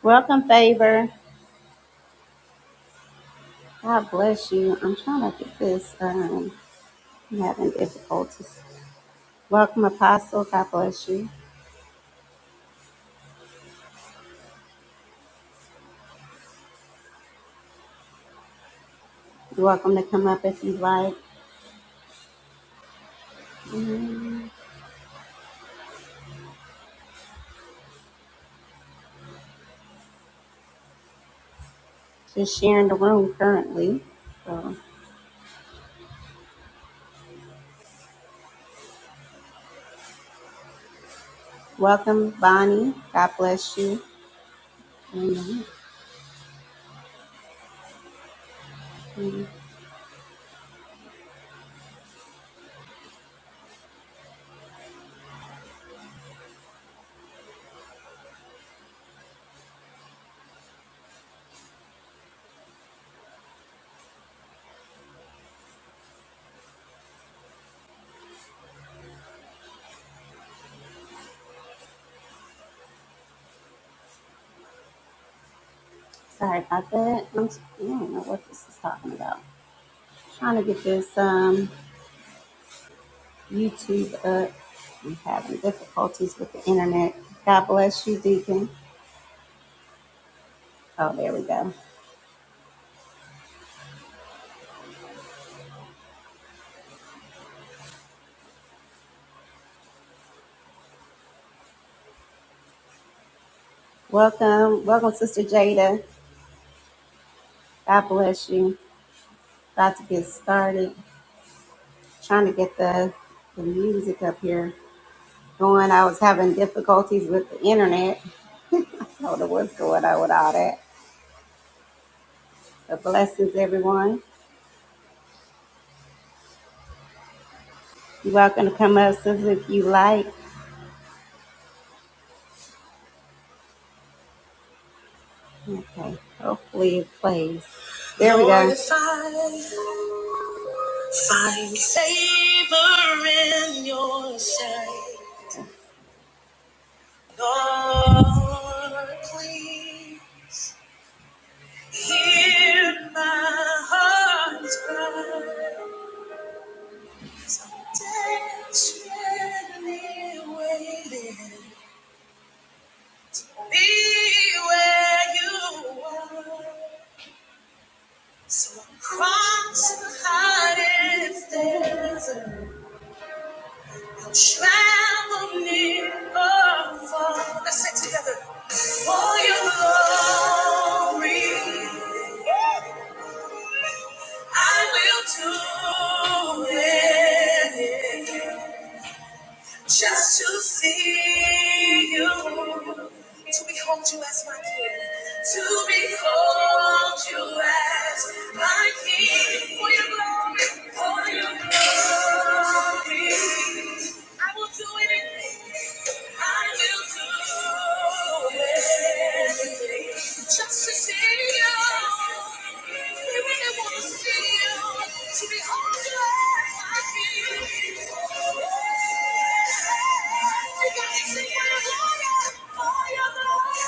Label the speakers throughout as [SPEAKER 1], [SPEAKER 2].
[SPEAKER 1] Welcome, favor. God bless you. I'm trying to get this. Um, I'm having difficulties. Welcome, Apostle. God bless you. You're welcome to come up if you'd like. Mm, Just sharing the room currently. So, welcome, Bonnie. God bless you. Amen. Mm, Sorry about that. I'm, s- I don't know what this is talking about. Trying to get this um, YouTube up. I'm having difficulties with the internet. God bless you, Deacon. Oh, there we go. Welcome, welcome, Sister Jada. God bless you. About to get started. Trying to get the, the music up here going. I was having difficulties with the internet. I don't know what's going on with all that. But blessings, everyone. You're welcome to come up, Sister, if you like. Okay, hopefully it plays. There we go. Lord, if I find favor in your sight, Lord, please. Hear my heart's cry, desperately waiting. Be where you are. So cross the hottest desert. Travel near or far. Let's sing together. For your glory, I will do it just to see you, to behold you as my king, to behold you as my king. For your glory, for your glory. I will do anything. I will do anything just to see you. We really want to see you, to behold you as my king. You got me singing hallelujah for your glory.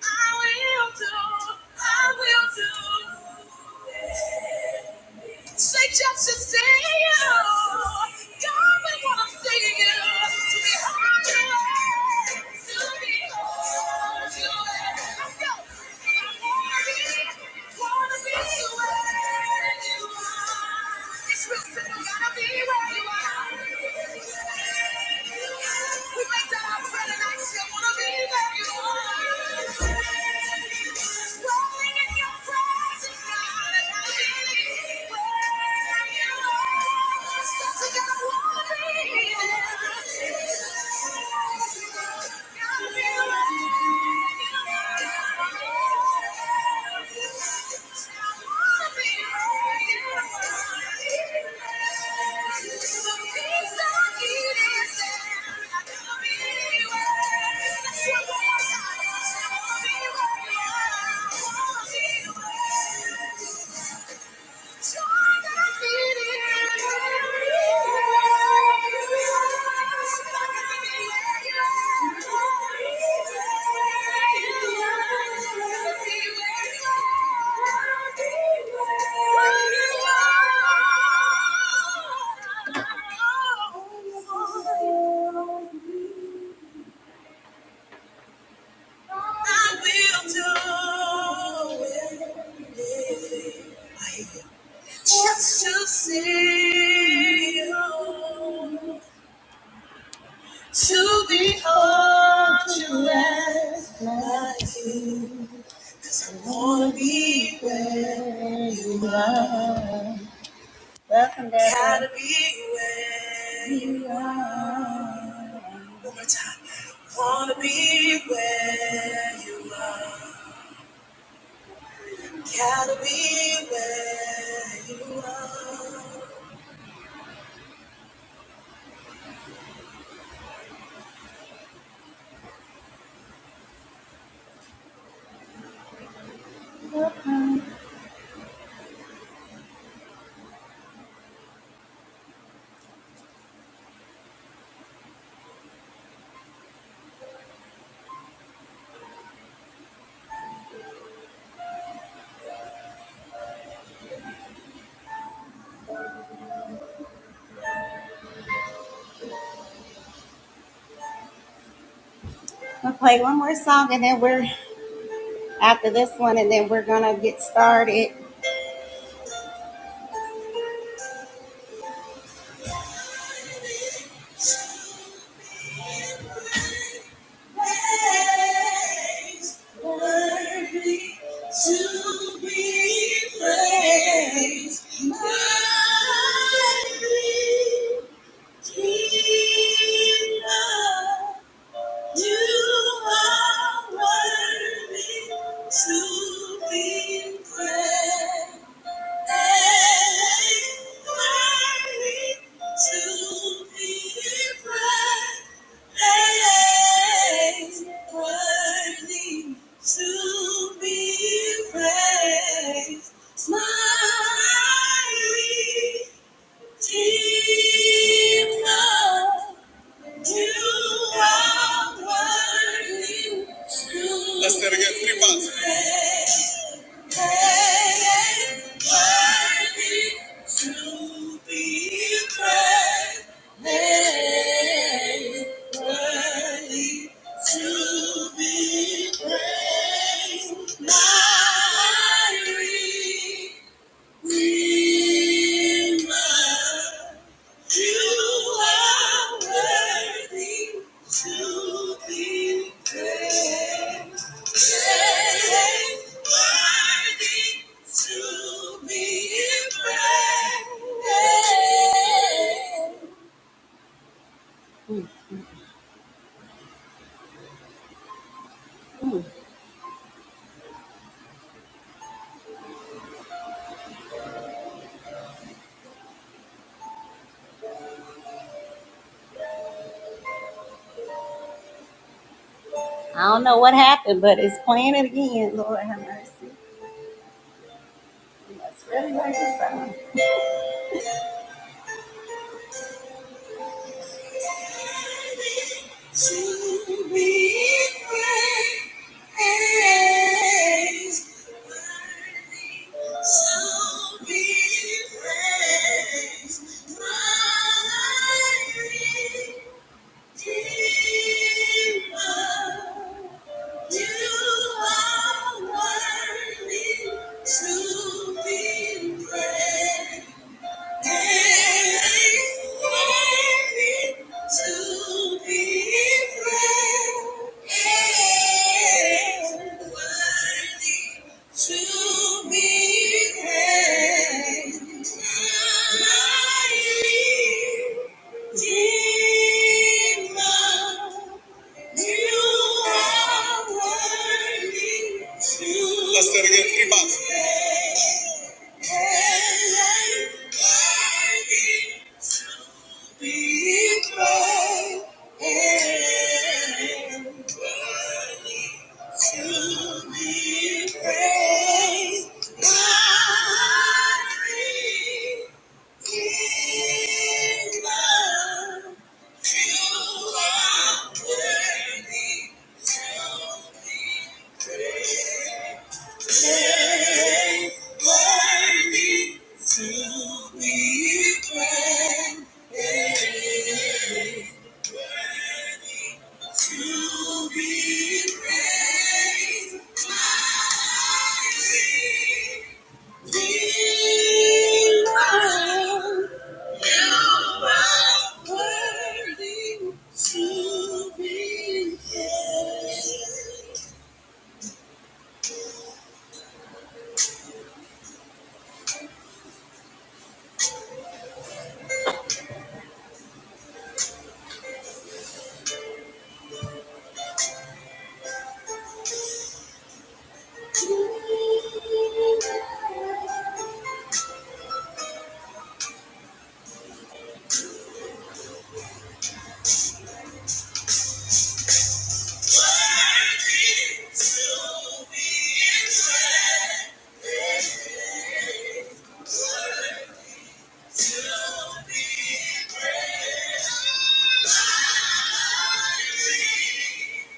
[SPEAKER 1] I will do. I will do. Say just to see you. God, we want to see you. To be holy. To be holy. Let's go. I wanna be where you are. It's real simple. Gotta be where you are. We make that our prayer Still wanna be where you are. Rolling where are. So you Thank you. I will do it. Just to see you, to behold you as my king. Cause I wanna be where you are. Welcome back. Gotta be where you are. One more time. Wanna be where you are. Gotta be where you are. I'm gonna play one more song and then we're after this one, and then we're gonna get started. to be praised. My Redeemer. Let's say it again, three parts. You are worthy to be praised. Worthy to be praised. Mm, I don't know what happened, but it's playing it again. Lord have mercy. That's really like this. To be praised. Thank my. Let's say it again, three parts. To be praised. Be mine. You are worthy to be praised. Worthy to be praised. Worthy to be praised.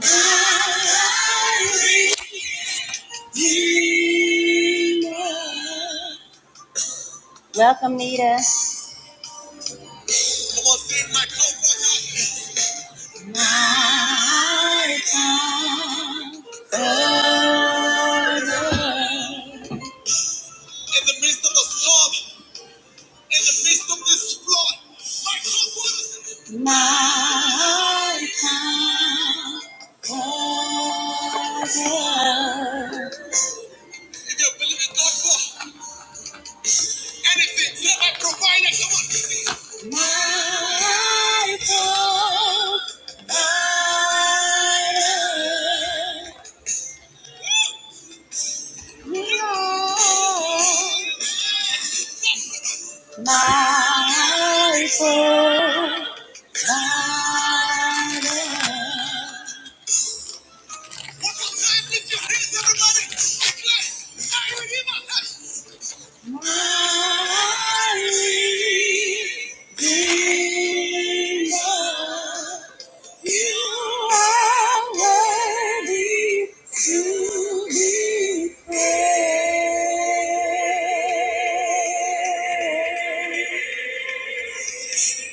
[SPEAKER 1] Thank you. Welcome, Nita. Come on, sing My cover. My comforter. In the midst of a storm, in the midst of this flood, my comfort. My comforter. If you're believing God for Anything that I provided, come on. My hope, I am Lord. My hope, I am One more time, lift your hands, everybody. Declare, "My Redeemer lives." My Redeemer You are worthy to be praised.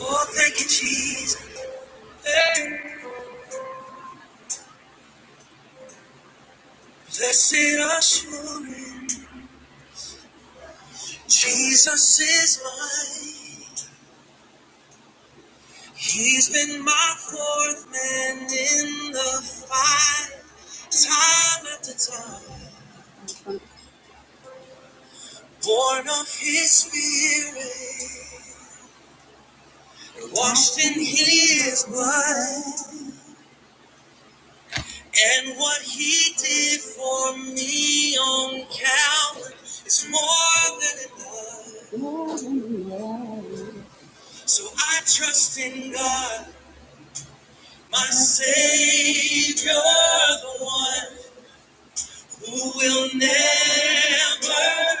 [SPEAKER 1] Oh, thank you, Jesus. Hey. Blessed assurance, Jesus is mine. He's been my fourth man in the fight, time after time. Born of His Spirit. Washed in his blood and what he did for me on Calvary is more than enough. So I trust in God, my Savior, the one who will never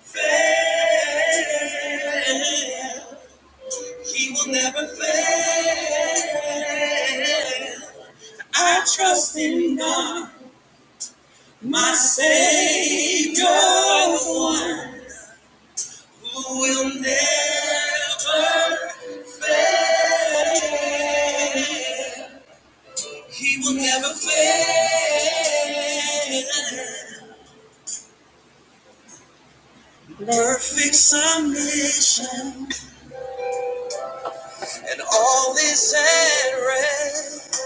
[SPEAKER 1] fail. He will never fail. I trust in God. My Savior, the one who will never, he will never fail. Perfect submission and all is at rest.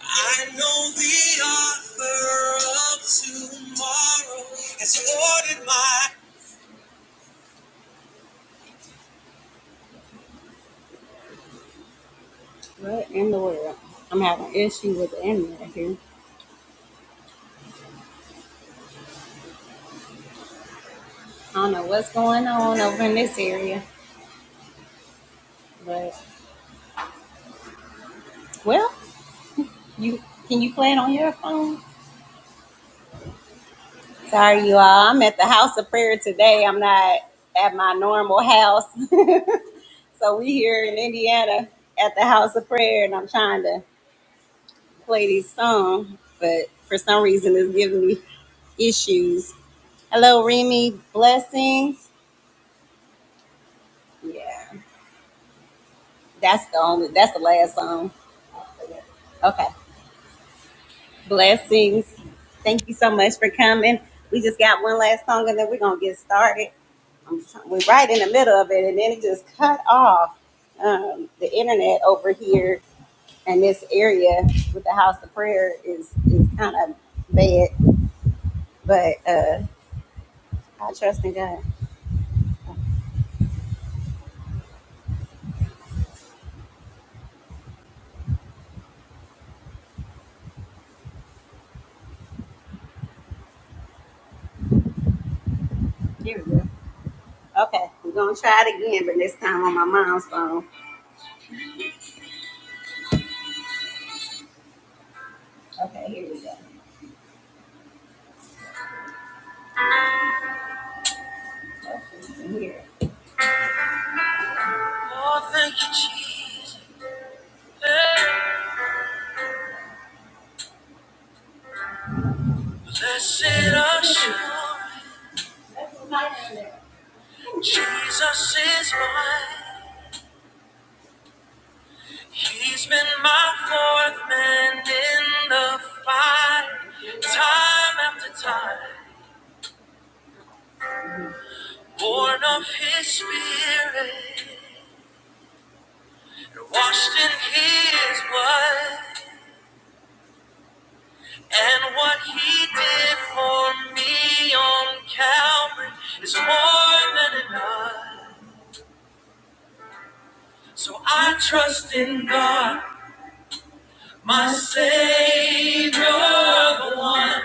[SPEAKER 1] I know the author of tomorrow has ordered my. What in the world? I'm having an issue with the internet here. I don't know what's going on over in this area, but well. You can you play it on your phone? Sorry, you all. I'm at the house of prayer today. I'm not at my normal house, so we here in Indiana at the house of prayer, and I'm trying to play these songs, but for some reason it's giving me issues. Hello, Remy. Blessings. Yeah, that's the only. That's the last song. Okay. Blessings. Thank you so much for coming. We just got one last song, and then we're gonna get started. we're right in the middle of it, and then it just cut off um, the internet over here and this area with the house of prayer is is kind of bad. But uh, I trust in God. Here we go. Okay, we're gonna try it again, but this time on my mom's phone. Okay, here we go. Okay, here. Blessed assurance, Jesus is mine. He's been my fourth man in the fight, time after time. born of his spirit, washed in his blood, and what he did for me on Calvary is more than enough. So I trust in God, my Savior, the one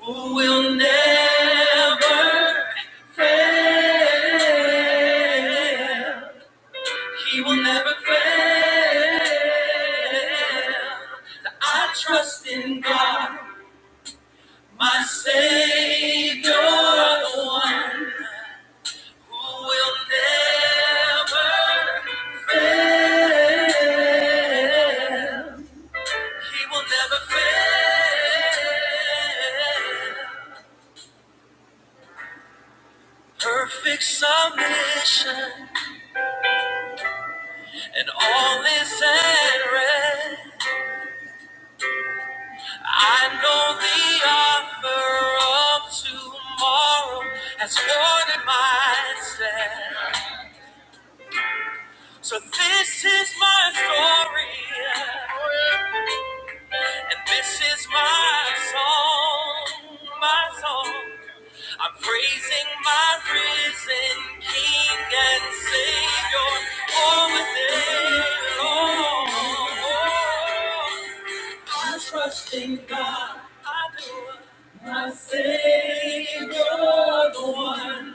[SPEAKER 1] who will never fail. He will never fail. I trust in God, my Savior, the one who will never fail. He will never fail. Perfect submission and all is at rest. I know the offer of tomorrow has ordered my steps. So this is my story, and this is my song, my song. I'm praising my risen King and Savior all the day long. I trust in God, I do. My Savior, the one.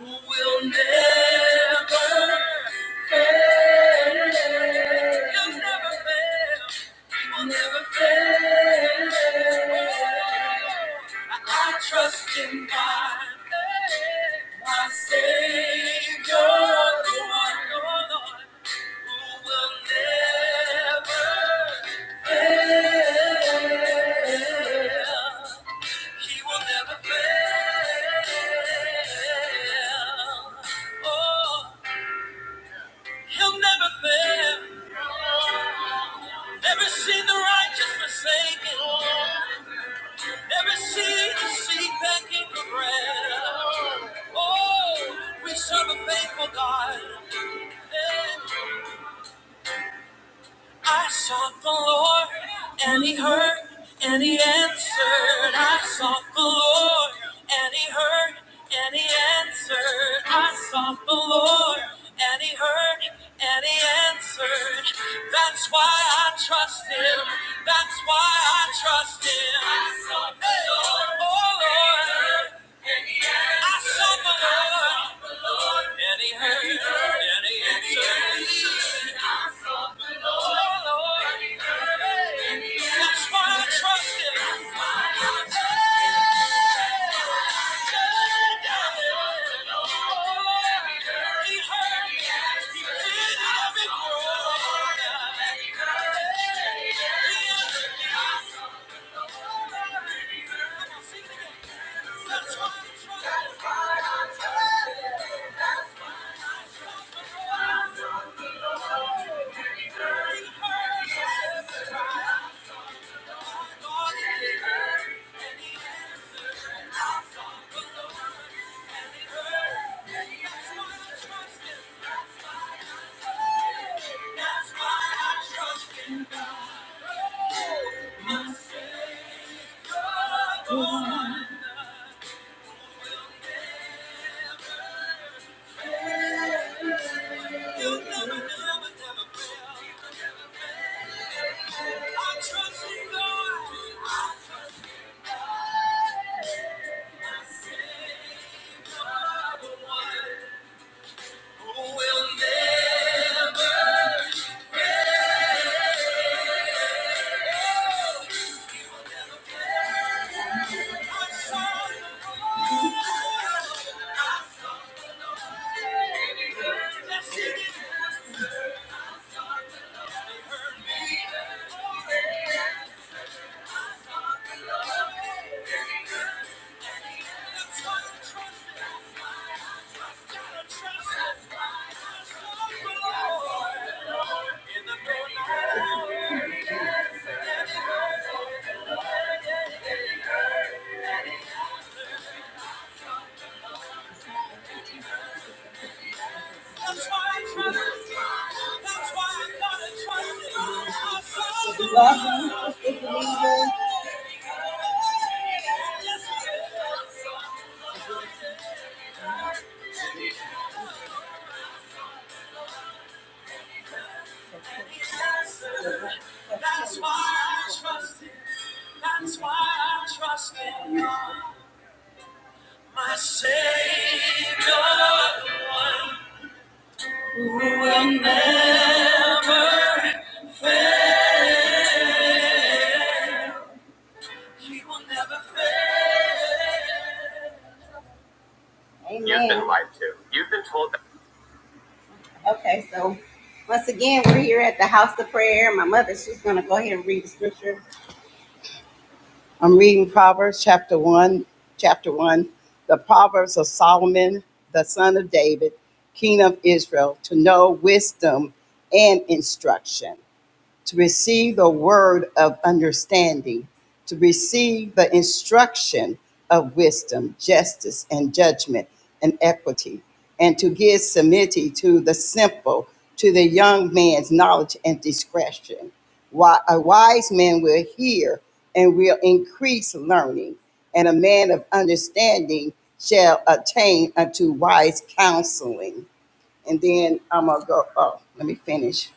[SPEAKER 1] will will never fail. I trust in God, my Savior, oh who will never, He will never fail. Oh, He'll never fail. Never seen the righteous forsaken. Every seed is seed begging for bread. Oh, we serve a faithful God. I sought the Lord, and He heard, and He answered. I sought the Lord, and He heard, and He answered. I sought the Lord, and He heard, and He answered. That's why I trust Him. That's why I trust Him. I sought the Lord. Oh Lord. I saw the Lord, and He heard, and He answered. That's why I trust Him. He heard, He did every word. He answered. That's why I trust Him. He heard. in you. That's why I trust him. That's why I trust in God, my Savior. Okay, so once again, we're here at the house of prayer. My mother, she's going to go ahead and read the scripture. I'm reading Proverbs chapter 1, chapter 1, the Proverbs of Solomon, the son of David, king of Israel, to know wisdom and instruction to receive the word of understanding, to receive the instruction of wisdom, justice, and judgment and equity, and to give submity to the simple, to the young man's knowledge and discretion. Why a wise man will hear and will increase learning, and a man of understanding shall attain unto wise counseling. And then I'm gonna go. Oh, let me finish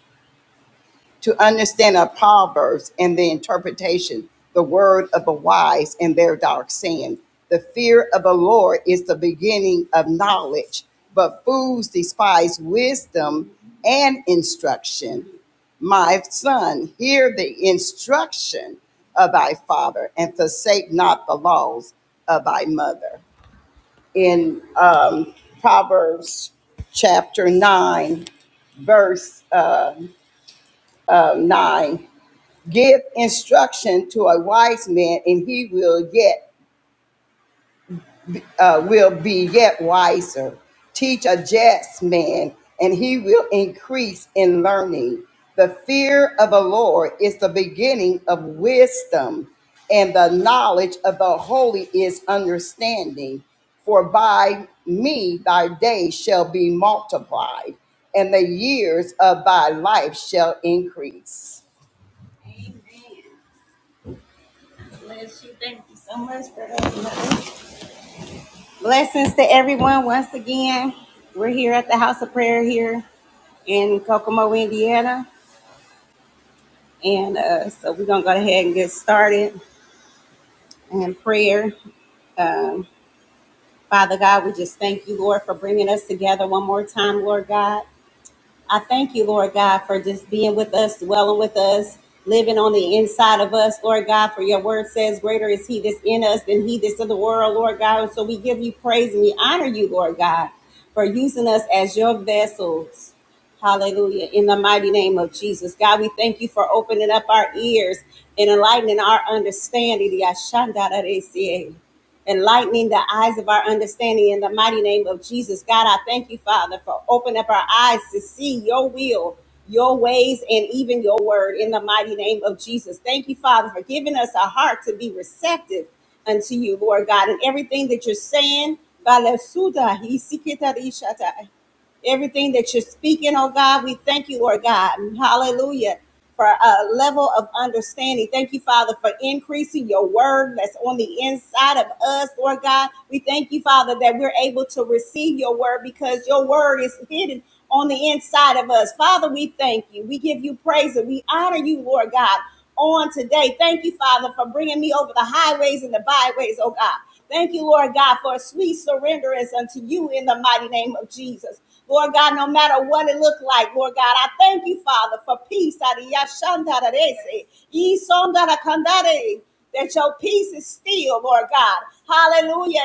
[SPEAKER 1] to understand our proverbs and the interpretation, the word of the wise and their dark saying. The fear of the Lord is the beginning of knowledge, but fools despise wisdom and instruction. My son, hear the instruction of thy father and forsake not the laws of thy mother. In um, Proverbs chapter 9, verse uh, 9, Give instruction to a wise man, and he will yet uh, will be yet wiser. Teach a just man, and he will increase in learning. The fear of the Lord is the beginning of wisdom, and the knowledge of the holy is understanding. For by me thy days shall be multiplied, and the years of thy life shall increase. Bless you. you Thank you so much for having us. Blessings to everyone once again. We're here at the House of Prayer here in Kokomo, Indiana. And uh, so we're going to go ahead and get started in prayer. Um, Father God, we just thank you, Lord, for bringing us together one more time, Lord God. I thank you, Lord God, for just being with us, dwelling with us, living on the inside of us, Lord God, for your word says, Greater is he that's in us than he that's in the world, Lord God. And So we give you praise and we honor you, Lord God, for using us as your vessels. Hallelujah. In the mighty name of Jesus. God, we thank you for opening up our ears and enlightening our understanding. Yashandararese enlightening the eyes of our understanding in the mighty name of Jesus. God, I thank you, Father, for opening up our eyes to see your will, your ways, and even your word in the mighty name of Jesus. Thank you, Father, for giving us a heart to be receptive unto you, Lord God, and everything that you're saying everything that you're speaking, oh God. We thank you, Lord God. Hallelujah. For a level of understanding. Thank you, Father, for increasing your word that's on the inside of us, Lord God. We thank you, Father, that we're able to receive your word because your word is hidden on the inside of us. Father, we thank you. We give you praise and we honor you, Lord God, on today. Thank you, Father, for bringing me over the highway byways, oh God. Thank you, Lord God, for a sweet surrenderance unto you in us. Lord matter what it looked like, Lord God. I thank you, Father, for peace. That your peace is still, Lord God.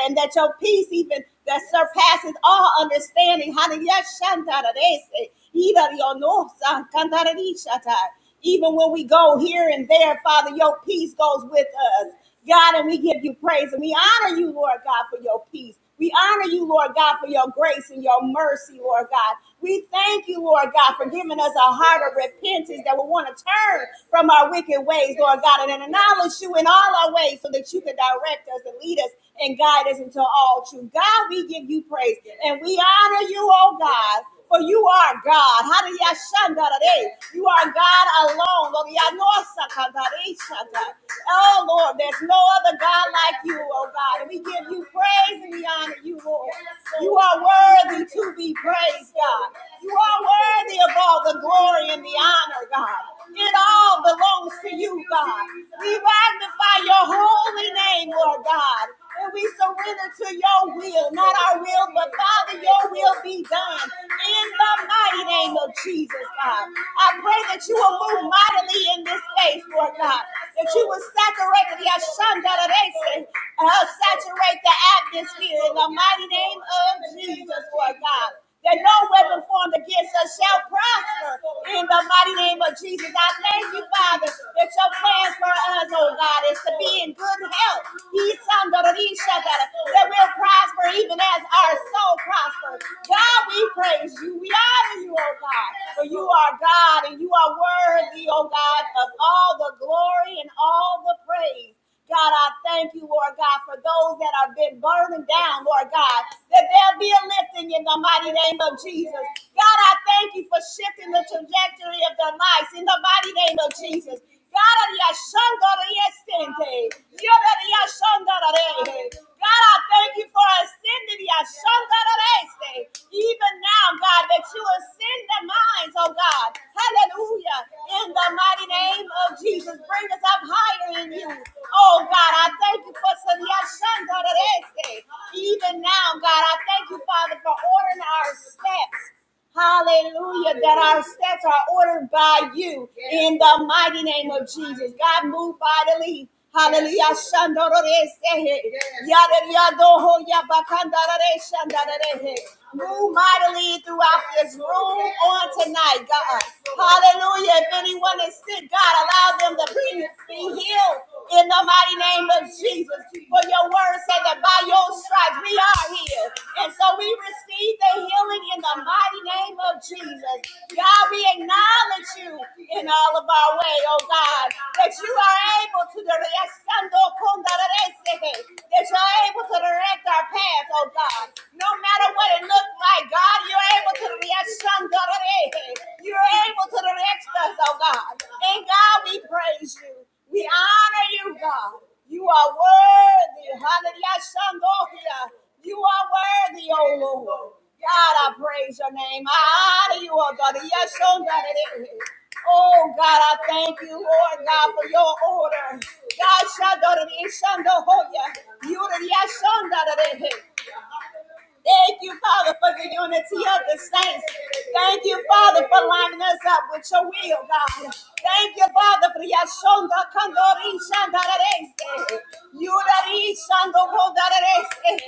[SPEAKER 1] And that your peace, even that surpasses all understanding. Hallelujah. Shantarese. Ida rionosa, kantaradishata. Even when we go here and there, Father, your peace goes with us. God, and we give you praise and we honor you, Lord God, for your peace. We honor you, Lord God, for your grace and your mercy, Lord God. We thank you, Lord God, for giving us a heart of repentance that we want to from our wicked ways, Lord God, and acknowledge you in all our ways so that you can direct us and guide us into all truth give you, oh God. You are God alone, Lord. Oh Lord, there's no other God like you, oh God. we give you praise and we honor you, Lord. You are worthy to be praised, God. You are worthy of all the glory and the honor, God. It all belongs to you, God. We magnify your holy name, Lord God. And we surrender to your will, not our will, but Father, your will be done. In the mighty name of Jesus, God. I pray that you will move mightily in this space, Lord God. That you will saturate the Ashandarese, uh, saturate the atmosphere in the mighty name of Jesus, Lord God that no weapon formed against us shall prosper. In the mighty name of Jesus, I thank you, Father, that your plans for us, oh God, is to be in good health. Ye son of a bitch, shut that that we'll prosper even as our soul prospers. God, we praise you. We honor you, oh God, for you are God and you are worthy, oh God, of all the glory and all the praise. God, I thank you, Lord God, for those that have been burdened down, Lord God, that there'll be a lifting in the mighty name of Jesus. God, I thank you for shifting the trajectory of their lives in the mighty name of Jesus. God, I thank you. God, I thank you for ascending the Ashandarese. Even now, God, that you ascend the minds, oh God. Hallelujah. In the mighty name of Jesus, bring us up higher in you. Oh God, I thank you for the Ashandarese. Even now, God, I thank you, Father, for ordering our steps. Hallelujah. That our steps are ordered by you in the mighty name of Jesus. God, move bodily. Hallelujah. Move mightily throughout this room on tonight, God. Hallelujah. If anyone is sick, God, allow them to be, be healed in the mighty name of Jesus. For your word said that by your stripes we are healed. And so we receive the healing in the mighty name of Jesus. God, we acknowledge you in all of our way, oh God, that you are able to direct that you're able to direct our path, oh God. No matter what it looks like, God, you're able to direct you're able to direct us, oh God. And God, we praise you. We honor you, God. You are worthy. Hallelujah. You are worthy, oh Lord. God, I praise your name. I honor you, oh God. Yes, oh God. Oh God, I thank you, Lord God, for your order. God, Shandokia. Shandokia. You are the Yes, oh Thank you, Father, for the unity of the saints. Thank you, Father, for lining us up with your will, God. Thank you, Father, for Yashonda Kandori Shandarese. Yurari Shando Kodarese.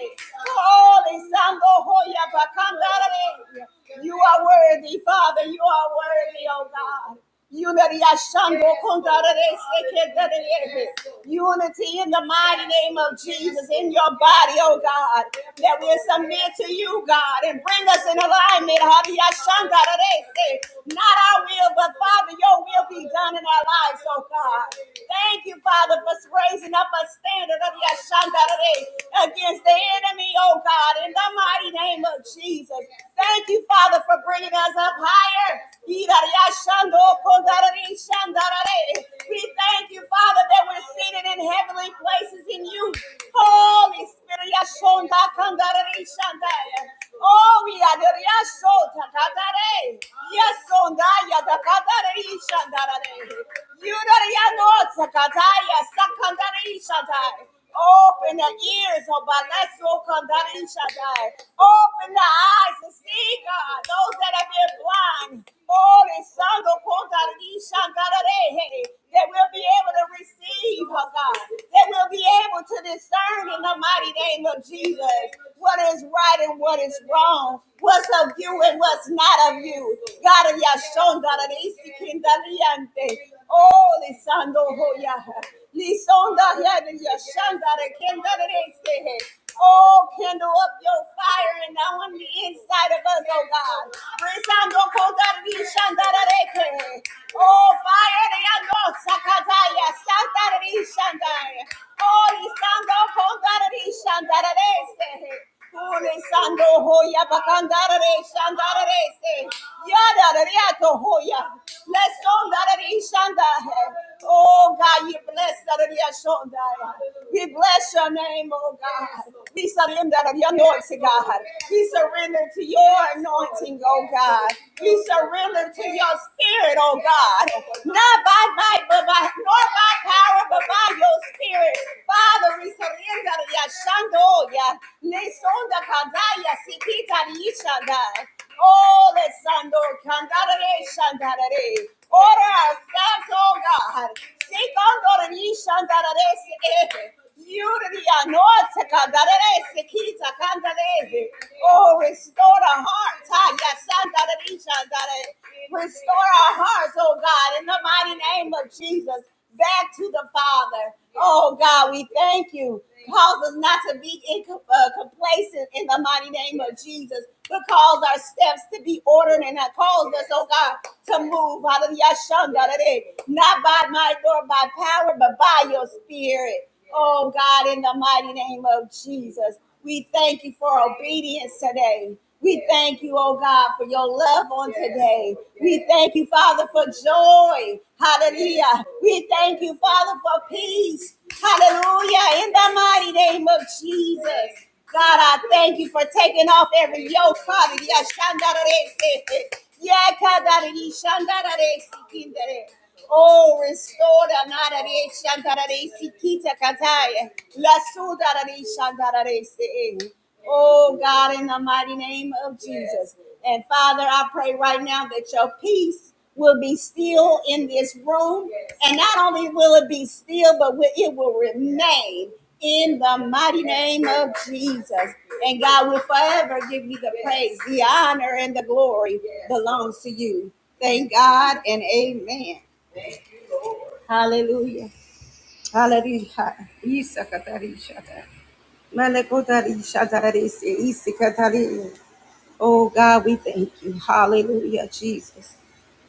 [SPEAKER 1] Holy Sando Hoya Bakandare. You are worthy, Father. You are worthy, oh God. Unity Ashando Kundarere Sekedarere. Unity in the mighty name of Jesus in your body, oh God, that we submit to you, God, and bring us in alignment. Hadi Ashandarere Se. Not our will, but Father, your will be done in our lives, oh God. Thank you, Father, for raising up a standard of Yashandarere against the enemy, oh God, in the mighty name of Jesus. Thank you, Father, for bringing us up higher. We thank you, Father, that we're seated in heavenly places in you. Holy Spirit, Yashonda Kandarari Shandaya. Oh, we are the Yashota Katare. Yasonda Yadakatari Shandare. You know, Yanotsa Kataya Sakandari Shandai. Open the ears, oh God. Let's walk on that in Shaddai. Open the eyes and see, God, those that have been blind. Holy Son, oh oh, God, that in Shaddai, hey, that we'll be able to receive, oh God. That we'll be able to discern in the mighty name of Jesus what is right and what is wrong. What's of you and what's not of you. God, Yashon, God, that is the Holy Son, oh yeah. Lisonda yada yashanda de kenda de este he. Oh, kindle up your fire and now on the inside of us, oh God. Resando koda de yashanda de reke. Oh, fire de yando sakataya, santa de yashanda. Oh, lisando koda de yashanda de este he. Ole sando hoya bakandara re shandara re se yada re ato hoya bless onda re shanda he. Oh God, you bless that re shonda. We bless your name, oh God. We surrender to your anointing, God. We surrender to your anointing, oh God. We surrender to your spirit, oh God. Not by might, but by nor by power, but by your spirit. Father, we surrender ya shando ya nesonda kadaya sikita yishanda. Oh, let sando kandare shandare. Ora santo God. Sikando yishandare Unity, anointing, kandare sikita Oh, restore the heart. Taya sandare shandare. Restore our hearts, oh God, in the mighty name of Jesus, back to the Father. Oh God, we thank you. Cause us not to be in, uh, complacent in the mighty name of Jesus, but cause our steps to be ordered and cause us, oh God, to move out of Yashanda today, not by might nor by power, but by your spirit. Oh God, in the mighty name of Jesus, we thank you for obedience today. We thank you, oh God, for your love on today. We thank you, Father, for joy. Hallelujah. We thank you, Father, for peace. Hallelujah. In the mighty name of Jesus. God, I thank you for taking off every yoke, Father. Yeah, eh, eh. Yeah, Oh, restore the Narare Shantarare Sikita Kataya. La Sudarare Shantarare Se. Oh, God, in the mighty name of Jesus. And Father, I pray right now that your peace will be still in this room. And not only will it be still, but it will remain in the mighty name of Jesus. And God will forever give you the praise, the honor, and the glory belongs to you. Thank God and amen. Hallelujah. Hallelujah. Isa katari shata. Malekotari shatari se isi katari. Oh God, we thank you. Hallelujah, Jesus.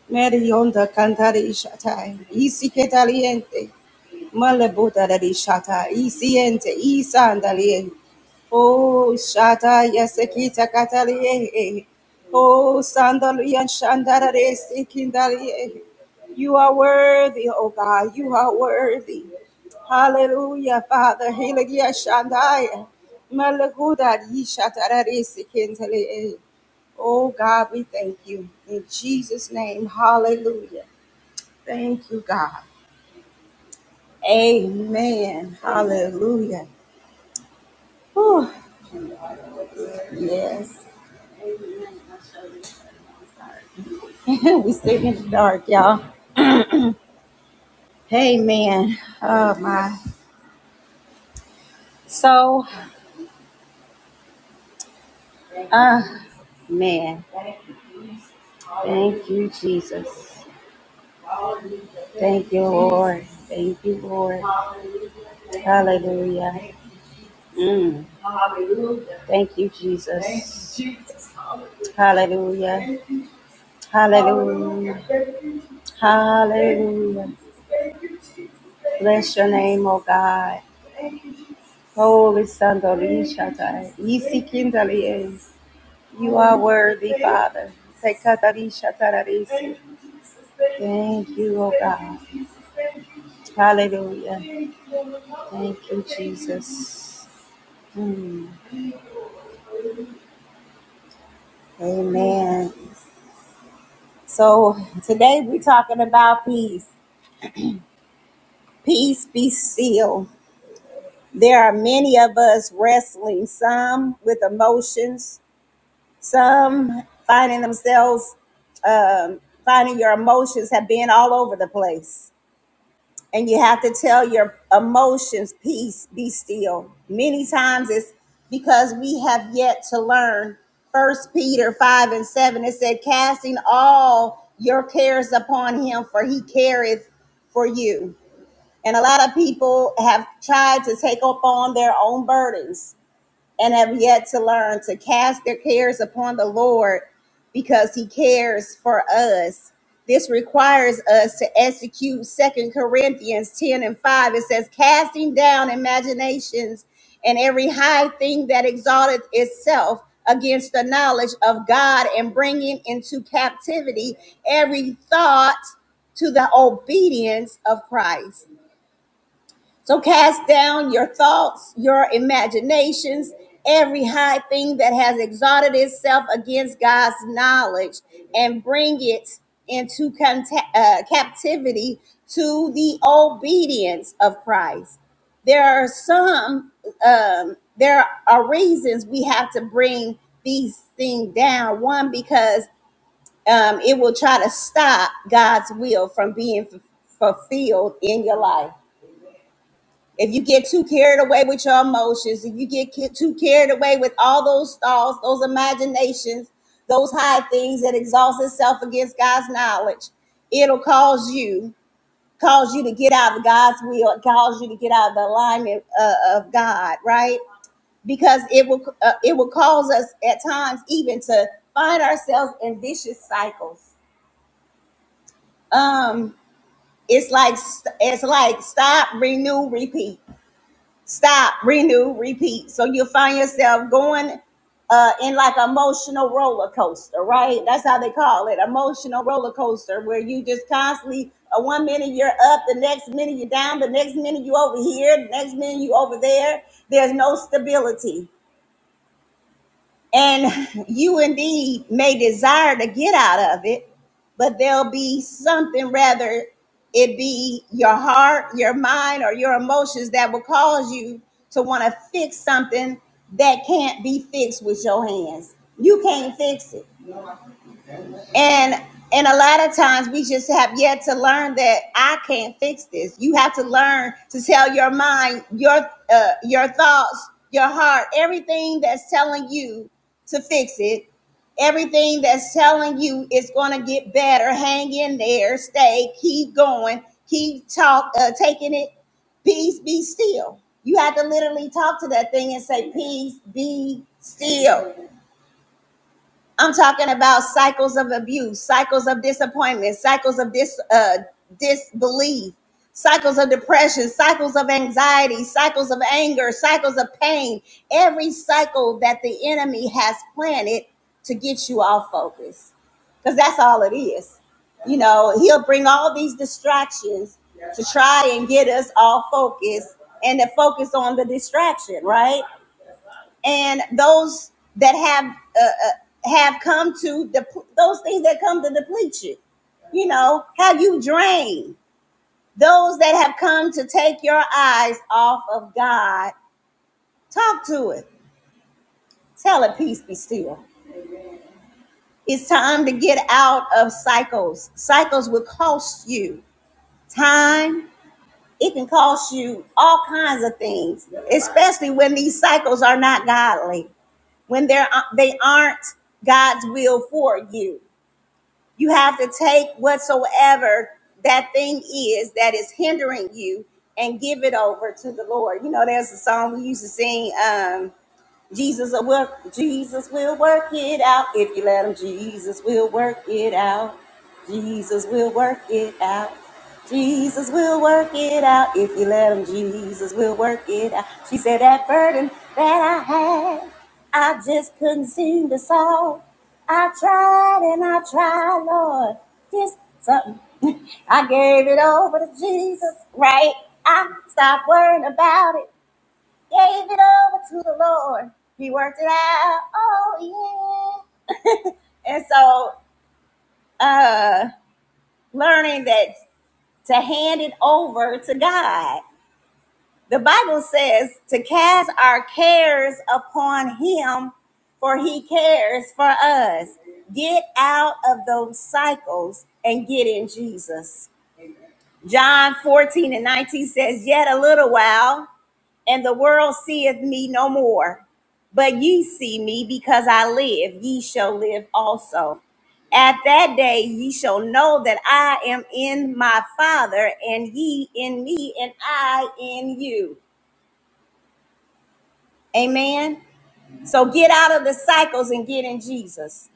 [SPEAKER 1] Mary onda cantare shatai, isi ketaliente, malebotare shatai, isiente, isandaliente. Oh, Shata, Yasekita Katalie. Oh, Sandalian Shandarare, Sikindalie. You are worthy, oh God, you are worthy. Hallelujah, Father. Helegia Shandaya. Malaguda, Yishatarare, Sikindalie. Oh, God, we thank you. In Jesus' name, hallelujah. Thank you, God. Amen. Hallelujah. Oh Yes. we sitting in the dark, y'all. Hey, man. Oh, my. So, uh, man, thank you, Jesus. Thank you, Lord. Thank you, Lord. Hallelujah. Mm. Thank you, Jesus. Hallelujah. Hallelujah. Hallelujah. Bless your name, oh God. Holy Sandali Shatai. Isi Kindali is. You are worthy, Father. Sekatari Shatararisi. Thank you, oh God. Hallelujah. Thank you, Jesus. Mm, amen. So today we're talking about peace. Peace be still. There are many of us wrestling, some with emotions, some finding themselves, um, finding your emotions have been all over the place and you have to tell your emotions peace be still many times it's because we have yet to learn first peter 5 and 7 it said casting all your cares upon him for he careth for you and a lot of people have tried to take up on their own burdens and have yet to learn to cast their cares upon the Lord because he cares for us. This requires us to execute Second Corinthians 10 and 5. It says, casting down imaginations and every high thing that exalteth itself against the knowledge of God and bringing into captivity every thought to the obedience of Christ so cast down your thoughts, your imaginations, every high thing that has exalted itself against God's knowledge, and bring it into conta- uh, captivity to the obedience of Christ. There are some, um, there are reasons we have to bring these things down. One, because um, it will try to stop God's will from being f- fulfilled in your life if you get too carried away with your emotions, if you get too carried away with all those thoughts, those imaginations, those high things that exalts itself against God's knowledge, it'll cause you cause you to get out of God's will, cause you to get out of the alignment uh, of God, right? Because it will uh, it will cause us at times even to find ourselves in vicious cycles. Um, it's like it's like stop, renew, repeat stop, renew, repeat. So you'll find yourself going uh, in like emotional roller coaster, right? That's how they call it, emotional roller coaster, where you just constantly, uh, one minute you're up, the next minute you're down, the next minute you over here, the next minute you over there. There's no stability and you indeed may desire to get out of it, but there'll be something rather it be your heart, your mind, or your emotions that will cause you to want to fix something that can't be fixed with your hands. You can't fix it and and a lot of times we just have yet to learn that I can't fix this. You have to learn to tell your mind, your uh, your thoughts, your heart, everything that's telling you to fix it. Everything that's telling you it's going to get better. Hang in there, stay, keep going, keep talk, uh, taking it. Peace, be still. You have to literally talk to that thing and say, "Peace, be still." I'm talking about cycles of abuse, cycles of disappointment, cycles of dis uh, disbelief, cycles of depression, cycles of anxiety, cycles of anger, cycles of pain. Every cycle that the enemy has planted to get you off focus, because that's all it is. You know, he'll bring all these distractions to try and get us off focus and to focus on the distraction, right? and those that have uh, uh, have come to the dep- those things that come to deplete you you know how you drain those that have come to take your eyes off of god talk to it tell it peace be still it's time to get out of cycles cycles will cost you time it can cost you all kinds of things especially when these cycles are not godly when they're they aren't god's will for you You have to take whatsoever that thing is that is hindering you and give it over to the Lord. You know, there's a song we used to sing. Um, Jesus will work. Jesus will work it out if you let him. Jesus will work it out. Jesus will work it out. Jesus will work it out if you let him. Jesus will work it out. She said that burden that I had, I just couldn't seem to solve. I tried and I tried, Lord, just something. I gave it over to Jesus, right? I stopped worrying about it. Gave it over to the Lord. He worked it out. Oh yeah. And so uh learning that to hand it over to God. The Bible says to cast our cares upon him for he cares for us. Get out of those cycles and get in Jesus. John 14 and 19 says, Yet a little while. and the world seeth me no more. But ye see me because I live, ye shall live also. At that day ye shall know that I am in my Father, and ye in me, and I in you. Amen. So get out of the cycles and get in Jesus.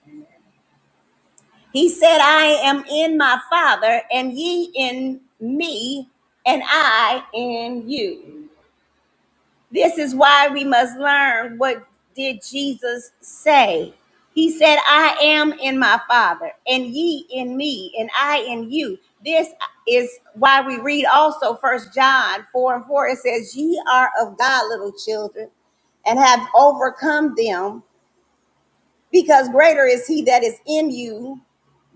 [SPEAKER 1] He said, I am in my Father, and ye in me, and I in you. This is why we must learn what did Jesus say. He said, "I am in my Father, and ye in me, and I in you." This is why we read also First John four and four. It says, "Ye are of God, little children, and have overcome them, because greater is He that is in you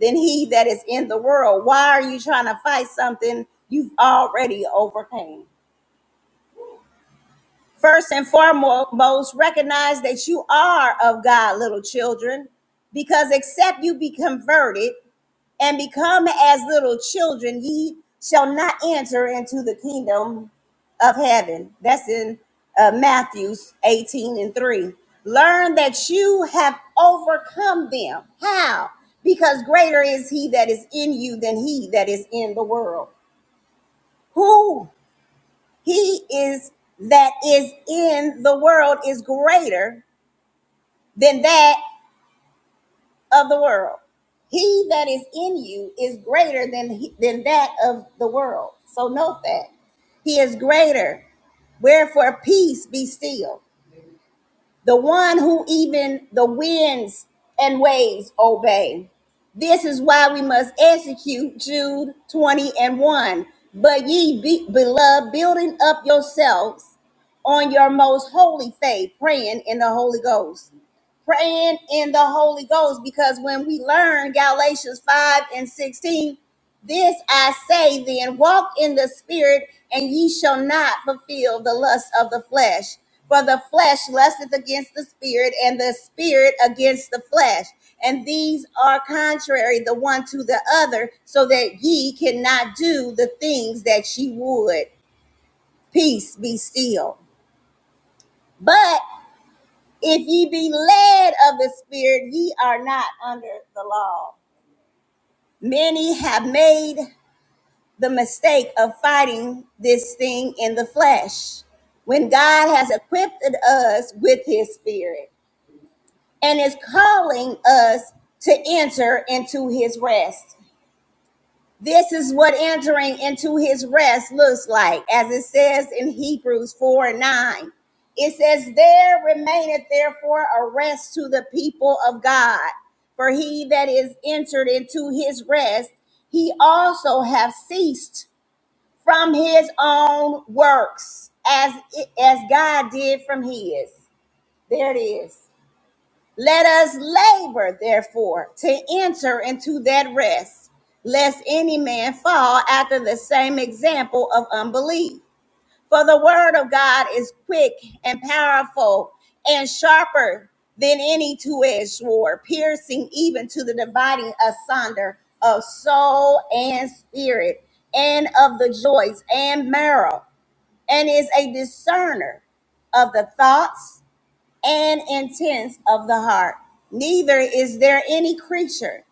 [SPEAKER 1] than he that is in the world." Why are you trying to fight something you've already overcame? First and foremost, recognize that you are of God, little children, because except you be converted and become as little children, ye shall not enter into the kingdom of heaven. That's in uh, Matthew 18 and 3. Learn that you have overcome them. How? Because greater is he that is in you than he that is in the world. Who? he is that is in the world is greater than that of the world he that is in you is greater than than that of the world so note that he is greater wherefore peace be still the one who even the winds and waves obey. This is why we must execute Jude 20 and 1. But ye be, beloved, building up yourselves on your most holy faith, praying in the Holy Ghost. Praying in the Holy Ghost, because when we learn Galatians 5 and 16, this I say then walk in the spirit, and ye shall not fulfill the lust of the flesh. For the flesh lusteth against the spirit, and the spirit against the flesh. And these are contrary the one to the other, so that ye cannot do the things that ye would. Peace be still. But if ye be led of the spirit, ye are not under the law. Many have made the mistake of fighting this thing in the flesh when God has equipped us with his spirit and is calling us to enter into his rest. This is what entering into his rest looks like, as it says in Hebrews 4 and 9. It says, There remaineth therefore a rest to the people of God, for he that is entered into his rest, he also have ceased from his own works as as God did from his. There it is. Let us labor therefore to enter into that rest, lest any man fall after the same example of unbelief. For the word of God is quick and powerful and sharper than any two-edged sword, piercing even to the dividing asunder of soul and spirit and of the joints and marrow and is a discerner of the thoughts and intents of the heart. Neither is there any creature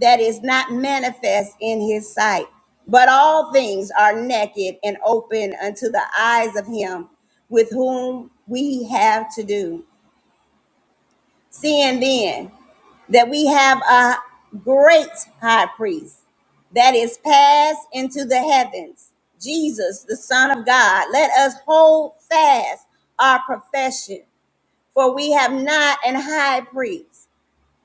[SPEAKER 1] that is not manifest in his sight, but all things are naked and open unto the eyes of him with whom we have to do. Seeing then that we have a great high priest that is passed into the heavens, Jesus, the Son of God, let us hold fast our profession, for we have not an high priest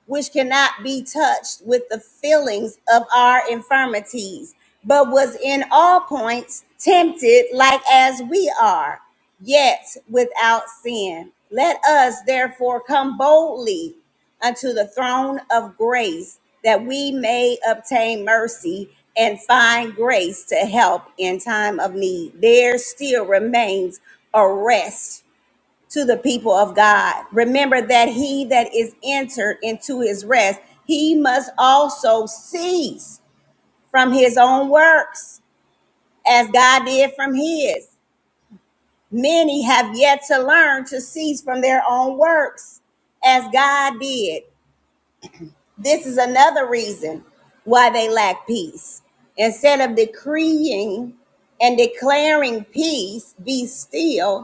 [SPEAKER 1] which cannot be touched with the feelings of our infirmities, but was in all points tempted like as we are, yet without sin. Let us therefore come boldly unto the throne of grace that we may obtain mercy and find grace to help in time of need. There still remains a rest to the people of God. Remember that he that is entered into his rest, he must also cease from his own works, as God did from his. Many have yet to learn to cease from their own works, as God did. This is another reason why they lack peace. Instead of decreeing and declaring peace, be still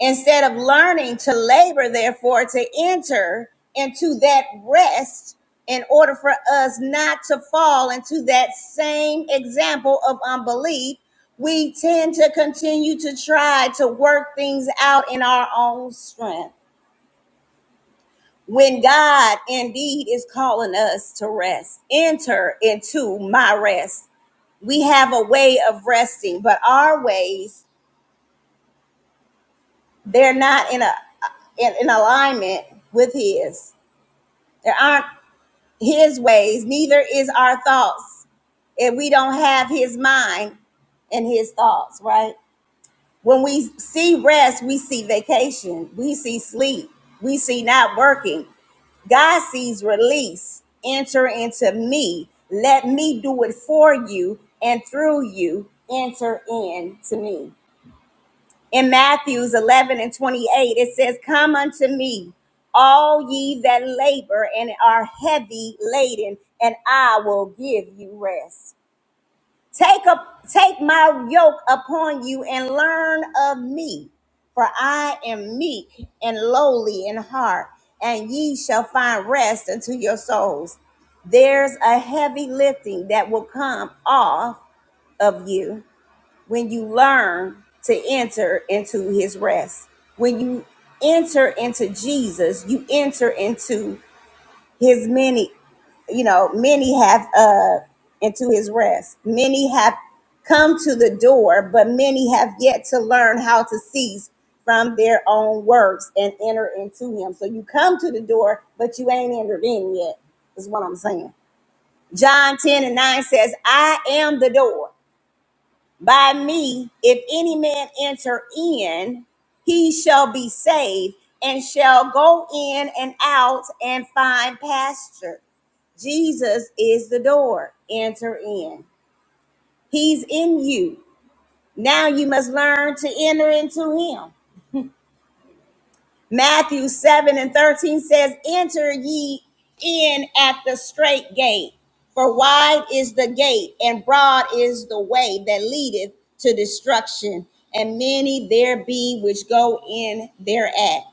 [SPEAKER 1] instead of learning to labor, therefore, to enter into that rest in order for us not to fall into that same example of unbelief, we tend to continue to try to work things out in our own strength. When God indeed is calling us to rest, enter into my rest. We have a way of resting, but our ways, they're not in a in, in alignment with his. There aren't his ways, neither is our thoughts. If we don't have his mind and his thoughts, right? When we see rest, we see vacation, we see sleep, we see not working. God sees release. Enter into me. Let me do it for you and through you. Enter in to me in Matthews 11 and 28, it says, Come unto me, all ye that labor and are heavy laden, and I will give you rest. Take up, take my yoke upon you and learn of me, for I am meek and lowly in heart, and ye shall find rest unto your souls. There's a heavy lifting that will come off of you when you learn to enter into his rest. When you enter into Jesus, you enter into his many, you know, many have uh into his rest. Many have come to the door, but many have yet to learn how to cease from their own works and enter into him. So you come to the door, but you ain't entered in yet, is what I'm saying. John 10 and 9 says, I am the door by me, if any man enter in, he shall be saved and shall go in and out and find pasture. Jesus is the door. Enter in. He's in you. Now you must learn to enter into him. Matthew 7 and 13 says, Enter ye in at the straight gate, for wide is the gate and broad is the way that leadeth to destruction, and many there be which go in thereat.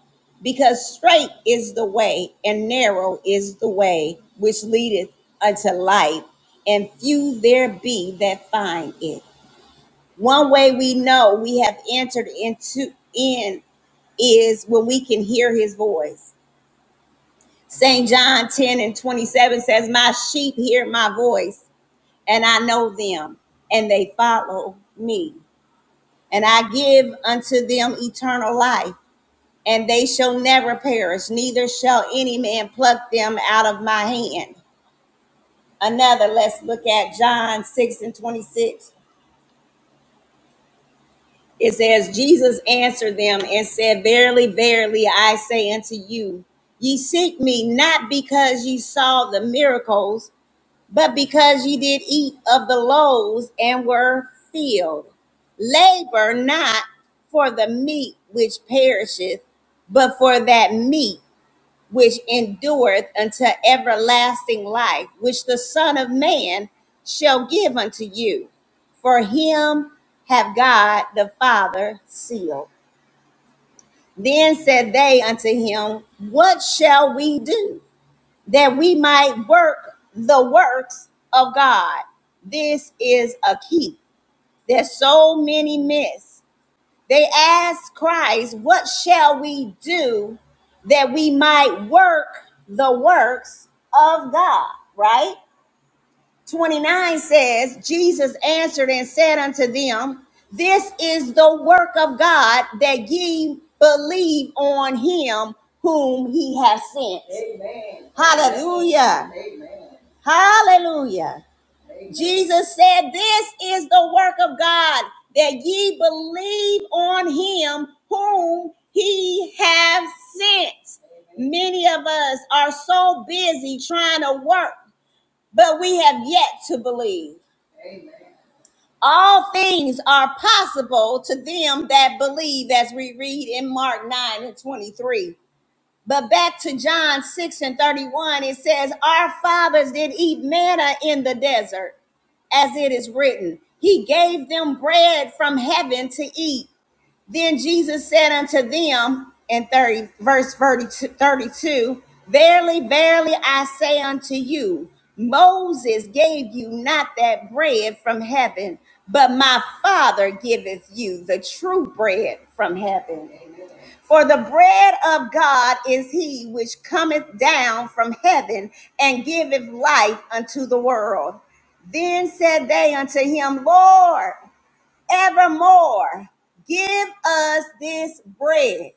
[SPEAKER 1] Because straight is the way and narrow is the way which leadeth unto life, and few there be that find it. One way we know we have entered into in is when we can hear his voice. St. John 10 and 27 says, My sheep hear my voice, and I know them, and they follow me. And I give unto them eternal life, and they shall never perish, neither shall any man pluck them out of my hand. Another, let's look at John 6 and 26. It says, Jesus answered them and said, Verily, verily, I say unto you, ye seek me not because ye saw the miracles, but because ye did eat of the loaves and were filled. Labor not for the meat which perisheth, but for that meat which endureth unto everlasting life, which the Son of Man shall give unto you. For him have God the Father sealed. Then said they unto him, What shall we do that we might work the works of God? This is a key that so many miss they asked Christ, What shall we do that we might work the works of God? Right? 29 says, Jesus answered and said unto them, This is the work of God that ye believe on him whom he has sent. Amen. Hallelujah. Amen. Hallelujah. Jesus said, This is the work of God, that ye believe on him whom he have sent. Many of us are so busy trying to work, but we have yet to believe. All things are possible to them that believe, as we read in Mark 9 and 23. But back to John 6 and 31, it says, Our fathers did eat manna in the desert as it is written. He gave them bread from heaven to eat. Then Jesus said unto them in 30, verse 32, Verily, verily, I say unto you, Moses gave you not that bread from heaven, but my Father giveth you the true bread from heaven. For the bread of God is he which cometh down from heaven and giveth life unto the world. Then said they unto him, Lord, evermore give us this bread.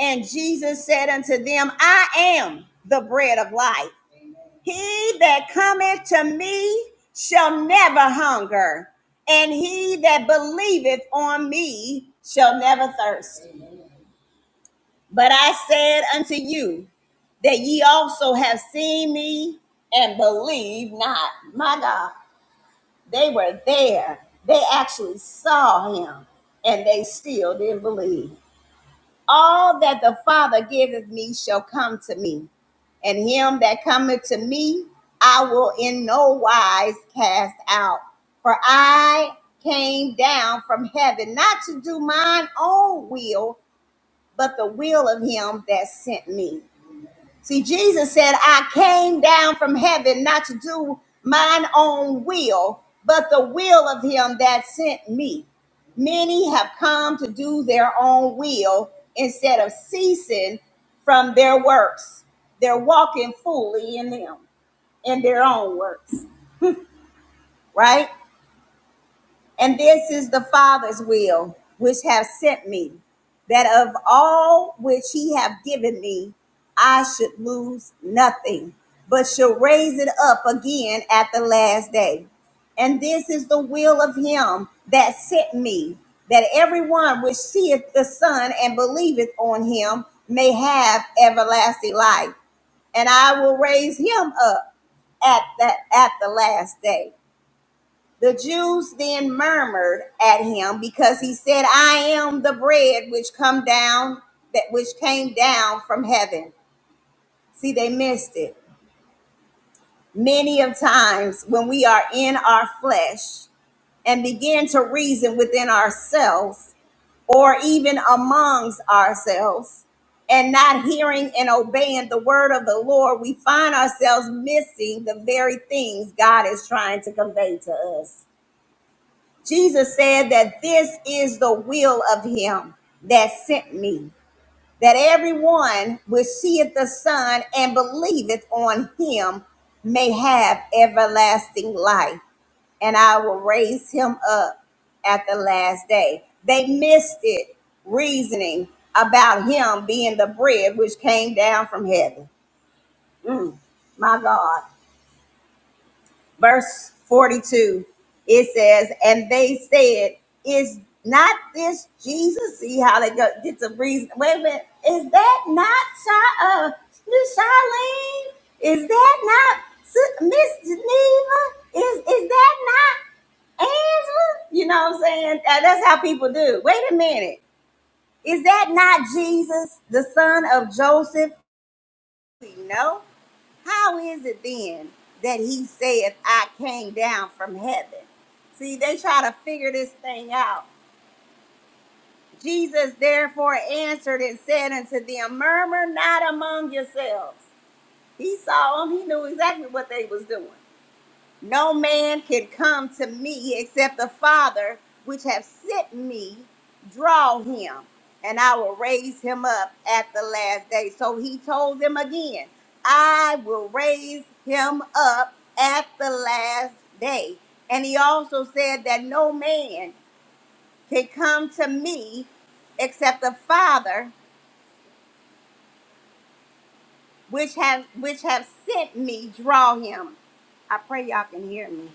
[SPEAKER 1] And Jesus said unto them, I am the bread of life. He that cometh to me shall never hunger, and he that believeth on me shall never thirst. But I said unto you that ye also have seen me and believe not. My God, they were there. They actually saw him and they still didn't believe. All that the Father giveth me shall come to me, and him that cometh to me I will in no wise cast out. For I came down from heaven not to do mine own will, but the will of him that sent me. See, Jesus said, I came down from heaven not to do mine own will, but the will of him that sent me. Many have come to do their own will instead of ceasing from their works. They're walking fully in them, in their own works, right? And this is the Father's will, which hath sent me, that of all which he hath given me, I should lose nothing, but shall raise it up again at the last day. And this is the will of him that sent me, that everyone which seeth the Son and believeth on him may have everlasting life. And I will raise him up at that at the last day. The Jews then murmured at him because he said, "I am the bread which come down that which came down from heaven." See, they missed it. Many of times when we are in our flesh and begin to reason within ourselves or even amongst ourselves and not hearing and obeying the word of the Lord, we find ourselves missing the very things God is trying to convey to us. Jesus said that this is the will of him that sent me, that everyone which seeth the Son and believeth on him may have everlasting life, and I will raise him up at the last day. They missed it, reasoning about him being the bread which came down from heaven. Mm, my God. verse 42 it says and they said is not this jesus see how they go get a reason wait a minute is that not Sha- uh, miss charlene is that not Si- miss geneva is is that not angela you know what i'm saying Uh, that's how people do wait a minute is that not jesus the son of joseph no how is it then that he saith, I came down from heaven? See, they try to figure this thing out. Jesus therefore answered and said unto them, Murmur not among yourselves. He saw them, he knew exactly what they was doing. No man can come to me except the Father which have sent me draw him, and I will raise him up at the last day. So he told them again, I will raise him up at the last day. And he also said that no man can come to me except the Father which have which have sent me draw him. I pray y'all can hear me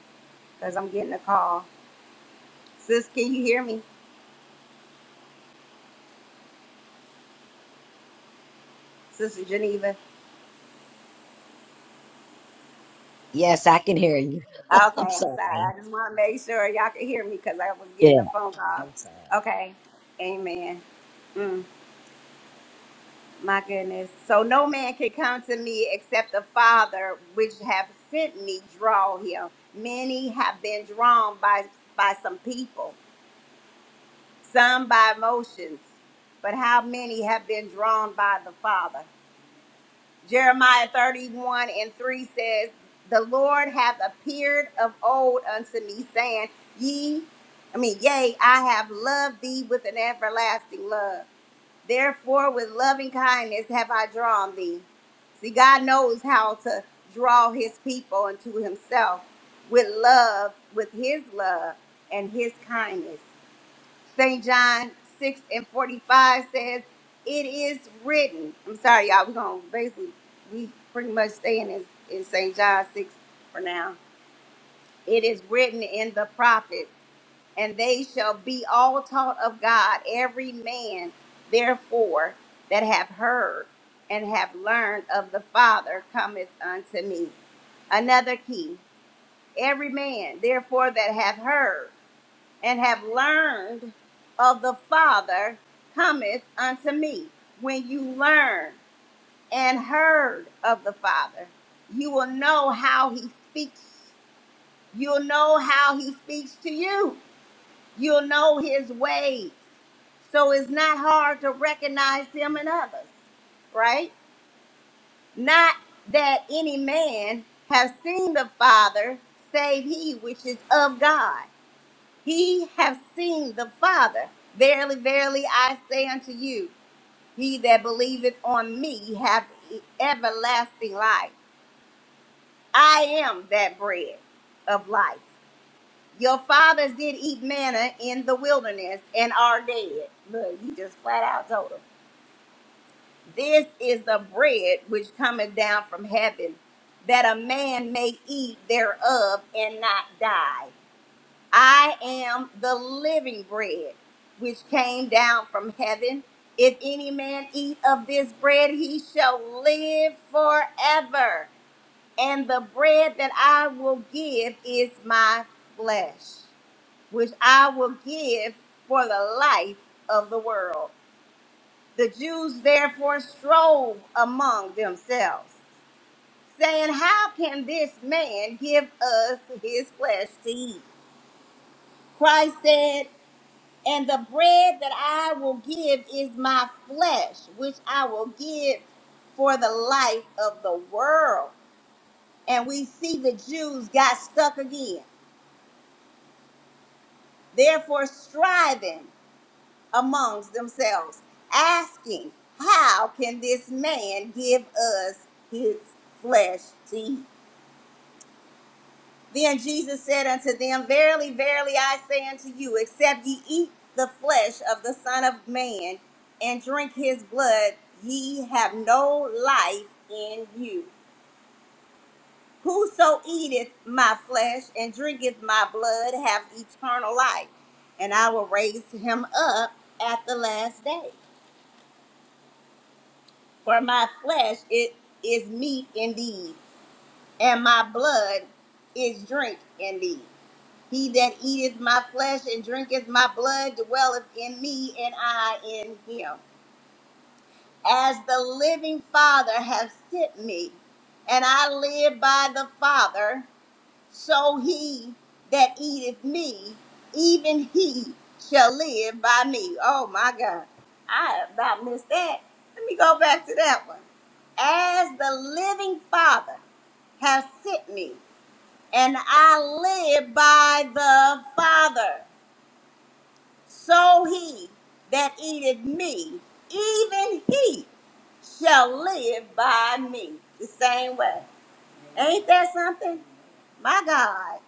[SPEAKER 1] because I'm getting a call. Sis, can you hear me? Sister Geneva.
[SPEAKER 2] Yes, I can hear you.
[SPEAKER 1] Okay,
[SPEAKER 2] I'm
[SPEAKER 1] I'm
[SPEAKER 2] sorry.
[SPEAKER 1] sorry. I just want to make sure y'all could hear me because I was getting a
[SPEAKER 2] Yeah,
[SPEAKER 1] phone call.
[SPEAKER 2] I'm sorry.
[SPEAKER 1] Okay, amen. Mm, my goodness. So no man can come to me except the Father which have sent me draw him. Many have been drawn by by some people, some by emotions, but how many have been drawn by the Father? Jeremiah 31 and 3 says, The Lord hath appeared of old unto me, saying, Ye, I mean, yea, I have loved thee with an everlasting love. Therefore, with loving kindness have I drawn thee. See, God knows how to draw his people unto himself with love, with his love and his kindness. St. John 6 and 45 says, It is written. I'm sorry, y'all. We're going to basically, we pretty much staying in, in St. John 6 for now. It is written in the prophets, and they shall be all taught of God, every man, therefore, that have heard and have learned of the Father cometh unto me. Another key, every man, therefore, that have heard and have learned of the Father cometh unto me. When you learn and heard of the Father, you will know how he speaks. You'll know how he speaks to you. You'll know his ways. So it's not hard to recognize him in others, right? Not that any man has seen the Father save he which is of God. He hath seen the Father. Verily, verily, I say unto you, he that believeth on me hath everlasting life. I am that bread of life. Your fathers did eat manna in the wilderness and are dead. Look, he just flat out told them. This is the bread which cometh down from heaven, that a man may eat thereof and not die. I am the living bread which came down from heaven. If any man eat of this bread, he shall live forever. And the bread that I will give is my flesh, which I will give for the life of the world. The Jews therefore strove among themselves, saying, How can this man give us his flesh to eat? Christ said, And the bread that I will give is my flesh, which I will give for the life of the world. And we see the Jews got stuck again, therefore striving amongst themselves, asking, How can this man give us his flesh to eat? Then Jesus said unto them, Verily, verily, I say unto you, except ye eat the flesh of the Son of Man and drink his blood, ye have no life in you. Whoso eateth my flesh and drinketh my blood have eternal life, and I will raise him up at the last day. For my flesh it is meat indeed, and my blood is drink indeed. He that eateth my flesh and drinketh my blood dwelleth in me, and I in him. As the living Father hath sent me, and I live by the Father, so he that eateth me, even he shall live by me. Oh my God. I about missed that. Let me go back to that one. As the living Father hath sent me, and I live by the Father. So he that eateth me, even he shall live by me. The same way. Ain't that something? My God,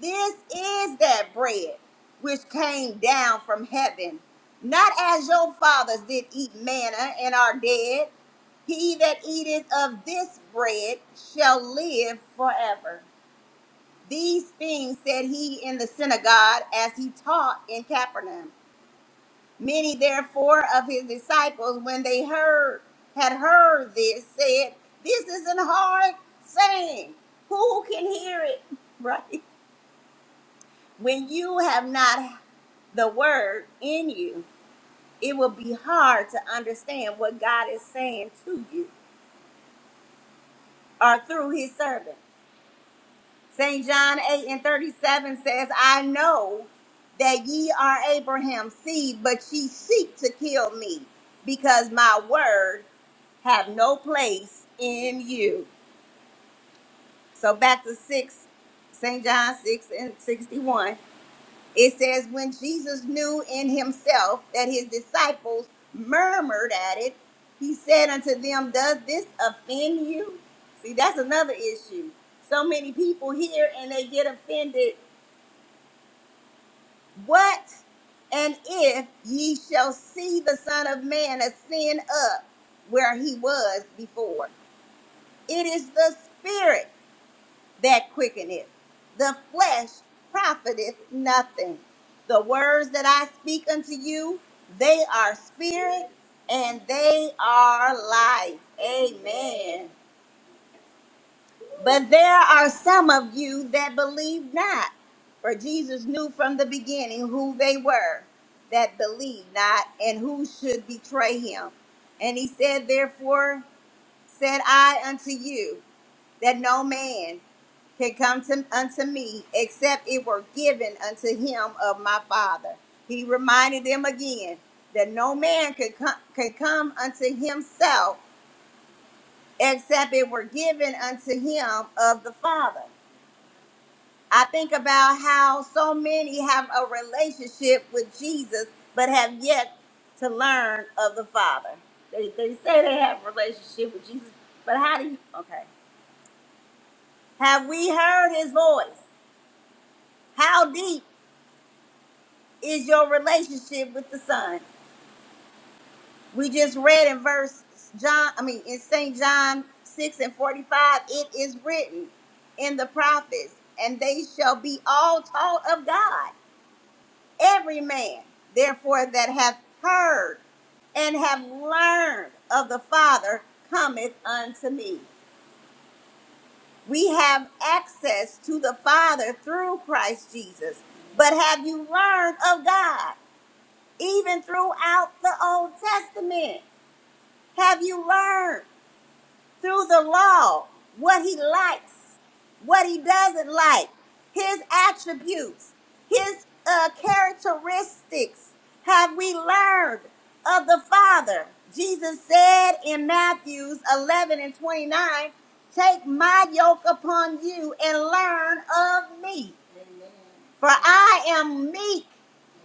[SPEAKER 1] this is that bread which came down from heaven, not as your fathers did eat manna and are dead. He that eateth of this bread shall live forever. These things said he in the synagogue as he taught in Capernaum. Many therefore of his disciples, when they heard had heard this, said, This is an hard saying. Who can hear it? Right? When you have not the word in you, it will be hard to understand what God is saying to you or through his servant. St. John 8 and 37 says, I know that ye are Abraham's seed, but ye seek to kill me, because my word have no place in you. So back to 6, St. John 6 and 61. It says, When Jesus knew in himself that his disciples murmured at it, he said unto them, Does this offend you? See, that's another issue. So many people here and they get offended What and if ye shall see the Son of Man ascend up where he was before? It is the Spirit that quickeneth, the flesh profiteth nothing. The words that I speak unto you, they are spirit and they are life. Amen. But there are some of you that believe not. For Jesus knew from the beginning who they were that believed not and who should betray him. And he said, Therefore said I unto you, that no man can come to, unto me except it were given unto him of my Father. He reminded them again that no man could come, could come unto himself except it were given unto him of the Father. I think about how so many have a relationship with Jesus, but have yet to learn of the Father. They, they say they have a relationship with Jesus, but how do you? Okay. Have we heard his voice? How deep is your relationship with the Son? We just read in verse John, I mean, in St. John 6 and 45, it is written in the prophets, and they shall be all taught of God. every man therefore that hath heard and have learned of the father cometh unto me we have access to the father through christ jesus but have you learned of god even throughout the old testament have you learned through the law what he likes, what he doesn't like, his attributes, his uh, characteristics have we learned of the Father. Jesus said in Matthews 11 and 29, Take my yoke upon you and learn of me, for I am meek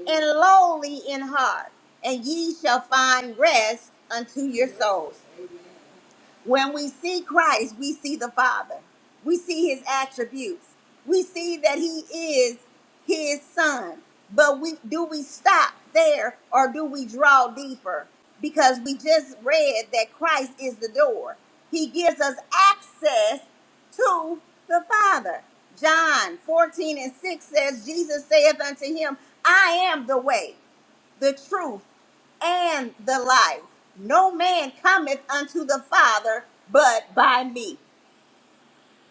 [SPEAKER 1] and lowly in heart, and ye shall find rest unto your souls. When we see Christ, we see the Father. We see his attributes. We see that he is his son. But we do we stop there or do we draw deeper? Because we just read that Christ is the door. He gives us access to the Father. John 14 and 6 says, Jesus saith unto him, I am the way the truth, and the life. No man cometh unto the Father but by me.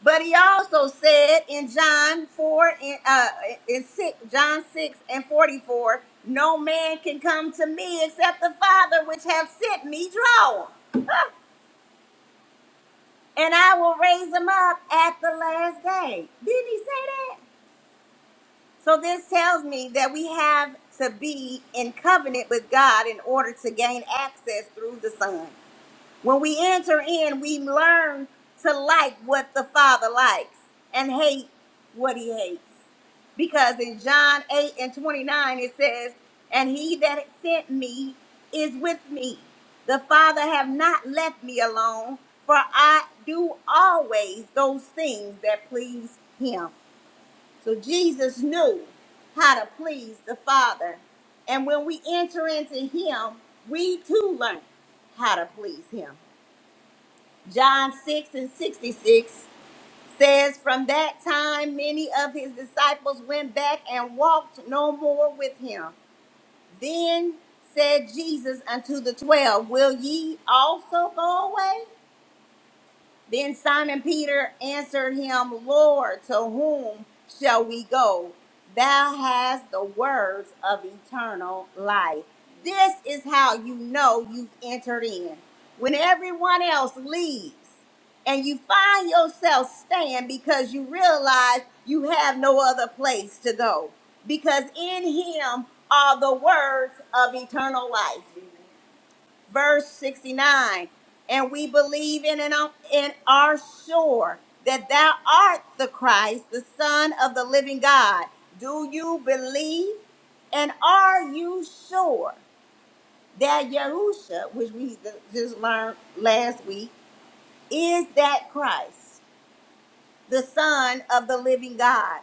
[SPEAKER 1] But he also said in John 4 and uh in six John 6 and 44, no man can come to me except the Father which have sent me draw him, and I will raise him up at the last day. Didn't he say that? So this tells me that we have to be in covenant with God in order to gain access through the Son. When we enter in, we learn to like what the Father likes and hate what he hates. Because in John 8 and 29, it says, And he that sent me is with me. The Father have not left me alone, for I do always those things that please him. So Jesus knew how to please the Father. And when we enter into him, we too learn how to please him. John 6 and 66 says, From that time, many of his disciples went back and walked no more with him. Then said Jesus unto the twelve, Will ye also go away? Then Simon Peter answered him, Lord, to whom shall we go? Thou hast the words of eternal life. This is how you know you've entered in. When everyone else leaves and you find yourself staying because you realize you have no other place to go, because in him are the words of eternal life verse 69 and we believe in and on- and are sure that thou art the Christ the son of the living God do you believe and are you sure that Yahusha which we just learned last week is that Christ the Son of the living God.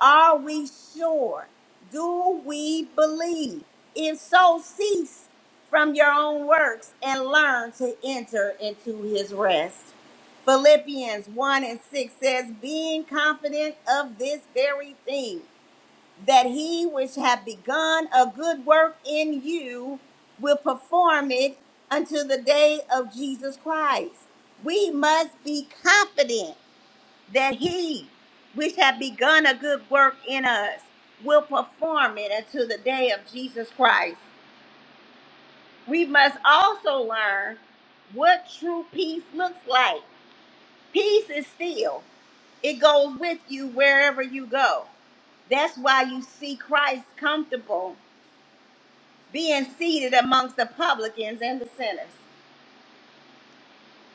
[SPEAKER 1] Are we sure? Do we believe? If so, cease from your own works and learn to enter into his rest. Philippians 1 and 6 says, Being confident of this very thing, that he which hath begun a good work in you will perform it until the day of Jesus Christ. We must be confident that he which had begun a good work in us will perform it until the day of Jesus Christ. We must also learn what true peace looks like. Peace is still, it goes with you wherever you go. That's why you see Christ comfortable being seated amongst the publicans and the sinners,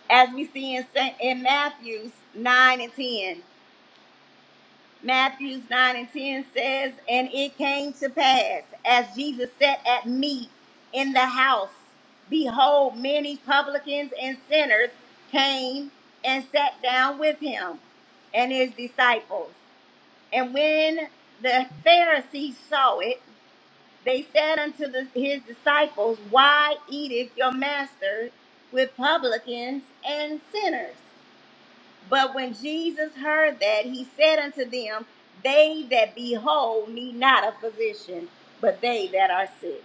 [SPEAKER 1] as we see in, Saint, in Matthew 9 and 10. Matthews 9 and 10 says, And it came to pass, as Jesus sat at meat in the house, behold, many publicans and sinners came and sat down with him and his disciples. And when the Pharisees saw it, they said unto the, his disciples, Why eateth your master with publicans and sinners? But when Jesus heard that, he said unto them, They that be whole need not a physician, but they that are sick.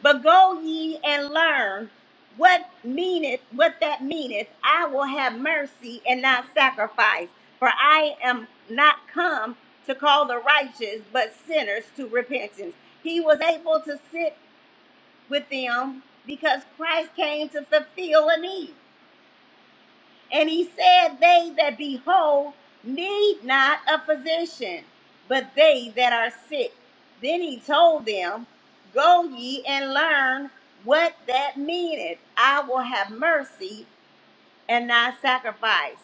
[SPEAKER 1] But go ye and learn what meaneth what that meaneth. I will have mercy and not sacrifice, for I am not come to call the righteous, but sinners to repentance. He was able to sit with them because Christ came to fulfill a need. And he said, They that be whole need not a physician, but they that are sick. Then he told them, Go ye and learn what that meaneth. I will have mercy and not sacrifice.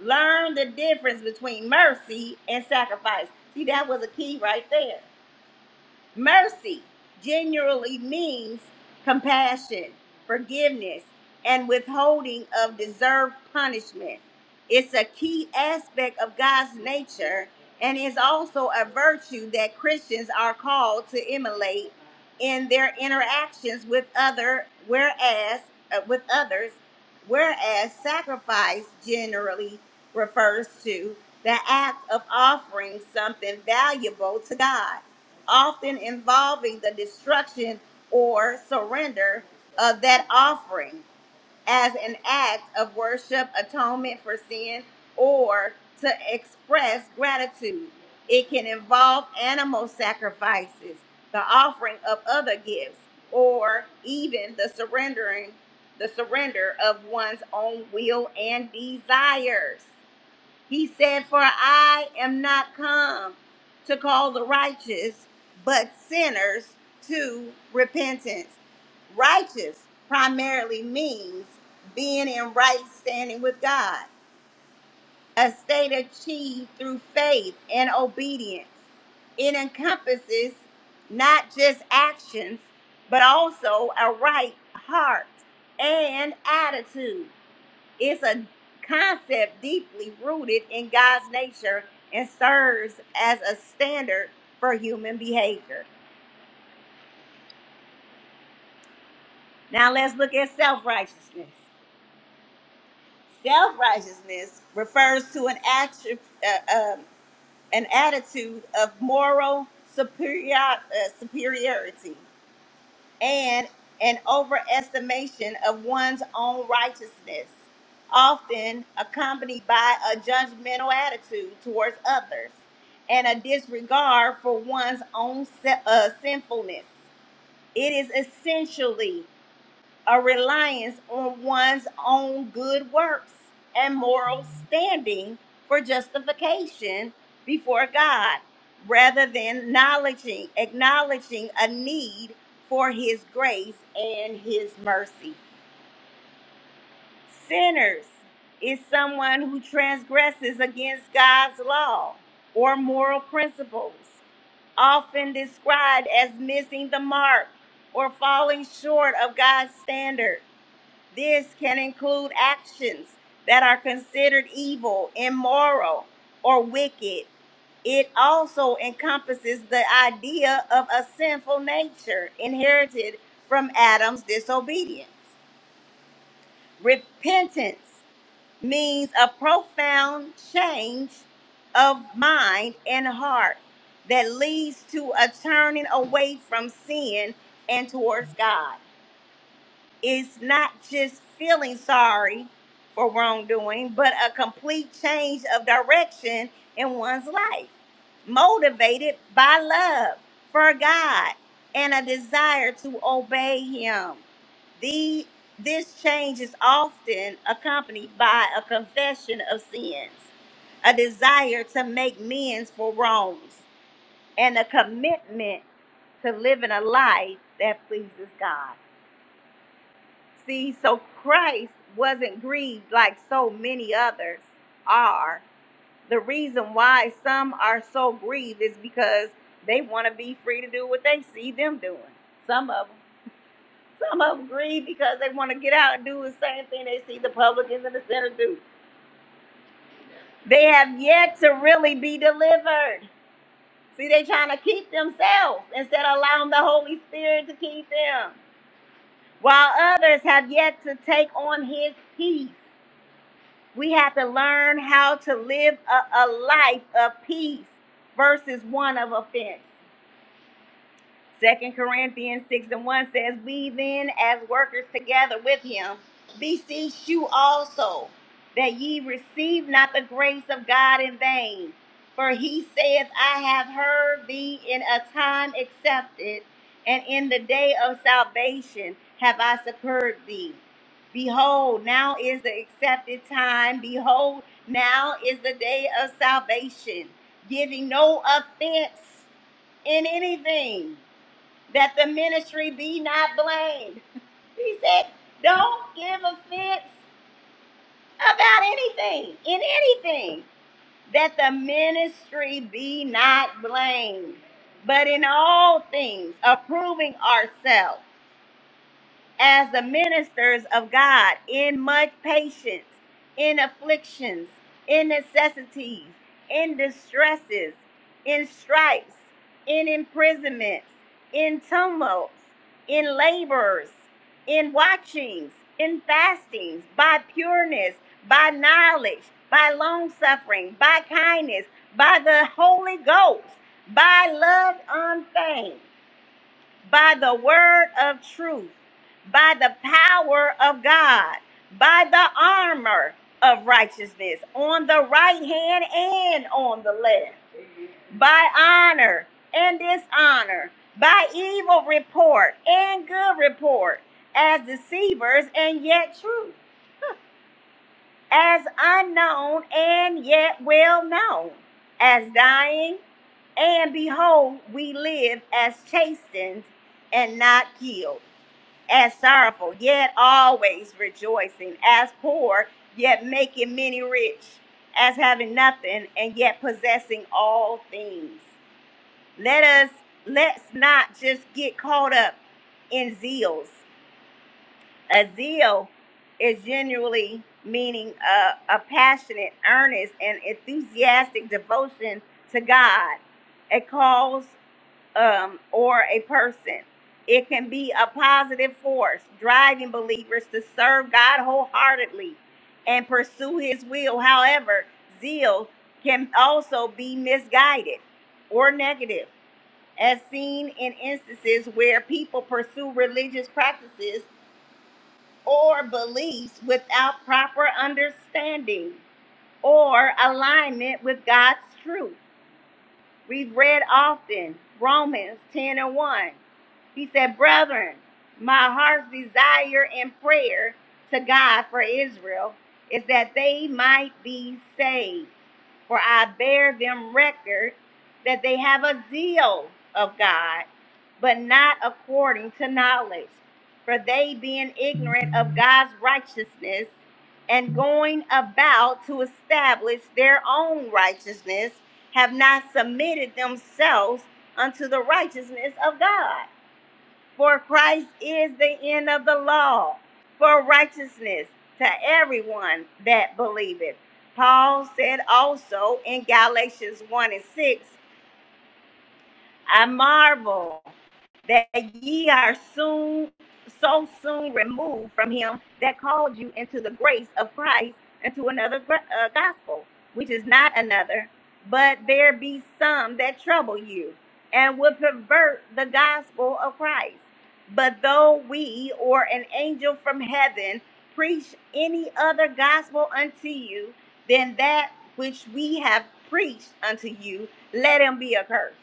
[SPEAKER 1] Learn the difference between mercy and sacrifice. See, that was a key right there. Mercy generally means compassion, forgiveness, and withholding of deserved punishment. It's a key aspect of God's nature and is also a virtue that Christians are called to emulate in their interactions with other whereas uh, with others whereas sacrifice generally refers to the act of offering something valuable to God often involving the destruction or surrender of that offering as an act of worship, atonement for sin, or to express gratitude. It can involve animal sacrifices, the offering of other gifts, or even the surrendering the surrender of one's own will and desires. He said, For I am not come to call the righteous, but sinners to repentance. Righteous primarily means being in right standing with God, a state achieved through faith and obedience. It encompasses not just actions, but also a right heart and attitude. It's a concept deeply rooted in God's nature and serves as a standard for human behavior. Now let's look at self righteousness. Self righteousness refers to an action, uh, um, an attitude of moral superior, uh, superiority and an overestimation of one's own righteousness, often accompanied by a judgmental attitude towards others and a disregard for one's own se- uh, sinfulness. It is essentially a reliance on one's own good works and moral standing for justification before God rather than acknowledging acknowledging a need for his grace and his mercy. Sinners is someone who transgresses against God's law or moral principles, often described as missing the mark or falling short of God's standard this can include actions that are considered evil, immoral, or wicked. It also encompasses the idea of a sinful nature inherited from Adam's disobedience. Repentance means a profound change of mind and heart that leads to a turning away from sin and towards God. It's not just feeling sorry for wrongdoing, but a complete change of direction in one's life, motivated by love for God and a desire to obey Him. The, this change is often accompanied by a confession of sins, a desire to make amends for wrongs, and a commitment to living a life that pleases God. See, so Christ wasn't grieved like so many others are. The reason why some are so grieved is because they want to be free to do what they see them doing. Some of them. Some of them grieve because they want to get out and do the same thing they see the publicans and the sinners do. They have yet to really be delivered. See, they trying to keep themselves instead of allowing the Holy Spirit to keep them. While others have yet to take on his peace We have to learn how to live a, a life of peace versus one of offense. Second Corinthians 6 and 1 says, We then, as workers together with him, beseech you also that ye receive not the grace of God in vain. For he saith, I have heard thee in a time accepted, and in the day of salvation have I succored thee. Behold, now is the accepted time. Behold, now is the day of salvation, giving no offense in anything that the ministry be not blamed. He said, don't give offense about anything, in anything, that the ministry be not blamed, but in all things, approving ourselves as the ministers of God in much patience, in afflictions, in necessities, in distresses, in stripes, in imprisonments, in tumults, in labors, in watchings, in fastings, by pureness, by knowledge, by long suffering, by kindness, by the Holy Ghost, by love unfeigned by the word of truth, by the power of God, by the armor of righteousness on the right hand and on the left, by honor and dishonor, by evil report and good report, as deceivers and yet true, as unknown and yet well known, as dying and behold, we live as chastened and not killed as sorrowful, yet always rejoicing, as poor, yet making many rich, as having nothing, and yet possessing all things. Let us let's not just get caught up in zeals. A zeal is generally meaning a, a passionate, earnest, and enthusiastic devotion to God. It calls um, or a person. It can be a positive force, driving believers to serve God wholeheartedly and pursue His will. However, zeal can also be misguided or negative, as seen in instances where people pursue religious practices or beliefs without proper understanding or alignment with God's truth. We've read often Romans 10 and 1. He said, Brethren, my heart's desire and prayer to God for Israel is that they might be saved. For I bear them record that they have a zeal of God, but not according to knowledge. For they, being ignorant of God's righteousness and going about to establish their own righteousness, have not submitted themselves unto the righteousness of God. For Christ is the end of the law for righteousness to everyone that believeth. Paul said also in Galatians 1 and 6 I marvel that ye are soon so soon removed from him that called you into the grace of Christ into another gr- uh, gospel, which is not another, but there be some that trouble you and would pervert the gospel of Christ. But though we or an angel from heaven preach any other gospel unto you than that which we have preached unto you, let him be accursed.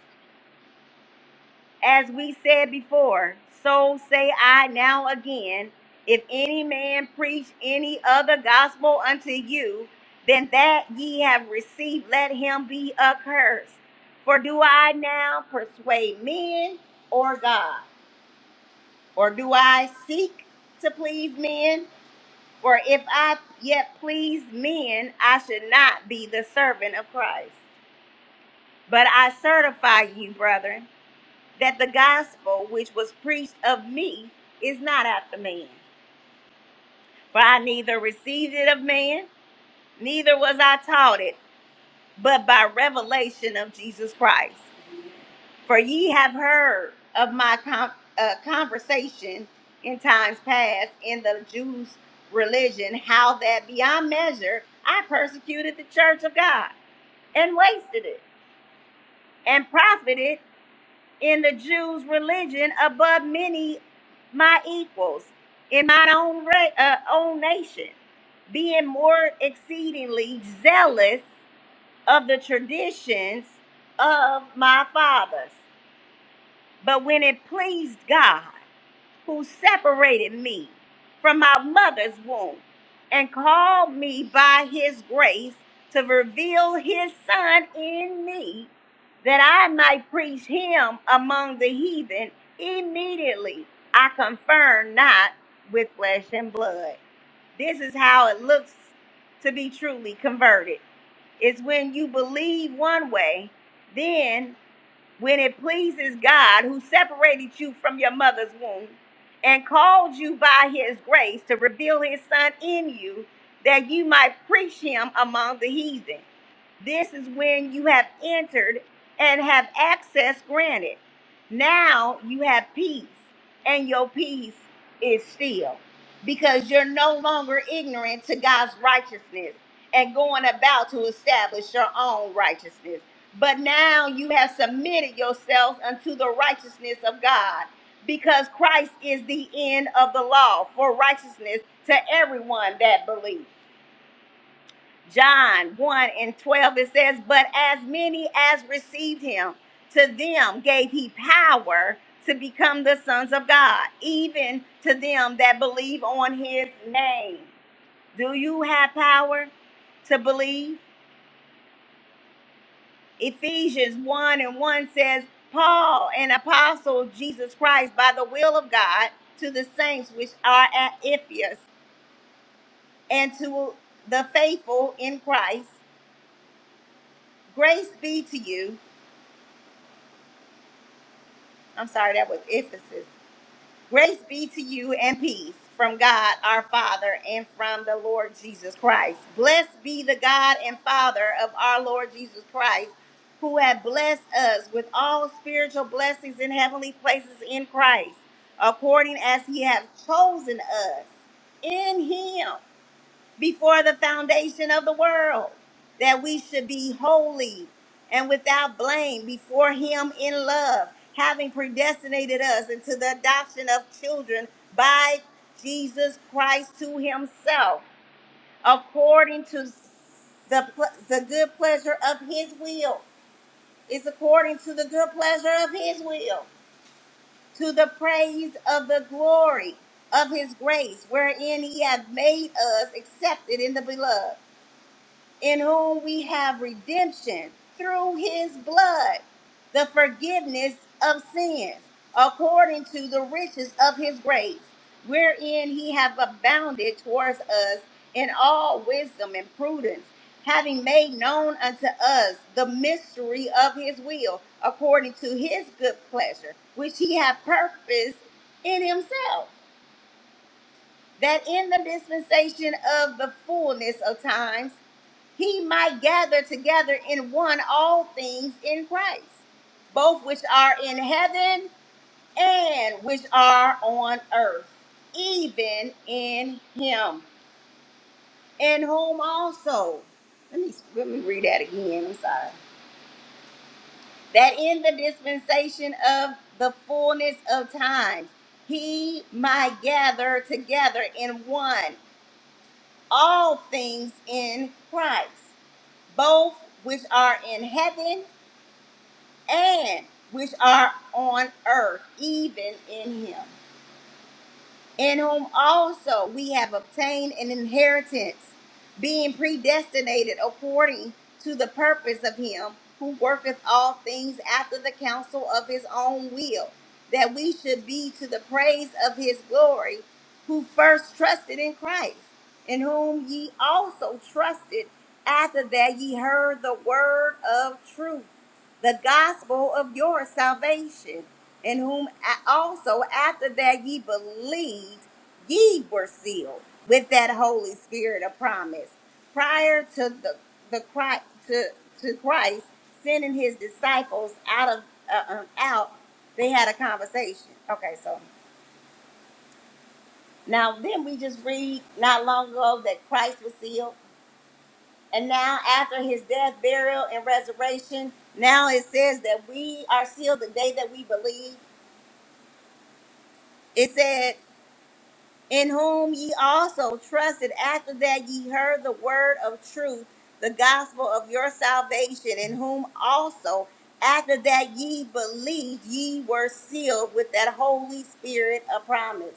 [SPEAKER 1] As we said before, so say I now again, if any man preach any other gospel unto you than that ye have received, let him be accursed. For do I now persuade men or God? Or do I seek to please men? For if I yet please men, I should not be the servant of Christ. But I certify you, brethren that the gospel which was preached of me is not after man. For I neither received it of man, neither was I taught it, but by revelation of Jesus Christ. For ye have heard of my con- uh, conversation in times past in the Jews' religion, how that beyond measure I persecuted the church of God and wasted it and profited. in the Jews' religion above many my equals in my own ra- uh, own nation, being more exceedingly zealous of the traditions of my fathers. But when it pleased God who separated me from my mother's womb and called me by his grace to reveal his son in me that I might preach him among the heathen immediately. I confirm not with flesh and blood. This is how it looks to be truly converted. It's when you believe one way, then when it pleases God who separated you from your mother's womb and called you by his grace to reveal his son in you that you might preach him among the heathen. This is when you have entered and have access granted. Now you have peace, and your peace is still because you're no longer ignorant to God's righteousness and going about to establish your own righteousness. But now you have submitted yourselves unto the righteousness of God, because Christ is the end of the law for righteousness to everyone that believes. John 1 and 12, it says, But as many as received him, to them gave he power to become the sons of God, even to them that believe on his name. Do you have power to believe? Ephesians 1 and 1 says, Paul, an apostle of Jesus Christ, by the will of God, to the saints which are at Ephesus, and to the faithful in Christ, grace be to you. I'm sorry, that was Ephesus. Grace be to you and peace from God our Father and from the Lord Jesus Christ. Blessed be the God and Father of our Lord Jesus Christ, who have blessed us with all spiritual blessings in heavenly places in Christ, according as he has chosen us in him before the foundation of the world, that we should be holy and without blame before Him in love, having predestinated us into the adoption of children by Jesus Christ to Himself, according to the, pl- the good pleasure of His will. It's according to the good pleasure of His will, to the praise of the glory of His grace, wherein He hath made us accepted in the beloved in whom we have redemption through his blood, the forgiveness of sins, according to the riches of his grace, wherein he hath abounded towards us in all wisdom and prudence, having made known unto us the mystery of his will, according to his good pleasure, which he hath purposed in himself, that in the dispensation of the fullness of times he might gather together in one all things in Christ, both which are in heaven and which are on earth, even in him, in whom also. Let me let me read that again. I'm sorry. That in the dispensation of the fullness of times, he might gather together in one all things in Christ, both which are in heaven and which are on earth, even in him, in whom also we have obtained an inheritance, being predestinated according to the purpose of him who worketh all things after the counsel of his own will, that we should be to the praise of his glory, who first trusted in Christ, in whom ye also trusted after that ye heard the word of truth the gospel of your salvation, in whom also after that ye believed, ye were sealed with that Holy Spirit of promise. Prior to the the Christ, to, to Christ sending his disciples out of uh, um, out, they had a conversation. Okay, so now then we just read not long ago that Christ was sealed and now, after his death, burial, and resurrection, now it says that we are sealed the day that we believe. It said, In whom ye also trusted after that ye heard the word of truth, the gospel of your salvation, in whom also after that ye believed, ye were sealed with that Holy Spirit of promise.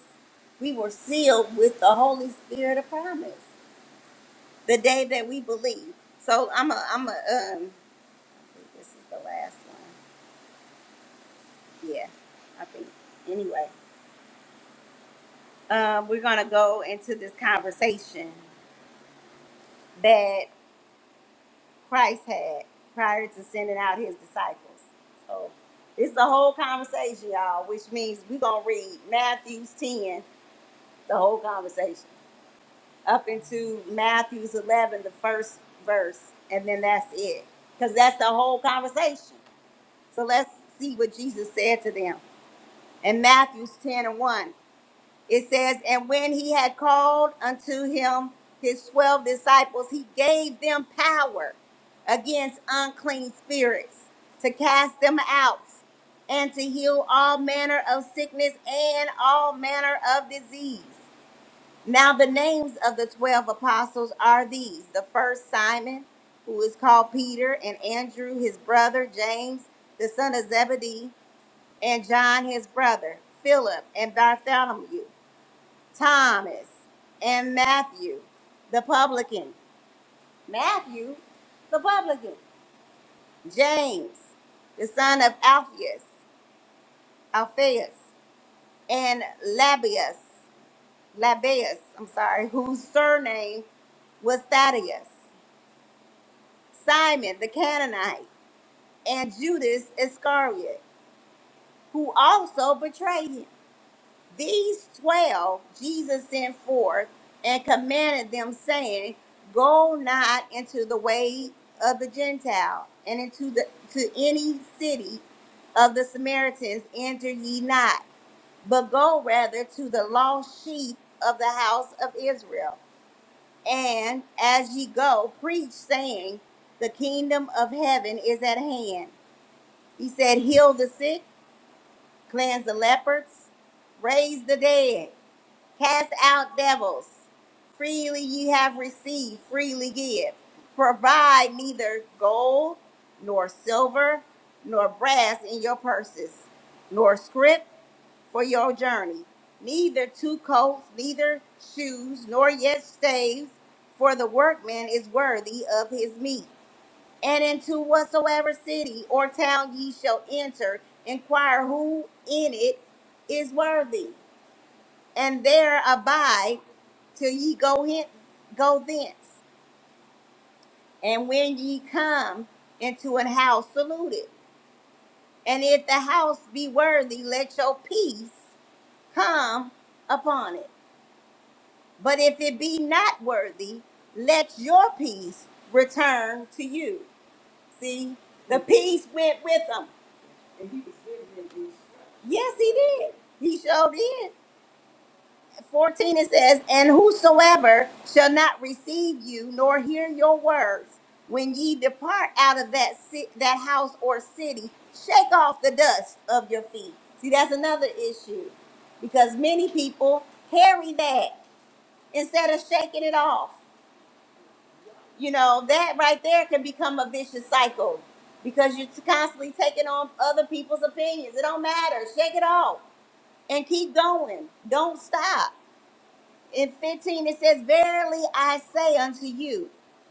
[SPEAKER 1] We were sealed with the Holy Spirit of promise the day that we believe. So I'm a, I'm a, um, I think this is the last one. Yeah, I think. Anyway, um, we're going to go into this conversation that Christ had prior to sending out his disciples. So it's the whole conversation, y'all, which means we're going to read Matthew's 10, the whole conversation, up into Matthew's 11, the first verse, and then that's it. Because that's the whole conversation. So let's see what Jesus said to them. In Matthew's 10 and 1. It says, And when he had called unto him his twelve disciples, he gave them power against unclean spirits to cast them out and to heal all manner of sickness and all manner of disease. Now, the names of the twelve apostles are these the first, Simon, who is called Peter, and Andrew, his brother, James, the son of Zebedee, and John, his brother, Philip, and Bartholomew Thomas, and Matthew, the publican. Matthew, the publican. James, the son of Alphaeus, Alphaeus, and Labius, Labius, I'm sorry, whose surname was Thaddeus. Simon, the Canaanite, and Judas Iscariot, who also betrayed him. These twelve Jesus sent forth and commanded them, saying, Go not into the way of the Gentile, and into the to any city of the Samaritans enter ye not, but go rather to the lost sheep of the house of Israel. And as ye go, preach, saying, The kingdom of heaven is at hand. He said, Heal the sick, cleanse the lepers, raise the dead cast out devils. Freely ye have received, freely give. Provide neither gold, nor silver, nor brass in your purses, nor scrip for your journey, neither two coats, neither shoes, nor yet staves, for the workman is worthy of his meat. And into whatsoever city or town ye shall enter, inquire who in it is worthy and there abide till ye go hence, go thence. And when ye come into an house, salute it. And if the house be worthy, let your peace come upon it. But if it be not worthy, let your peace return to you. See, the peace went with them. Yes, he did. He showed in. 14 it says, And whosoever shall not receive you nor hear your words, when ye depart out of that ci- that house or city, shake off the dust of your feet. See, that's another issue because many people carry that instead of shaking it off. You know, that right there can become a vicious cycle because you're constantly taking on other people's opinions. It don't matter. Shake it off and keep going. Don't stop in 15 it says verily i say unto you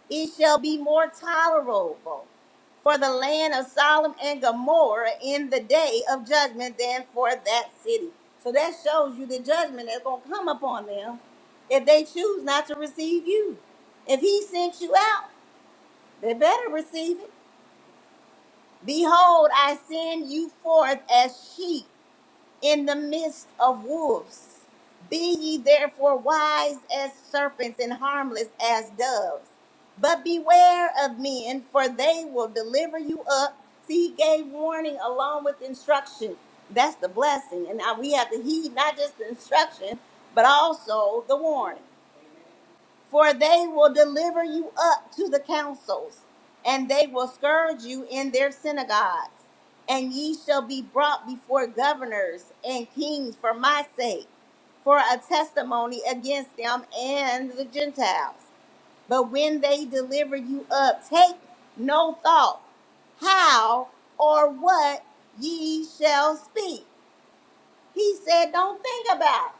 [SPEAKER 1] it shall be more tolerable for the land of sodom and gomorrah in the day of judgment than for that city so that shows you the judgment that's going to come upon them if they choose not to receive you if he sent you out they better receive it behold i send you forth as sheep in the midst of wolves. Be ye therefore wise as serpents and harmless as doves. But beware of men, for they will deliver you up. See, he gave warning along with instruction. That's the blessing. And now we have to heed not just the instruction, but also the warning for they will deliver you up to the councils, and they will scourge you in their synagogues. And ye shall be brought before governors and kings for my sake, for a testimony against them and the Gentiles. But when they deliver you up, take no thought how or what ye shall speak. He said, Don't think about it.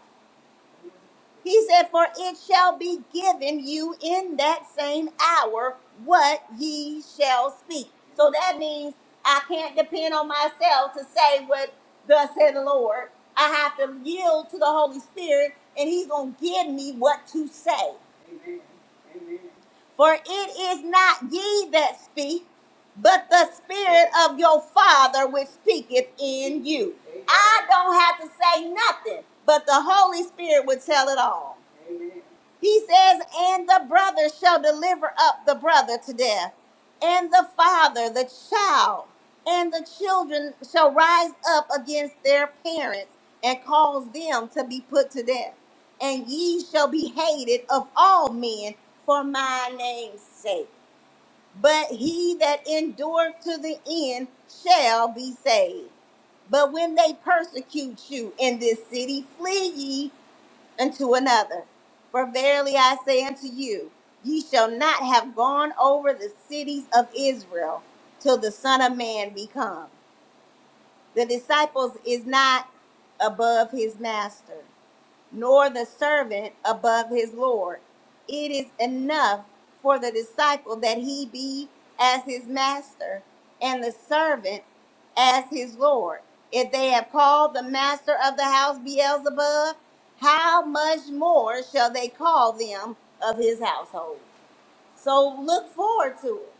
[SPEAKER 1] He said, For it shall be given you in that same hour what ye shall speak. So that means I can't depend on myself to say what thus said the Lord. I have to yield to the Holy Spirit, and He's going to give me what to say. For it is not ye that speak, but the Spirit of your Father which speaketh in you. I don't have to say nothing, but the Holy Spirit would tell it all. He says, and the brother shall deliver up the brother to death, and the father, the child, and the children shall rise up against their parents and cause them to be put to death. And ye shall be hated of all men for my name's sake. But he that endureth to the end shall be saved. But when they persecute you in this city, flee ye unto another. For verily I say unto you, ye shall not have gone over the cities of Israel till the Son of Man be come. The disciples is not above his master nor the servant above his Lord. It is enough for the disciple that he be as his master and the servant as his Lord. If they have called the master of the house Beelzebub, how much more shall they call them of his household? So look forward to it.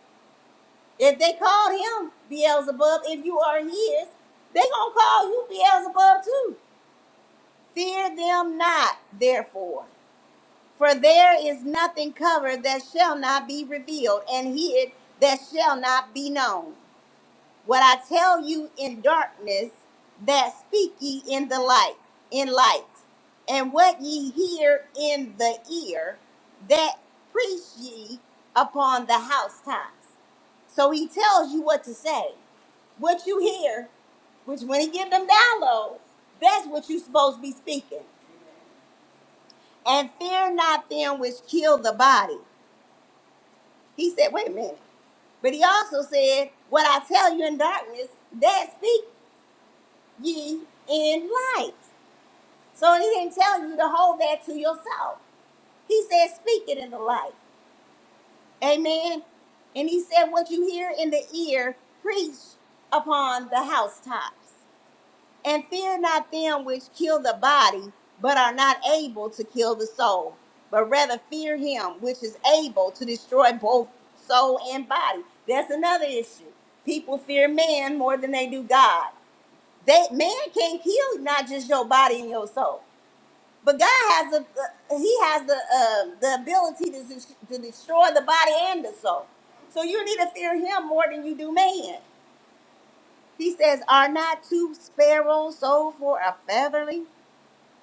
[SPEAKER 1] If they called him Beelzebub, if you are his, they gonna call you Beelzebub too. Fear them not, therefore. For there is nothing covered that shall not be revealed, and hid that shall not be known. What I tell you in darkness, that speak ye in the light, in light, and what ye hear in the ear, that preach ye upon the housetops. So he tells you what to say, what you hear, which when he give them downloads, that's what you supposed to be speaking. And fear not them which kill the body He said, wait a minute. But he also said, What I tell you in darkness, that speak ye in light. So he didn't tell you to hold that to yourself. He said, Speak it in the light. Amen. And he said, What you hear in the ear, preach upon the housetops. And fear not them which kill the body, but are not able to kill the soul, but rather fear him which is able to destroy both soul and body. That's another issue. People fear man more than they do God. They man can kill not just your body and your soul, but God has a he has the uh, the ability to, des- to destroy the body and the soul. So you need to fear him more than you do man. He says, "Are not two sparrows sold for a feather?"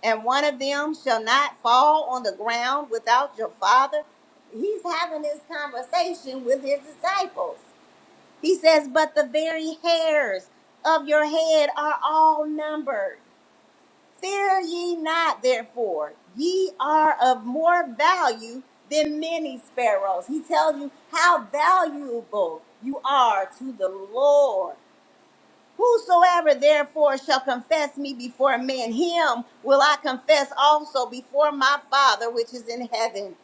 [SPEAKER 1] and one of them shall not fall on the ground without your father. He's having this conversation with his disciples. He says, But the very hairs of your head are all numbered. Fear ye not, therefore, ye are of more value than many sparrows. He tells you how valuable you are to the Lord. Whosoever therefore shall confess me before men, him will I confess also before my Father which is in heaven.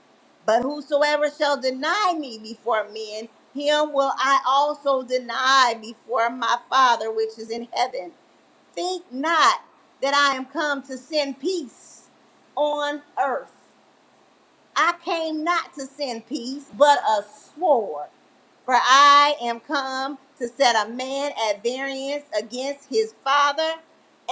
[SPEAKER 1] But whosoever shall deny me before men, him will I also deny before my Father which is in heaven. Think not that I am come to send peace on earth. I came not to send peace, but a sword. For I am come to set a man at variance against his father,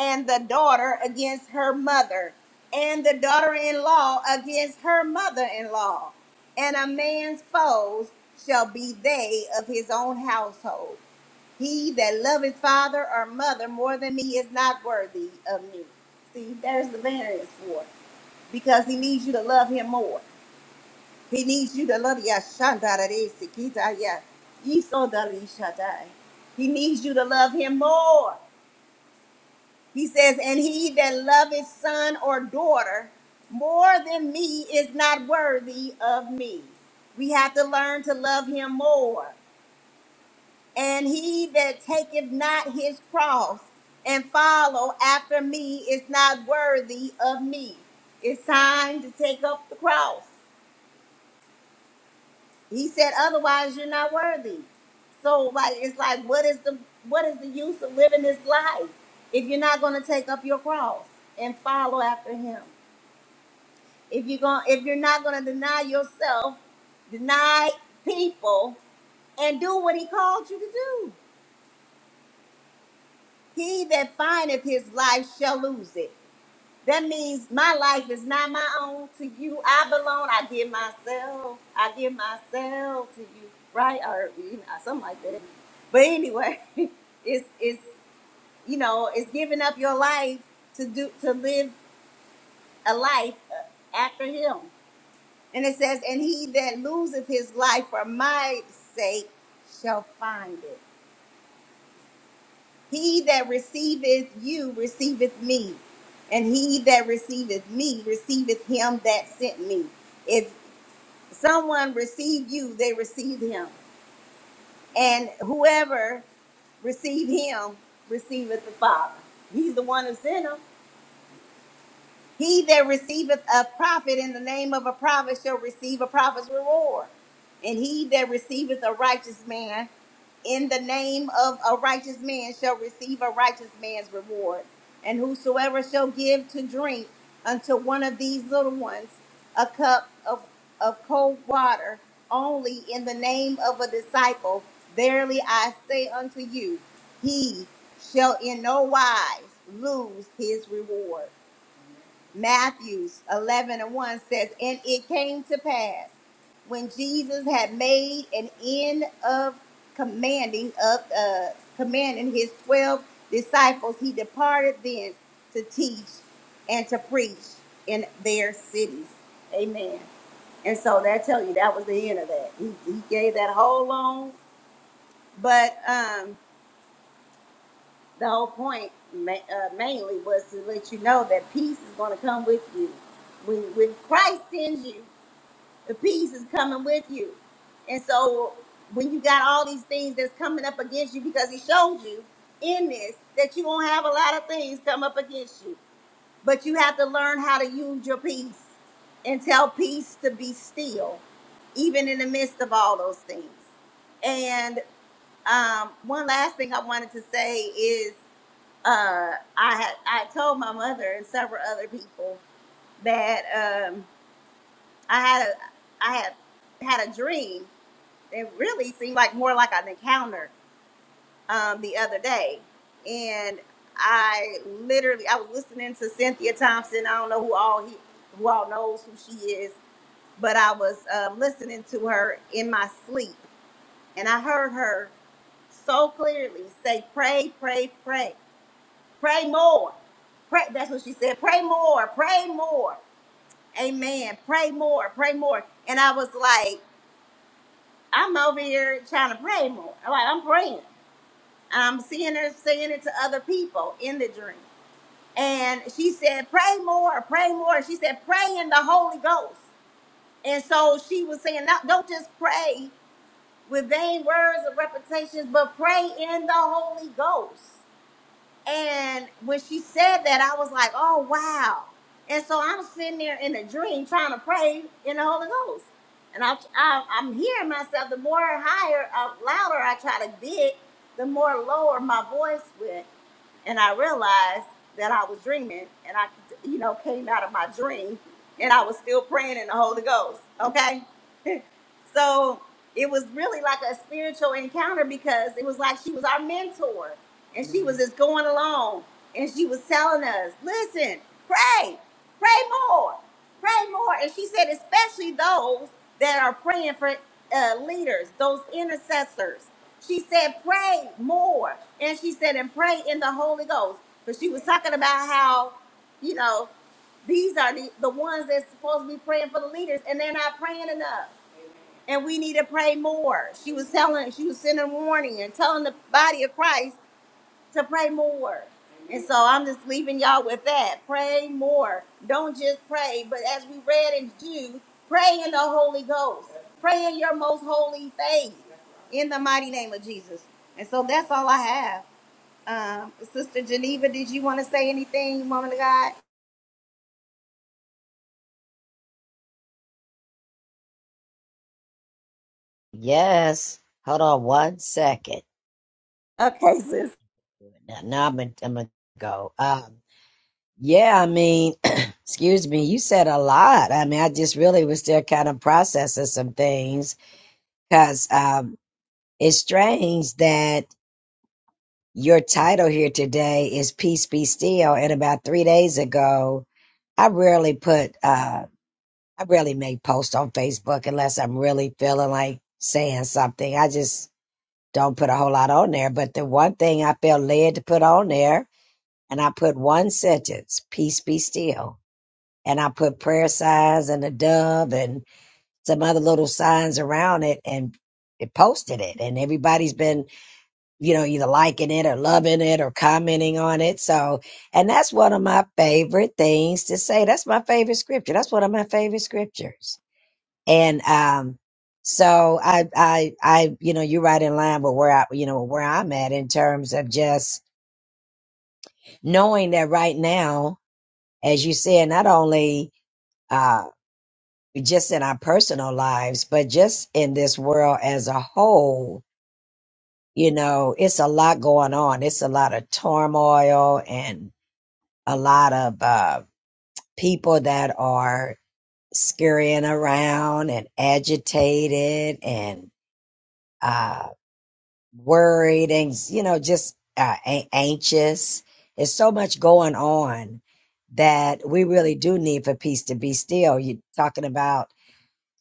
[SPEAKER 1] and the daughter against her mother, and the daughter in law against her mother in law. And a man's foes shall be they of his own household. He that loveth father or mother more than me is not worthy of me. See, there's the variance for it, because he needs you to love him more. He needs you to love Yashandarese. He needs you to love him more. He says, And he that loveth son or daughter more than me is not worthy of me. We have to learn to love him more. And he that taketh not his cross and follow after me is not worthy of me. It's time to take up the cross. He said, otherwise you're not worthy. So like it's like what is the what is the use of living this life if you're not gonna take up your cross and follow after him? If you're going if you're not gonna deny yourself, deny people, and do what he called you to do. He that findeth his life shall lose it. That means my life is not my own. To you, I belong. I give myself. I give myself to you, right? Or you know, something like that. But anyway, it's it's you know, it's giving up your life to do to live a life uh, after Him. And it says, "And he that loseth his life for my sake shall find it." He that receiveth you receiveth me, and he that receiveth me receiveth him that sent me. If someone receive you, they receive him. And whoever receive him receiveth the Father. He's the one who sent him. He that receiveth a prophet in the name of a prophet shall receive a prophet's reward. And he that receiveth a righteous man in the name of a righteous man shall receive a righteous man's reward. And whosoever shall give to drink unto one of these little ones a cup of, of cold water only in the name of a disciple, verily I say unto you, he shall in no wise lose his reward. Matthews 11 and 1 says, And it came to pass when Jesus had made an end of commanding of uh, commanding his 12 disciples, he departed thence to teach and to preach in their cities. Amen. And so that tell you that was the end of that. He, he gave that whole long, but um the whole point ma- uh, mainly was to let you know that peace is going to come with you. When, when Christ sends you, the peace is coming with you. And so when you got all these things that's coming up against you because he showed you in this that you won't have a lot of things come up against you. But you have to learn how to use your peace and tell peace to be still, even in the midst of all those things. And um, one last thing I wanted to say is uh, I had I told my mother and several other people that um, I had a, I had had a dream. It really seemed like more like an encounter um, the other day, and I literally I was listening to Cynthia Thompson. I don't know who all he who all knows who she is, but I was um, listening to her in my sleep, and I heard her so clearly say, "Pray, pray, pray." Pray more. Pray, that's what she said. Pray more. Pray more. Amen. Pray more. Pray more. And I was like, I'm over here trying to pray more. I'm like, I'm praying. I'm seeing her saying it to other people in the dream. And she said, Pray more. Pray more. She said, Pray in the Holy Ghost. And so she was saying, "No, Don't just pray with vain words of repetitions, but pray in the Holy Ghost. And when she said that, I was like, oh, wow. And so I'm sitting there in a dream trying to pray in the Holy Ghost. And I, I, I'm hearing myself. The more higher, uh, louder I try to get, the more lower my voice went. And I realized that I was dreaming and I, you know, came out of my dream and I was still praying in the Holy Ghost. Okay? So it was really like a spiritual encounter because it was like she was our mentor and she was just going along and she was telling us, listen, pray, pray more, pray more. And she said, especially those that are praying for uh, leaders, those intercessors. She said, pray more. And she said, and pray in the Holy Ghost. But she was talking about how, you know, these are the, the ones that's supposed to be praying for the leaders and they're not praying enough and we need to pray more. She was telling, she was sending warning and telling the body of Christ to pray more. And so I'm just leaving y'all with that. Pray more. Don't just pray, but as we read in Jude, pray in the Holy Ghost. Pray in your most holy faith in the mighty name of Jesus. And so that's all I have. Um, Sister Geneva, did you want to say anything, woman of God?
[SPEAKER 2] Yes. Hold on one second.
[SPEAKER 1] Okay, sis.
[SPEAKER 2] Now, now I'm gonna, I'm gonna go. Um, yeah, I mean, excuse me. You said a lot. I mean, I just really was still kind of processing some things because um, it's strange that your title here today is "Peace Be Still," and about three days ago, I rarely put uh I rarely make posts on Facebook unless I'm really feeling like saying something. I just don't put a whole lot on there, but the one thing I felt led to put on there, and I put one sentence, peace be still. And I put prayer signs and a dove and some other little signs around it and it posted it. And everybody's been, you know, either liking it or loving it or commenting on it. So, and that's one of my favorite things to say. That's my favorite scripture. That's one of my favorite scriptures and um, so I, I, I, you know, you're right in line with where I, you know, where I'm at in terms of just knowing that right now, as you said, not only uh, just in our personal lives, but just in this world as a whole, you know, it's a lot going on. It's a lot of turmoil and a lot of uh, people that are scurrying around and agitated and uh, worried and you know just uh, a- anxious there's so much going on that we really do need for peace to be still you're talking about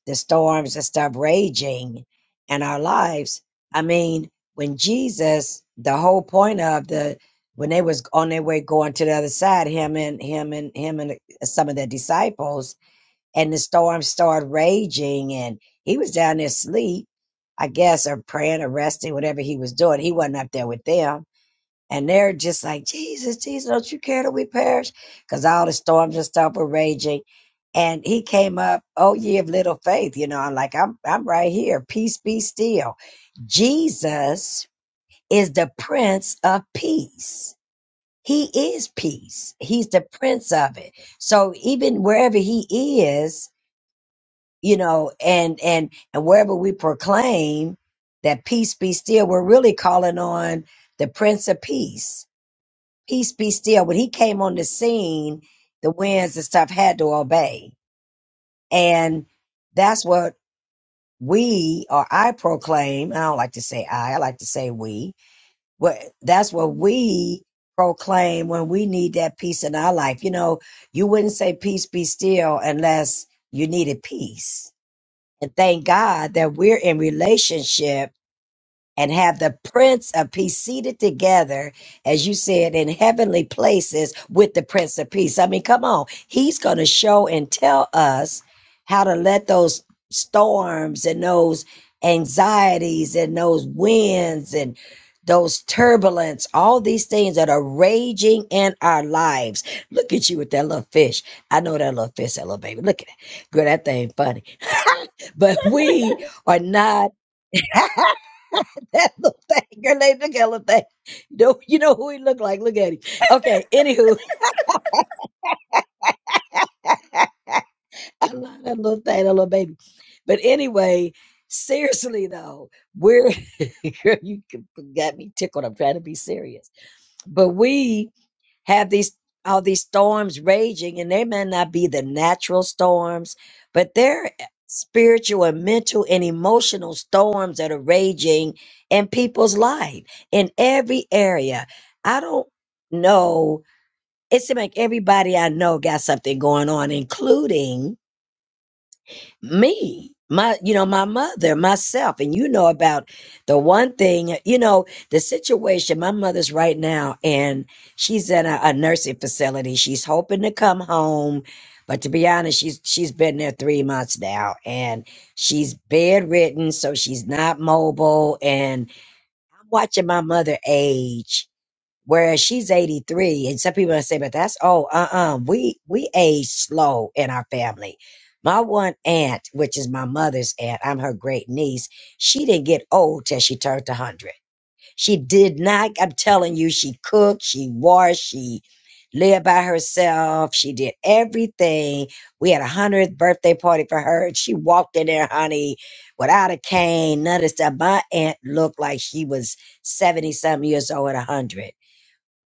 [SPEAKER 2] the storms that stop raging in our lives i mean when jesus the whole point of the when they was on their way going to the other side him and him and him and some of their disciples and the storm started raging and he was down there asleep i guess or praying or resting whatever he was doing he wasn't up there with them and they're just like jesus jesus don't you care that we perish because all the storms and stuff were raging and he came up oh ye of little faith you know i'm like i'm, I'm right here peace be still jesus is the prince of peace he is peace he's the prince of it so even wherever he is you know, and and and wherever we proclaim that peace be still, we're really calling on the Prince of Peace. Peace be still. When he came on the scene, the winds and stuff had to obey, and that's what we or I proclaim. I don't like to say I. I like to say we. What that's what we proclaim when we need that peace in our life. You know, you wouldn't say peace be still unless you needed peace and thank God that we're in relationship and have the Prince of Peace seated together, as you said, in heavenly places with the Prince of Peace. I mean, come on. He's going to show and tell us how to let those storms and those anxieties and those winds and those turbulence, all these things that are raging in our lives. Look at you with that little fish. I know that little fish, that little baby. Look at it. Girl, that thing funny but we are not that little thing. Her name, look at that little thing. You know, you know who he looked like. Look at him. Okay, anywho, I love that little thing, that little baby. But anyway, seriously though, we're girl, you got me tickled. I'm trying to be serious, but we have these all these storms raging and they may not be the natural storms but they're eh, spiritual and mental and emotional storms that are raging in people's life in every area i don't know it seems like everybody i know got something going on including me my you know my mother myself and you know about the one thing you know the situation my mother's right now and she's in a, a nursing facility she's hoping to come home but to be honest she's she's been there three months now and she's bedridden so she's not mobile and i'm watching my mother age Whereas she's 83, and some people say, but that's oh, uh-uh. We we age slow in our family. My one aunt, which is my mother's aunt, I'm her great niece, she didn't get old till she turned 100. She did not, I'm telling you, she cooked, she washed, she lived by herself, she did everything. We had a 100th birthday party for her. and She walked in there, honey, without a cane, none of that stuff. My aunt looked like she was 70 something years old at 100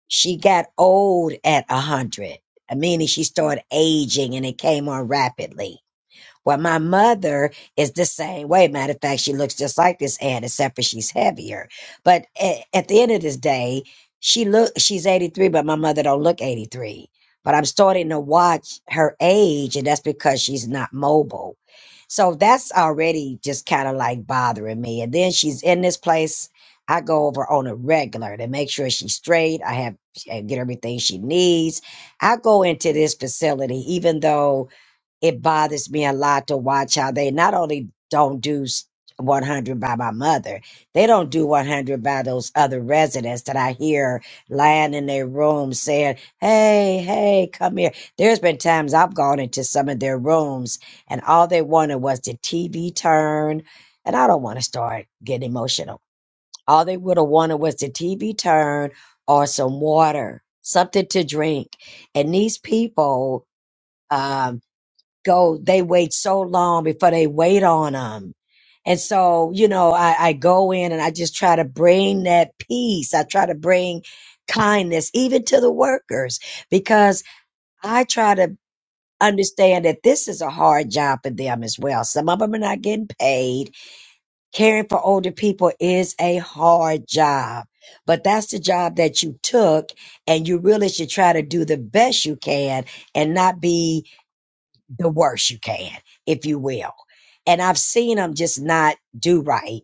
[SPEAKER 2] she got old at a hundred, meaning she started aging and it came on rapidly. Well, my mother is the same way. Matter of fact, she looks just like this aunt, except for she's heavier. But at, at the end of this day, she look she's 83, but my mother don't look 83. But I'm starting to watch her age, and that's because she's not mobile. So that's already just kind of like bothering me. And then she's in this place. I go over on a regular to make sure she's straight. I have I get everything she needs. I go into this facility, even though it bothers me a lot to watch how they not only don't do s- 100 by my mother, they don't do 100 by those other residents that I hear lying in their room saying, Hey, hey, come here. There's been times I've gone into some of their rooms and all they wanted was the TV turn. And I don't want to start getting emotional. All they would have wanted was the TV turn or some water, something to drink. And these people, um, go, they wait so long before they wait on them. And so, you know, I, I go in and I just try to bring that peace. I try to bring kindness even to the workers because I try to understand that this is a hard job for them as well. Some of them are not getting paid. Caring for older people is a hard job, but that's the job that you took and you really should try to do the best you can and not be the worst you can, if you will. And I've seen them just not do right.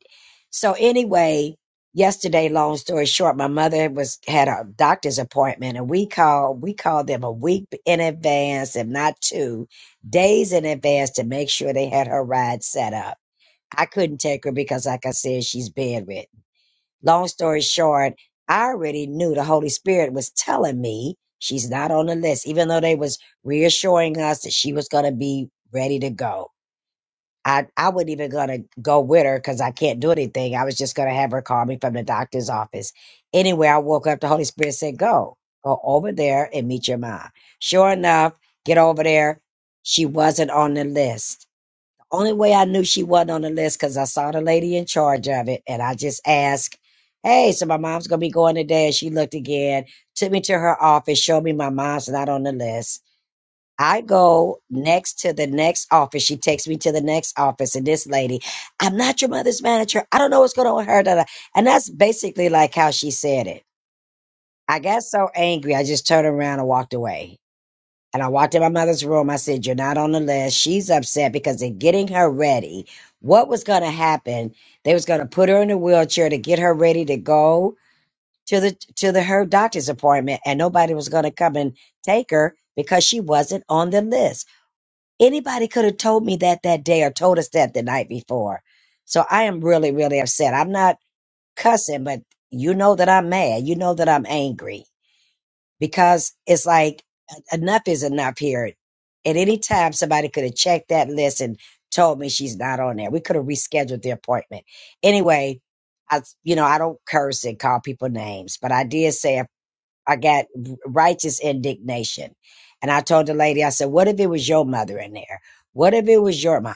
[SPEAKER 2] So anyway, yesterday, long story short, my mother was had a doctor's appointment, and we called we called them a week in advance, if not two days in advance, to make sure they had her ride set up. I couldn't take her because, like I said, she's bedridden. Long story short, I already knew the Holy Spirit was telling me she's not on the list, even though they was reassuring us that she was gonna be ready to go. I, I wasn't even gonna go with her because I can't do anything. I was just gonna have her call me from the doctor's office. Anyway, I woke up, the Holy Spirit said, Go, go over there and meet your mom. Sure enough, get over there. She wasn't on the list only way I knew she wasn't on the list because I saw the lady in charge of it, and I just asked, "Hey, so my mom's gonna be going today?" And she looked again, took me to her office, showed me my mom's not on the list. I go next to the next office. She takes me to the next office, and this lady, I'm not your mother's manager. I don't know what's going on with her. da, da." And that's basically like how she said it. I got so angry, I just turned around and walked away. And I walked in my mother's room. I said, You're not on the list. She's upset because they're getting her ready. What was going to happen? They was going to put her in a wheelchair to get her ready to go to the to the her doctor's appointment and nobody was going to come and take her because she wasn't on the list. Anybody could have told me that that day or told us that the night before. So I am really really upset. I'm not cussing, but you know that I'm mad. You know that I'm angry because it's like enough is enough here. At any time, somebody could have checked that list and told me she's not on there. We could have rescheduled the appointment. Anyway, I, you know, I don't curse and call people names, but I did say I I got righteous indignation. And I told the lady, I said, what if it was your mother in there? What if it was your mom?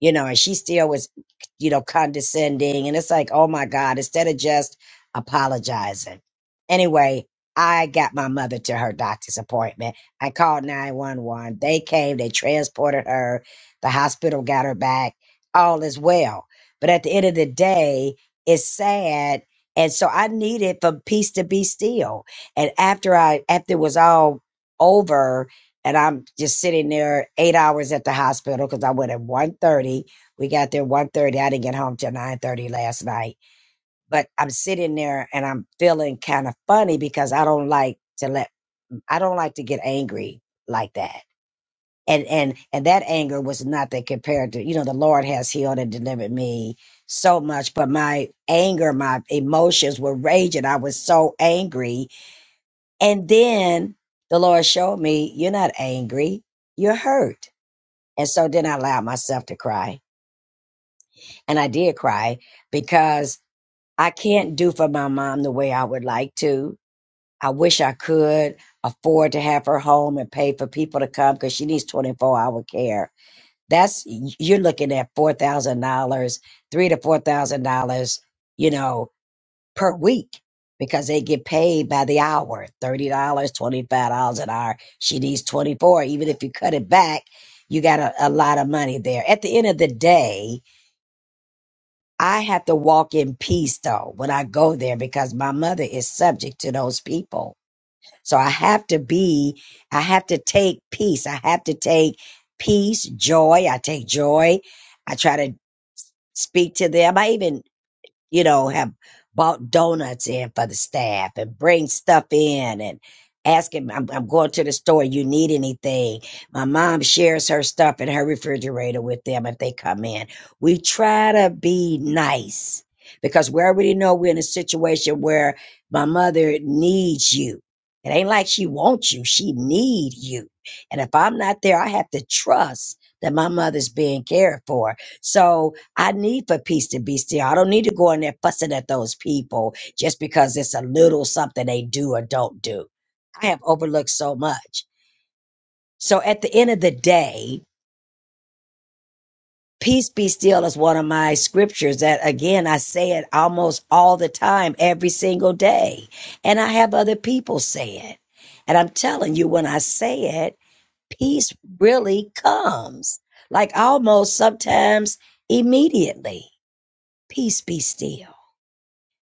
[SPEAKER 2] you know, and she still was, you know, condescending. And it's like, oh my God, instead of just apologizing. Anyway, I got my mother to her doctor's appointment. I called 911. They came, they transported her. The hospital got her back. All is well. But at the end of the day, it's sad. And so I needed for peace to be still. And after I, after it was all over, and I'm just sitting there eight hours at the hospital because I went at one thirty. We got there one thirty. I didn't get home till 9.30 last night. But I'm sitting there and I'm feeling kind of funny because I don't like to let I don't like to get angry like that. And and and that anger was nothing compared to, you know, the Lord has healed and delivered me so much. But my anger, my emotions were raging. I was so angry. And then the Lord showed me, you're not angry, you're hurt and so then I allowed myself to cry. And I did cry because I can't do for my mom the way I would like to. I wish I could afford to have her home and pay for people to come because she needs 24 hour care. That's, you're looking at $4,000, three to $4,000, you know, per week because they get paid by the hour, $30, dollars, $25 an hour. She needs 24. Even if you cut it back, you got a, a lot of money there. At the end of the day, I have to walk in peace though when I go there because my mother is subject to those people. So I have to be, I have to take peace. I have to take peace, joy. I take joy. I try to speak to them. I even you know, have bought donuts in for the staff and bring stuff in and ask him, I'm, I'm going to the store. You need anything? My mom shares her stuff in her refrigerator with them if they come in. We try to be nice because we already know we're in a situation where my mother needs you. It ain't like she wants you. She need you. And if I'm not there, I have to trust that my mother's being cared for. So, I need for peace to be still. I don't need to go in there fussing at those people just because it's a little something they do or don't do. I have overlooked so much. So at the end of the day, peace be still is one of my scriptures that again I say it almost all the time, every single day. And I have other people say it. And I'm telling you, when I say it, peace really comes. Like almost sometimes immediately. Peace be still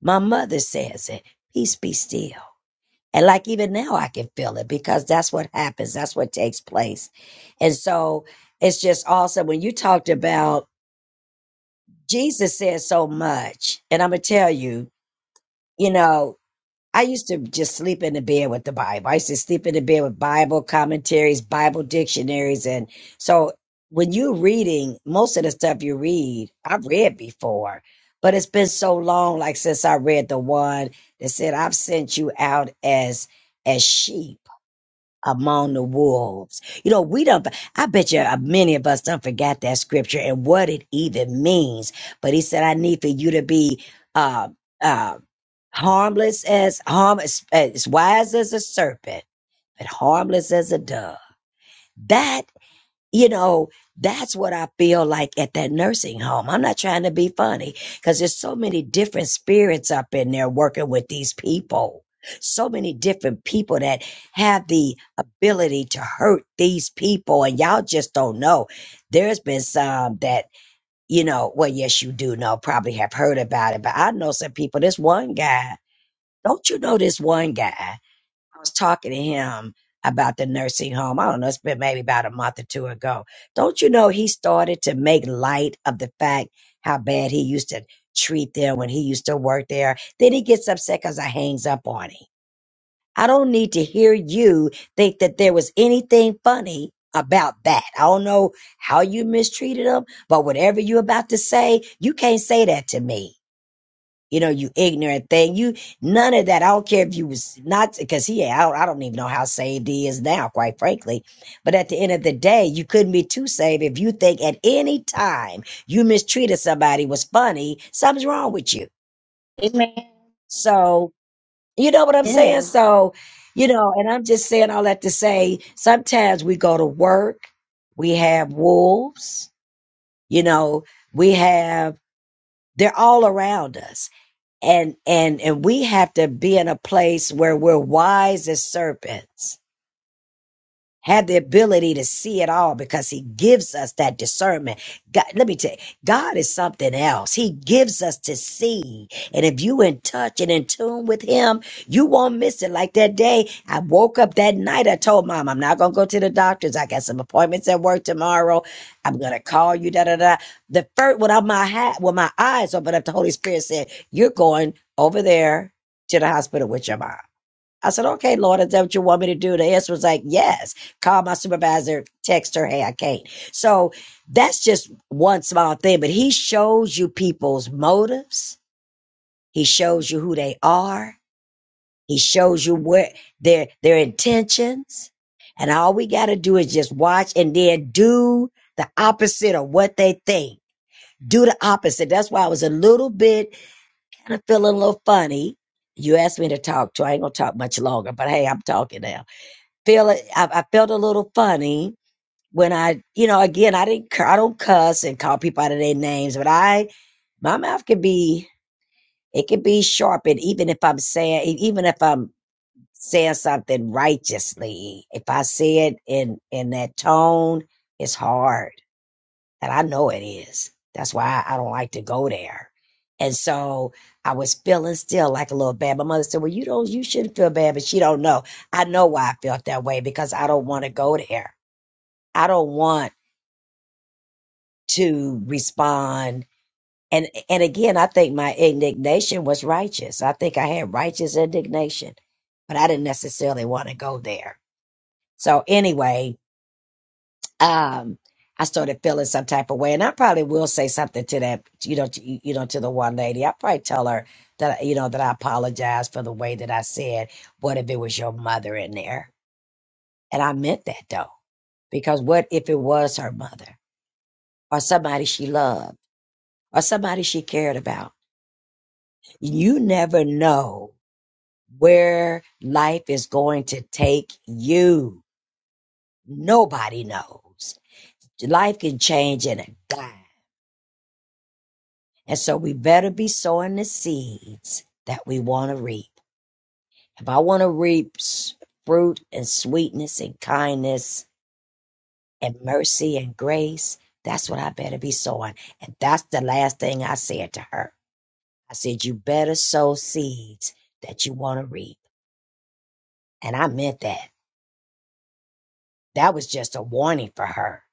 [SPEAKER 2] My mother says it. Peace be still. And like even now, I can feel it because that's what happens. That's what takes place. And so it's just awesome when you talked about Jesus said so much. And I'm going to tell you, you know, I used to just sleep in the bed with the Bible. I used to sleep in the bed with Bible commentaries, Bible dictionaries. And so when you're reading, most of the stuff you read, I've read before, but it's been so long, like since I read the one that said, I've sent you out as, as sheep among the wolves. You know, we don't, I bet you uh, many of us don't forget that scripture and what it even means. But he said, I need for you to be, uh, uh, harmless as harm as, as wise as a serpent but harmless as a dove that you know that's what i feel like at that nursing home i'm not trying to be funny because there's so many different spirits up in there working with these people so many different people that have the ability to hurt these people and y'all just don't know there's been some that you know well yes you do know probably have heard about it but i know some people this one guy don't you know this one guy? I was talking to him about the nursing home. I don't know, it's been maybe about a month or two ago. Don't you know he started to make light of the fact how bad he used to treat them when he used to work there? Then he gets upset because I hangs up on him. I don't need to hear you think that there was anything funny about that. I don't know how you mistreated him, but whatever you're about to say, you can't say that to me you know, you ignorant thing. You none of that. I don't care if you was not because he I don't, I don't even know how saved he is now, quite frankly. But at the end of the day, you couldn't be too saved if you think at any time you mistreated somebody was funny, something's wrong with you.
[SPEAKER 1] Amen.
[SPEAKER 2] So you know what I'm saying?
[SPEAKER 1] Yes.
[SPEAKER 2] So, you know, and I'm just saying all that to say sometimes we go to work, we have wolves, you know, we have they're all around us and and and we have to be in a place where we're wise as serpents have the ability to see it all because he gives us that discernment. God, let me tell you, God is something else. He gives us to see. And if you in touch and in tune with him, you won't miss it. Like that day, I woke up that night. I told mom, I'm not going to go to the doctors. I got some appointments at work tomorrow. I'm going to call you. Da, da, da. The first, when I- my hat, when my eyes opened up, the Holy Spirit said, you're going over there to the hospital with your mom. I said, okay, Lord, is that what you want me to do? The answer was like, yes. Call my supervisor, text her, hey, I can't. So that's just one small thing, but he shows you people's motives. He shows you who they are. He shows you where their, their intentions. And all we got to do is just watch and then do the opposite of what they think. Do the opposite. That's why I was a little bit kind of feeling a little funny. You asked me to talk to. I ain't gonna talk much longer, but hey, I'm talking now feel it. I, I felt a little funny when I, you know, again, I didn't, cur- I don't cuss and call people out of their names, but I, my mouth can be, it can be sharpened, even if I'm saying, e- even if I'm saying something righteously. If I say it in in that tone, it's hard. And I know it is. That's why I, I don't like to go there. And so I was feeling still like a little bad. My mother said, Well, you don't you shouldn't feel bad, but she don't know. I know why I felt that way because I don't want to go there. I don't want to respond. And and again, I think my indignation was righteous. I think I had righteous indignation, but I didn't necessarily want to go there. So anyway, um, I started feeling some type of way, and I probably will say something to that, you know, to, you know, to the one lady. I probably tell her that you know that I apologize for the way that I said. What if it was your mother in there? And I meant that though, because what if it was her mother or somebody she loved or somebody she cared about? You never know where life is going to take you. Nobody knows. Life can change in a dime And so we better be sowing the seeds that we want to reap. If I want to reap s- fruit and sweetness and kindness and mercy and grace, that's what I better be sowing. And that's the last thing I said to her. I said, You better sow seeds that you want to reap. And I meant that. That was just a warning for her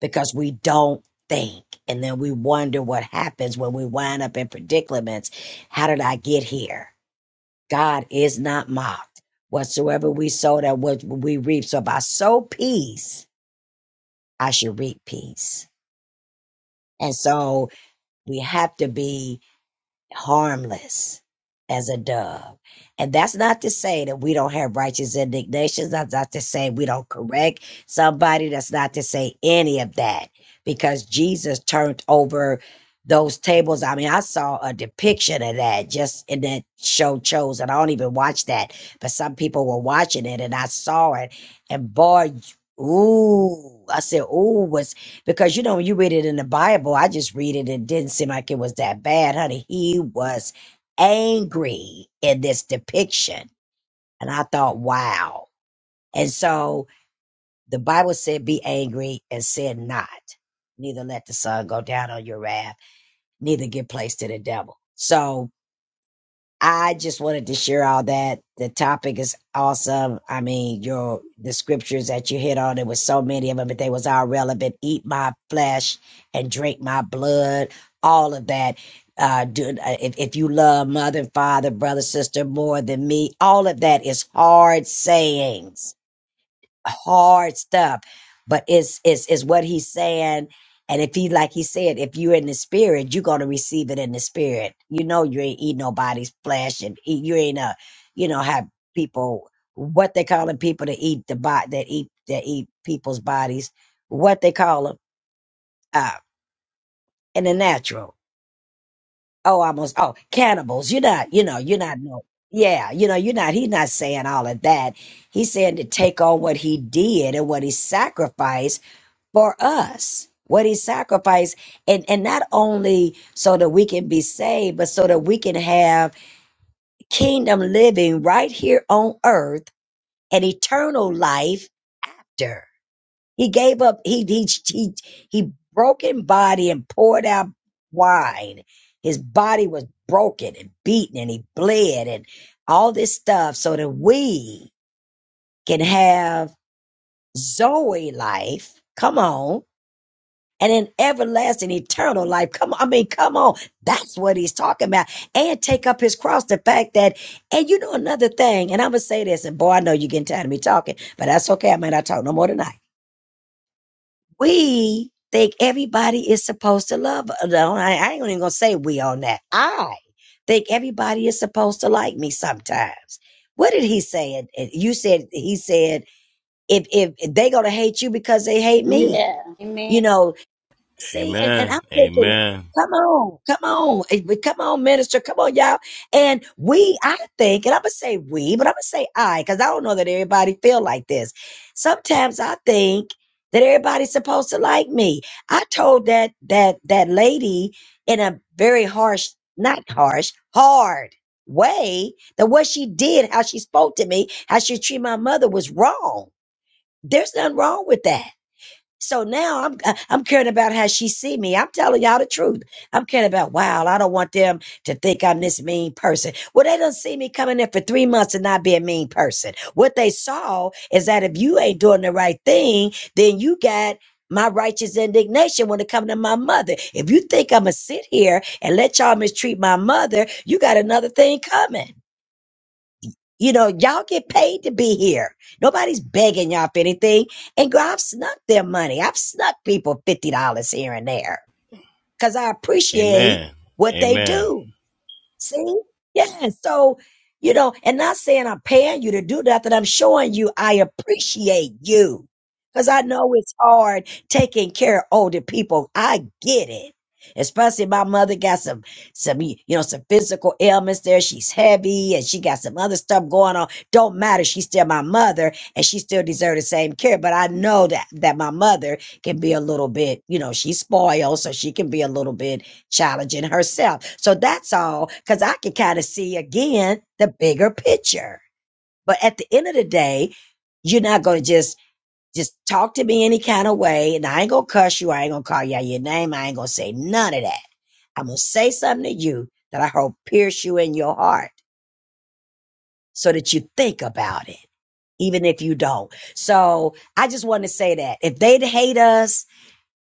[SPEAKER 2] because we don't think. And then we wonder what happens when we wind up in predicaments. How did I get here? God is not mocked. Whatsoever we sow, that what we reap. So if I sow peace, I should reap peace. And so we have to be harmless as a dove. And that's not to say that we don't have righteous indignations. That's not to say we don't correct somebody. That's not to say any of that because Jesus turned over those tables. I mean, I saw a depiction of that just in that show Chosen. I don't even watch that, but some people were watching it and I saw it. And boy, ooh, I said, ooh, was because you know, when you read it in the Bible, I just read it, it didn't seem like it was that bad, honey. He was angry in this depiction. And I thought, wow. And so the Bible said, be angry and sin not. Neither let the sun go down on your wrath, neither give place to the devil. So I just wanted to share all that. The topic is awesome. I mean, your the scriptures that you hit on, there was so many of them, but they was all relevant. Eat my flesh and drink my blood. All of that. Uh, do, uh, if, if you love mother, father, brother, sister more than me, all of that is hard sayings hard stuff but it's it's it's what he's saying and if he like he said if you're in the spirit you're going to receive it in the spirit you know you ain't eat nobody's flesh and eat, you ain't a you know have people what they calling people to eat the bot that eat that eat people's bodies what they call them uh in the natural oh almost oh cannibals you're not you know you're not no yeah you know you're not he's not saying all of that he's saying to take on what he did and what he sacrificed for us what he sacrificed and and not only so that we can be saved but so that we can have kingdom living right here on earth and eternal life after he gave up he he he, he broken body and poured out wine his body was broken and beaten and he bled and all this stuff so that we can have zoe life come on and an everlasting eternal life. Come on, I mean, come on. That's what he's talking about. And take up his cross. The fact that, and you know another thing, and I'm gonna say this, and boy, I know you're getting tired of me talking, but that's okay. I may not talk no more tonight. We think everybody is supposed to love. No, I, I ain't even gonna say we on that. I think everybody is supposed to like me sometimes. What did he say? And- and You said he said if if they gonna hate you because they hate me.
[SPEAKER 1] Yeah.
[SPEAKER 2] You know, See, and, and I'm
[SPEAKER 3] Amen.
[SPEAKER 2] thinking,
[SPEAKER 3] Amen.
[SPEAKER 2] come on, come on, eh, but come on, minister, come on, y'all. And we, I think, and I'm gonna say we, but I'm gonna say I, because I don't know that everybody feel like this. Sometimes I think that everybody's supposed to like me. I told that that that lady in a very harsh, not harsh, hard way that what she did, how she spoke to me, how she treated my mother was wrong. There's nothing wrong with that. So now I'm uh, I'm caring about how she see me. I'm telling y'all the truth. I'm caring about wow. I don't want them to think I'm this mean person. Well, they don't see me coming in for three months and not be a mean person. What they saw is that if you ain't doing the right thing, then you got my righteous indignation when it comes to my mother. If you think I'ma sit here and let y'all mistreat my mother, you got another thing coming. You know, y'all get paid to be here. Nobody's begging y'all for anything. And girl, I've snuck their money. I've snuck people $50 here and there because I appreciate
[SPEAKER 3] Amen.
[SPEAKER 2] what they
[SPEAKER 3] Amen.
[SPEAKER 2] do. See? Yeah. So, you know, and not saying I'm paying you to do that. That I'm showing you I appreciate you. Cause I know it's hard taking care of older people. I get it. Especially my mother got some, some, you know, some physical ailments there. She's heavy and she got some other stuff going on. Don't matter. She's still my mother and she still deserves the same care. But I know that, that my mother can be a little bit, you know, she's spoiled. So she can be a little bit challenging herself. So that's all, because I can kind of see again the bigger picture. But at the end of the day, you're not going to just just talk to me any kind of way, and I ain't gonna cuss you. I ain't gonna call you out your name. I ain't gonna say none of that. I'm gonna say something to you that I hope pierce you in your heart, so that you think about it, even if you don't. So I just want to say that if they hate us,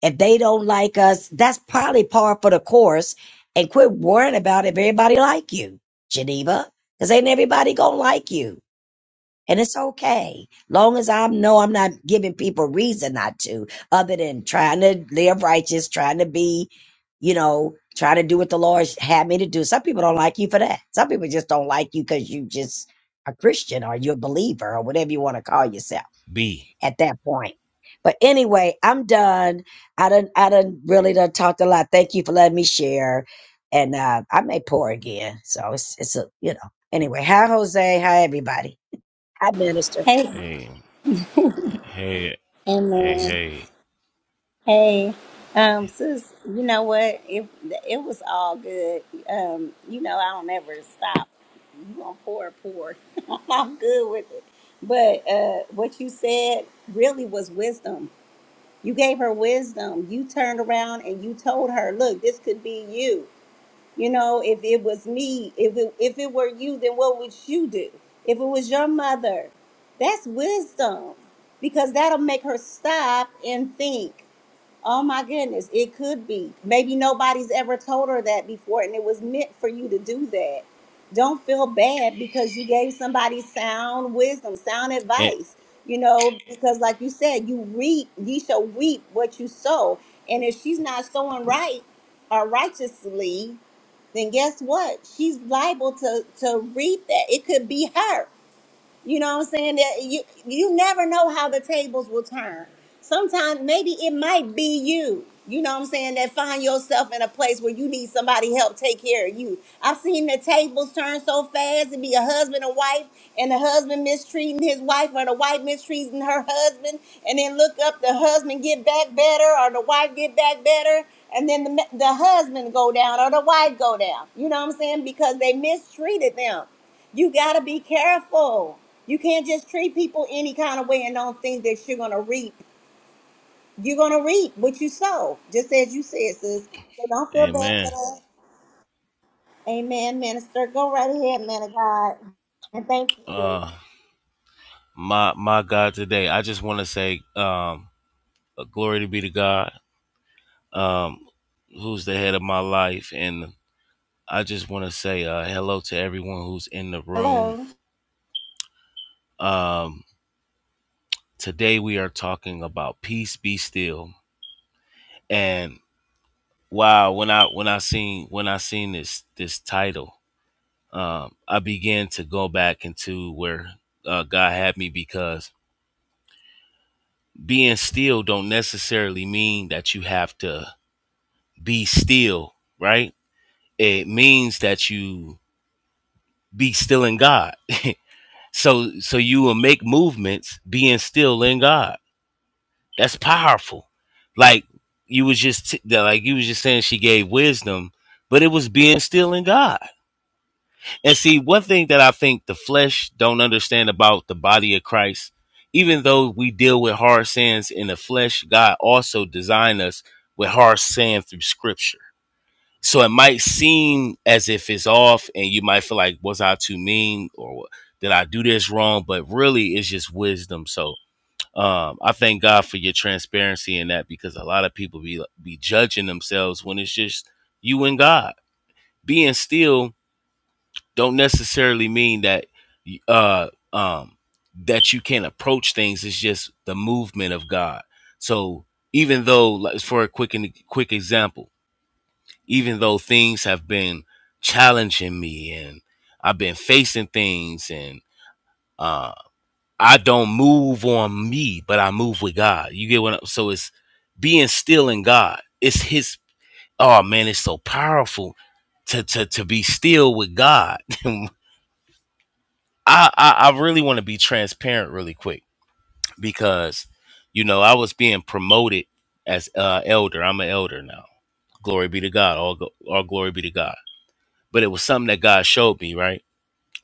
[SPEAKER 2] If they don't like us, that's probably par for the course. And quit worrying about if everybody like you, Geneva, because ain't everybody gonna like you. And it's okay, long as I know I'm not giving people reason not to, other than trying to live righteous, trying to be, you know, trying to do what the Lord had me to do. Some people don't like you for that. Some people just don't like you because you just a Christian or you're a believer or whatever you want to call yourself
[SPEAKER 3] B.
[SPEAKER 2] at that point. But anyway, I'm done. I done I done really done talked a lot. Thank you for letting me share. And uh, I may pour again. So it's it's a you know. Anyway, hi Jose, hi everybody. Hi Minister.
[SPEAKER 1] Hey.
[SPEAKER 3] Hey. Hey.
[SPEAKER 1] Amen.
[SPEAKER 3] Hey. Hey.
[SPEAKER 1] Hey, um, sis, you know what? It it was all good. Um, you know, I don't ever stop. You gonna pour, pour. I'm good with it. But uh, what you said really was wisdom. You gave her wisdom. You turned around and you told her, "Look, this could be you." You know, if it was me, if it, if it were you, then what would you do? If it was your mother, that's wisdom because that'll make her stop and think Oh my goodness, it could be. Maybe nobody's ever told her that before, and it was meant for you to do that. Don't feel bad because you gave somebody sound wisdom, sound
[SPEAKER 3] A-
[SPEAKER 1] advice. You know, because like you said, you reap, ye shall reap what you sow. And if she's not sowing right or righteously, then guess what? She's liable to to reap that. It could be her. You know what I'm saying? That you you never know how the tables will turn. Sometimes maybe it might be you. You know what I'm saying? That find yourself in a place where you need somebody help take care of you. I've seen the tables turn so fast and be a husband and wife, and the husband mistreating his wife, or the wife mistreating her husband, and then look up the husband get back better, or the wife get back better, and then the, the husband go down or the wife go down. You know what I'm saying? Because they mistreated them. You got to be careful. You can't just treat people any kind of way and don't think that you're going to reap. You're going to reap what you sow, just as you said, sis. So don't feel bad for
[SPEAKER 3] Amen.
[SPEAKER 1] that. Amen, minister. Go right ahead, man of God. And thank you, sis.
[SPEAKER 3] Uh my my God today. I just want to say um uh, glory to be to God. Um who's the head of my life and I just want to say uh hello to everyone who's in the room. Um today we are talking about peace be still. And wow, when I when I seen when I seen this this title um, I began to go back into where uh, God had me because being still don't necessarily mean that you have to be still, right? It means that you be still in God. so so you will make movements being still in God. That's powerful. Like you was just t- like you was just saying she gave wisdom, but it was being still in God And see, one thing that I think the flesh don't understand about the body of Christ, even though we deal with hard sins in the flesh, God also designed us with hard sand through scripture. So it might seem as if it's off and you might feel like, was I too mean or did I do this wrong? But really it's just wisdom. So um, I thank God for your transparency in that because a lot of people be be judging themselves when it's just you and God. Being still don't necessarily mean that uh um that you can't approach things it's just the movement of god so even though like for a quick and quick example even though things have been challenging me and i've been facing things and uh i don't move on me but i move with god you get what I'm, so it's being still in god it's his oh man it's so powerful to to to be still with god when I I, I really want to be transparent really quick because you know I was being promoted as uh elder. I'm an elder now. Glory be to God. All go, all glory be to God. But it was something that God showed me, right?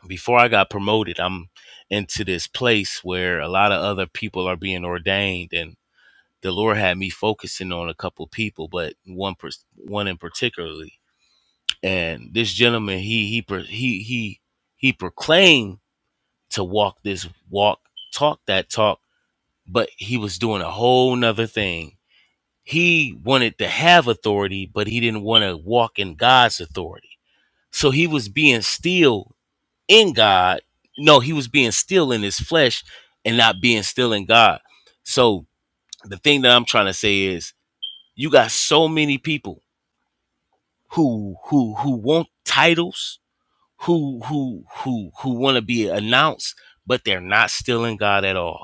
[SPEAKER 3] Before I got promoted, I'm into this place where a lot of other people are being ordained and the Lord had me focusing on a couple people, but one pers- one in particularly. And this gentleman, he he pro- he he he proclaimed to walk this walk, talk that talk but he was doing a whole nother thing. He wanted to have authority, but he didn't want to walk in God's authority. So he was being still in God. No, he was being still in his flesh and not being still in God. So the thing that I'm trying to say is you got so many people who who who want titles, who who who who want to be announced, but they're not still in God at all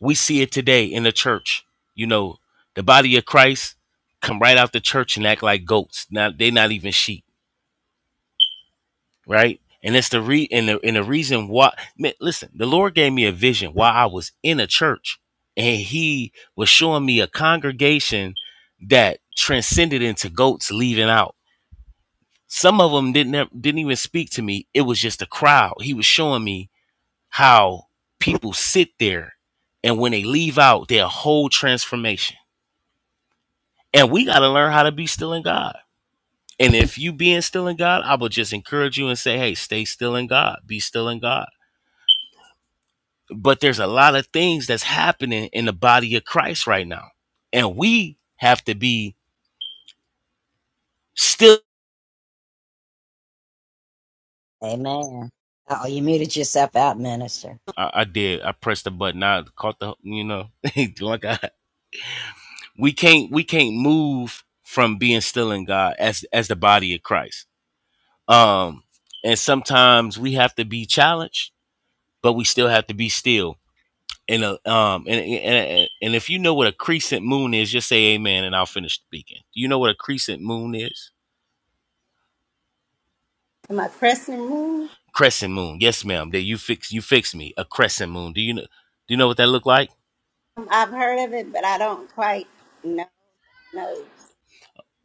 [SPEAKER 3] We see it today in the church. You know, the body of Christ come right out the church and act like goats. Now they're not even sheep, right? And it's the re and the and the reason why. Man, listen, the Lord gave me a vision while I was in a church, and He was showing me a congregation that transcended into goats leaving out. Some of them didn't ev- didn't even speak to me. It was just a crowd. He was showing me how people sit there, and when they leave out, their whole transformation And we got to learn how to be still in God. And if you being still in God, I would just encourage you and say, hey, stay still in God, be still in God. But there's a lot of things that's happening in the body of Christ right now. And we have to be still.
[SPEAKER 2] Amen. Oh, you muted yourself out, Minister.
[SPEAKER 3] I, I did. I pressed the button. I caught the, you know, like I, we can't, we can't move from being still in God as, as the body of Christ. Um, and sometimes we have to be challenged, but we still have to be still and a, um and, and and if you know what a crescent moon is, just say amen and I'll finish speaking. Do you know what a crescent moon is?
[SPEAKER 1] Am I pressing room?
[SPEAKER 3] Crescent moon. Yes, ma'am. There you fix you fix me. A crescent moon. Do you know do you know what that look like?
[SPEAKER 1] I've heard of it, but I don't quite know. know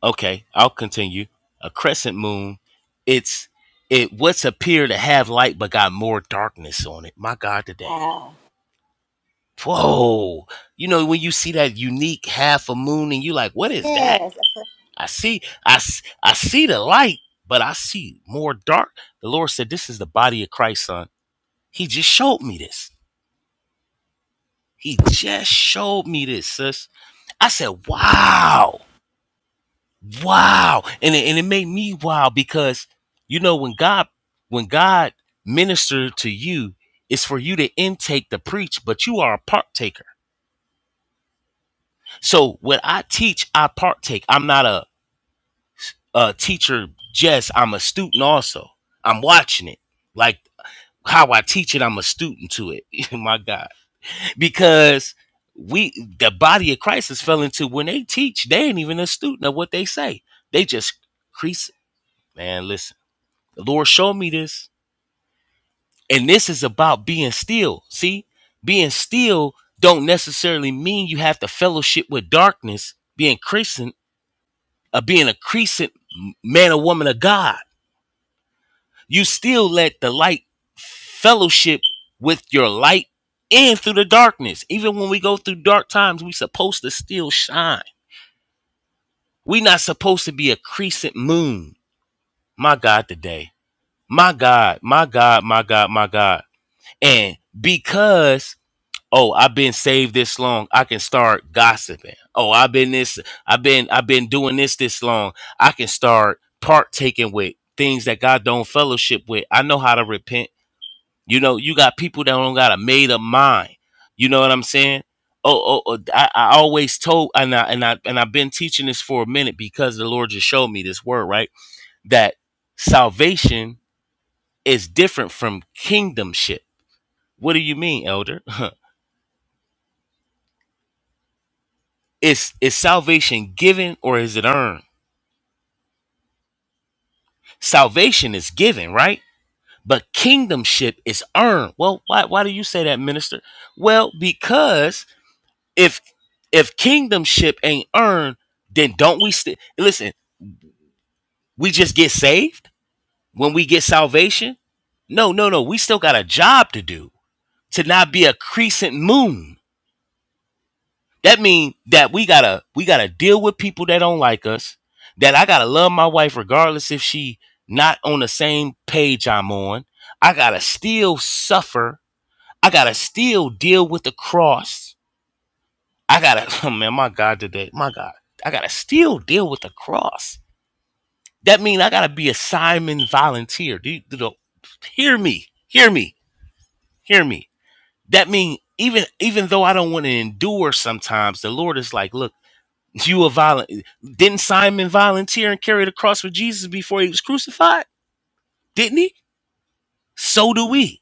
[SPEAKER 3] Okay, I'll continue. A crescent moon, it's it what's appear to have light but got more darkness on it. My God today.
[SPEAKER 1] Wow.
[SPEAKER 3] Whoa. You know when you see that unique half a moon and you like, what is that?
[SPEAKER 1] Yes, a pressing
[SPEAKER 3] I see, I I see the light, but I see more dark. The Lord said, This is the body of Christ, son. He just showed me this. He just showed me this, sis. I said, Wow, wow. And it, and it made me wow because, you know, when God, when God ministered to you, it's for you to intake the preach, but you are a partaker. So when I teach, I partake. I'm not a, a teacher just, I'm a student also. I'm watching it. Like, how I teach it, I'm a student to it. My God. Because we the body of Christ has fell into when they teach, they ain't even a student of what they say. They just crease it. Man, listen. The Lord showed me this. And this is about being still. See, being still don't necessarily mean you have to fellowship with darkness, being crescent, uh, being a crescent man or woman of God you still let the light fellowship with your light and through the darkness. Even when we go through dark times, we supposed to still shine. We not supposed to be a crescent moon. My God, today. My God, my God, my God, my God. And because, oh, I've been saved this long, I can start gossiping. Oh, I've been this, I've been, I've been doing this this long. I can start partaking with things that God don't fellowship with. I know how to repent. You know, you got people that don't got a made up mind. You know what I'm saying? Oh, oh, oh I, I always told, and I and I and I've been teaching this for a minute because the Lord just showed me this word, right? That salvation is different from kingdomship. What do you mean, Elder? is is salvation given or is it earned? Salvation is given, right? But kingdomship is earned. Well, why why do you say that, minister? Well, because if if kingdomship ain't earned, then don't we still listen? We just get saved when we get salvation. No, no, no. We still got a job to do to not be a crescent moon. That means that we gotta we gotta deal with people that don't like us. That I gotta love my wife regardless if she not on the same page I'm on. I gotta still suffer. I gotta still deal with the cross. I gotta, oh man, my God, today, my God, I gotta still deal with the cross. That means I gotta be a Simon volunteer. Do you, do the, hear me, hear me, hear me. That means even even though I don't want to endure, sometimes the Lord is like, look, you a violent. Didn't Simon volunteer and carry the cross for Jesus before he was crucified? Didn't he? So do we.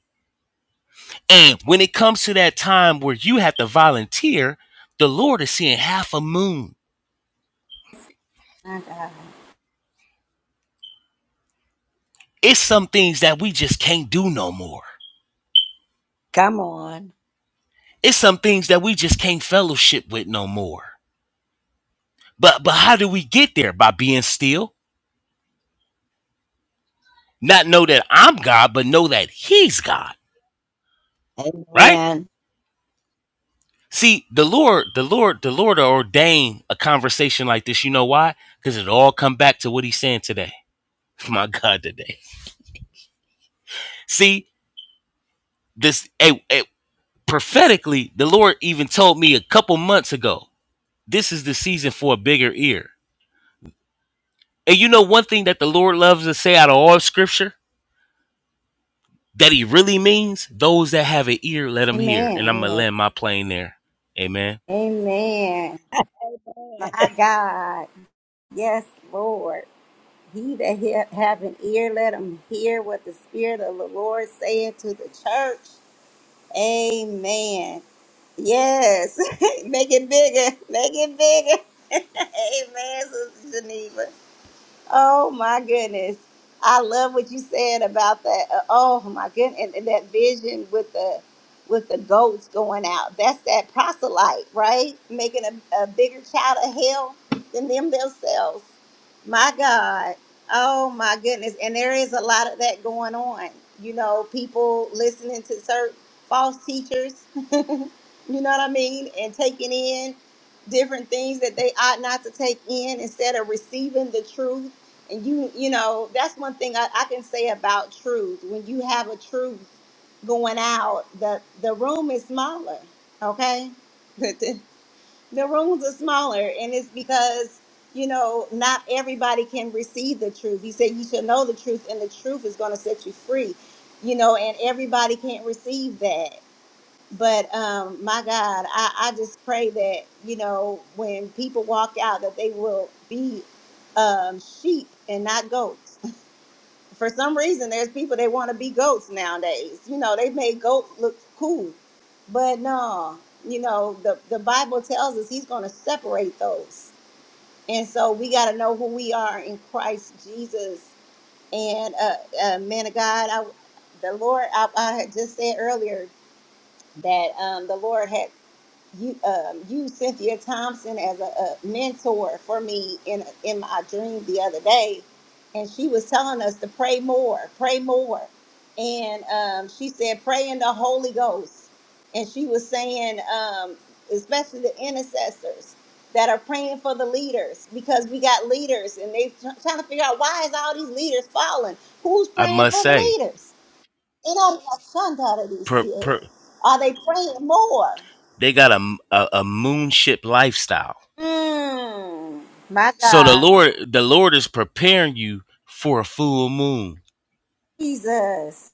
[SPEAKER 3] And when it comes to that time where you have to volunteer, the Lord is seeing half a moon.
[SPEAKER 1] my God.
[SPEAKER 3] It's some things that we just can't do no more.
[SPEAKER 2] Come on.
[SPEAKER 3] It's some things that we just can't fellowship with no more. But but how do we get there? By being still. Not know that I'm God, but know that He's God. Right?
[SPEAKER 2] Amen.
[SPEAKER 3] See, the Lord, the Lord, the Lord ordained a conversation like this. You know why? Because it all come back to what he's saying today. My God, today. See, this eh, eh, prophetically, the Lord even told me a couple months ago, this is the season for a bigger ear. And you know one thing that the Lord loves to say out of all scripture that he really means? Those that have an ear, let them hear. And
[SPEAKER 1] Amen.
[SPEAKER 3] I'm going to
[SPEAKER 1] Yes.
[SPEAKER 3] land my plane there. Amen.
[SPEAKER 1] Amen. My God. Yes, Lord. He that he- have an ear, let him hear what the Spirit of the Lord saying to the church. Amen. Yes. Make it bigger. Make it bigger. Amen, Sister Geneva. Oh my goodness. I love what you said about that. Uh, Oh my goodness. And, and that vision with the with the goats going out. That's that proselyte, right? Making a, a bigger child of hell than them themselves. My God. Oh my goodness. And there is a lot of that going on. You know, people listening to certain false teachers, you know what I mean? And taking in different things that they ought not to take in instead of receiving the truth. And you, you know, that's one thing I, I can say about truth. When you have a truth going out, the the room is smaller. Okay? the rooms are smaller and it's because you know not everybody can receive the truth he said you shall know the truth and the truth is going to set you free you know and everybody can't receive that but um my god i i just pray that you know when people walk out that they will be um sheep and not goats for some reason there's people that want to be goats nowadays you know they made goat look cool but no you know the, the bible tells us he's going to separate those and so we got to know who we are in christ jesus and uh, uh man of god I, the lord I, I had just said earlier that um, the lord had you um used Cynthia Thompson as a, a mentor for me in in my dream the other day, and she was telling us to pray more, pray more, and um, she said pray in the Holy Ghost, and she was saying um, especially the intercessors that are praying for the leaders because we got leaders and they tr- trying to figure out why is all these leaders falling? Who's
[SPEAKER 3] I
[SPEAKER 1] praying
[SPEAKER 3] must
[SPEAKER 1] for the
[SPEAKER 3] say,
[SPEAKER 1] leaders? You know,
[SPEAKER 3] per, per,
[SPEAKER 1] are they praying more?
[SPEAKER 3] they got a, a, a moonship lifestyle.
[SPEAKER 1] Mm, my
[SPEAKER 3] So the
[SPEAKER 1] God.
[SPEAKER 3] Lord, the Lord is preparing you for a full moon.
[SPEAKER 1] Jesus.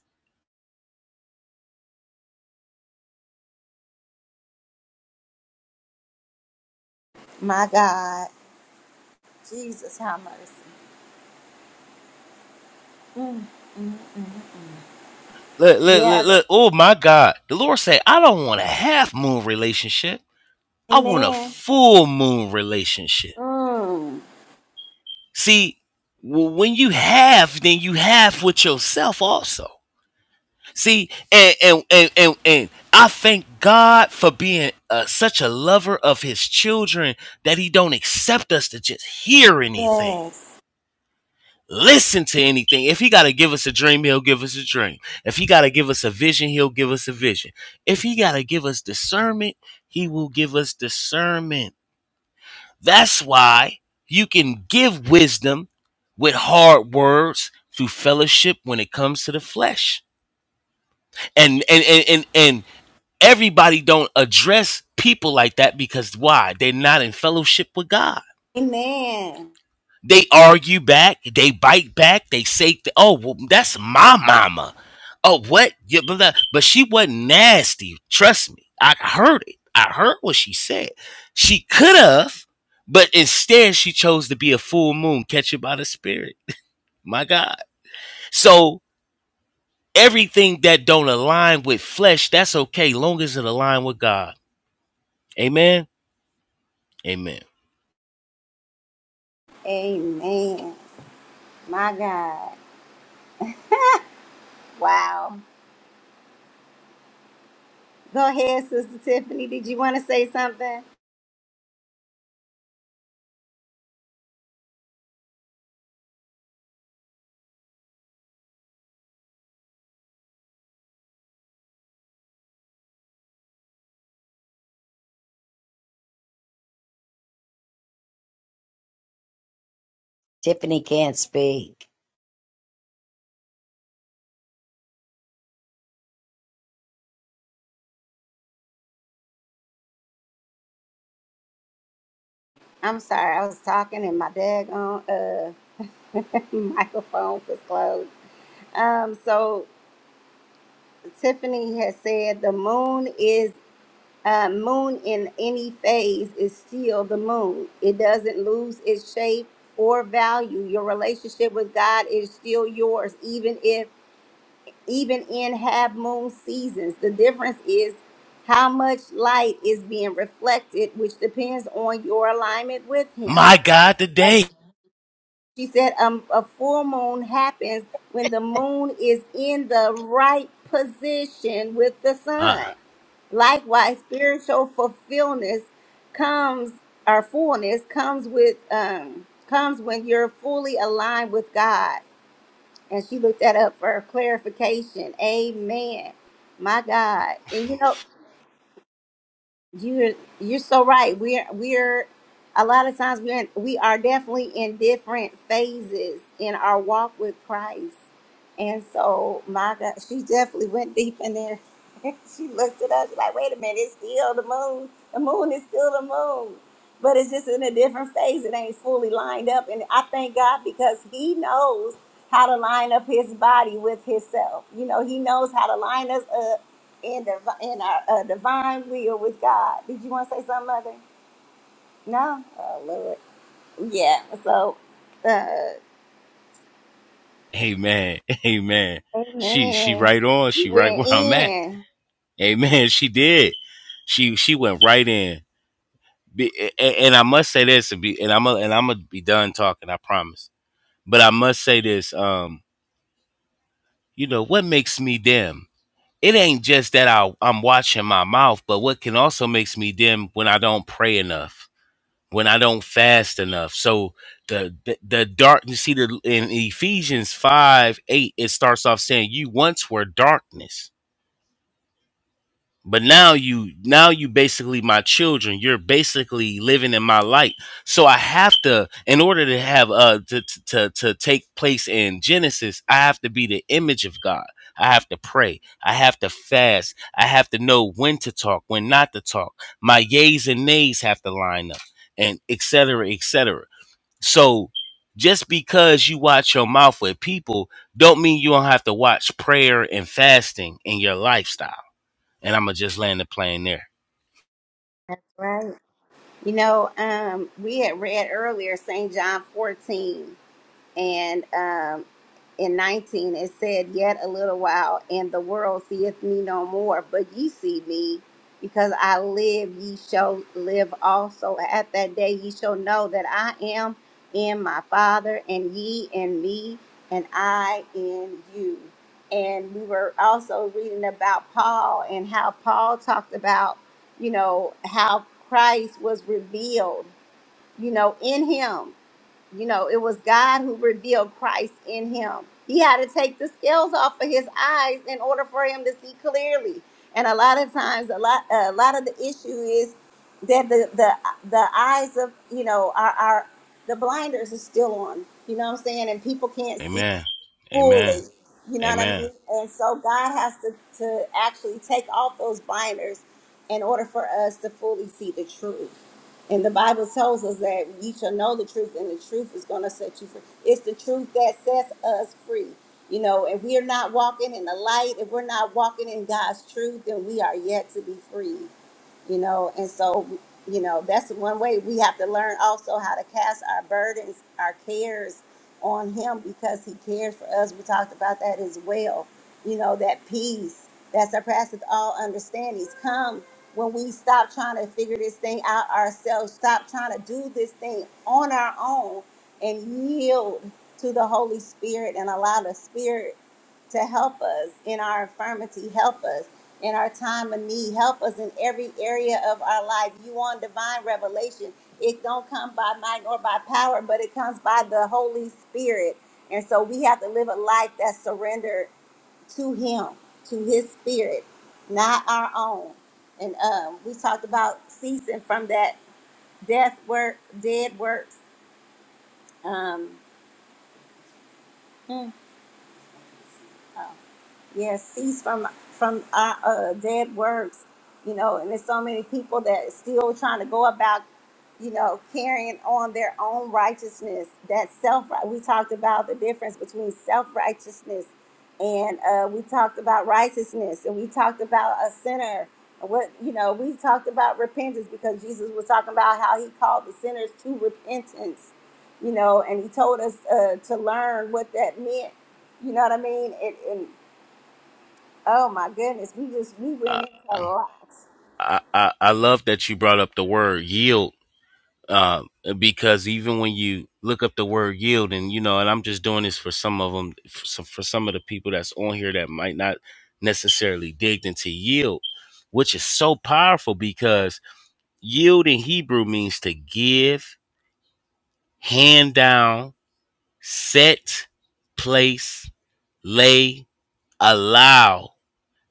[SPEAKER 1] My God. Jesus, have mercy.
[SPEAKER 3] Look, look,
[SPEAKER 1] Yeah,
[SPEAKER 3] look,
[SPEAKER 1] that,
[SPEAKER 3] look. Oh my God. The Lord said, I don't want a half moon relationship. I want a
[SPEAKER 1] amen.
[SPEAKER 3] full moon relationship.
[SPEAKER 1] Mm,
[SPEAKER 3] See, w- when you have, then you have with yourself also. See, and and and and, and I thank God for being uh, such a lover of His children that He don't accept us to just hear anything.
[SPEAKER 1] yes.
[SPEAKER 3] Listen to anything. If he got to give us a dream, he'll give us a dream. If he got to give us a vision, he'll give us a vision. If he got to give us discernment, he will give us discernment. That's why you can give wisdom with hard words through fellowship when it comes to the flesh. And and and and, and everybody don't address people like that because why? They're not in fellowship with God.
[SPEAKER 1] Amen.
[SPEAKER 3] They argue back. They bite back. They say, th- "Oh, well, that's my mama." Oh, what? Yeah, blah, blah. But she wasn't nasty. Trust me. I heard it. I heard what she said. She could have, but instead she chose to be a full moon, catch it by the spirit. My God. So everything that don't align with flesh, that's okay, long as it align with God. Amen. Amen.
[SPEAKER 1] Amen. My God. Wow. Go ahead, Sister Tiffany. Did you want to say something?
[SPEAKER 2] Tiffany can't speak.
[SPEAKER 1] I'm sorry. I was talking and my daggone uh, microphone was closed. Um, so Tiffany has said the moon is uh, moon in any phase is still the moon. It doesn't lose its shape or value. Your relationship with God is still yours, even if even in half moon seasons. The difference is how much light is being reflected, which depends on your alignment with Him.
[SPEAKER 3] My God, today.
[SPEAKER 1] She said, um, a full moon happens when the moon is in the right position with the
[SPEAKER 3] Uh,
[SPEAKER 1] sun. Likewise, spiritual fulfillment comes or fullness comes with um comes when you're fully aligned with God. And she looked that up for clarification. Amen. My God. And you know, you're you're so right. We're we're a lot of times we're in, we are definitely in different phases in our walk with Christ, and so my God, she definitely went deep in there. she looked at us she's like, "Wait a minute, it's still the moon. The moon is still the moon, but it's just in a different phase. It ain't fully lined up." And I thank God because He knows how to line up His body with Himself. You know, He knows how to line us up in the in our uh, divine will with God. Did you want to say something, Mother? No. Oh Lord. Yeah. So, uh,
[SPEAKER 3] Amen. Amen. She she
[SPEAKER 1] amen.
[SPEAKER 3] right on.
[SPEAKER 1] We
[SPEAKER 3] She right
[SPEAKER 1] went
[SPEAKER 3] where I'm at.
[SPEAKER 1] in.
[SPEAKER 3] Amen. She did. She she went right in. Be, a- and I must say this, and, be, and I'm a, and I'm gonna be done talking. I promise. But I must say this. Um, you know what makes me dim? It ain't just that I I'm watching my mouth, but what can also makes me dim when I don't pray enough when I don't fast enough. So the the, the dark, You see, the, in Ephesians five eight, it starts off saying, "You once were darkness, but now you now you basically my children. You're basically living in my light." So I have to, in order to have uh to to to to take place in Genesis, I have to be the image of God. I have to pray. I have to fast. I have to know when to talk, when not to talk. My yays and nays have to line up, and et cetera, et cetera. So just because you watch your mouth with people, don't mean you don't have to watch prayer and fasting in your lifestyle. And I'm gonna just land the plane there.
[SPEAKER 1] That's right. You know, um, we had read earlier Saint John fourteen. and um, in 19 it said yet a little while and the world seeth me no more but ye see me because i live ye shall live also at that day ye shall know that i am in my father and ye in me and i in you and we were also reading about paul and how paul talked about you know how christ was revealed you know in him you know, it was God who revealed Christ in him. He had to take the scales off of his eyes in order for him to see clearly. And a lot of times, a lot, a lot of the issue is that the the the eyes of you know our our the blinders are still on. You know what I'm saying? And people can't see
[SPEAKER 3] Amen. Amen.
[SPEAKER 1] fully. You know what I mean?
[SPEAKER 3] Amen.
[SPEAKER 1] And so God has to, to actually take off those binders in order for us to fully see the truth. And the Bible tells us that we shall know the truth, and the truth is going to set you free. It's the truth that sets us free. You know, if we are not walking in the light, if we're not walking in God's truth, then we are yet to be free you know and so you know that's one way we have to learn also how to cast our burdens our cares on him because he cares for us we talked about that as well you know that peace that surpasses all understandings come when we stop trying to figure this thing out ourselves stop trying to do this thing on our own and yield to the holy spirit and allow the spirit to help us in our infirmity, help us in our time of need, help us in every area of our life. You want divine revelation. It don't come by might nor by power, but it comes by the Holy Spirit. And so we have to live a life that's surrendered to Him, to His Spirit, not our own. And um, we talked about ceasing from that death work, dead works. Um, hmm. Oh. Yes, cease from from uh, uh, dead works, you know. And there's so many people that still trying to go about, you know, carrying on their own righteousness. That self, we talked about the difference between self righteousness, and uh, we talked about righteousness, and we talked about a sinner. And What you know, we talked about repentance because Jesus was talking about how he called the sinners to repentance, you know, and he told us uh, to learn what that meant. You know what I mean? It, and Oh my goodness, we just we went
[SPEAKER 3] I
[SPEAKER 1] into a lot.
[SPEAKER 3] I I I love that you brought up the word yield. Uh, because even when you look up the word yield, and you know, and I'm just doing this for some of them, for some, for some of the people that's on here that might not necessarily dig into yield, which is so powerful because Yield in Hebrew means to give, hand down, set, place, lay, allow,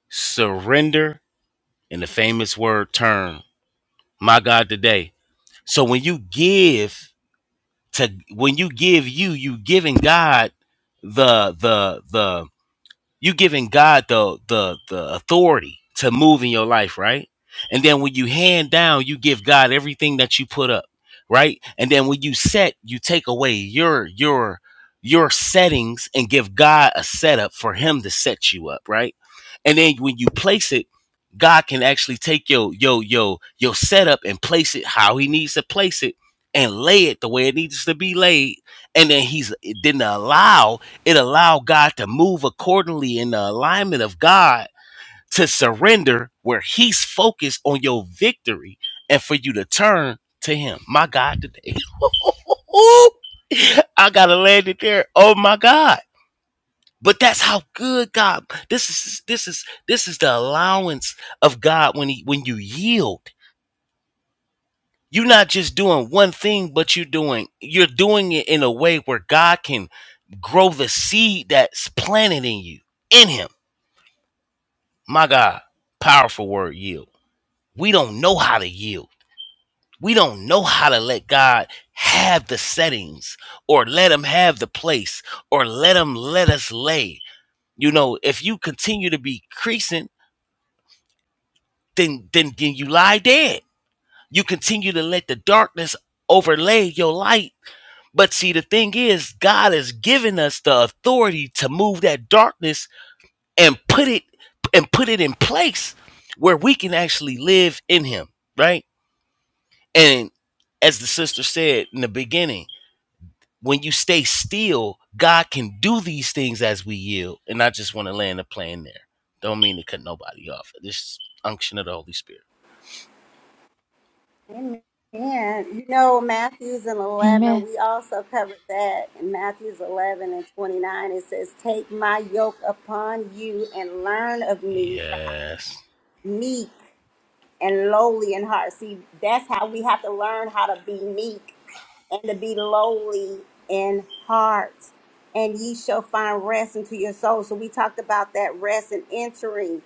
[SPEAKER 3] surrender, and the famous word turn. My God, today. So when you give to when you give you, you giving God the the the you giving God the the the authority to move in your life, right? And then when you hand down, you give God everything that you put up, right? And then when you set, you take away your your your settings and give God a setup for him to set you up, right? And then when you place it, God can actually take your yo yo your setup and place it how he needs to place it and lay it the way it needs to be laid. And then he's didn't allow it allowed God to move accordingly in the alignment of God to surrender where He's focused on your victory and for you to turn to Him. My God, today. I gotta land it there. Oh my God. But that's how good God. This is this is this is the allowance of God when he when you yield. You're not just doing one thing, but you're doing you're doing it in a way where God can grow the seed that's planted in you in him My God, powerful word yield. We don't know how to yield. We don't know how to let God have the settings or let him have the place or let him let us lay. You know, if you continue to be creasing, then then then you lie dead. You continue to let the darkness overlay your light. But see, the thing is, God has given us the authority to move that darkness and put it and put it in place where we can actually live in him, right? And as the sister said in the beginning, when you stay still, God can do these things as we yield. And I just want to land the plane there. Don't mean to cut nobody off. This unction of the Holy Spirit.
[SPEAKER 1] Amen. You know, Matthew's and eleven,
[SPEAKER 4] Amen.
[SPEAKER 1] we also covered that in Matthew's eleven and twenty nine. It says, "Take my yoke upon you and learn of me, for
[SPEAKER 3] Yes.
[SPEAKER 1] I am meek and lowly in heart. See, that's how we have to learn how to be meek and to be lowly in heart. And ye shall find rest into your soul. So we talked about that rest and entering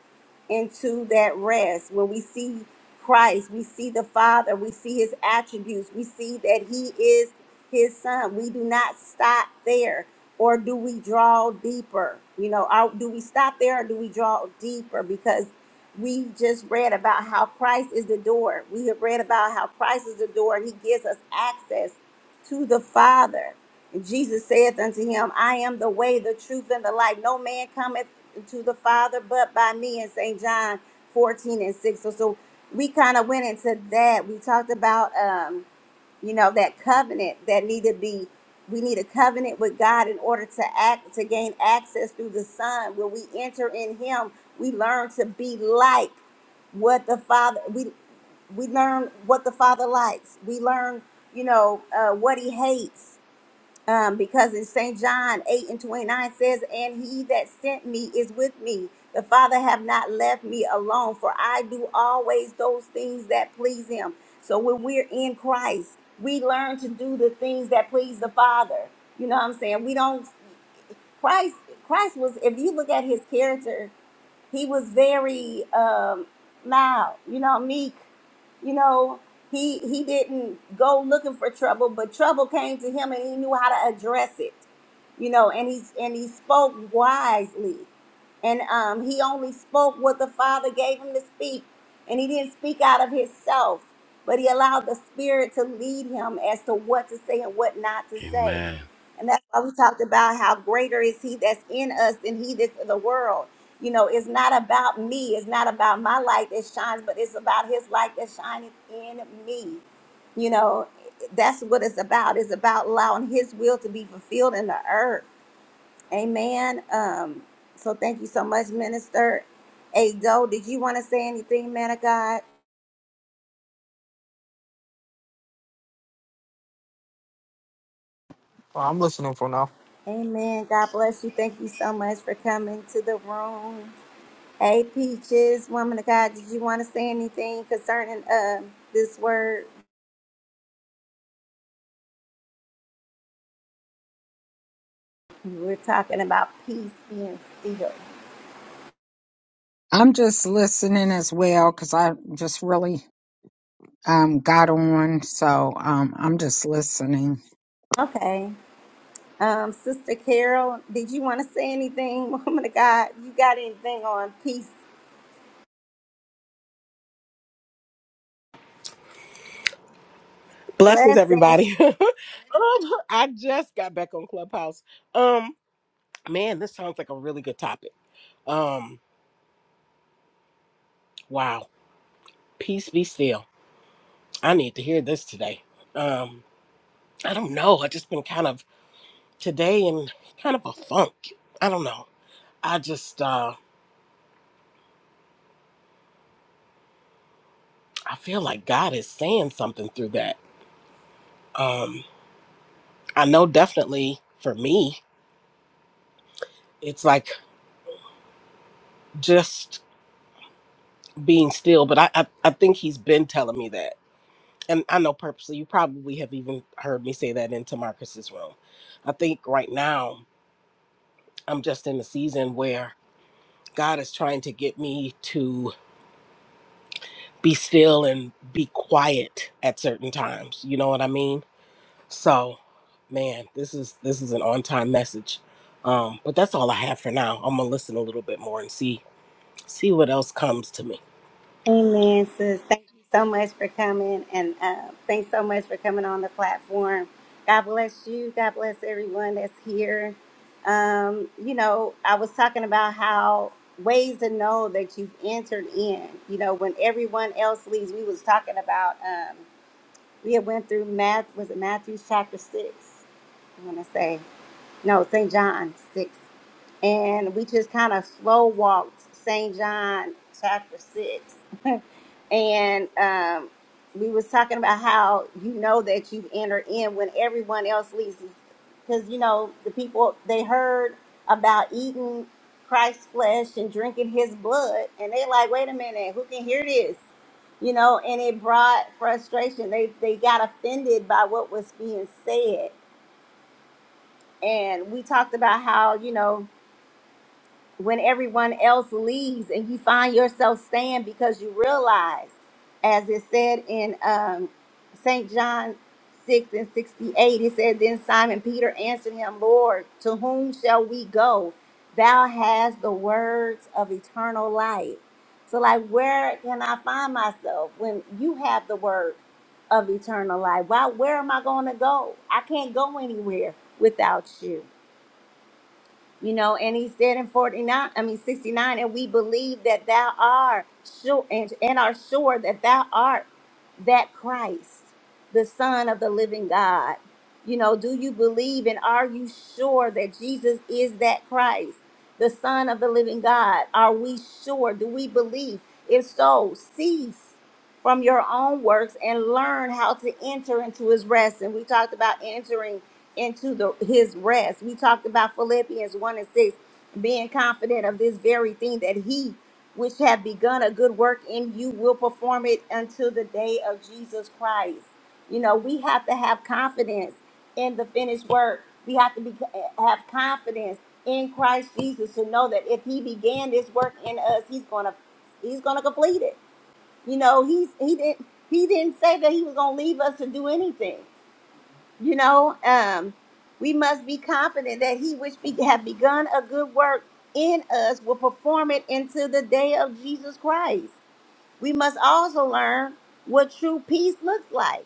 [SPEAKER 1] into that rest. When we see Christ, we see the Father, we see his attributes, we see that he is his son. We do not stop there. Or do we draw deeper? You know, are, do we stop there or do we draw deeper? Because we just read about how Christ is the door. We have read about how Christ is the door and he gives us access to the Father. And Jesus saith unto him, I am the way, the truth, and the life. No man cometh to the Father but by me in St. John 14 and 6. So, so we kind of went into that. We talked about um you know that covenant that need to be we need a covenant with god in order to act to gain access through the son when we enter in him we learn to be like what the father we we learn what the father likes we learn you know uh, what he hates um, because in St. John 8 and 29 says, And he that sent me is with me. The Father have not left me alone, for I do always those things that please him. So when we're in Christ, we learn to do the things that please the Father. You know what I'm saying? We don't Christ Christ was if you look at his character he was very um, mild, you know, meek. You know, he he didn't go looking for trouble, but trouble came to him, and he knew how to address it. You know, and he's and he spoke wisely, and um, he only spoke what the Father gave him to speak, and he didn't speak out of himself, but he allowed the Spirit to lead him as to what to say and what not to say.
[SPEAKER 3] Amen.
[SPEAKER 1] And that's why we talked about how greater is he that's in us than he that's in the world. You know, it's not about me. It's not about my light that shines, but it's about his light that shineth in me. You know, that's what it's about. It's about allowing his will to be fulfilled in the earth. Amen. Um, so thank you so much, Minister. Ado, did you want to say anything, man of God?
[SPEAKER 5] Well, I'm listening for now.
[SPEAKER 1] Amen. God bless you. Thank you so much for coming to the room. Hey, Peaches, woman of God, did you want to say anything concerning uh, this word? We're talking about peace being still.
[SPEAKER 6] I'm just listening as well because I just really um, got on, so um, I'm just listening.
[SPEAKER 1] Okay. Um, Sister Carol, did you want to say anything? Woman of God, you got anything on peace?
[SPEAKER 7] Blessings,
[SPEAKER 1] Blessing.
[SPEAKER 7] everybody. um, I just got back on Clubhouse. Um, man, this sounds like a really good topic. Um, wow. Peace be still. I need to hear this today. Um, I don't know. I just been kind of today in kind of a funk. I don't know. I just uh I feel like God is saying something through that. Um, I know definitely for me, it's like just being still, but I I, I think he's been telling me that. and I know purposely you probably have even heard me say that into Marcus's room. I think right now I'm just in a season where God is trying to get me to be still and be quiet at certain times. You know what I mean? So, man, this is this is an on-time message. Um, but that's all I have for now. I'm gonna listen a little bit more and see see what else comes to me.
[SPEAKER 1] Amen, sis. Thank you so much for coming. And uh, thanks so much for coming on the platform. God bless you. God bless everyone that's here. Um, you know, I was talking about how ways to know that you've entered in. You know, when everyone else leaves, we was talking about. Um, We had went through Math was it Matthew chapter six? I want to say no, Saint John six, and we just kind of slow walked Saint John chapter six and um, we was talking about how you know that you've entered in when everyone else leaves because you know the people they heard about eating christ's flesh and drinking his blood and they like wait a minute who can hear this you know and it brought frustration they they got offended by what was being said and we talked about how you know when everyone else leaves and you find yourself staying because you realize, as it said in um, St. John 6 and 68, it said, Then Simon Peter answered him, Lord, to whom shall we go? Thou hast the words of eternal life. So, like, where can I find myself when you have the word of eternal life? Why, where am I going to go? I can't go anywhere without you you know and he said in 49 i mean 69 and we believe that thou art sure and, and are sure that thou art that christ the son of the living god you know do you believe and are you sure that jesus is that christ the son of the living god are we sure do we believe if so cease from your own works and learn how to enter into his rest. And we talked about entering into the his rest. We talked about Philippians 1 and 6, being confident of this very thing that he which have begun a good work in you will perform it until the day of Jesus Christ. You know, we have to have confidence in the finished work. We have to be have confidence in Christ Jesus to know that if he began this work in us, he's going to he's going to complete it you know, he's he didn't he didn't say that he was gonna leave us to do anything. You know, um, we must be confident that he which be, have begun a good work in us will perform it until the day of Jesus Christ. We must also learn what true peace looks like.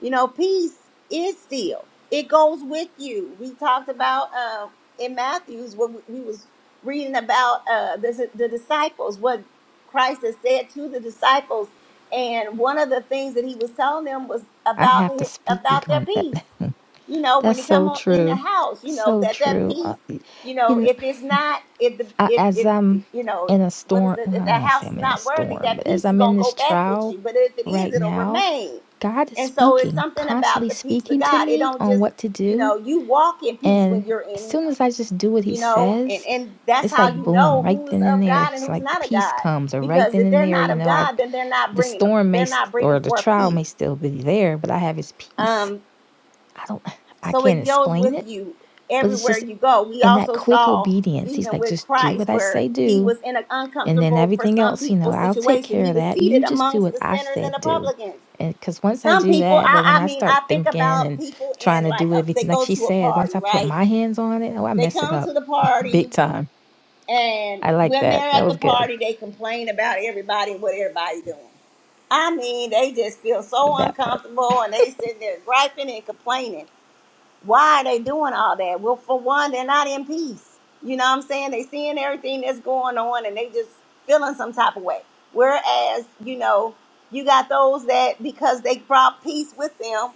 [SPEAKER 1] You know, peace is still. It goes with you. We talked about uh, in Matthew's when we we was reading about uh, the, the disciples, what Christ has said to the disciples, and one of the things that he was telling them was
[SPEAKER 4] I
[SPEAKER 1] about
[SPEAKER 4] have to
[SPEAKER 1] hi-
[SPEAKER 4] speak
[SPEAKER 1] about their
[SPEAKER 4] on that.
[SPEAKER 1] peace you know, when
[SPEAKER 4] That's
[SPEAKER 1] he come
[SPEAKER 4] so
[SPEAKER 1] on in the
[SPEAKER 4] true.
[SPEAKER 1] house, you know,
[SPEAKER 4] So
[SPEAKER 1] that that
[SPEAKER 4] true.
[SPEAKER 1] peace,
[SPEAKER 4] Uh, y-
[SPEAKER 1] you
[SPEAKER 4] you
[SPEAKER 1] know,
[SPEAKER 4] know,
[SPEAKER 1] if it's not, if the,
[SPEAKER 4] I,
[SPEAKER 1] if
[SPEAKER 4] as
[SPEAKER 1] if
[SPEAKER 4] I'm
[SPEAKER 1] you know,
[SPEAKER 4] in a
[SPEAKER 1] what is
[SPEAKER 4] storm,
[SPEAKER 1] it?
[SPEAKER 4] well,
[SPEAKER 1] If
[SPEAKER 4] I don't
[SPEAKER 1] that
[SPEAKER 4] want to say
[SPEAKER 1] house is
[SPEAKER 4] I'm in a
[SPEAKER 1] not worthy,
[SPEAKER 4] storm,
[SPEAKER 1] that
[SPEAKER 4] but as
[SPEAKER 1] peace is
[SPEAKER 4] I'm in
[SPEAKER 1] gonna go
[SPEAKER 4] this
[SPEAKER 1] back with you.
[SPEAKER 4] trial
[SPEAKER 1] But if it is,
[SPEAKER 4] right
[SPEAKER 1] it'll
[SPEAKER 4] now,
[SPEAKER 1] remain.
[SPEAKER 4] God is
[SPEAKER 1] And so it's
[SPEAKER 4] speaking,
[SPEAKER 1] something about
[SPEAKER 4] constantly
[SPEAKER 1] the peace of
[SPEAKER 4] speaking to
[SPEAKER 1] God. It
[SPEAKER 4] me
[SPEAKER 1] don't
[SPEAKER 4] on
[SPEAKER 1] just,
[SPEAKER 4] what to
[SPEAKER 1] you know,
[SPEAKER 4] do.
[SPEAKER 1] you walk in peace when
[SPEAKER 4] And
[SPEAKER 1] you're
[SPEAKER 4] as
[SPEAKER 1] in Him,
[SPEAKER 4] soon as I just do what He
[SPEAKER 1] you know, and
[SPEAKER 4] says,
[SPEAKER 1] and that's
[SPEAKER 4] it's
[SPEAKER 1] how
[SPEAKER 4] like
[SPEAKER 1] you
[SPEAKER 4] boom,
[SPEAKER 1] know
[SPEAKER 4] right
[SPEAKER 1] who is
[SPEAKER 4] then and
[SPEAKER 1] of
[SPEAKER 4] there.
[SPEAKER 1] God and
[SPEAKER 4] He's
[SPEAKER 1] who's
[SPEAKER 4] like, the
[SPEAKER 1] not of
[SPEAKER 4] peace
[SPEAKER 1] God.
[SPEAKER 4] comes, or right
[SPEAKER 1] Because
[SPEAKER 4] then
[SPEAKER 1] if
[SPEAKER 4] and
[SPEAKER 1] they're
[SPEAKER 4] there,
[SPEAKER 1] not
[SPEAKER 4] you
[SPEAKER 1] of
[SPEAKER 4] know, I
[SPEAKER 1] God, then they're not
[SPEAKER 4] the
[SPEAKER 1] bringing
[SPEAKER 4] storm may
[SPEAKER 1] they're not
[SPEAKER 4] st-
[SPEAKER 1] bringing
[SPEAKER 4] or the
[SPEAKER 1] forth
[SPEAKER 4] trial
[SPEAKER 1] peace.
[SPEAKER 4] may still be there, but I have His peace
[SPEAKER 1] Um.
[SPEAKER 4] I don't, I
[SPEAKER 1] So
[SPEAKER 4] can't
[SPEAKER 1] it goes
[SPEAKER 4] explain
[SPEAKER 1] with
[SPEAKER 4] it,
[SPEAKER 1] you
[SPEAKER 4] but it's
[SPEAKER 1] everywhere
[SPEAKER 4] just
[SPEAKER 1] you go. We
[SPEAKER 4] in that
[SPEAKER 1] also
[SPEAKER 4] quick
[SPEAKER 1] saw
[SPEAKER 4] obedience. He's
[SPEAKER 1] even
[SPEAKER 4] like,
[SPEAKER 1] with
[SPEAKER 4] just do what
[SPEAKER 1] Christ
[SPEAKER 4] I
[SPEAKER 1] where
[SPEAKER 4] say
[SPEAKER 1] he
[SPEAKER 4] do.
[SPEAKER 1] was in an
[SPEAKER 4] And then
[SPEAKER 1] uncomfortable for
[SPEAKER 4] everything
[SPEAKER 1] some
[SPEAKER 4] else, you
[SPEAKER 1] people
[SPEAKER 4] know, I'll take
[SPEAKER 1] situation.
[SPEAKER 4] care
[SPEAKER 1] He
[SPEAKER 4] of
[SPEAKER 1] was
[SPEAKER 4] that.
[SPEAKER 1] seated
[SPEAKER 4] You just do
[SPEAKER 1] amongst
[SPEAKER 4] what
[SPEAKER 1] the
[SPEAKER 4] I
[SPEAKER 1] sinners and
[SPEAKER 4] said
[SPEAKER 1] the
[SPEAKER 4] do.
[SPEAKER 1] publicans.
[SPEAKER 4] And because once I
[SPEAKER 1] Some
[SPEAKER 4] do
[SPEAKER 1] people,
[SPEAKER 4] that, but
[SPEAKER 1] I,
[SPEAKER 4] when
[SPEAKER 1] I
[SPEAKER 4] I
[SPEAKER 1] mean,
[SPEAKER 4] start
[SPEAKER 1] I think
[SPEAKER 4] thinking
[SPEAKER 1] about
[SPEAKER 4] and
[SPEAKER 1] people
[SPEAKER 4] trying
[SPEAKER 1] in
[SPEAKER 4] to
[SPEAKER 1] like
[SPEAKER 4] do
[SPEAKER 1] a, they
[SPEAKER 4] everything, like
[SPEAKER 1] go
[SPEAKER 4] she
[SPEAKER 1] to a
[SPEAKER 4] said,
[SPEAKER 1] party,
[SPEAKER 4] once I put
[SPEAKER 1] right?
[SPEAKER 4] my hands on it, oh, I
[SPEAKER 1] They
[SPEAKER 4] mess it
[SPEAKER 1] come
[SPEAKER 4] up
[SPEAKER 1] to the party,
[SPEAKER 4] big time.
[SPEAKER 1] and
[SPEAKER 4] I like
[SPEAKER 1] when
[SPEAKER 4] that.
[SPEAKER 1] they're
[SPEAKER 4] That
[SPEAKER 1] at the
[SPEAKER 4] was good,
[SPEAKER 1] party, they complain about everybody and what everybody's doing. I mean, they just feel so
[SPEAKER 4] that part.
[SPEAKER 1] uncomfortable, and they sitting there griping and complaining why are they doing all that? Well, for one, they're not in peace. You know what I'm saying? They seeing everything that's going on and they just feeling some type of way. Whereas, you know, you got those that because they brought peace with them,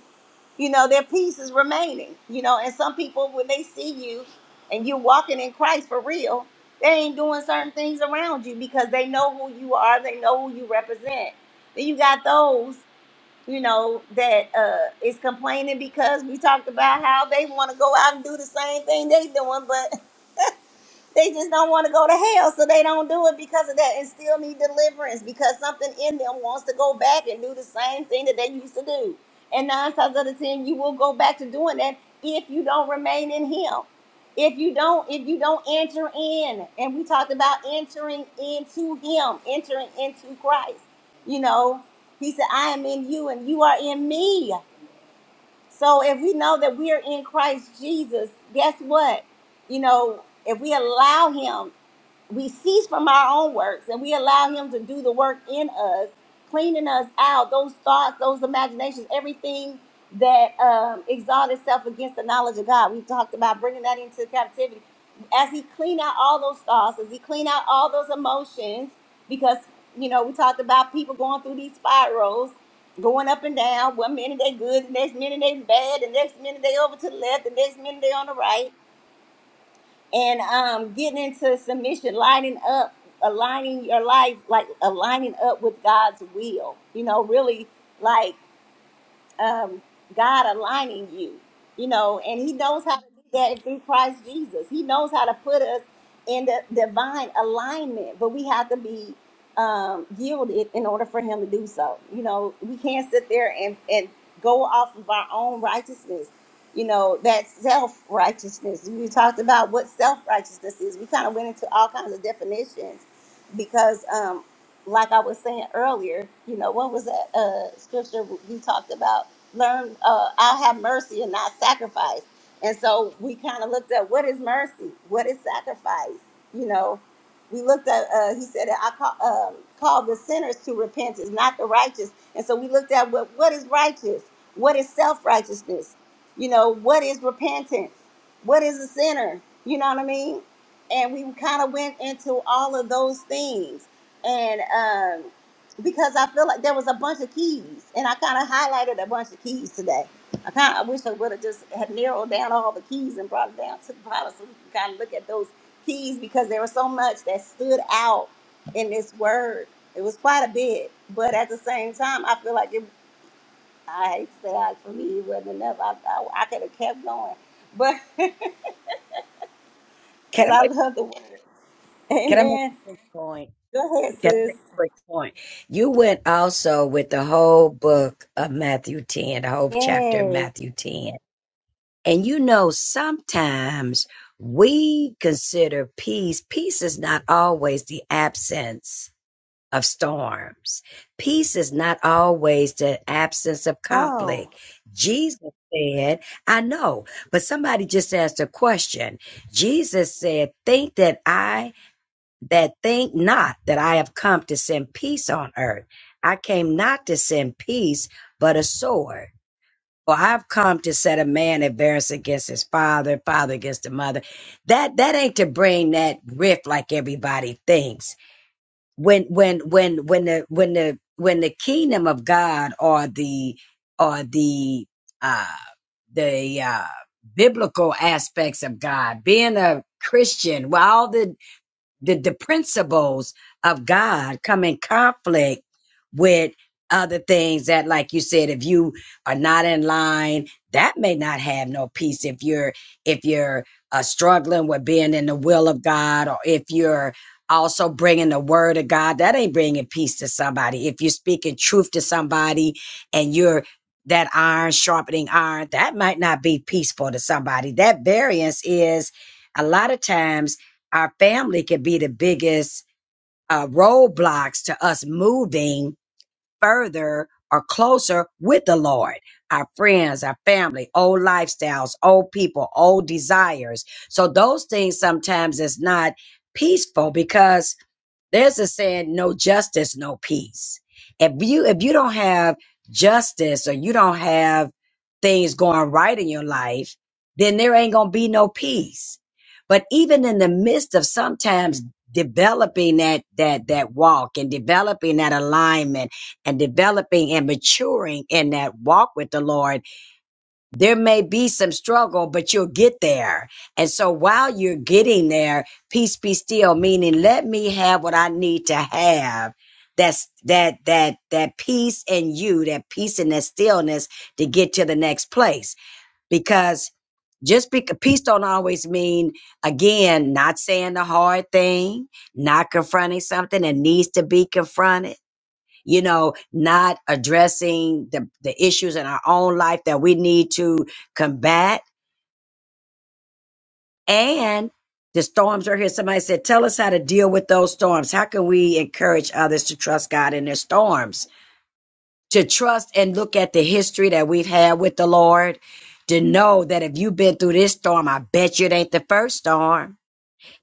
[SPEAKER 1] you know, their peace is remaining. You know, and some people when they see you and you walking in Christ for real, they ain't doing certain things around you because they know who you are, they know who you represent. Then you got those you know, that uh, is complaining because we talked about how they want to go out and do the same thing they doing, but. They just don't want to go to hell, so they don't do it because of that and still need deliverance because something in them wants to go back and do the same thing that they used to do. And nine times out of ten, you will go back to doing that if you don't remain in him. If you don't, if you don't enter in, and we talked about entering into him, entering into Christ. You know, he said, I am in you and you are in me. So if we know that we are in Christ Jesus, guess what? You know, if we allow him we cease from our own works and we allow him to do the work in us cleaning us out those thoughts those imaginations everything that um, exalts itself against the knowledge of god we talked about bringing that into captivity as he clean out all those thoughts as he clean out all those emotions because you know we talked about people going through these spirals going up and down one minute they good the next minute they bad the next minute they over to the left the next minute they on the right and um, getting into submission, lining up, aligning your life, like aligning up with God's will. You know, really like um, God aligning you, you know, and He knows how to do that through Christ Jesus. He knows how to put us in the divine alignment, but we have to be um, yielded in order for Him to do so. You know, we can't sit there and, and go off of our own righteousness. You know, that self righteousness. We talked about what self righteousness is. We kind of went into all kinds of definitions because um, like I was saying earlier, you know, what was that uh, scripture we talked about? Learn, uh, I'll have mercy and not sacrifice. And so we kind of looked at what is mercy? What is sacrifice? You know, we looked at, uh, he said, I call, um, call the sinners to repentance, not the righteous. And so we looked at what, what is righteous? What is self righteousness? You know, what is repentance? What is a sinner? You know what I mean? And we kind of went into all of those things and um, because I feel like there was a bunch of keys, and I kind of highlighted a bunch of keys today. I kind of I wish I would have just had narrowed down all the keys and brought it down to the bottom so we can kind of look at those keys because there was so much that stood out in this word. It was quite a bit, but at the same time, I feel like it. I hate to say I, for me, it wasn't enough. I I, I could have kept going, but because
[SPEAKER 2] Can I
[SPEAKER 1] I
[SPEAKER 2] make
[SPEAKER 1] love the word.
[SPEAKER 2] can I make a
[SPEAKER 1] Amen.
[SPEAKER 2] quick point?
[SPEAKER 1] Go ahead,
[SPEAKER 2] Can I
[SPEAKER 1] sis.
[SPEAKER 2] make a quick point? You went also with the whole book of Matthew 10, the whole chapter of
[SPEAKER 1] Yes.
[SPEAKER 2] Matthew 10. And you know, sometimes we consider peace, peace is not always the absence of storms, peace is not always the absence of
[SPEAKER 1] Oh.
[SPEAKER 2] conflict. Jesus said, I know, but somebody just asked a question. Jesus said, Think that I that think not that I have come to send peace on earth. I came not to send peace, but a sword. For I've come to set a man at variance against his father, father against the mother. That that ain't to bring that rift like everybody thinks. When when when when the when the when the kingdom of God or the or the uh the uh biblical aspects of God, being a Christian, well all the did the principles of God come in conflict with other things that, like you said, if you are not in line, that may not have no peace. If you're if you're uh, struggling with being in the will of God, or if you're also bringing the word of God, that ain't bringing peace to somebody. If you're speaking truth to somebody and you're that iron sharpening iron, that might not be peaceful to somebody. That variance is a lot of times our family could be the biggest uh, roadblocks to us moving further or closer with the Lord. Our friends, our family, old lifestyles, old people, old desires. So those things sometimes is not peaceful because there's a saying, no justice, no peace. If you if you don't have justice or you don't have things going right in your life, then there ain't gonna be no peace. But even in the midst of sometimes developing that that that walk and developing that alignment and developing and maturing in that walk with the Lord there may be some struggle, but you'll get there. And so while you're getting there, peace be still, meaning let me have what I need to have. That's that that that peace in you, that peace and that stillness to get to the next place. Because just because peace don't always mean again not saying the hard thing, not confronting something that needs to be confronted you know, not addressing the, the issues in our own life that we need to combat. And the storms are here. Somebody said, tell us how to deal with those storms. How can we encourage others to trust God in their storms? To trust and look at the history that we've had with the Lord. To know that if you've been through this storm, I bet you it ain't the first storm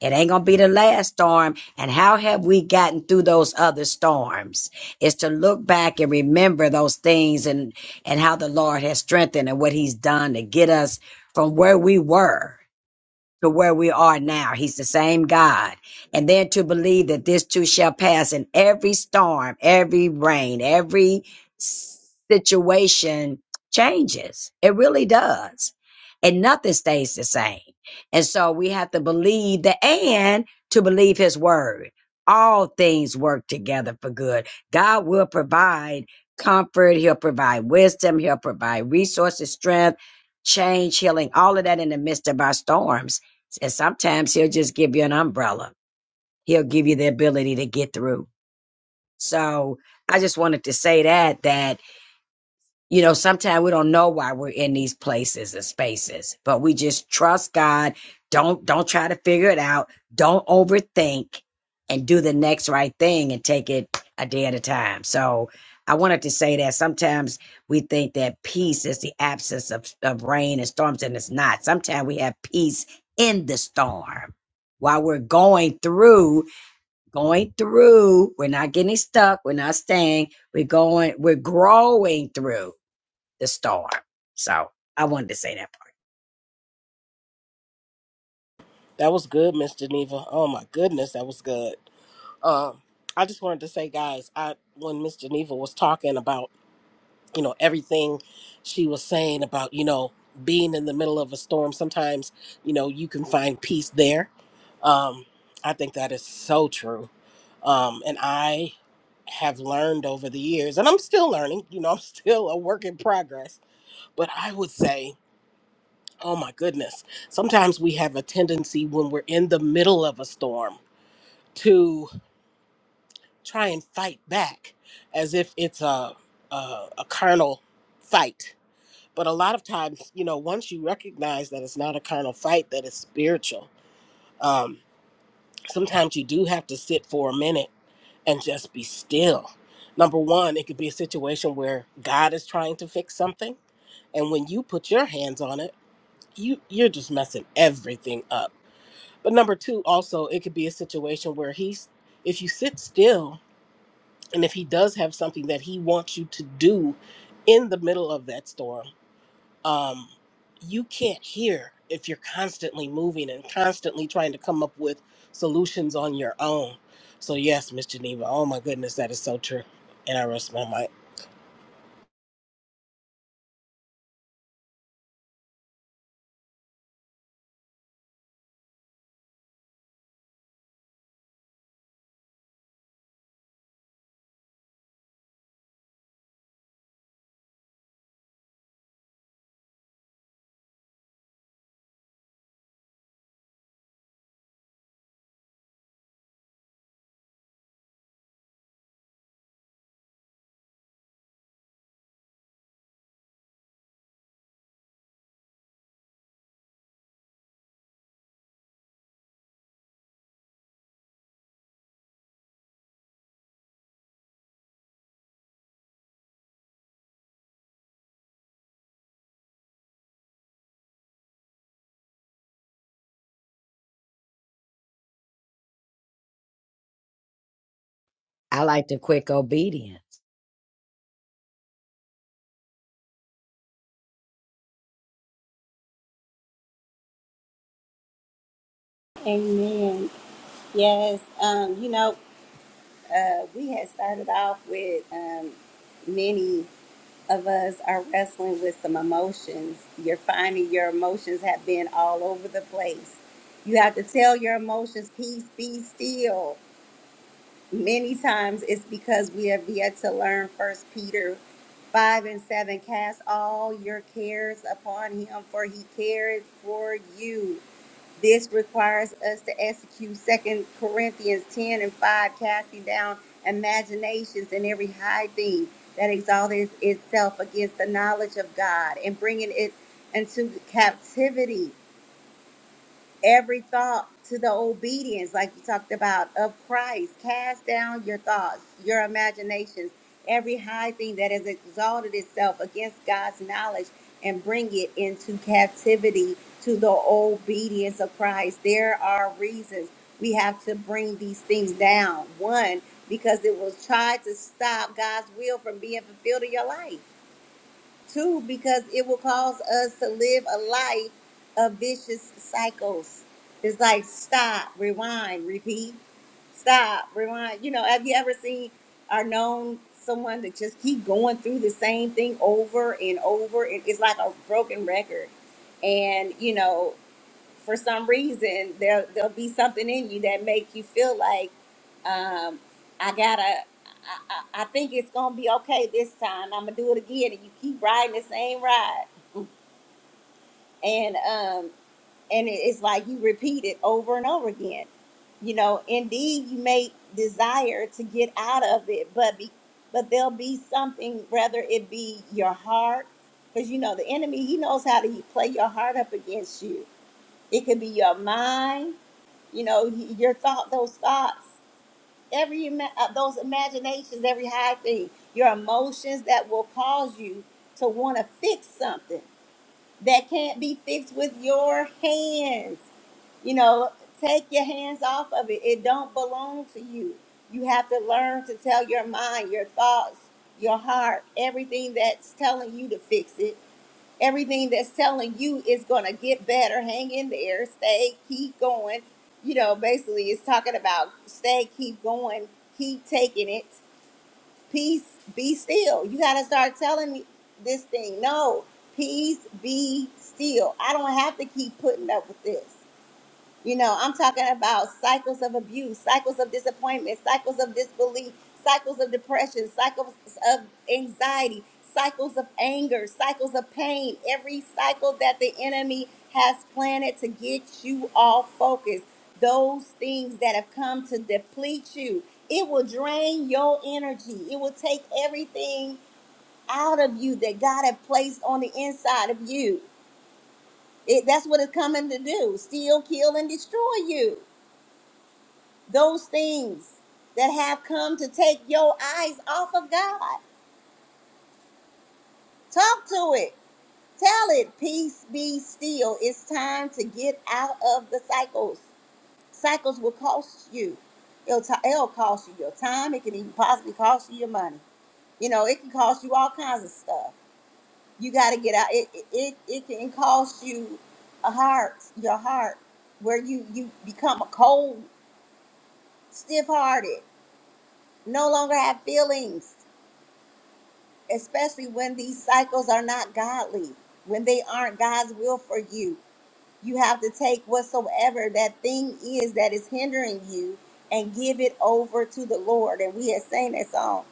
[SPEAKER 2] It ain't going to be the last storm. And how have we gotten through those other storms? It's to look back and remember those things and, and how the Lord has strengthened and what he's done to get us from where we were to where we are now. He's the same God. And then to believe that this too shall pass In every storm, every rain, every s- situation changes. It really does. And nothing stays the same. And so we have to believe the and to believe his word. All things work together for good. God will provide comfort. He'll provide wisdom. He'll provide resources, strength, change, healing, all of that in the midst of our storms and sometimes he'll just give you an umbrella. He'll give you the ability to get through. So I just wanted to say that that you know, sometimes we don't know why we're in these places and spaces, but we just trust God. Don't don't try to figure it out. Don't overthink and do the next right thing and take it a day at a time. So I wanted to say that sometimes we think that peace is the absence of, of rain and storms, and it's not. Sometimes we have peace in the storm. While we're going through, going through, we're not getting stuck, we're not staying, we're going, we're growing through the storm. So I wanted to say that part.
[SPEAKER 7] That was good, Miss Geneva. Oh my goodness, that was good. Um, I just wanted to say, guys, I when Miss Geneva was talking about, you know, everything she was saying about, you know, being in the middle of a storm, sometimes, you know, you can find peace there. Um, I think that is so true. Um, and I have learned over the years, and I'm still learning, you know, I'm still a work in progress, but I would say, oh my goodness, sometimes we have a tendency when we're in the middle of a storm try and fight back as if it's a, a, a carnal fight. But a lot of times, you know, once you recognize that it's not a carnal fight, that it's spiritual, um, sometimes you do have to sit for a minute and just be still. Number one, it could be a situation where God is trying to fix something. And when you put your hands on it, you, you're just messing everything up. But number two, also, it could be a situation where he's, if you sit still and if he does have something that he wants you to do in the middle of that storm um, you can't hear if you're constantly moving and constantly trying to come up with solutions on your own so yes miss geneva oh my goodness that is so true and i rest my mic
[SPEAKER 2] I like the quick obedience.
[SPEAKER 1] Amen. Yes, um, you know, uh, we had started off with um, many of us are wrestling with some emotions. You're finding your emotions have been all over the place. You have to tell your emotions, peace, be still. Many times it's because we have yet to learn First Peter 5 and 7 cast all your cares upon him, for he careth for you. This requires us to execute Second Corinthians 10 and 5, casting down imaginations and every high thing that exalted itself against the knowledge of God and bringing it into captivity every thought to the obedience, like you talked about, of Christ. Cast down your thoughts, your imaginations, every high thing that has exalted itself against God's knowledge, and bring it into captivity to the obedience of Christ. There are reasons we have to bring these things down. One, because it will try to stop God's will from being fulfilled in your life. Two, because it will cause us to live a life of vicious cycles. It's like stop, rewind, repeat, stop, rewind. You know, have you ever seen or known someone that just keep going through the same thing over and over? It- It's like a broken record. And, you know, for some reason there there'll be something in you that make you feel like um, I gotta. I, I, I think it's gonna be okay this time. I'm gonna do it again, and you keep riding the same ride, and um, and it- it's like you repeat it over and over again. You know, indeed, you may desire to get out of it, but be, but there'll be something, whether it be your heart, because you know the enemy, he knows how to play your heart up against you. It could be your mind you know, your thought, those thoughts, every ima- uh, those imaginations, every high thing, your emotions that will cause you to want to fix something that can't be fixed with your hands. You know, take your hands off of it. It don't belong to you. You have to learn to tell your mind, your thoughts, your heart, everything that's telling you to fix it everything that's telling you is going to get better. Hang in there, stay, keep going. You know, basically, it's talking about stay, keep going, keep taking it. Peace, be still. You got to start telling me this thing. No, peace, be still. I don't have to keep putting up with this. You know, I'm talking about cycles of abuse, cycles of disappointment, cycles of disbelief, cycles of depression, cycles of anxiety, cycles of anger, cycles of pain. Every cycle that the enemy has planted to get you off focus, those things that have come to deplete you, it will drain your energy. It will take everything out of you that God had placed on the inside of you. It, that's what it's coming to do steal, kill, and destroy you those things that have come to take your eyes off of God. Talk to it. Tell it, peace be still. It's time to get out of the cycles. Cycles will cost you. It'll, t- it'll cost you your time. It can even possibly cost you your money. You know, it can cost you all kinds of stuff. You got to get out. It, it, it, it can cost you a heart, your heart, where you, you become a cold, stiff hearted, no longer have feelings especially when these cycles are not godly, when they aren't God's will for you. You have to take whatsoever that thing is that is hindering you and give it over to the Lord. And we had sang that song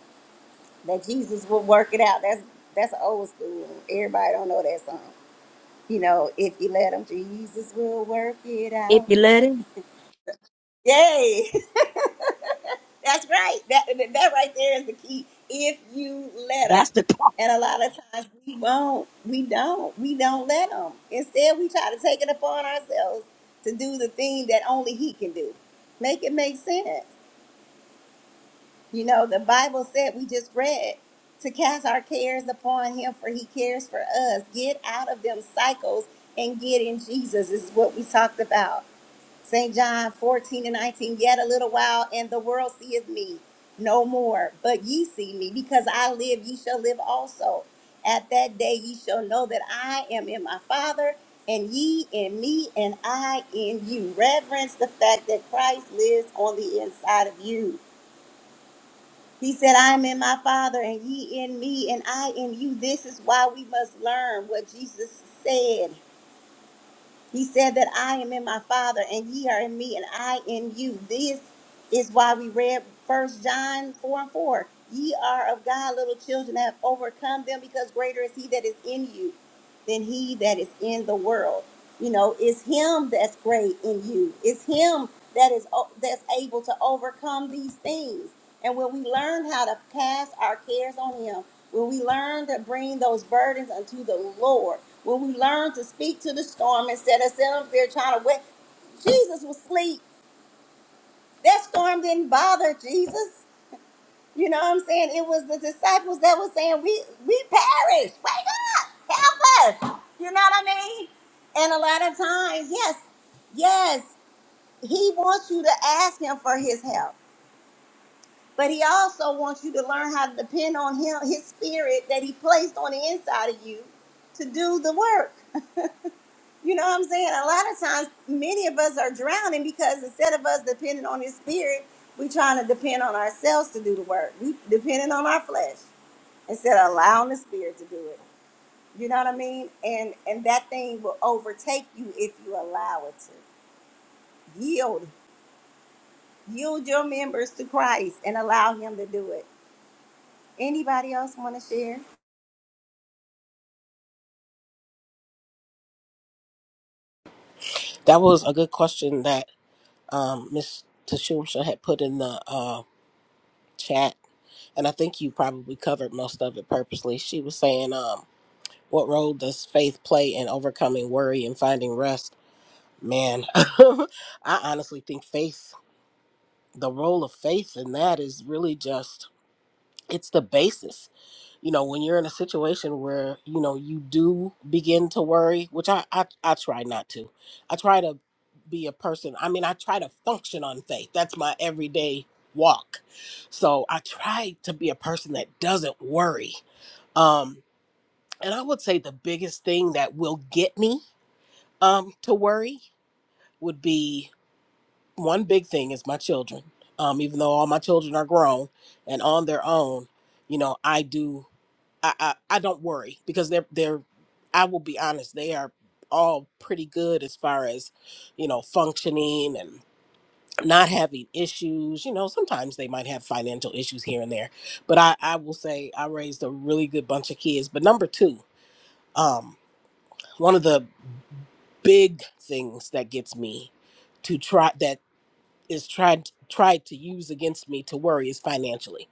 [SPEAKER 1] that Jesus will work it out. That's that's old school. Everybody don't know that song. You know, if you let him, Jesus will work it out. Yay! That's right. That that right there is the key. If you let them,
[SPEAKER 2] That's the part.
[SPEAKER 1] and a lot of times we won't, we don't, we don't let them. Instead, we try to take it upon ourselves to do the thing that only He can do. Make it make sense. You know, the Bible said we just read to cast our cares upon Him, for He cares for us. Get out of them cycles and get in Jesus is what we talked about. St. John 14 and 19, yet a little while, and the world seeth me no more, but ye see me, because I live, ye shall live also. At that day ye shall know that I am in my Father, and ye in me, and I in you. Reverence the fact that Christ lives on the inside of you. He said, I am in my Father, and ye in me, and I in you. This is why we must learn what Jesus said. He said that I am in my Father, and ye are in me, and I in you. This is why we read First John 4 and 4. Ye are of God, little children, and have overcome them, because greater is he that is in you than he that is in the world. You know, it's him that's great in you. It's him that is o- that's able to overcome these things. And when we learn how to cast our cares on him, when we learn to bring those burdens unto the Lord, when we learn to speak to the storm instead of sitting up there trying to wait, Jesus was asleep. That storm didn't bother Jesus. You know what I'm saying? It was the disciples that were saying, "We we perish. Wake up, help us." You know what I mean? And a lot of times, yes, yes, He wants you to ask Him for His help. But he also wants you to learn how to depend on him, his spirit that he placed on the inside of you to do the work. You know what I'm saying? A lot of times, many of us are drowning because instead of us depending on his spirit, we trying to depend on ourselves to do the work. We depending on our flesh instead of allowing the spirit to do it. You know what I mean? And and that thing will overtake you if you allow it to. Yield. Yield your members to Christ and allow him to do it. Anybody else want to share?
[SPEAKER 7] that was a good question that um, miss tashumsha had put in the uh, chat and i think you probably covered most of it purposely she was saying um, what role does faith play in overcoming worry and finding rest Man, I honestly think faith, the role of faith in that is really just it's the basis. You know, when you're in a situation where, you know, you do begin to worry, which I I, I try not to. I try to be a person. I mean, I try to function on faith. That's my everyday walk. So, I try to be a person that doesn't worry. Um and I would say the biggest thing that will get me um to worry would be one big thing is my children. Um, even though all my children are grown and on their own, you know, I do I, I, I don't worry because they're they're I will be honest, they are all pretty good as far as, you know, functioning and not having issues. You know, sometimes they might have financial issues here and there. But I, I will say I raised a really good bunch of kids. But number two, um, one of the big things that gets me to try is tried tried to use against me to worry is financially.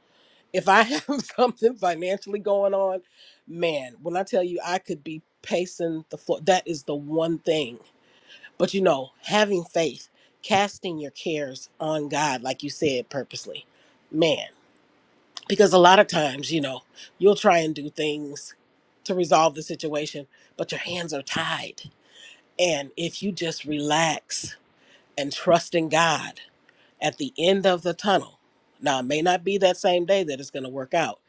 [SPEAKER 7] If I have something financially going on, man, when I tell you I could be pacing the floor, that is the one thing. But you know, having faith, casting your cares on God, like you said purposely, man, because a lot of times, you know, you'll try and do things to resolve the situation, but your hands are tied. And if you just relax and trust in God, at the end of the tunnel. Now, it may not be that same day that it's going to work out,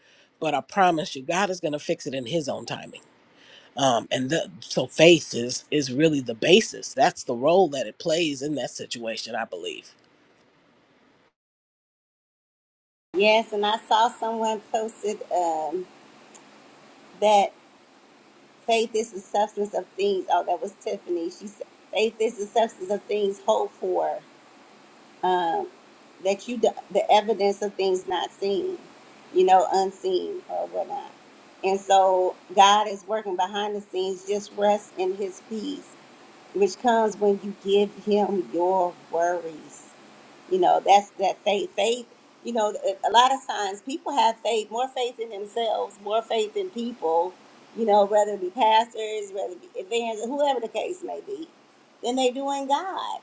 [SPEAKER 7] but I promise you, God is going to fix it in His own timing. Um, and the, so faith is is really the basis. That's the role that it plays in that situation, I believe.
[SPEAKER 1] Yes, and I saw someone posted um, that faith is the substance of things. Oh, that was Tiffany. She said, "Faith is the substance of things hoped for, um, that you the the evidence of things not seen, you know, unseen or whatnot." And so God is working behind the scenes. Just rest in His peace, which comes when you give Him your worries. You know, that's that faith. Faith, you know, a a lot of times people have faith, more faith in themselves, more faith in people, you know, whether it be pastors, whether it be evangelists, whoever the case may be, than they do in God.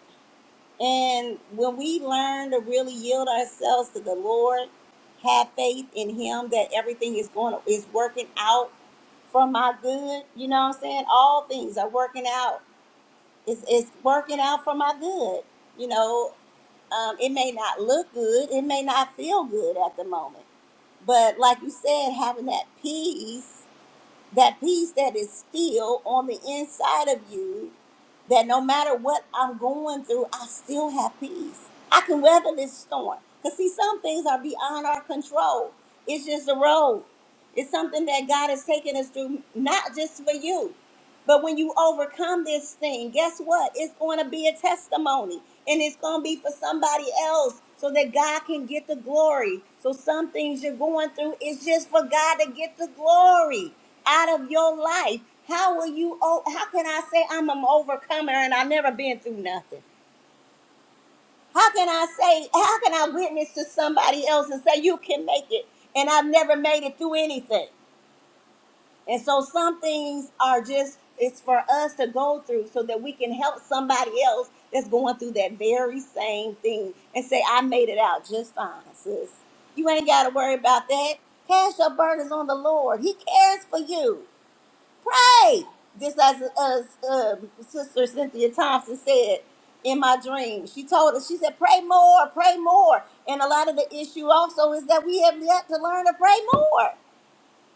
[SPEAKER 1] And when we learn to really yield ourselves to the Lord, have faith in Him that everything is going is working out for my good. You know what I'm saying? All things are working out. It's, it's working out for my good. You know, um, it may not look good, it may not feel good at the moment. But like you said, having that peace, that peace that is still on the inside of you, that no matter what I'm going through, I still have peace. I can weather this storm. Because see, some things are beyond our control. It's just a road. It's something that God has taken us through, not just for you. But when you overcome this thing, guess what? It's going to be a testimony and it's going to be for somebody else so that God can get the glory. So some things you're going through is just for God to get the glory out of your life. How will you o- how can I say I'm an overcomer and I have never been through nothing? How can I say how can I witness to somebody else and say you can make it and I've never made it through anything? And so some things are just it's for us to go through so that we can help somebody else that's going through that very same thing and say, I made it out just fine, sis. You ain't gotta worry about that. Cast your burdens on the Lord. He cares for you. Pray. Just as uh, uh, Sister Cynthia Thompson said in my dream, she told us, she said, pray more, pray more. And a lot of the issue also is that we have yet to learn to pray more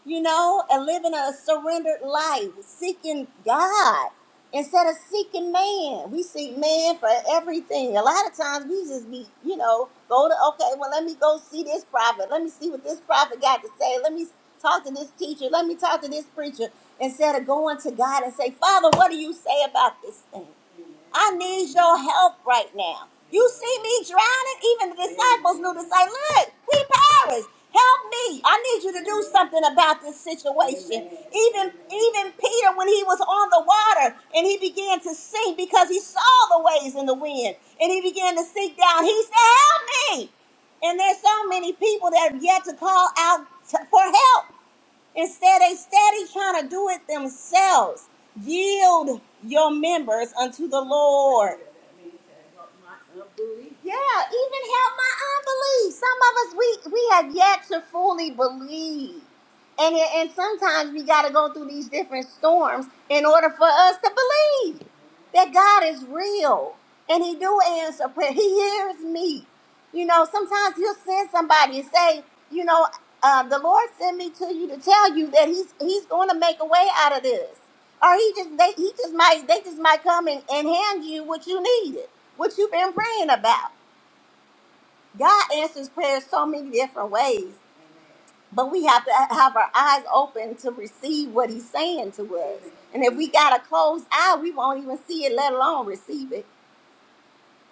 [SPEAKER 1] you know, and living a surrendered life, seeking God instead of seeking man. We seek man for everything. A lot of times we just be, you know, go to, okay, well, let me go see this prophet. Let me see what this prophet got to say. Let me talk to this teacher. Let me talk to this preacher instead of going to God and say, Father, what do you say about this thing? I need your help right now. You see me drowning? Even the disciples knew to say, Look, we perish. Help me. I need you to do something about this situation. Even even Peter, when he was on the water and he began to sink because he saw the waves and the wind and he began to sink down, he said, Help me. And there's so many people that have yet to call out t- for help. Instead, they steady trying to do it themselves. Yield your members unto the Lord yeah, even help my unbelief. Some of us we we have yet to fully believe. And it, and sometimes we got to go through these different storms in order for us to believe that God is real and he do answer prayer. He hears me. You know, sometimes he'll send somebody and say, you know, uh, the Lord sent me to you to tell you that he's he's going to make a way out of this. Or he just they he just might they just might come and, and hand you what you needed, what you've been praying about God answers prayers so many different ways, but we have to have our eyes open to receive what He's saying to us. And if we got a closed eye, we won't even see it, let alone receive it.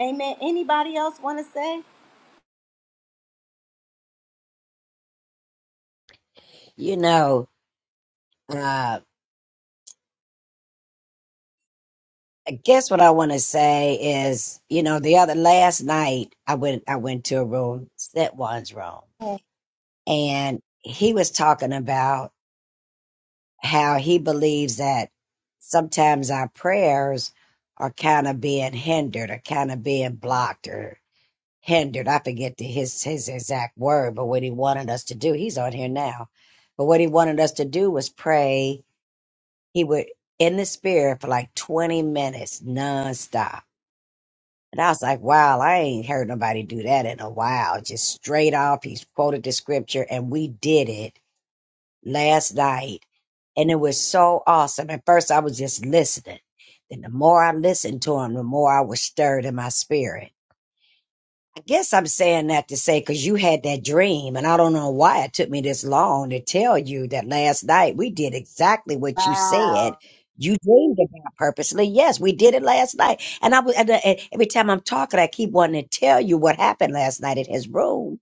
[SPEAKER 1] Amen. Anybody else want to say?
[SPEAKER 2] You know, uh, I guess what I want to say is, you know, the other last night I went, I went to a room, set one's room, and he was talking about how he believes that sometimes our prayers are kind of being hindered or kind of being blocked or hindered. I forget the, his his exact word, but what he wanted us to do, he's on here now. But what he wanted us to do was pray. He would in the spirit for like twenty minutes nonstop. And I was like, wow, I ain't heard nobody do that in a while. Just straight off, he quoted the scripture, and we did it last night. And it was so awesome. At first, I was just listening. Then the more I listened to him, the more I was stirred in my spirit guess I'm saying that to say because you had that dream, and I don't know why it took me this long to tell you that last night we did exactly what you said.
[SPEAKER 1] Wow.
[SPEAKER 2] You dreamed about purposely. Yes, we did it last night. And I was and, uh, and every time I'm talking, I keep wanting to tell you what happened last night at his room.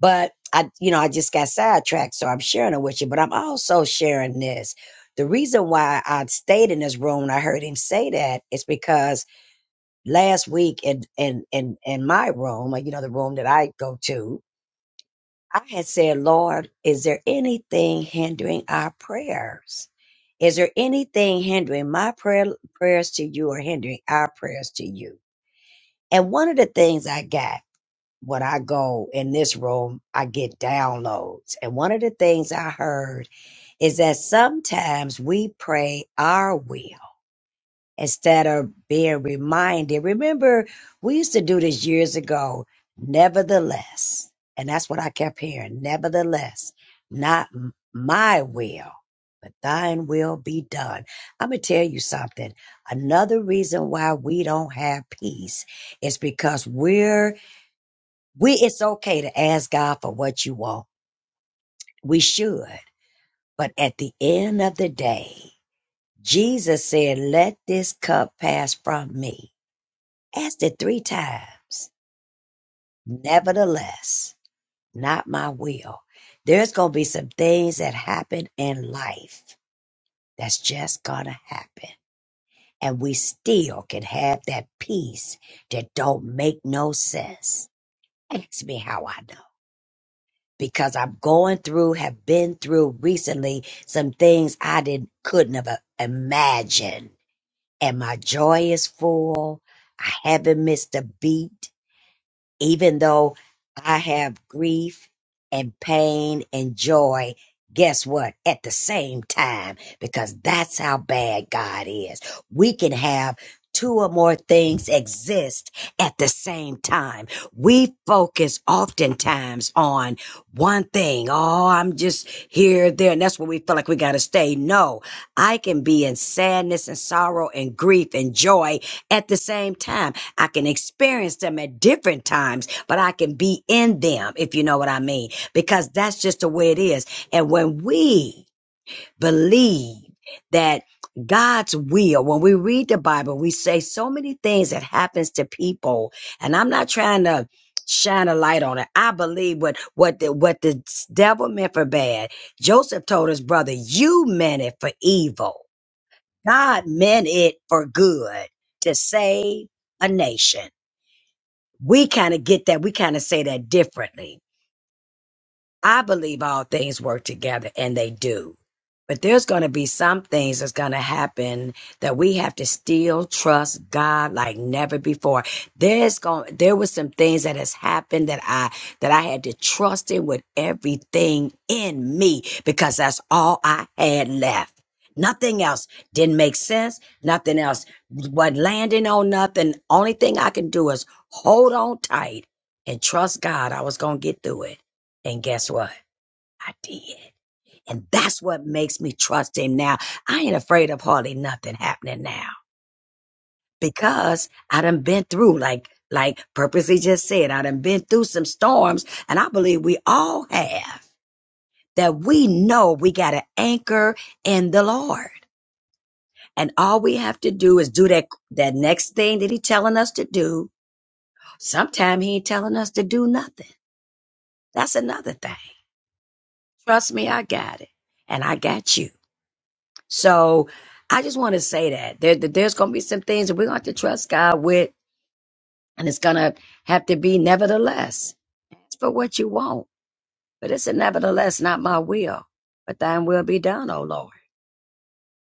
[SPEAKER 2] But I, you know, I just got sidetracked, so I'm sharing it with you. But I'm also sharing this. The reason why I stayed in this room and I heard him say that is because last week in in in in my room, or, you know, the room that I go to, I had said, "Lord, is there anything hindering our prayers? Is there anything hindering my prayer prayers to you, or hindering our prayers to you?" And one of the things I got when I go in this room, I get downloads, and one of the things I heard is that sometimes we pray our will instead of being reminded. Remember, we used to do this years ago. Nevertheless, and that's what I kept hearing. Nevertheless, not m- my will, but thine will be done. I'm going to tell you something. Another reason why we don't have peace is because we're, we, it's okay to ask God for what you want. We should. But at the end of the day, Jesus said, let this cup pass from me Asked it three times. Nevertheless, not my will. There's going to be some things that happen in life that's just going to happen. And we still can have that peace that don't make no sense. Ask me how I know. Because I'm going through, have been through recently some things I didn't, couldn't have uh, imagined. And my joy is full. I haven't missed a beat even though I have grief and pain and joy, guess what? At the same time, because that's how bad God is. We can have two or more things exist at the same time. We focus oftentimes on one thing. Oh, I'm just here, there, and that's where we feel like we got to stay. No, I can be in sadness and sorrow and grief and joy at the same time I can experience them at different times, but I can be in them, if you know what I mean, because that's just the way it is. And when we believe that God's will, when we read the Bible, we say so many things that happens to people. And I'm not trying to shine a light on it. I believe what, what the, what the devil meant for bad. Joseph told his brother, you meant it for evil. God meant it for good to save a nation. We kind of get that. We kind of say that differently. I believe all things work together and they do. But there's going to be some things that's going to happen that we have to still trust God like never before. There's going there was some things that has happened that I that I had to trust him with everything in me because that's all I had left. Nothing else didn't make sense. Nothing else was landing on nothing. Only thing I can do is hold on tight and trust God I was going to get through it. And guess what? I did. And that's what makes me trust him now. I ain't afraid of hardly nothing happening now because I done been through like like purposely just said, I done been through some storms and I believe we all have that we know we got an anchor in the Lord. And all we have to do is do that that next thing that he telling us to do. Sometimes he ain't telling us to do nothing. That's another thing. Trust me, I got it. And I got you. So I just want to say that there, that there's going to be some things that we're going to have to trust God with, and it's going to have to be nevertheless. It's for what you want, but it's a nevertheless, not my will, but thine will be done, oh Lord.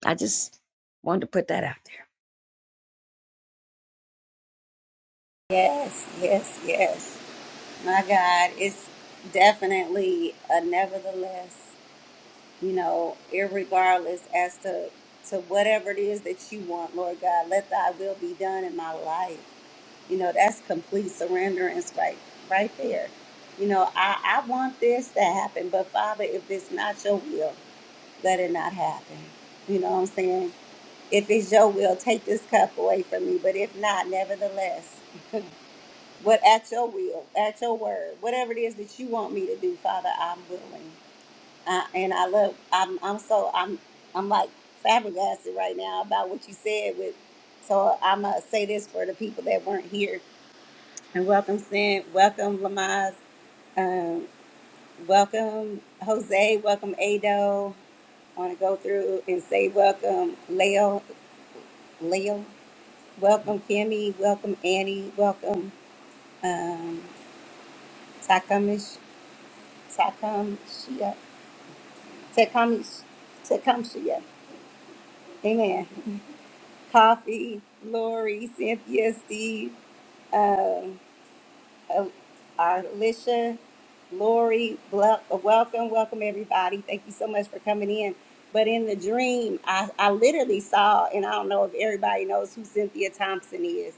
[SPEAKER 2] I just wanted to put that out there.
[SPEAKER 1] Yes, yes, yes. My God, it's definitely a nevertheless, you know, irregardless as to to whatever it is that you want, Lord God, let thy will be done in my life. You know, that's complete surrenderance right right there. You know, I, I want this to happen, but Father, if it's not your will, let it not happen. You know what I'm saying? If it's your will, take this cup away from me. But if not, nevertheless, what at your will, at your word, whatever it is that you want me to do, Father, I'm willing. Uh, and I love. I'm. I'm so. I'm. I'm like flabbergasted right now about what you said. With so I'm gonna say this for the people that weren't here and welcome, Sin. Welcome, Lamaz. Um, welcome, Jose. Welcome, Ado. I want to go through and say welcome, Leo. Leo. Welcome, Kimmy. Welcome, Annie. Welcome, um, Takamish. Takamshia. Takamish. Takamshia. Amen. Coffee, Lori, Cynthia, Steve. um, Uh, Alicia, Lori, ble- welcome, welcome everybody. Thank you so much for coming in. But in the dream, I, I literally saw, and I don't know if everybody knows who Cynthia Thompson is,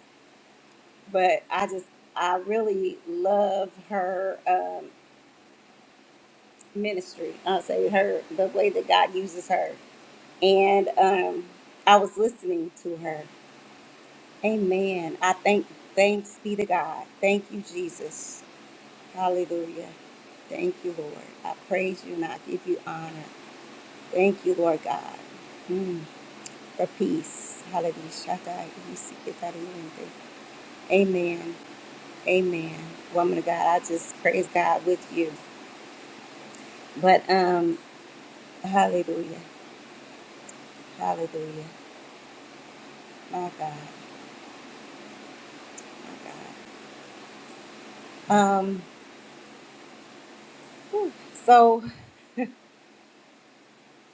[SPEAKER 1] but I just, I really love her um, ministry. I'll say her, the way that God uses her. And um, I was listening to her. Amen. I thank, thanks be to God. Thank you, Jesus. Hallelujah. Thank you, Lord. I praise you and I give you honor. Thank you, Lord God, mm, for peace. Hallelujah. Shakai, Isikitari, Amen. Amen. Woman of God, I just praise God with you. But um, hallelujah. Hallelujah. My God. My God. Um, so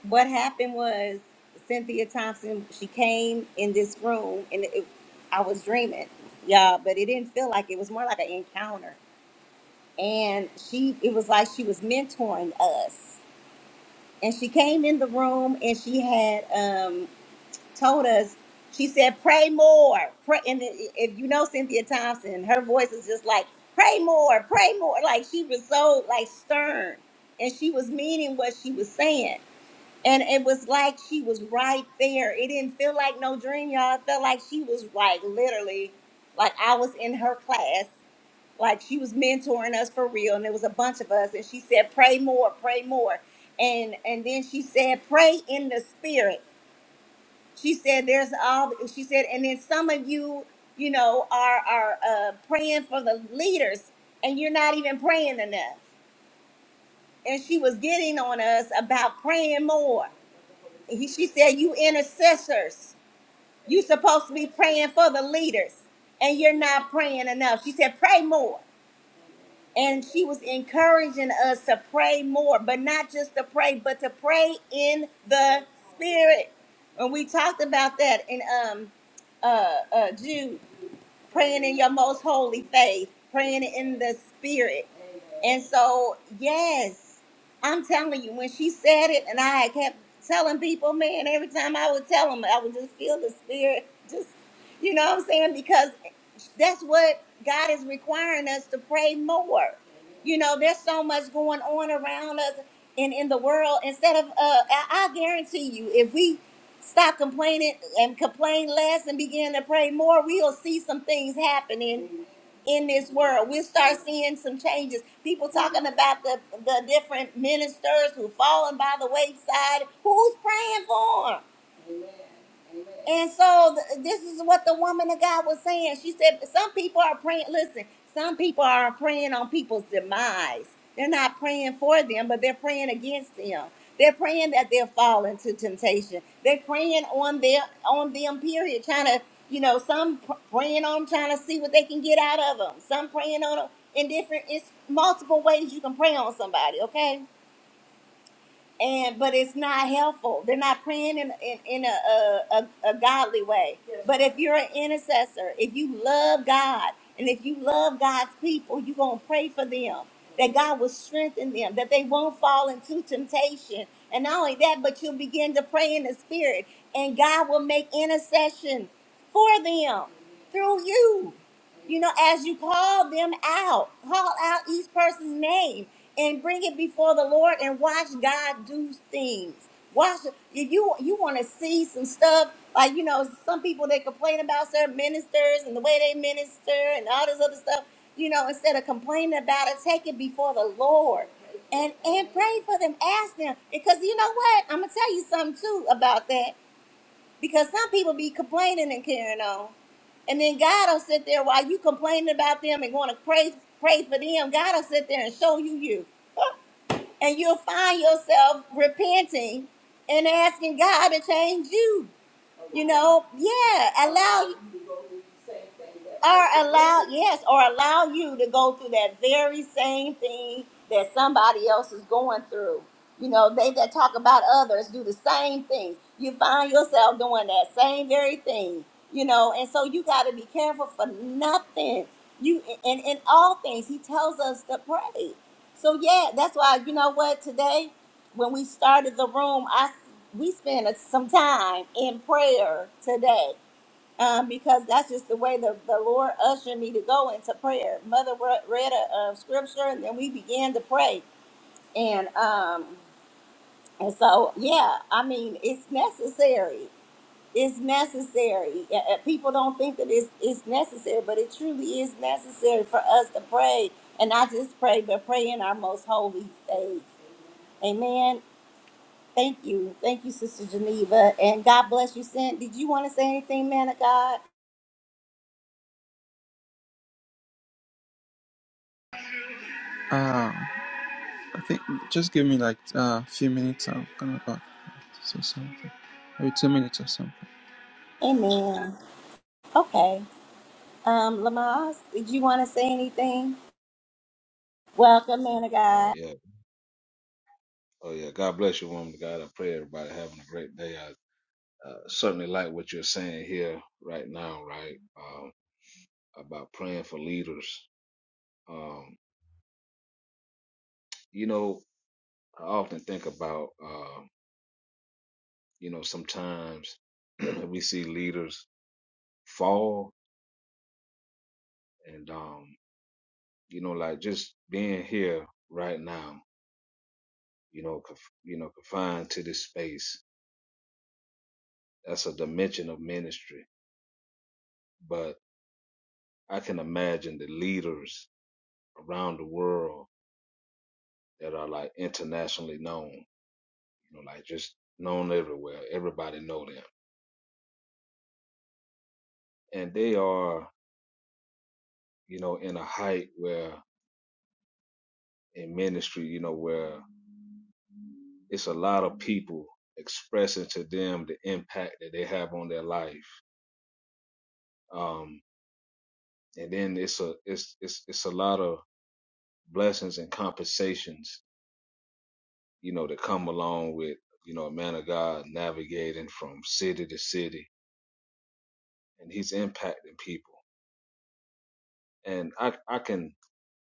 [SPEAKER 1] what happened was Cynthia Thompson, she came in this room and it, I was dreaming, y'all. but it didn't feel like it was more like an encounter. And she, it was like she was mentoring us. And she came in the room and she had um, told us, she said, pray more. Pray. And i- if you know Cynthia Thompson, her voice is just like, pray more, pray more. Like she was so like stern and she was meaning what she was saying and it was like she was right there. It didn't feel like no dream, y'all. It felt like she was like literally, like I was in her class, like she was mentoring us for real. And there was a bunch of us, and she said, "Pray more, pray more," and and then she said, "Pray in the spirit." She said, "There's all." She said, and then some of you, you know, are are uh, praying for the leaders, and you're not even praying enough. And she was getting on us about praying more he, she said you intercessors you supposed to be praying for the leaders and you're not praying enough she said pray more and she was encouraging us to pray more but not just to pray but to pray in the spirit and we talked about that in um uh, uh jude praying in your most holy faith, praying in the spirit. And so, yes, I'm telling you, when she said it, and I kept telling people, man, every time I would tell them, I would just feel the spirit, just, you know what I'm saying? Because that's what God is requiring us to pray more. You know, there's so much going on around us and in the world. Instead of, uh, I I guarantee you, if we Stop complaining and complain less and begin to pray more. We'll see some things happening in this world. We'll start seeing some changes. People talking about the, the different ministers who fallen by the wayside. Who's praying for them? And so th- this is what the woman of God was saying. She said, Some people are praying, listen, some people are praying on people's demise. They're not praying for them, but they're praying against them. They're praying that they'll fall into temptation. They're praying on their on them, period, trying to, you know, some pr- praying on trying to see what they can get out of them. Some praying on 'em in different, it's multiple ways you can pray on somebody, okay? and but it's not helpful. They're not praying in in, in a, a, a a godly way. Yes. But if you're an intercessor, if you love God, and if you love God's people, you're gonna pray for them that God will strengthen them, that they won't fall into temptation. And not only that, but you'll begin to pray in the spirit, and God will make intercession for them through you you know, as you call them out, call out each person's name and bring it before the Lord and watch God do things. Watch if you you want to see some stuff like you know some people they complain about certain ministers and the way they minister and all this other stuff. You know, instead of complaining about it, take it before the Lord and and pray for them. Ask them because you know what I'm gonna tell you something too about that because some people be complaining and carrying on. And then God will sit there while you complaining about them and going to pray pray for them. God will sit there and show you you. And you'll find yourself repenting and asking God to change you. You know, yeah, allow or allow yes or allow you to go through that very same thing that somebody else is going through you know they that talk about others do the same things you find yourself doing that same very thing you know and so you got to be careful for nothing you and in all things he tells us to pray so yeah that's why you know what today when we started the room i we spent some time in prayer today um, because that's just the way the, the Lord ushered me to go into prayer. Mother re- read a, uh scripture, and then we began to pray. And um, and so, yeah, I mean, it's necessary. It's necessary. Uh, uh, People don't think that it's, it's necessary, but it truly is necessary for us to pray. And not just pray, but pray in our most holy faith. Amen. Thank you. Thank you, Sister Geneva. And God bless you, Sin. Did you want to say anything, man of God?
[SPEAKER 8] Uh, I think just give me like a uh, few minutes. I'm coming back to say something. Maybe two minutes or something.
[SPEAKER 1] Amen. Okay. Um, Lamaze, did you want to say anything? Welcome, man of
[SPEAKER 9] Oh
[SPEAKER 1] God.
[SPEAKER 9] yeah. Oh yeah. God bless you, woman of God. I pray everybody having a great day. I uh, certainly like what you're saying here right now, right? Um, about praying for leaders. Um, you know, I often think about, uh, you know, sometimes we see leaders fall, and um, you know, like just being here right now, you know, conf- you know, confined to this space. That's a dimension of ministry, but I can imagine the leaders around the world that are like internationally known, you know, like just known everywhere. Everybody know them. And they are, you know, in a height where in ministry, you know, where it's a lot of people expressing to them the impact that they have on their life. Um, and then it's a it's it's it's a lot of blessings and compensations, you know, that come along with, you know, a man of God navigating from city to city and he's impacting people and I I can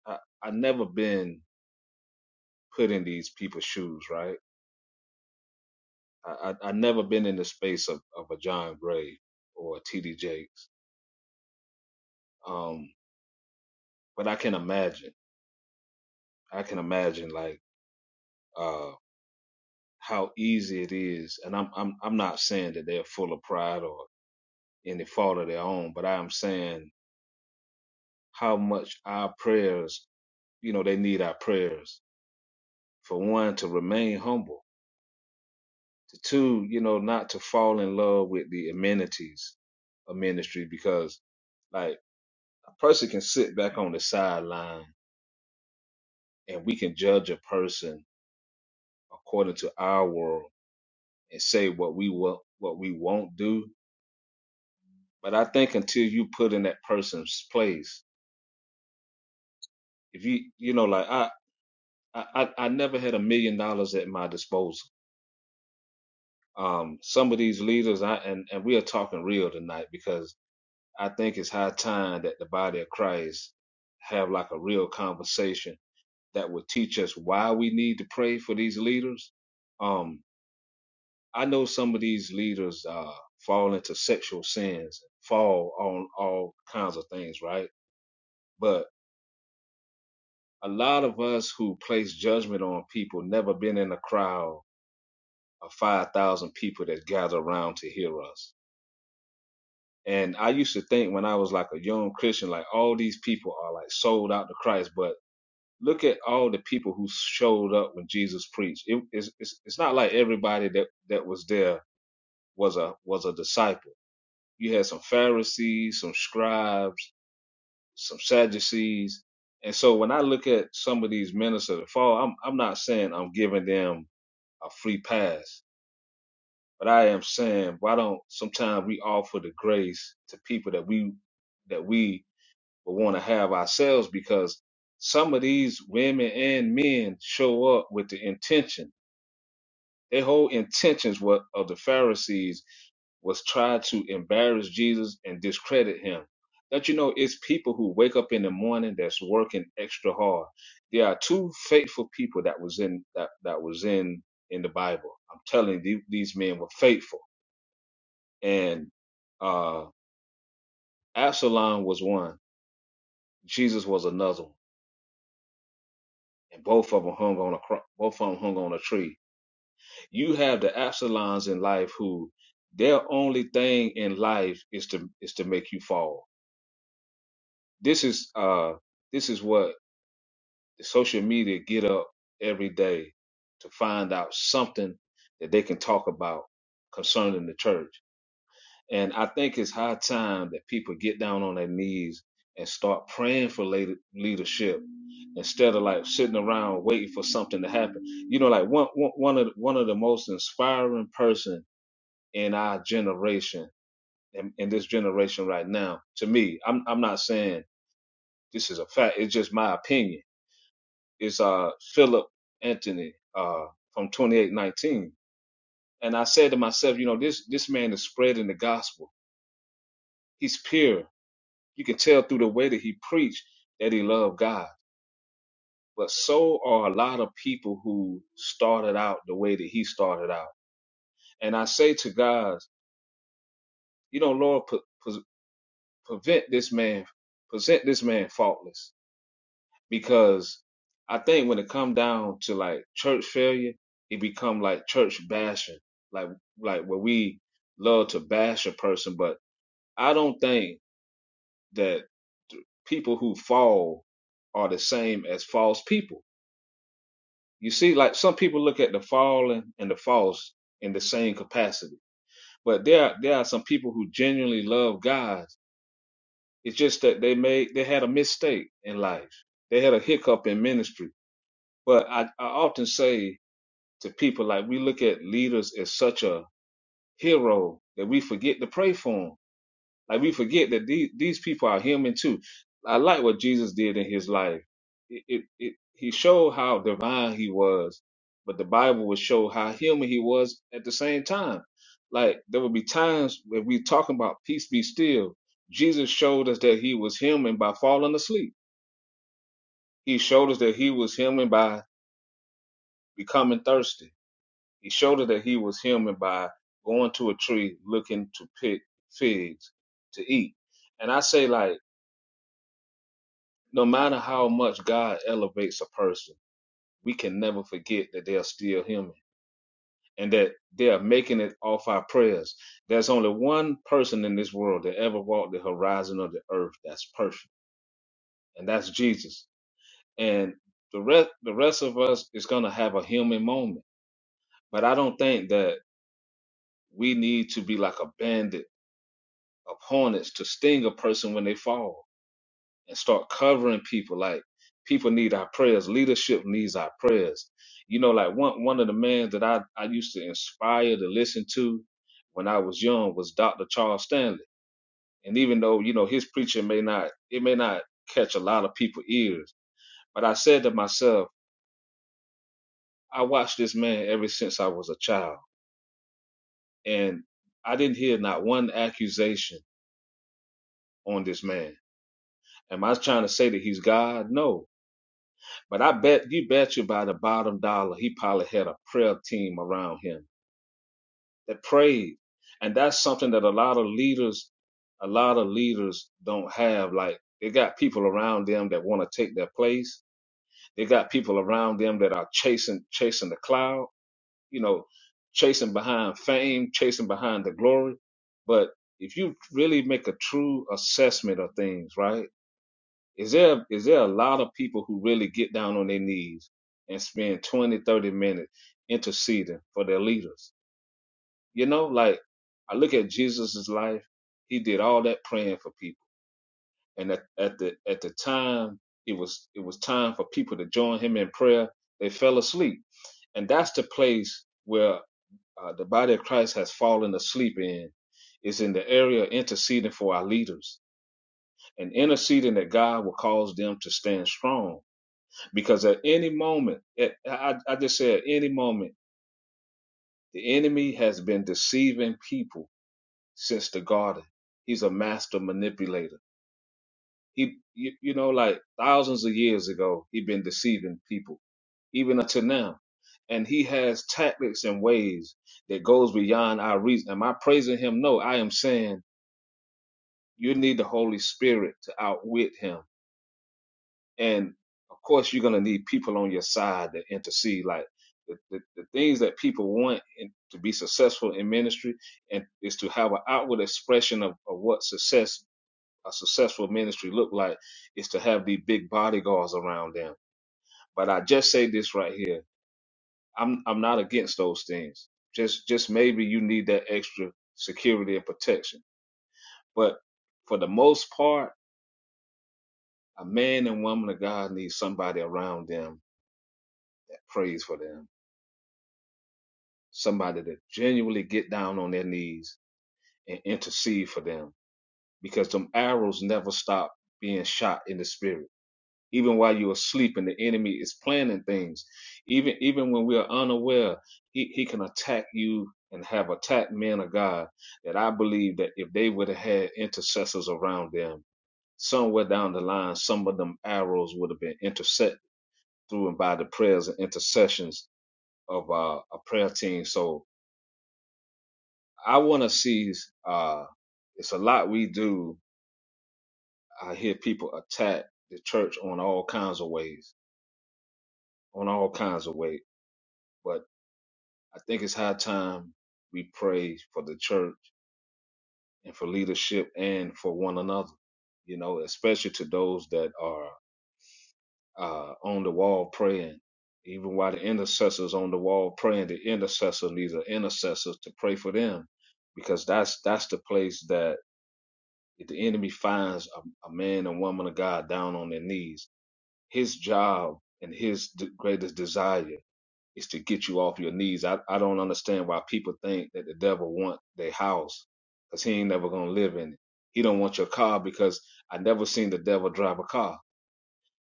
[SPEAKER 9] I I never been put in these people's shoes, right? I I, I never been in the space of, of a John Gray or a T D Jakes. Um, but I can imagine. I can imagine like uh how easy it is, and I'm I'm I'm not saying that they're full of pride or any fault of their own, but I am saying how much our prayers, you know, they need our prayers for one to remain humble to two, you know, not to fall in love with the amenities of ministry because like a person can sit back on the sideline and we can judge a person according to our world and say what we will what we won't do. But I think until you put in that person's place, if you you know, like I I, I I never had a million dollars at my disposal. Um, some of these leaders, I and, and we are talking real tonight because I think it's high time that the body of Christ have like a real conversation that would teach us why we need to pray for these leaders. Um, I know some of these leaders uh, fall into sexual sins, fall on all kinds of things, right? But a lot of us who place judgment on people never been in a crowd of 5,000 people that gather around to hear us. And I used to think when I was like a young Christian, like all these people are like sold out to Christ, but look at all the people who showed up when Jesus preached. It, it's, it's it's not like everybody that that was there was a was a disciple. You had some Pharisees, some scribes, some Sadducees, and so when I look at some of these ministers that fall, I'm I'm not saying I'm giving them a free pass, but I am saying why don't sometimes we offer the grace to people that we that we but want to have ourselves because some of these women and men show up with the intention. Their whole intentions were of the Pharisees was try to embarrass Jesus and discredit him. Don't you know it's people who wake up in the morning that's working extra hard. There are two faithful people that was in that, that was in in the Bible. I'm telling you, the- these men were faithful, and uh, Absalom was one. Jesus was another one and both of them hung on a cro- both of them hung on a tree. You have the Absalons in life who their only thing in life is to is to make you fall. This is uh this is what the social media get up every day to find out something that they can talk about concerning the church. And I think it's high time that people get down on their knees and start praying for late- leadership instead of like sitting around waiting for something to happen. You know, like one one one of the, one of the most inspiring person in our generation, in, in this generation right now, to me, I'm I'm not saying this is a fact. It's just my opinion. It's uh Philip Anthony uh from 2819. And I said to myself, you know, this this man is spreading the gospel. He's pure You can tell through the way that he preached that he loved God. But so are a lot of people who started out the way that he started out. And I say to God, you know, Lord, pre- pre- prevent this man, present this man faultless. Because I think when it come down to like church failure, it become like church bashing, like like where we love to bash a person. But I don't think that th- people who fall are the same as false people You see, like some people look at the fallen and the false in the same capacity, but there are, there are some people who genuinely love God. It's just that they made they had a mistake in life. They had a hiccup in ministry. But I, I often say to people like we look at leaders as such a hero that we forget to pray for them. Like we forget that these these people are human too. I like what Jesus did in his life. It, it, it he showed how divine he was, but the Bible will show how human he was at the same time. Like there will be times when we talking about peace be still. Jesus showed us that he was human by falling asleep. He showed us that he was human by becoming thirsty. He showed us that he was human by going to a tree looking to pick figs to eat. And I say like No matter how much God elevates a person, we can never forget that they are still human and that they are making it off our prayers. There's only one person in this world that ever walked the horizon of the earth that's perfect, and that's Jesus. And the rest the rest of us is gonna have a human moment. But I don't think that we need to be like a bandit of hornets to sting a person when they fall and start covering people. Like people need our prayers. Leadership needs our prayers. You know, like one one of the men that I, I used to inspire to listen to when I was young was Dr. Charles Stanley. And even though, you know, his preaching may not it may not catch a lot of people's ears. But I said to myself, I watched this man ever since I was a child. And I didn't hear not one accusation on this man. Am I trying to say that he's God? No But I bet you bet you by the bottom dollar, he probably had a prayer team around him that prayed. And that's something that a lot of leaders, a lot of leaders don't have. Like they got people around them that want to take their place. They got people around them that are chasing, chasing the cloud, you know, chasing behind fame, chasing behind the glory. But if you really make a true assessment of things, right? Is there is there a lot of people who really get down on their knees and spend 20 30 minutes interceding for their leaders? You know, like I look at Jesus' life, he did all that praying for people. And at, at the at the time it was it was time for people to join him in prayer, they fell asleep. And that's the place where uh, the body of Christ has fallen asleep in, is in the area of interceding for our leaders and interceding that God will cause them to stand strong because at any moment, at, I, I just said at any moment, the enemy has been deceiving people since the garden. He's a master manipulator. He, you, you know, like thousands of years ago, he been deceiving people, even until now. And he has tactics and ways that goes beyond our reason. Am I praising him? No, I am saying you need the Holy Spirit to outwit him And of course, you're going to need people on your side that intercede. Like the, the, the things that people want in, to be successful in ministry and is to have an outward expression of, of what success a successful ministry look like is to have the big bodyguards around them. But I just say this right here. I'm I'm not against those things. Just just maybe you need that extra security and protection. But for the most part, a man and woman of God needs somebody around them that prays for them somebody to genuinely get down on their knees and intercede for them because them arrows never stop being shot in the spirit even while you are sleeping the enemy is planning things even even when we are unaware he, he can attack you and have attacked men of god that i believe that if they would have had intercessors around them somewhere down the line some of them arrows would have been intercepted through and by the prayers and intercessions of uh, a prayer team so I want to see. Uh, it's a lot we do. I hear people attack the church on all kinds of ways, on all kinds of ways. But I think it's high time we pray for the church and for leadership and for one another. You know, especially to those that are uh, on the wall praying. Even while the intercessors on the wall praying, the intercessor needs an intercessor to pray for them, because that's that's the place that if the enemy finds a, a man and woman of God down on their knees, his job and his d- greatest desire is to get you off your knees. I, I don't understand why people think that the devil want their house because he ain't never gonna live in it. He don't want your car because I never seen the devil drive a car.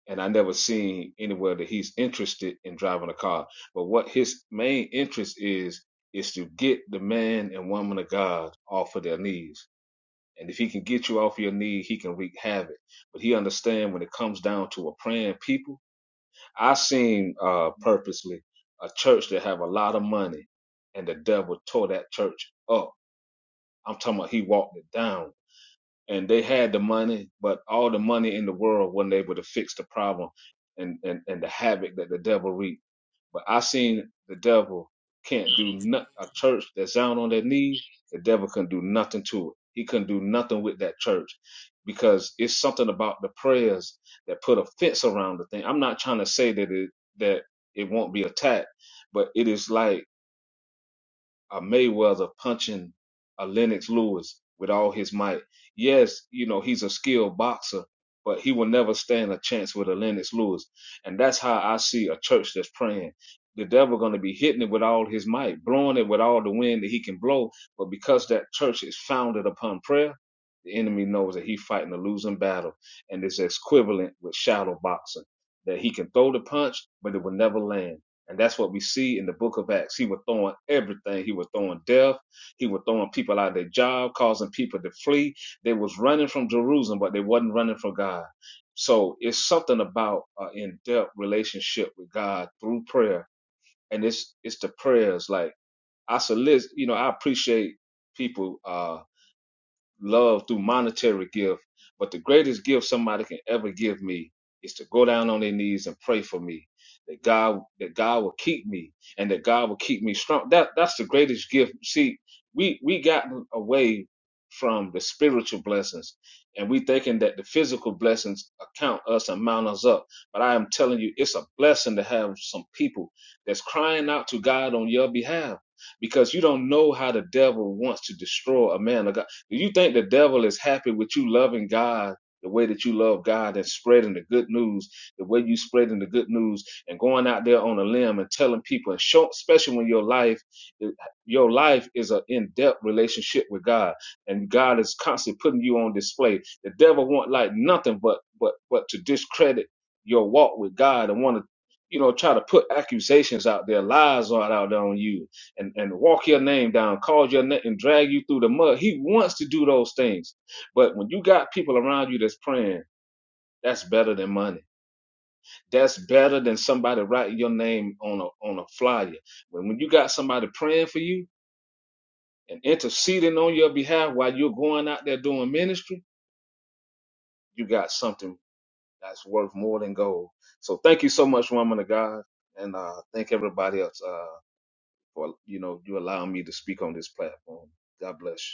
[SPEAKER 9] And I never seen anywhere that he's interested in driving a car. But what his main interest is, is to get the man and woman of God off of their knees and if he can get you off your knee, he can wreak havoc. But he understand when it comes down to a praying people. I seen uh, purposely a church that have a lot of money, and the devil tore that church up. I'm talking about he walked it down and they had the money, but all the money in the world wasn't able to fix the problem and, and, and the havoc that the devil wreaked. But I seen the devil can't
[SPEAKER 10] on
[SPEAKER 9] do not, a church that's down on their knees. The devil couldn't do nothing to it. He couldn't do nothing with that church because it's something about the prayers that put a fence around the thing. I'm not trying to say that it, that it won't be attacked, but it is like a Mayweather punching a Lennox Lewis with all his might. Yes, you know, he's a skilled boxer, but he will never stand a chance with a Lennox Lewis. And that's how I see a church that's praying. The devil gonna be hitting it with all his might, blowing it with all the wind that he can blow. But because that church is founded upon prayer, the enemy knows that he's fighting a losing battle. And it's equivalent with shadow boxing. That he can throw the punch, but it will never land and that's what we see in the book of Acts. He was throwing everything. He was throwing death. He was throwing people out of their job, causing people to flee. They was running from Jerusalem, but they wasn't running from God. So it's something about an in-depth relationship with God through prayer. And it's it's the prayers. Like I solicit, you know, I appreciate people. uh love through monetary gift. But the greatest gift somebody can ever give me is to go down on their knees and pray for me. That God that God will keep me and that God will keep me strong. That that's the greatest gift. See, we we gotten away from the spiritual blessings and we thinking that the physical blessings account us and mount us up. But I am telling you, it's a blessing to have some people that's crying out to God on your behalf because you don't know how the devil wants to destroy a man of God do you think the devil is happy with you loving God the way that you love God and spreading the good news, the way you spreading the good news and going out there on a limb and telling people, and show, especially when your life, eh, your life is an in-depth relationship with God, and God is constantly putting you on display. The devil want like nothing but but but to discredit your walk with God and want to, you know, try to put accusations out there, lies are out there on you and, and walk your name down, call your name and drag you through the mud. He wants to do those things. But when you got people around you that's praying, that's better than money. That's better than somebody writing your name on a on a flyer. When when you got somebody praying for you and interceding on your behalf while you're going out there doing ministry, you got something that's worth more than gold. So thank you so much, woman of God, and uh, thank everybody else uh, for you know you allowing me to speak on this platform. God bless you.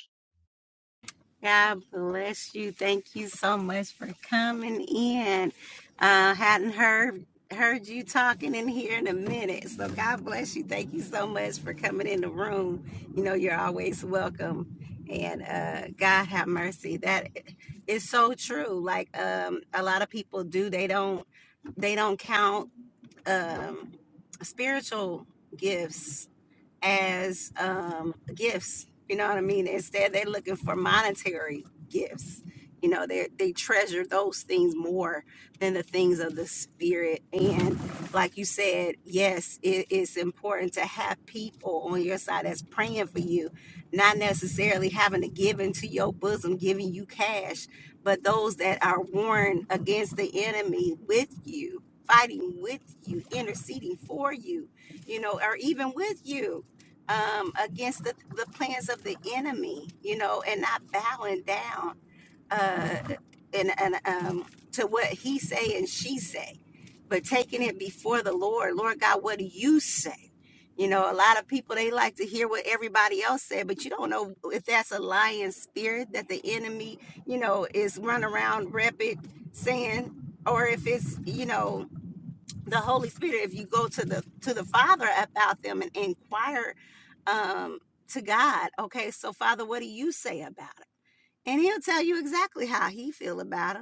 [SPEAKER 1] God bless you. Thank you so much for coming in. Uh, hadn't heard heard you talking in here in a minute. So God bless you. Thank you so much for coming in the room. You know you're always welcome. And uh, God have mercy. That is so true. Like um, a lot of people do. They don't they don't count um, spiritual gifts as um, gifts. You know what I mean? Instead, they're looking for monetary gifts. You know, they they treasure those things more than the things of the spirit. And like you said, yes, it is important to have people on your side that's praying for you, not necessarily having to give into your bosom, giving you cash, but those that are warned against the enemy with you, fighting with you, interceding for you, you know, or even with you um, against the, the plans of the enemy, you know, and not bowing down uh, and, and um, to what he say and she say, but taking it before the Lord. Lord God, what do you say? You know, a lot of people they like to hear what everybody else said, but you don't know if that's a lying spirit that the enemy, you know, is run around rapid saying, or if it's you know the Holy Spirit, if you go to the to the Father about them and inquire um, to God, okay, so Father, what do you say about it? And He'll tell you exactly how He feel about them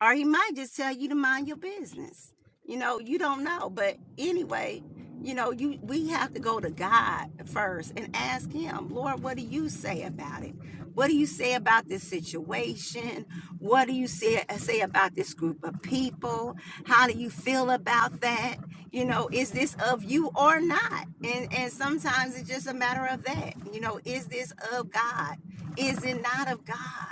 [SPEAKER 1] or he might just tell you to mind your business. You know, you don't know. But anyway, you know, you we have to go to God first and ask him, Lord, what do you say about it? What do you say about this situation? What do you say uh, say about this group of people? How do you feel about that? You know, is this of you or not? And and sometimes it's just a matter of that. You know, is this of God? Is it not of God?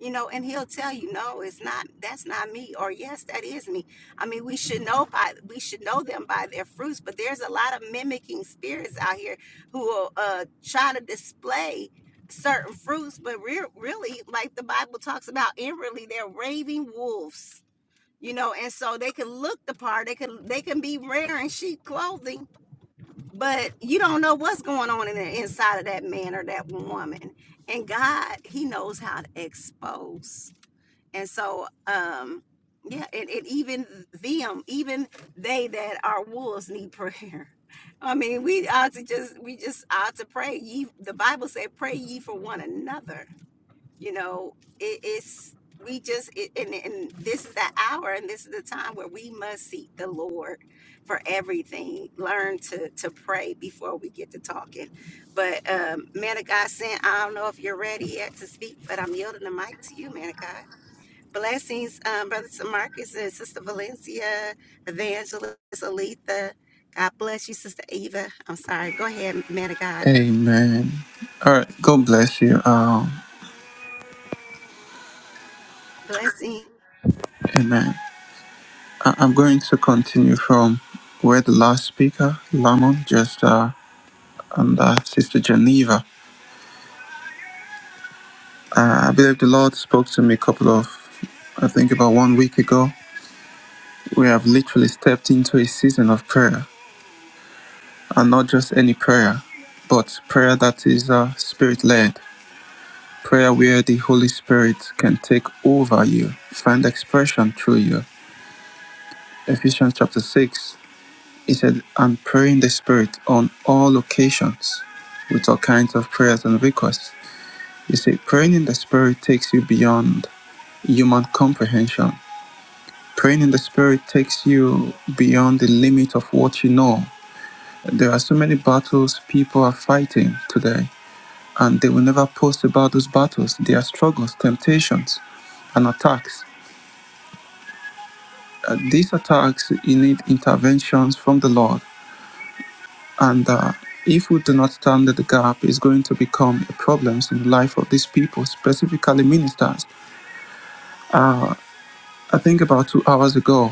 [SPEAKER 1] you know, and he'll tell you, no, it's not, that's not me, or yes, that is me. I mean, we should know by, we should know them by their fruits, but there's a lot of mimicking spirits out here who will uh, try to display certain fruits, but re- really, like the Bible talks about inwardly, they're raving wolves. You know, and so they can look the part. They can they can be wearing sheep clothing, but you don't know what's going on in the inside of that man or that woman. And God, He knows how to expose. And so, um, yeah, and, and even them, even they that are wolves need prayer. I mean, we ought to just we just ought to pray. Ye, the Bible said, pray ye for one another. You know, it, it's we just it, and, and this is the hour and this is the time where we must seek the Lord for everything. Learn to to pray before we get to talking. But um, man of God, sent I don't know if you're ready yet to speak, but I'm yielding the mic to you, man of God. Blessings, um, Brother Marcus and Sister Valencia, Evangelist Aletha. God bless you, Sister Eva. I'm sorry. Go ahead, man of God.
[SPEAKER 8] Amen. All right. God bless you. Um,
[SPEAKER 1] Blessing.
[SPEAKER 8] amen. I- I'm going to continue from where the last speaker, Lamon, just uh, and uh, Sister Geneva. Uh, I believe the Lord spoke to me a couple of, I think about one week ago. We have literally stepped into a season of prayer, and not just any prayer, but prayer that is uh, spirit led. Prayer where the Holy Spirit can take over you, find expression through you. Ephesians chapter 6, he said, and pray in the Spirit on all occasions with all kinds of prayers and requests. You see, praying in the Spirit takes you beyond human comprehension. Praying in the Spirit takes you beyond the limit of what you know. There are so many battles people are fighting today, and they will never post about those battles, their struggles, temptations, and attacks. Uh, these attacks you need interventions from the Lord, and uh, if we do not stand at the gap, it's going to become a problem in the life of these people, specifically ministers. I think about two hours ago,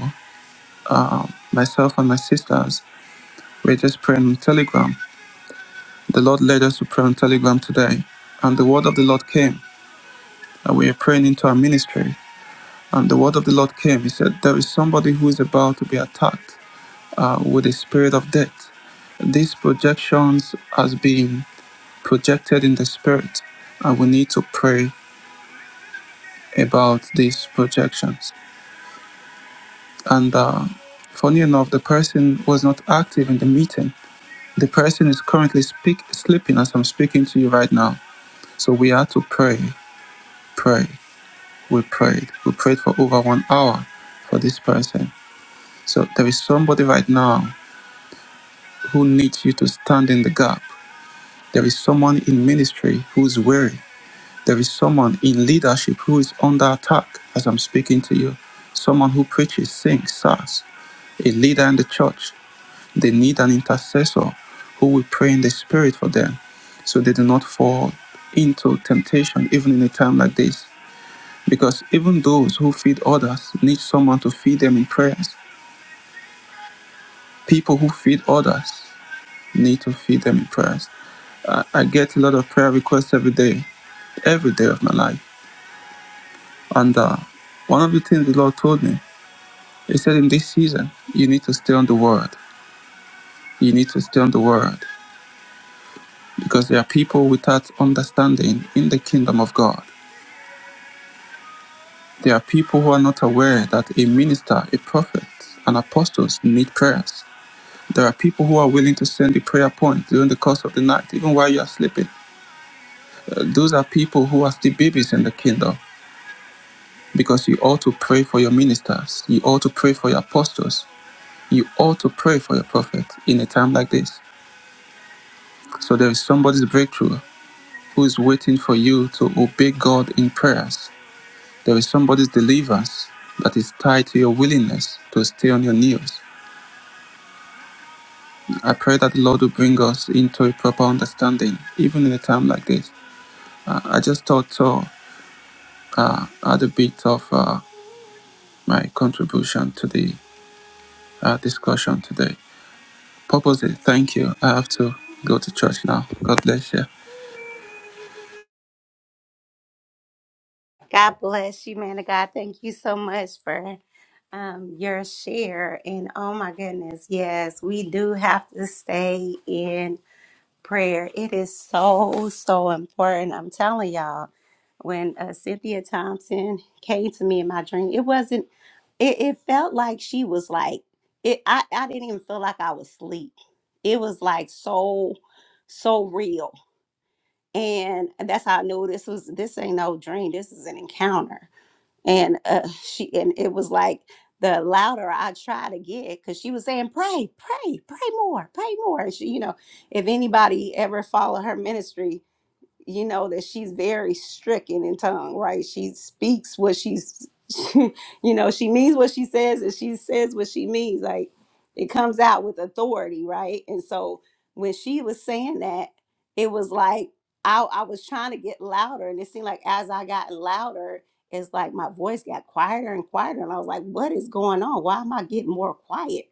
[SPEAKER 8] uh, myself and my sisters were just praying on Telegram. The Lord led us to pray on Telegram today, and the word of the Lord came, and we are praying into our ministry. And the word of the Lord came. He said, There is somebody who is about to be attacked uh, with a spirit of death these projections has been projected in the spirit, and we need to pray about these projections. And uh, funny enough, the person was not active in the meeting. The person is currently speak, sleeping as I'm speaking to you right now. So we had to pray, pray. We prayed. We prayed for over one hour for this person. So there is somebody right now who needs you to stand in the gap. There is someone in ministry who's weary There is someone in leadership who is under attack as I'm speaking to you. Someone who preaches, sings, serves, a leader in the church. They need an intercessor who will pray in the spirit for them so they do not fall into temptation even in a time like this. Because even those who feed others need someone to feed them in prayers. People who feed others need to feed them in prayers. I, I get a lot of prayer requests every day, every day of my life. And uh, one of the things the Lord told me He said, in this season, you need to stay on the word. You need to stay on the word because there are people without understanding in the kingdom of God. There are people who are not aware that a minister, a prophet, and apostles need prayers. There are people who are willing to send the prayer point during the course of the night, even while you are sleeping. Uh, those are people who are still babies in the kingdom because you ought to pray for your ministers. You ought to pray for your apostles. You ought to pray for your prophet in a time like this. So there is somebody's breakthrough. who is waiting for you to obey God in prayers. There is somebody's deliverance that is tied to your willingness to stay on your knees. I pray that the Lord will bring us into a proper understanding, even in a time like this. Uh, I just thought to uh, add a bit of uh, my contribution to the uh, discussion today. Purposely, thank you. I have to go to church now. God bless you.
[SPEAKER 1] God bless you, man of God. Thank you so much for um, your share. And oh my goodness, yes, we do have to stay in. prayer. It is so, so important. I'm telling y'all, when uh, Cynthia Thompson came to me in my dream, it wasn't, it, it felt like she was like, it. I, I didn't even feel like I was asleep. It was like so, so real. And that's how I knew this was, this ain't no dream. This is an encounter and uh, she and it was like the louder I try to get, because she was saying, "Pray, pray, pray more, pray more." And she, you know, if anybody ever followed her ministry, you know that she's very stricken in tongue right she speaks what she's she, you know she means what she says and she says what she means like it comes out with authority right and so when she was saying that it was like i, I was trying to get louder and it seemed like as i got louder it's like my voice got quieter and quieter and i was like what is going on why am i getting more quiet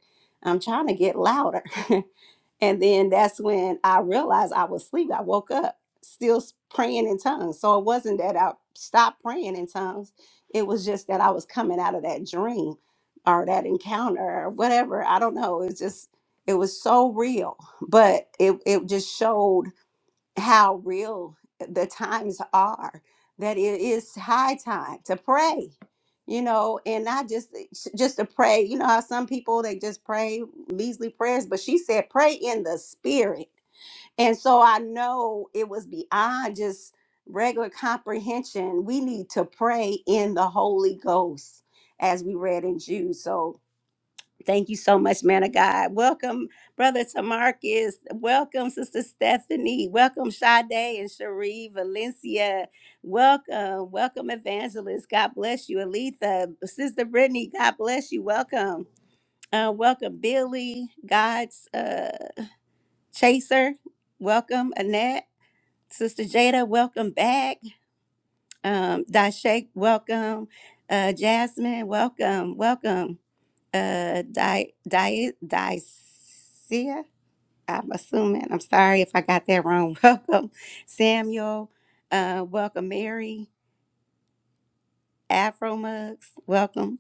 [SPEAKER 1] i'm trying to get louder And then that's when I realized I was asleep. I woke up still s- praying in tongues. So it wasn't that I stopped praying in tongues, it was just that I was coming out of that dream or that encounter or whatever. I don't know. It's just, it was so real, but it, it just showed how real the times are that it is high time to pray you know and not just just to pray you know how some people they just pray measly prayers but she said pray in the spirit and so i know it was beyond just regular comprehension we need to pray in the holy ghost as we read in jude so Thank you so much, man of God. Welcome, Brother Tamarcus. Welcome, Sister Stephanie. Welcome, Sade and Cherie Valencia. Welcome, welcome, Evangelist. God bless you, Aletha. Sister Brittany, God bless you. Welcome. Uh, welcome, Billy, God's uh, Chaser. Welcome, Annette. Sister Jada, welcome back. Um, Dashaik, welcome. Uh, Jasmine, welcome, welcome uh Di Di Dicia. I'm assuming. I'm sorry if I got that wrong. Welcome, Samuel. Uh, welcome, Mary. Afro Mugs. Welcome.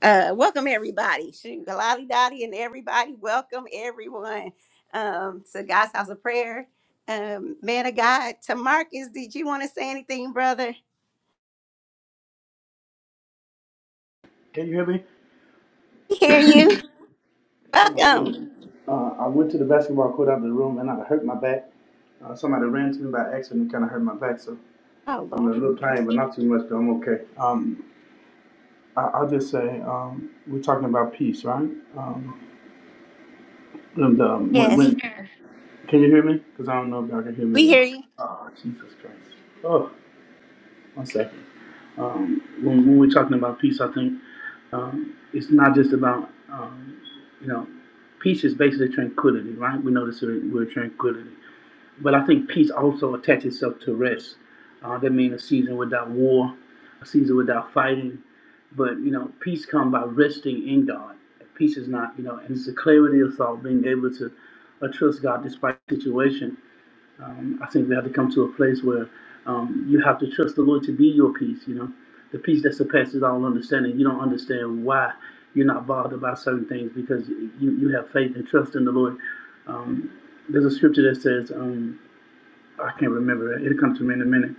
[SPEAKER 1] Uh, welcome everybody. Shoot, Lolly Dottie and everybody. Welcome everyone. Um, to God's house of prayer. Um, man of God, to Marcus, did you want to say anything, brother?
[SPEAKER 11] Can you hear me?
[SPEAKER 1] We hear you.
[SPEAKER 11] Oh my
[SPEAKER 1] Welcome.
[SPEAKER 11] goodness. Uh, I went to the basketball court out of the room and I hurt my back. Uh, somebody ran to me by accident and kind of hurt my back. So
[SPEAKER 1] Oh
[SPEAKER 11] I'm in
[SPEAKER 1] Lord.
[SPEAKER 11] a little pain, but not too much, but I'm okay. Um, I, I'll just say um, we're talking about peace, right? Um, and um, when,
[SPEAKER 1] Yes,
[SPEAKER 11] when, can you hear me? Because I don't know if y'all can hear me.
[SPEAKER 1] we
[SPEAKER 11] Y'all.
[SPEAKER 1] hear you.
[SPEAKER 11] Oh, Jesus Christ. Oh, one second. Um, when, when we're talking about peace, I think um, it's not just about, um, you know, peace is basically tranquility, right? We know this we're, we're tranquility. But I think peace also attaches itself to rest. Uh, that means a season without war, a season without fighting. But you know, peace comes by resting in God. Peace is not, you know, and it's the clarity of thought, being able to uh, trust God despite the situation. Um, I think we have to come to a place where um, you have to trust the Lord to be your peace. You know, the peace that surpasses all understanding. You don't understand why you're not bothered about certain things because you you have faith and trust in the Lord. Um, there's a scripture that says. Um, I can't remember it. It'll come to me in a minute.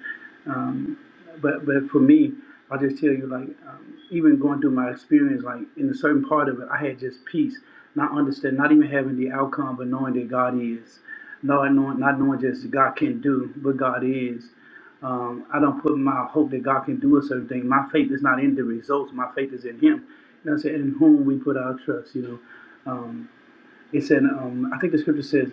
[SPEAKER 11] Um, but but for me, I'll just tell you like um, even going through my experience, like in a certain part of it, I had just peace, not understand, not even having the outcome, but knowing that God is, not knowing, not knowing just God can do, but God is. Um, I don't put my hope that God can do a certain thing. My faith is not in the results. My faith is in Him. You know what I'm saying? In whom we put our trust. You know. Um, he said, um, I think the scripture says,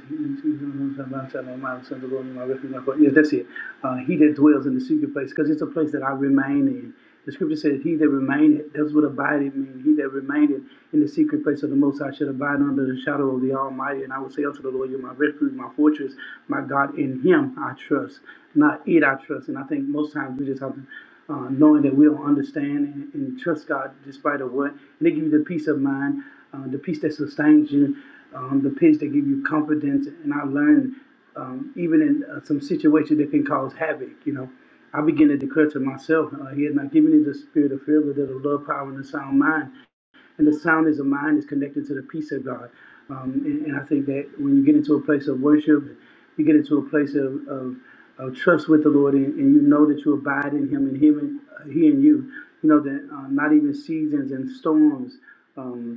[SPEAKER 11] yes, that's it. Uh, he that dwells in the secret place, because it's a place that I remain in. The scripture says, He that remaineth, that's what abided means. He that remaineth in the secret place of the Most High should abide under the shadow of the Almighty. And I will say unto the Lord, You're my refuge, my fortress, my God. In Him I trust, not it I trust. And I think most times we just have to uh, knowing that we don't understand and, and trust God despite of what. And they give you the peace of mind, uh, the peace that sustains you um, the pinch, they give you confidence. And I learned, um, even in uh, some situations that can cause havoc, you know, I began to declare to myself, uh, He had not given me the spirit of fear, but that of love, power, and a sound mind. And the sound is a mind is connected to the peace of God. Um, and, and I think that when you get into a place of worship, you get into a place of, of, of trust with the Lord, and, and you know that you abide in Him and Him and uh, He and you. You know that uh, not even seasons and storms. Um,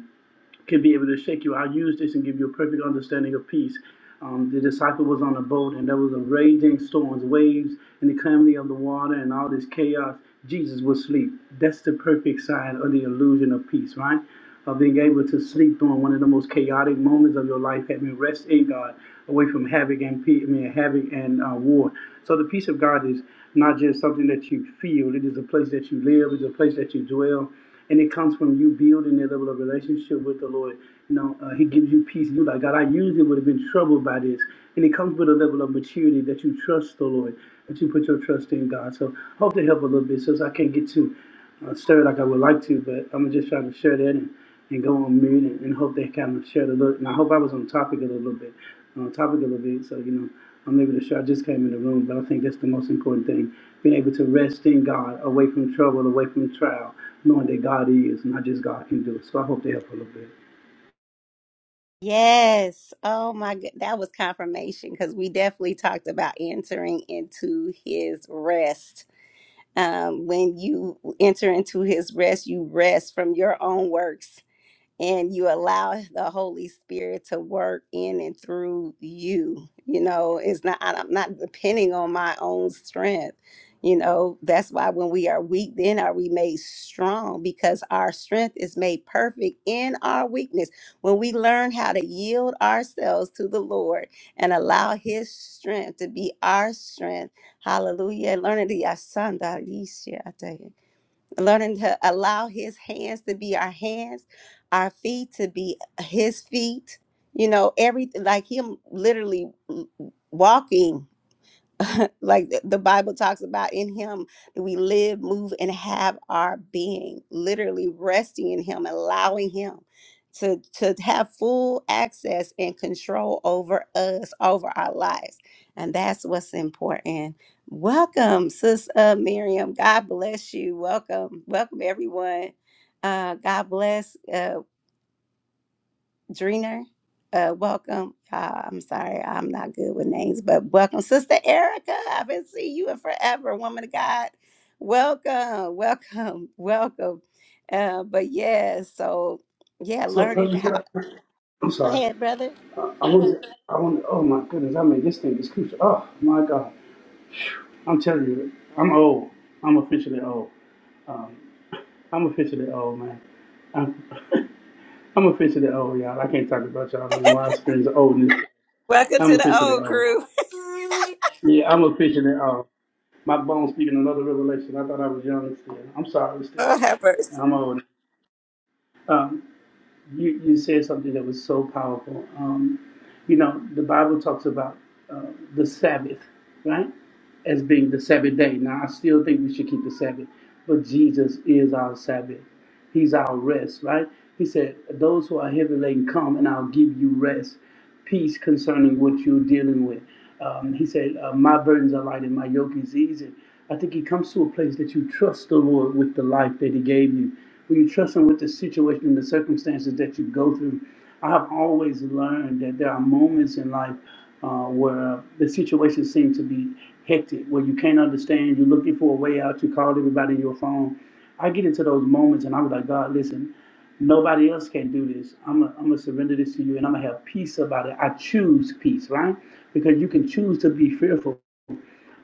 [SPEAKER 11] can be able to shake you. I'll use this and give you a perfect understanding of peace. Um, the disciple was on a boat and there was a raging storms, waves, and the calamity of the water and all this chaos. Jesus was asleep. That's the perfect sign of the illusion of peace, right? Of being able to sleep during one of the most chaotic moments of your life, having rest in God, away from havoc and pe- I mean, havoc and uh, war. So the peace of God is not just something that you feel; it is a place that you live, it's a place that you dwell. And it comes from you building that level of relationship with the Lord. You know, uh, He gives you peace. You're like, God, I usually would have been troubled by this. And it comes with a level of maturity that you trust the Lord, that you put your trust in God. So I hope to help a little bit. Since I can't get to uh, stir like I would like to, but I'm just trying to share that and, and go on mute and, and hope they kind of shared a little. And I hope I was on topic a little bit, on topic a little bit. So, you know, I'm able to share. I just came in the room, but I think that's the most important thing being able to rest in God, away from trouble, away from trial knowing that God is, not just God can do it. So I hope they help a little bit.
[SPEAKER 1] Yes. Oh my good. That was confirmation because we definitely talked about entering into his rest. Um, when you enter into his rest, you rest from your own works and you allow the Holy Spirit to work in and through you. You know, it's not, I- I'm not depending on my own strength. You know, that's why when we are weak, then are we made strong because our strength is made perfect in our weakness. When we learn how to yield ourselves to the Lord and allow His strength to be our strength, hallelujah. Learn it, learning to allow his hands to be our hands, our feet to be his feet, you know, everything like him literally walking like th- the bible talks about in him that we live move and have our being literally resting in him allowing him to to have full access and control over us over our lives and that's what's important welcome sis uh, miriam god bless you welcome welcome everyone uh, god bless uh, Dreener. Uh, welcome. Uh, I'm sorry, I'm not good with names, but welcome, Sister Erica. I haven't seen you in forever, woman of God. Welcome, welcome, welcome. Uh, but yeah, so yeah,
[SPEAKER 11] So,
[SPEAKER 1] learning
[SPEAKER 11] President,
[SPEAKER 1] how.
[SPEAKER 11] can I- I'm
[SPEAKER 1] Go
[SPEAKER 11] sorry.
[SPEAKER 1] ahead, brother.
[SPEAKER 11] I was. I want. Oh my goodness! I mean, this thing is crucial. Oh my God! I'm telling you, I'm old. I'm officially old. Um, I'm officially old, man. I'm, I'm officially old, y'all. I can't talk about y'all no more. I experience oldness. I'm officially old. Yeah, I'm officially old. My bones speaking another revelation. I thought I was young still. I'm sorry still. I'm old. Um, you, you said something that was so powerful. Um, you know, the Bible talks about uh, the Sabbath, right? As being the Sabbath day. Now, I still think we should keep the Sabbath, but Jesus is our Sabbath. He's our rest, right? He said, Those who are heavy laden, come and I'll give you rest peace concerning what you're dealing with. Um, he said, uh, My burdens are light and my yoke is easy. I think he comes to a place that you trust the Lord with the life that he gave you. When you trust him with the situation and the circumstances that you go through, I have always learned that there are moments in life uh, where the situation seems to be hectic, where you can't understand, you're looking for a way out, you called everybody on your phone. I get into those moments and I'm like, God, listen. Nobody else can do this. I'm going to surrender this to you and I'm going to have peace about it. I choose peace, right? Because you can choose to be fearful.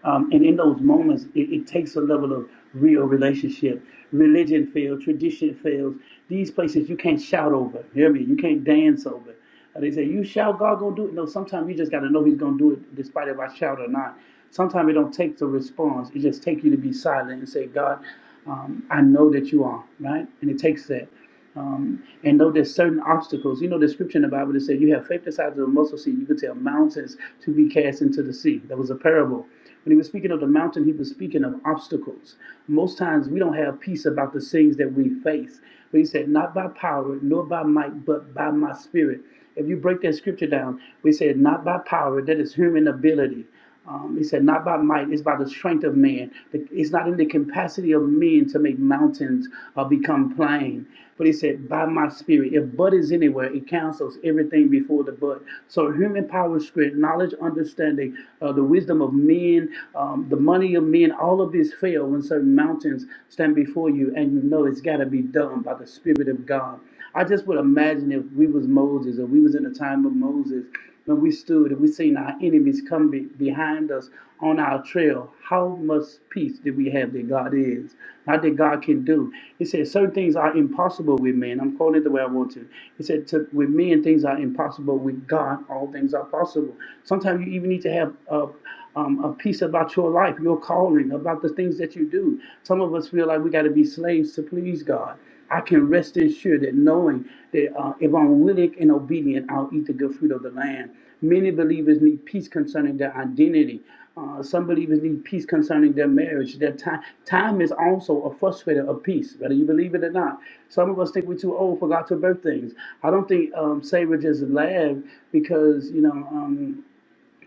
[SPEAKER 11] Um, and in those moments, it, it takes a level of real relationship. Religion fails, tradition fails. These places you can't shout over. Hear me? You can't dance over. Uh, They say, You shout, God gonna do it. No, sometimes you just gotta know He's gonna do it despite if I shout or not. Sometimes it don't take the response, it just takes you to be silent and say, God, um, I know that you are, right? And it takes that. Um, and know there's certain obstacles. You know the scripture in the Bible that said you have faith the size of a mustard seed. You could tell mountains to be cast into the sea. That was a parable. When he was speaking of the mountain, he was speaking of obstacles. Most times we don't have peace about the things that we face. But he said, not by power, nor by might, but by my spirit. If you break that scripture down, we said, not by power, that is human ability. Um, he said, Not by might, it's by the strength of man. It's not in the capacity of men to make mountains uh, become plain. But he said, By my spirit. If but is anywhere, it cancels everything before the but. So human power, strength, knowledge, understanding, uh, the wisdom of men, um, the money of men, all of this fail when certain mountains stand before you and you know it's got to be done by the spirit of God. I just would imagine if we was Moses or we was in the time of Moses when we stood and we seen our enemies come be- behind us on our trail, how much peace did we have that God is, not that God can do. He said certain things are impossible with men. I'm calling it the way I want to. He said to, with men things are impossible. With God, all things are possible. Sometimes you even need to have a, um, a peace about your life, your calling, about the things that you do. Some of us feel like we got to be slaves to please God. I can rest assured that knowing that uh, if I'm willing and obedient, I'll eat the good fruit of the land. Many believers need peace concerning their identity. Uh, some believers need peace concerning their marriage. Their time, time is also a frustrator of peace, whether you believe it or not. Some of us think we're too old for God to birth things. I don't think um, Sarah just laughed because you know. Um,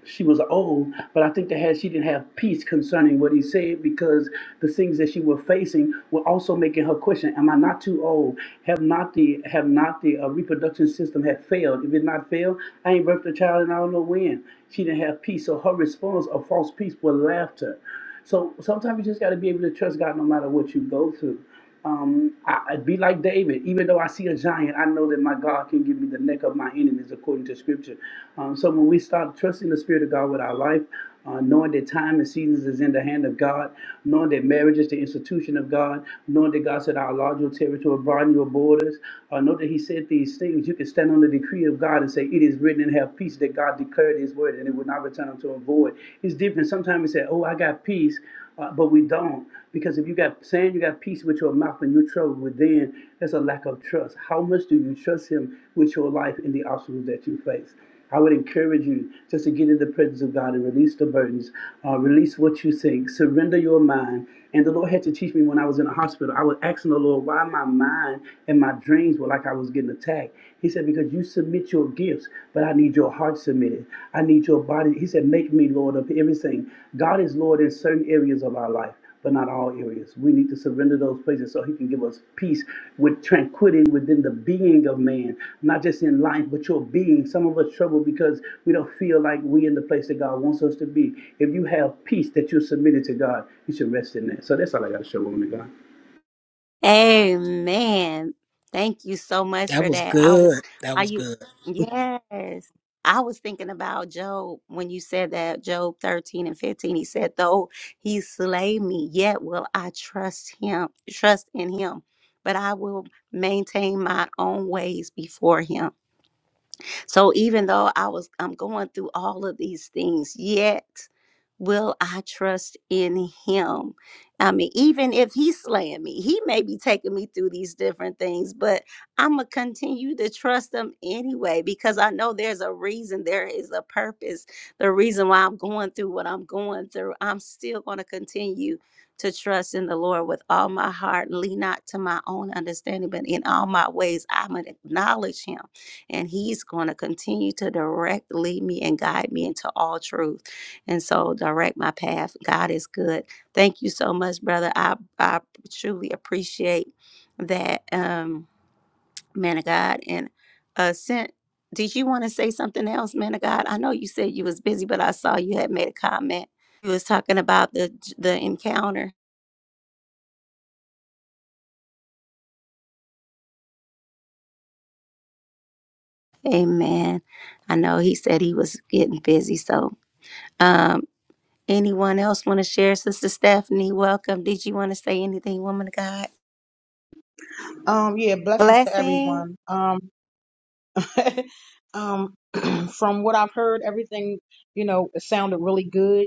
[SPEAKER 11] she was old, but I think that had she didn't have peace concerning what he said because the things that she was facing were also making her question: Am I not too old? Have not the have not the uh, reproduction system had failed? If it not failed, I ain't birthed a child and I don't know when. She didn't have peace, so her response of false peace was laughter. So sometimes you just got to be able to trust God no matter what you go through. Um, I, I be like David. Even though I see a giant, I know that my God can give me the neck of my enemies according to Scripture. Um, so when we start trusting the Spirit of God with our life, uh, knowing that time and seasons is in the hand of God, knowing that marriage is the institution of God, knowing that God said, "I'll enlarge your territory, broaden your borders," uh, know that He said these things. You can stand on the decree of God and say, "It is written," and have peace that God declared His word, and it would not return unto Him void. It's different. Sometimes we say, "Oh, I got peace." Uh, but we don't because if you got saying you got peace with your mouth and you're troubled within, that's a lack of trust. How much do you trust Him with your life and the obstacles that you face? I would encourage you just to get in the presence of God and release the burdens, uh, release what you think, surrender your mind. And the Lord had to teach me when I was in the hospital. I was asking the Lord why my mind and my dreams were like I was getting attacked. He said, Because you submit your gifts, but I need your heart submitted. I need your body. He said, Make me Lord of everything. God is Lord in certain areas of our life. But not all areas. We need to surrender those places so He can give us peace with tranquility within the being of man, not just in life, but your being. Some of us trouble because we don't feel like we in the place that God wants us to be. If you have peace that you're submitted to God, you should rest in that. So that's all I got to show, woman of God.
[SPEAKER 1] Amen. Thank you so much
[SPEAKER 7] That
[SPEAKER 1] for
[SPEAKER 7] was
[SPEAKER 1] that. I was,
[SPEAKER 7] good. That
[SPEAKER 1] are
[SPEAKER 7] was
[SPEAKER 1] you,
[SPEAKER 7] good.
[SPEAKER 1] yes. I was thinking about Job when you said that, Job 13 and 15. He said, Though he slay me, yet will I trust him, trust in him, but I will maintain my own ways before him. So even though I was I'm going through all of these things, yet will I trust in him? I mean, even if he's slaying me, he may be taking me through these different things, but I'm gonna continue to trust him anyway because I know there's a reason, there is a purpose. The reason why I'm going through what I'm going through, I'm still gonna continue to trust in the Lord with all my heart, lean not to my own understanding, but in all my ways, I'm gonna acknowledge him and he's going to continue to direct lead me and guide me into all truth and so direct my path god is good thank you so much brother i i truly appreciate that um man of god and uh sent did you want to say something else man of god i know you said you was busy but i saw you had made a comment you was talking about the the encounter amen i know he said he was getting busy so Um, Anyone else want to share? Sister Stephanie, welcome. Did you want to say anything, woman of God?
[SPEAKER 12] Um, yeah, blessings to
[SPEAKER 1] Blessing.
[SPEAKER 12] everyone. Um, um, from what I've heard, everything, you know, it sounded really good.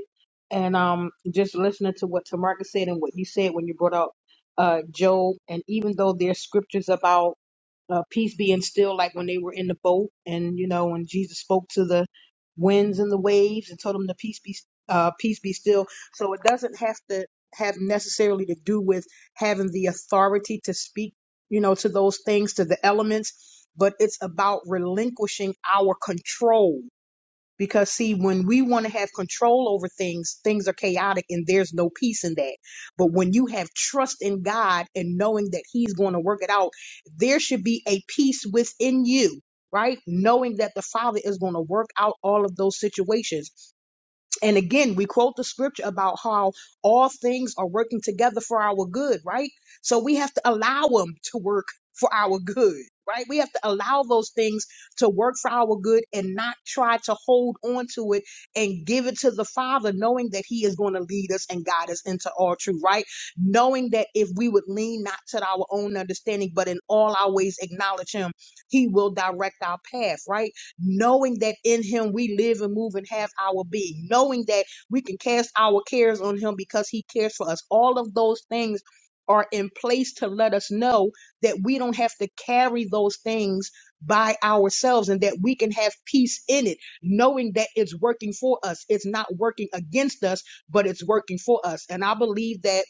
[SPEAKER 12] And um, just listening to what Tamarcus said and what you said when you brought up uh, Job, and even though there's scriptures about uh, peace being still, like when they were in the boat, and you know, when Jesus spoke to the winds and the waves and told them to peace be uh, peace be still. So it doesn't have to have necessarily to do with having the authority to speak, you know, to those things, to the elements, but it's about relinquishing our control because see, when we want to have control over things, things are chaotic and there's no peace in that. But when you have trust in God and knowing that He's going to work it out, there should be a peace within you, right? Knowing that the Father is going to work out all of those situations and again, we quote the scripture about how all things are working together for our good, right? So we have to allow them to work for our good, right? We have to allow those things to work for our good and not try to hold on to it and give it to the Father, knowing that He is going to lead us and guide us into all truth, right? Knowing that if we would lean not to our own understanding, but in all our ways acknowledge Him, He will direct our path, right? knowing that in him we live and move and have our being, knowing that we can cast our cares on him because he cares for us. All of those things are in place to let us know that we don't have to carry those things by ourselves and that we can have peace in it, knowing that it's working for us. It's not working against us, but it's working for us. And I believe that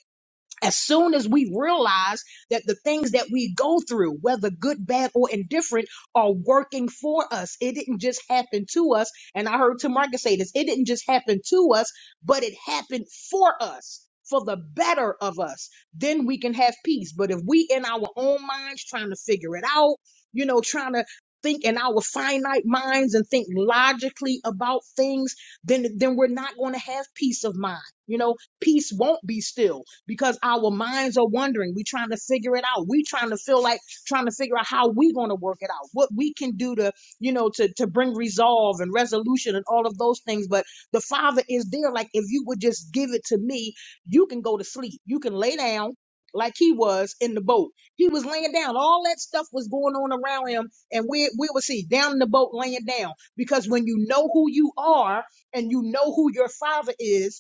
[SPEAKER 12] as soon as we realize that the things that we go through, whether good, bad, or indifferent, are working for us, it didn't just happen to us. And I heard Tim Marcus say this it didn't just happen to us, but it happened for us. For the better of us, then we can have peace. But if we in our own minds trying to figure it out, you know, trying to think in our finite minds and think logically about things, then then we're not going to have peace of mind. You know, peace won't be still because our minds are wondering. We're trying to figure it out. we trying to feel like trying to figure out how we going to work it out, what we can do to, you know, to, to bring resolve and resolution and all of those things. But the Father is there. Like, if you would just give it to me, you can go to sleep. You can lay down like he was in the boat. He was laying down. All that stuff was going on around him. And we we would see down in the boat laying down. Because when you know who you are and you know who your father is,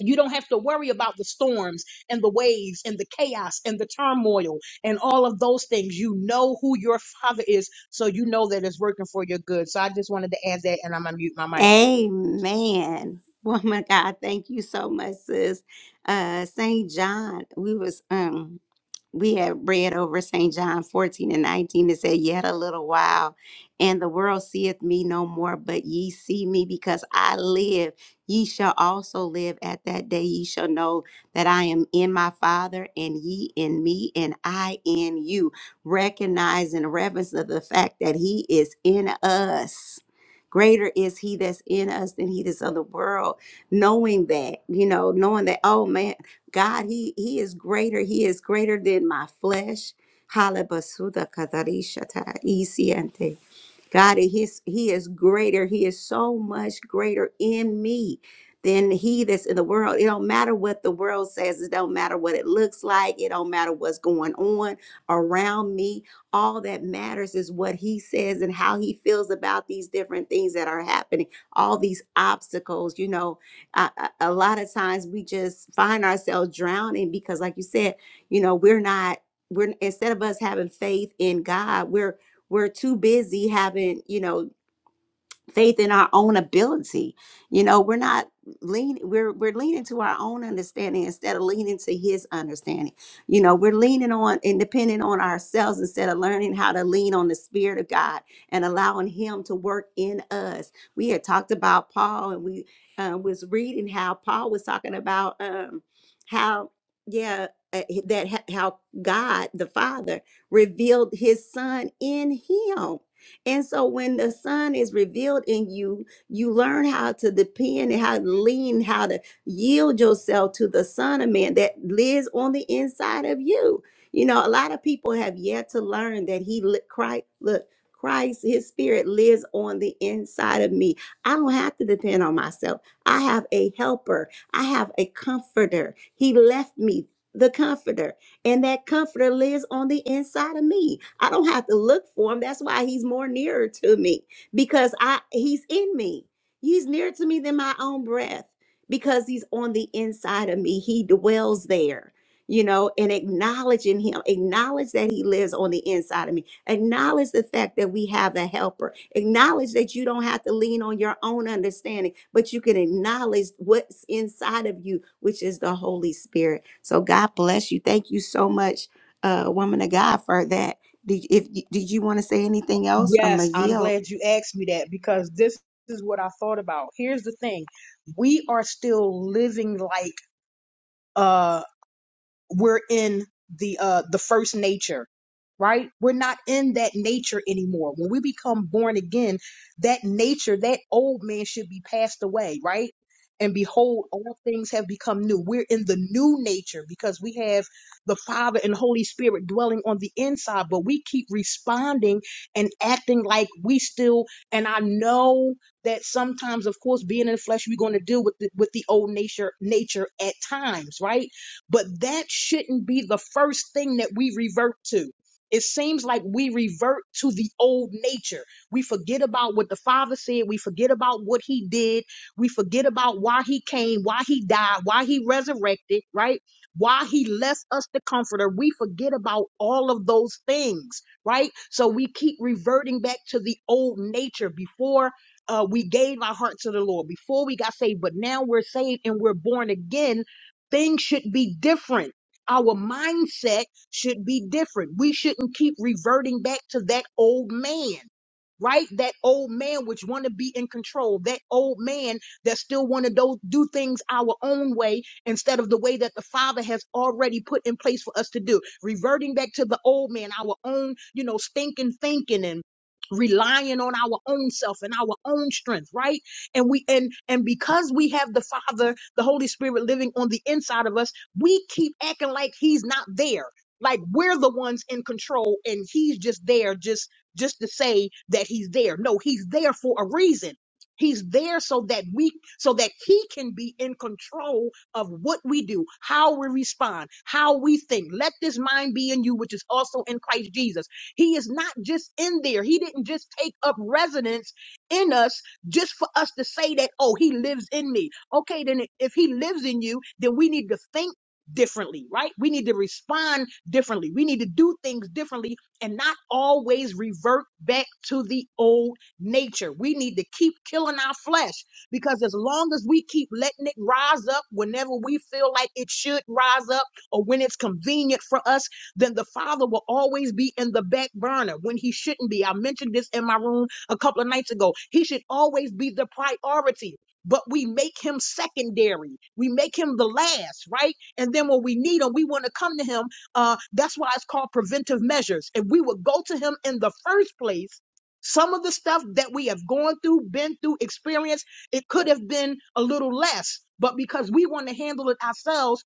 [SPEAKER 12] you don't have to worry about the storms and the waves and the chaos and the turmoil and all of those things. You know who your father is, so you know that it's working for your good. So I just wanted to add that, and I'm gonna mute my mic.
[SPEAKER 1] Amen. Woman of God, thank you so much, sis. Uh St. John, we was um we had read over St. John 14 and 19. It said, Yet a little while, and the world seeth me no more, but ye see me because I live. Ye shall also live at that day. Ye shall know that I am in my Father, and ye in me, and I in you. Recognize and reverence of the fact that He is in us Greater is he that's in us than he that's of the world. Knowing that, you know, knowing that, oh man, God, he he is greater. He is greater than my flesh. Hallelujah. God, he is, he is greater. He is so much greater in me than he that's in the world. It don't matter what the world says. It don't matter what it looks like. It don't matter what's going on around me. All that matters is what he says and how he feels about these different things that are happening. All these obstacles, you know, I, I- a lot of times we just find ourselves drowning because like you said, you know, we're not we're instead of us having faith in God, we're we're too busy having you know faith in our own ability you know we're not lean we're we're leaning to our own understanding instead of leaning to his understanding you know we're leaning on and depending on ourselves instead of learning how to lean on the spirit of god and allowing him to work in us we had talked about paul and we uh, was reading how paul was talking about um how yeah uh, that how god the father revealed his son in him and so when the Son is revealed in you, you learn how to depend and how to lean, how to yield yourself to the Son of Man that lives on the inside of you. You know, a lot of people have yet to learn that He li- Christ look. Christ, his spirit lives on the inside of me. I don't have to depend on myself. I have a helper. I have a comforter. He left me the comforter. And that comforter lives on the inside of me. I don't have to look for him. That's why he's more nearer to me because I he's in me. He's nearer to me than my own breath because he's on the inside of me. He dwells there. You know, and acknowledging him, acknowledge that he lives on the inside of me. Acknowledge the fact that we have a helper. Acknowledge that you don't have to lean on your own understanding, but you can acknowledge what's inside of you, which is the Holy Spirit so God bless you. Thank you so much, uh, woman of God, for that. Did, if did you want to say anything else? I'm a
[SPEAKER 12] Yes, I'm
[SPEAKER 1] yield.
[SPEAKER 12] glad you asked me that because this is what I thought about. Here's the thing: we are still living like uh, we're in the uh the first nature right we're not in that nature anymore when we become born again that nature that old man should be passed away right and behold all things have become new we're in the new nature because we have the father and holy spirit dwelling on the inside but we keep responding and acting like we still and i know that sometimes of course being in the flesh we're going to deal with the, with the old nature nature at times right but that shouldn't be the first thing that we revert to. It seems like we revert to the old nature. We forget about what the Father said. We forget about what He did. We forget about why He came, why He died, why He resurrected, right? Why He left us the Comforter. We forget about all of those things, right? So we keep reverting back to the old nature before uh, we gave our heart to the Lord, before we got saved, but now we're saved and we're born again Things should be different. Our mindset should be different. We shouldn't keep reverting back to that old man right? That old man which want to be in control, that old man that still want to do, do things our own way instead of the way that the Father has already put in place for us to do. Reverting back to the old man, our own, you know, stinking thinking and relying on our own self and our own strength right and we and and because we have the father the holy spirit living on the inside of us we keep acting like he's not there like we're the ones in control and he's just there just just to say that he's there. No, he's there for a reason. He's there so that we, so that he can be in control of what we do, how we respond, how we think. Let this mind be in you, which is also in Christ Jesus. He is not just in there. He didn't just take up residence in us just for us to say that, oh, he lives in me. Okay, then if he lives in you, then we need to think differently, right? We need to respond differently. We need to do things differently and not always revert back to the old nature. We need to keep killing our flesh because as long as we keep letting it rise up whenever we feel like it should rise up or when it's convenient for us, then the Father will always be in the back burner when he shouldn't be. I mentioned this in my room a couple of nights ago. He should always be the priority. But we make him secondary. We make him the last, right? And then when we need him, we want to come to him uh, that's why it's called preventive measures. If we would go to him in the first place, some of the stuff that we have gone through, been through, experienced, it could have been a little less, but because we want to handle it ourselves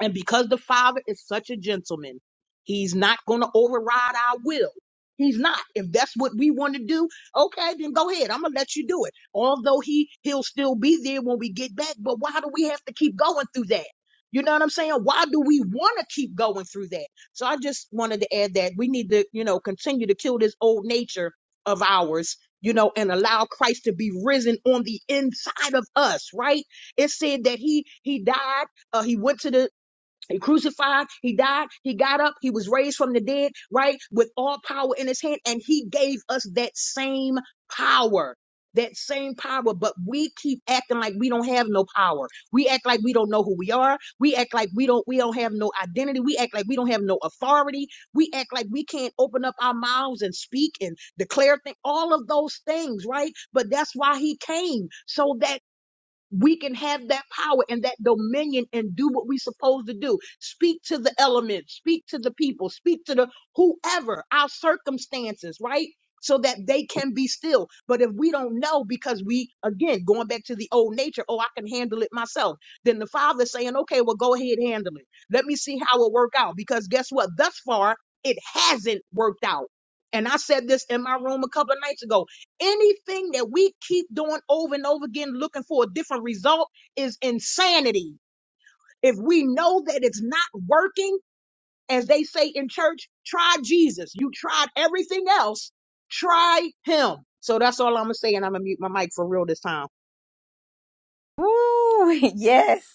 [SPEAKER 12] and because the Father is such a gentleman, He's not going to override our will. He's not. If that's what we want to do, okay, then go ahead. I'm gonna let you do it. Although he he'll still be there when we get back, but why do we have to keep going through that? You know what I'm saying? Why do we want to keep going through that? So I just wanted to add that we need to, you know, continue to kill this old nature of ours, you know, and allow Christ to be risen on the inside of us, right? It said that he he died uh, he went to the he crucified, he died, he got up, he was raised from the dead, right? With all power in his hand, and he gave us that same power. That same power, but we keep acting like we don't have no power. We act like we don't know who we are. We act like we don't we don't have no identity. We act like we don't have no authority. We act like we can't open up our mouths and speak and declare things. All of those things, right? But that's why he came, so that we can have that power and that dominion and do what we're supposed to do. Speak to the elements, speak to the people, speak to the whoever, our circumstances, right? So that they can be still. But if we don't know, because we, again, going back to the old nature, oh, I can handle it myself, then the father's saying, okay, well, go ahead, handle it. Let me see how it work out. Because guess what? Thus far, it hasn't worked out. And I said this in my room a couple of nights ago. Anything that we keep doing over and over again, looking for a different result, is insanity. If we know that it's not working, as they say in church, try Jesus. You tried everything else, try him. So that's all I'm going to say. And I'm going to mute my mic for real this time.
[SPEAKER 1] Woo! Yes.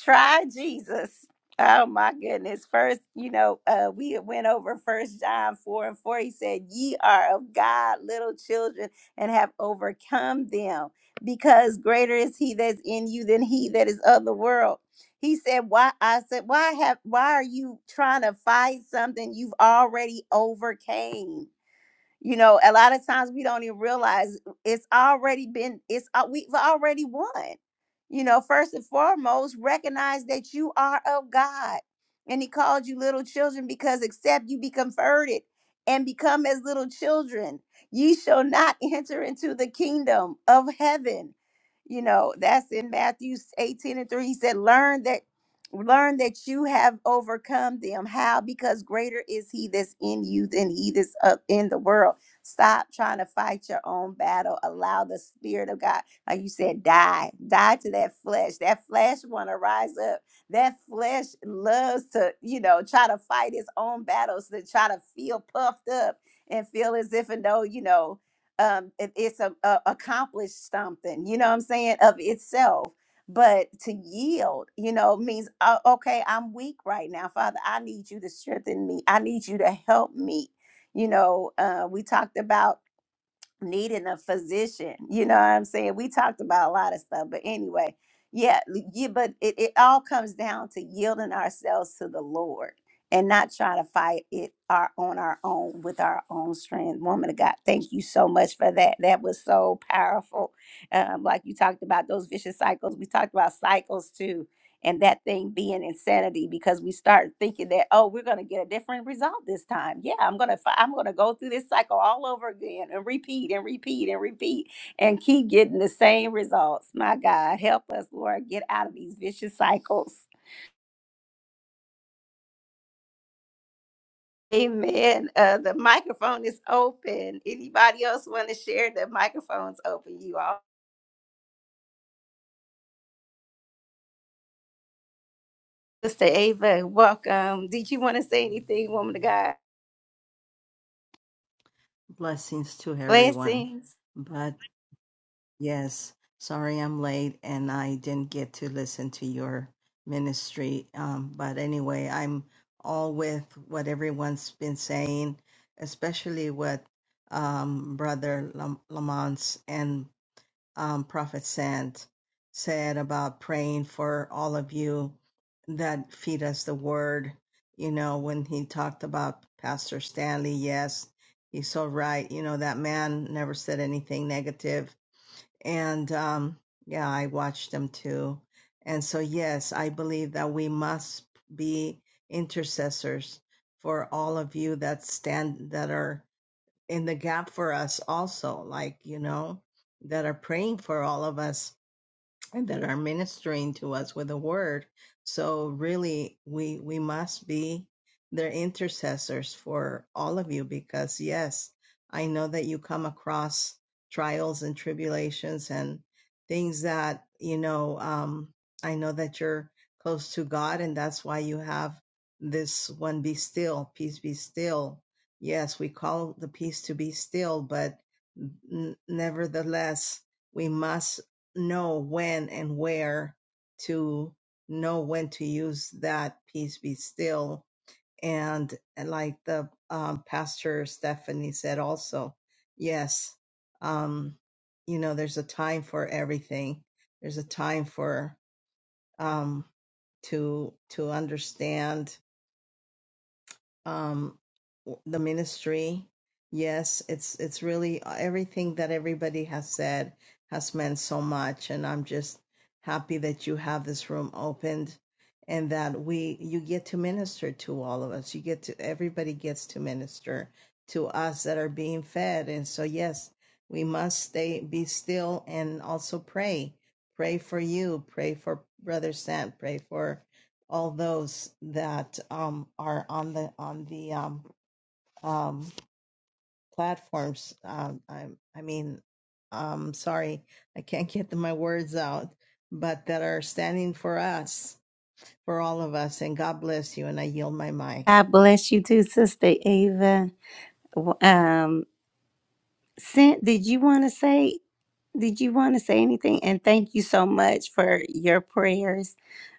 [SPEAKER 1] Try Jesus. Oh my goodness. First, you know, uh, we went over first John 4 and 4. He said, Ye are of God, little children, and have overcome them, because greater is he that's in you than he that is of the world. He said, Why I said, Why have why are you trying to fight something you've already overcame? you know a lot of times we don't even realize it's already been it's al- we've already won you know first and foremost recognize that you are of god and he called you little children because except you be converted and become as little children ye shall not enter into the kingdom of heaven you know that's in matthew 18 and 3 he said learn that learn that you have overcome them how because greater is he that's in you than he that's up in the world stop trying to fight your own battle allow the spirit of god like you said die die to that flesh that flesh want to rise up that flesh loves to you know try to fight its own battles to try to feel puffed up and feel as if and though you know um it, it's a, a accomplished something you know what i'm saying of itself but to yield you know means uh, okay i'm weak right now father i need you to strengthen me i need you to help me you know uh we talked about needing a physician. You know what I'm saying? We talked about a lot of stuff, but anyway, yeah, l- yeah but it, it all comes down to yielding ourselves to the Lord and not trying to fight it our, on our own with our own strength. Woman of God, thank you so much for that. That was so powerful. Um, like you talked about those vicious cycles. We talked about cycles too and that thing being insanity because we start thinking that oh we're going to get a different result this time yeah i'm going to i'm going to go through this cycle all over again and repeat and repeat and repeat and keep getting the same results my god help us lord get out of these vicious cycles amen uh, the microphone is open anybody else want to share the microphone's open you all sister ava welcome did you want to say anything woman of god
[SPEAKER 13] Blessings to everyone.
[SPEAKER 1] blessings
[SPEAKER 13] But yes, sorry I'm late and I didn't get to listen to your ministry. Um, but anyway, I'm all with what everyone's been saying, especially with um, Brother Lam- Lamont's um, Prophet Sand said about praying for all of you that feed us the word. You know, when he talked about Pastor Stanley, yes, he's so right. You know, that man never said anything negative. And um, yeah, I watched him too. And so, yes, I believe that we must be intercessors for all of you that stand, that are in the gap for us also, like, you know, that are praying for all of us that are ministering to us with the word. So really we we must be their intercessors for all of you because yes, I know that you come across trials and tribulations and things that, you know, um I know that you're close to God and that's why you have this one be still, peace be still. Yes, we call the peace to be still, but n- nevertheless, we must know when and where to know when to use that peace be still and, uh, like the um, pastor stephanie said also yes um you know there's a time for everything there's a time for um to to understand um, w- the ministry. Yes, it's it's really uh, everything that everybody has said has meant so much, and I'm just happy that you have this room opened and that we you get to minister to all of us. You get to everybody gets to minister to us that are being fed, and so yes, we must stay be still and also pray. Pray for you. Pray for Brother Sant. Pray for all those that um, are on the on the um, um, platforms. Um, I, I mean, um sorry, I can't get my words out, but that are standing for us, for all of us. And God bless you. And I yield my mic.
[SPEAKER 1] sent did you want to say Did you want to say anything? And thank you so much for your prayers.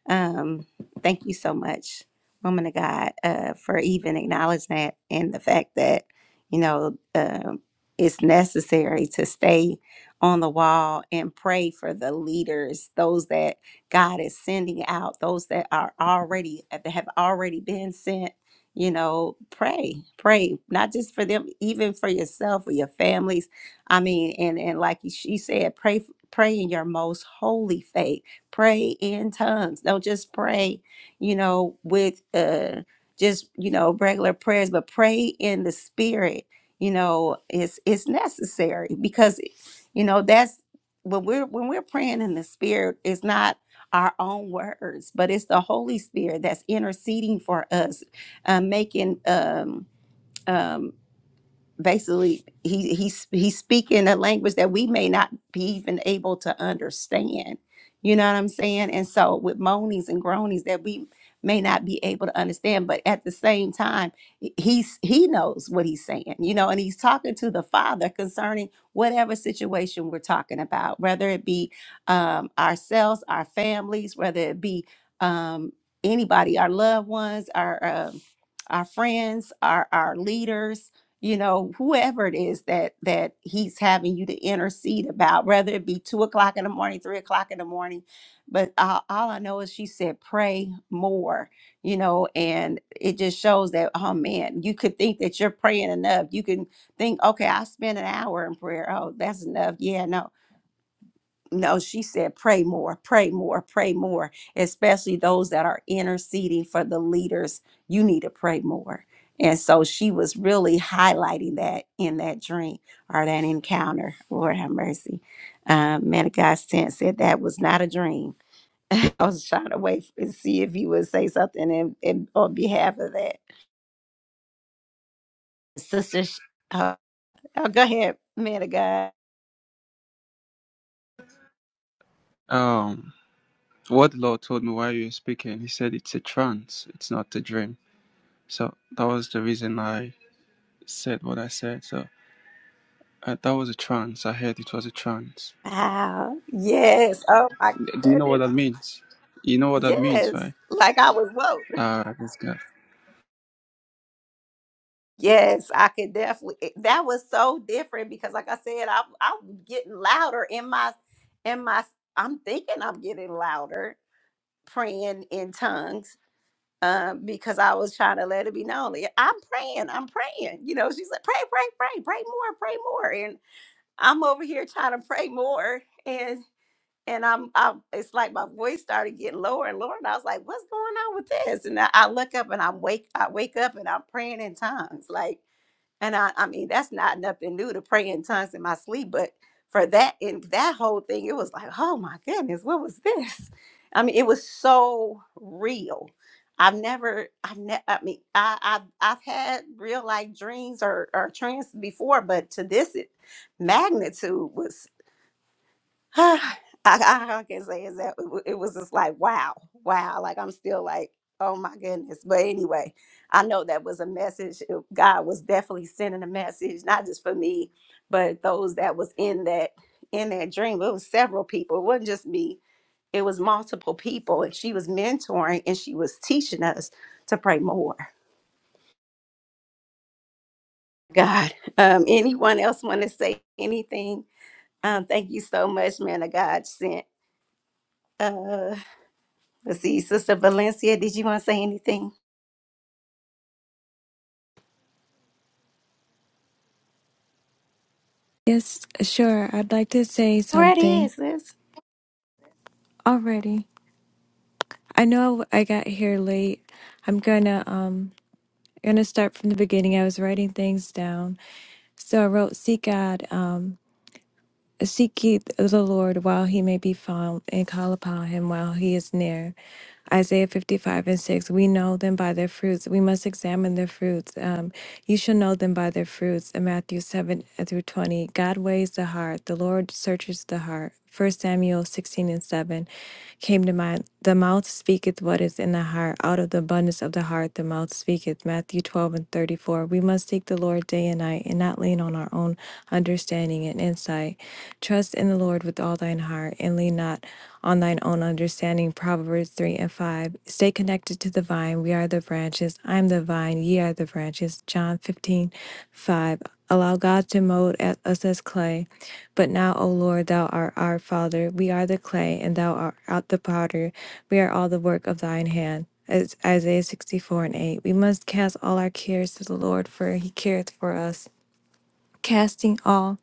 [SPEAKER 1] Um, thank you so much, woman of God, uh, for even acknowledging that and the fact that, you know, um, it's necessary to stay on the wall and pray for the leaders, those that God is sending out, those that are already, uh, that have already been sent. You know, pray, pray, not just for them, even for yourself, for your families I mean, and and like she said, pray pray in your most holy faith. Pray in tongues. Don't just pray, you know, with uh just you know regular prayers, but pray in the spirit. You know, it's it's necessary because you know that's when we're when we're praying in the spirit. It's not our own words, but it's the Holy Spirit that's interceding for us, uh, making um um basically he he's he's speaking a language that we may not be even able to understand you know what i'm saying and so with moanings and groanings that we may not be able to understand but at the same time he- he's he knows what he's saying you know and he's talking to the father concerning whatever situation we're talking about whether it be um ourselves our families whether it be um anybody our loved ones our uh, our friends, our our leaders, you know, whoever it is that that he's having you to intercede about, whether it be two o'clock in the morning, three o'clock in the morning. But uh, all I know is she said, pray more, you know, and it just shows that, oh man, you could think that you're praying enough. You can think, okay, I spent an hour in prayer. Oh, that's enough. Yeah, no, no, she said, pray more, pray more, pray more, especially those that are interceding for the leaders. You need to pray more. And so she was really highlighting that in that dream or that encounter. Lord have mercy. Um, man of God sent said that was not a dream. I was trying to wait and see if you would say something in, in, on behalf of that. Sister, Sh- uh, oh, go ahead, man of God.
[SPEAKER 8] Um, what the Lord told me while you were speaking, He said it's a trance, it's not a dream. So that was the reason I said what I said. So uh, that was a trance. I heard it was a trance.
[SPEAKER 1] Wow. Yes. Oh, my
[SPEAKER 8] Do you know what
[SPEAKER 1] goodness.
[SPEAKER 8] that means? You know what that means,
[SPEAKER 1] Yes.
[SPEAKER 8] right?
[SPEAKER 1] Like I was woke.
[SPEAKER 8] Ah, this guy.
[SPEAKER 1] Yes, I could definitely. it- That was so different because, like I said, I'm I'm getting louder in my in my. I'm thinking I'm getting louder praying in tongues um, because I was trying to let it be known. like, I'm praying. I'm praying. You know, she said, pray, pray, pray, pray more, pray more, and I'm over here trying to pray more, and and I'm I'm. It's like my voice started getting lower and lower, and I was like, what's going on with this? And I, I look up and I'm wake I wake up and I'm praying in tongues, like and I, I mean, that's not nothing new to pray in tongues in my sleep, but for that and that whole thing, it was like, oh my goodness, what was this? I mean, it was so real. I've never, I've never, I mean, I, I've, I've had real life dreams or, or trance before, but to this it- magnitude was I, I all I can say is that it, wa- it was just like wow, wow. Like I'm still like, oh my goodness. But anyway, I know that was a message. It- God was definitely sending a message, not just for me, but those that was in that in that dream. It was several people. It wasn't just me. It was multiple people, and she was mentoring and she was teaching us to pray more. God, um, anyone else want to say anything? Um, thank you so much, man. Of God sent. uh, Let's see, Sister Valencia, did you want to say anything?
[SPEAKER 14] Yes, sure. I'd like to say
[SPEAKER 1] Go Right ahead,
[SPEAKER 14] something
[SPEAKER 1] sis.
[SPEAKER 14] already. I know I got here late. I'm gonna um gonna start from the beginning. I was writing things down. So I wrote seek God, um seek ye the Lord while he may be found and call upon him while he is near. Isaiah 55 and 6, we know them by their fruits. We must examine their fruits. Um, you shall know them by their fruits. And Matthew 7 through 20, God weighs the heart. The Lord searches the heart. 1 Samuel 16 and 7 came to mind. The mouth speaketh what is in the heart. Out of the abundance of the heart, the mouth speaketh. Matthew 12 and 34. We must seek the Lord day and night and not lean on our own understanding and insight. Trust in the Lord with all thine heart and lean not on thine own understanding. Proverbs 3 and 5. Stay connected to the vine. We are the branches. I am the vine. Ye are the branches. John 15, 5. Allow God to mold at- us as clay. But now, O Lord, thou art our Father. We are the clay, and thou art out the potter. We are all the work of thine hand. As Isaiah 64 and 8. We must cast all our cares to the Lord, for he careth for us. Casting all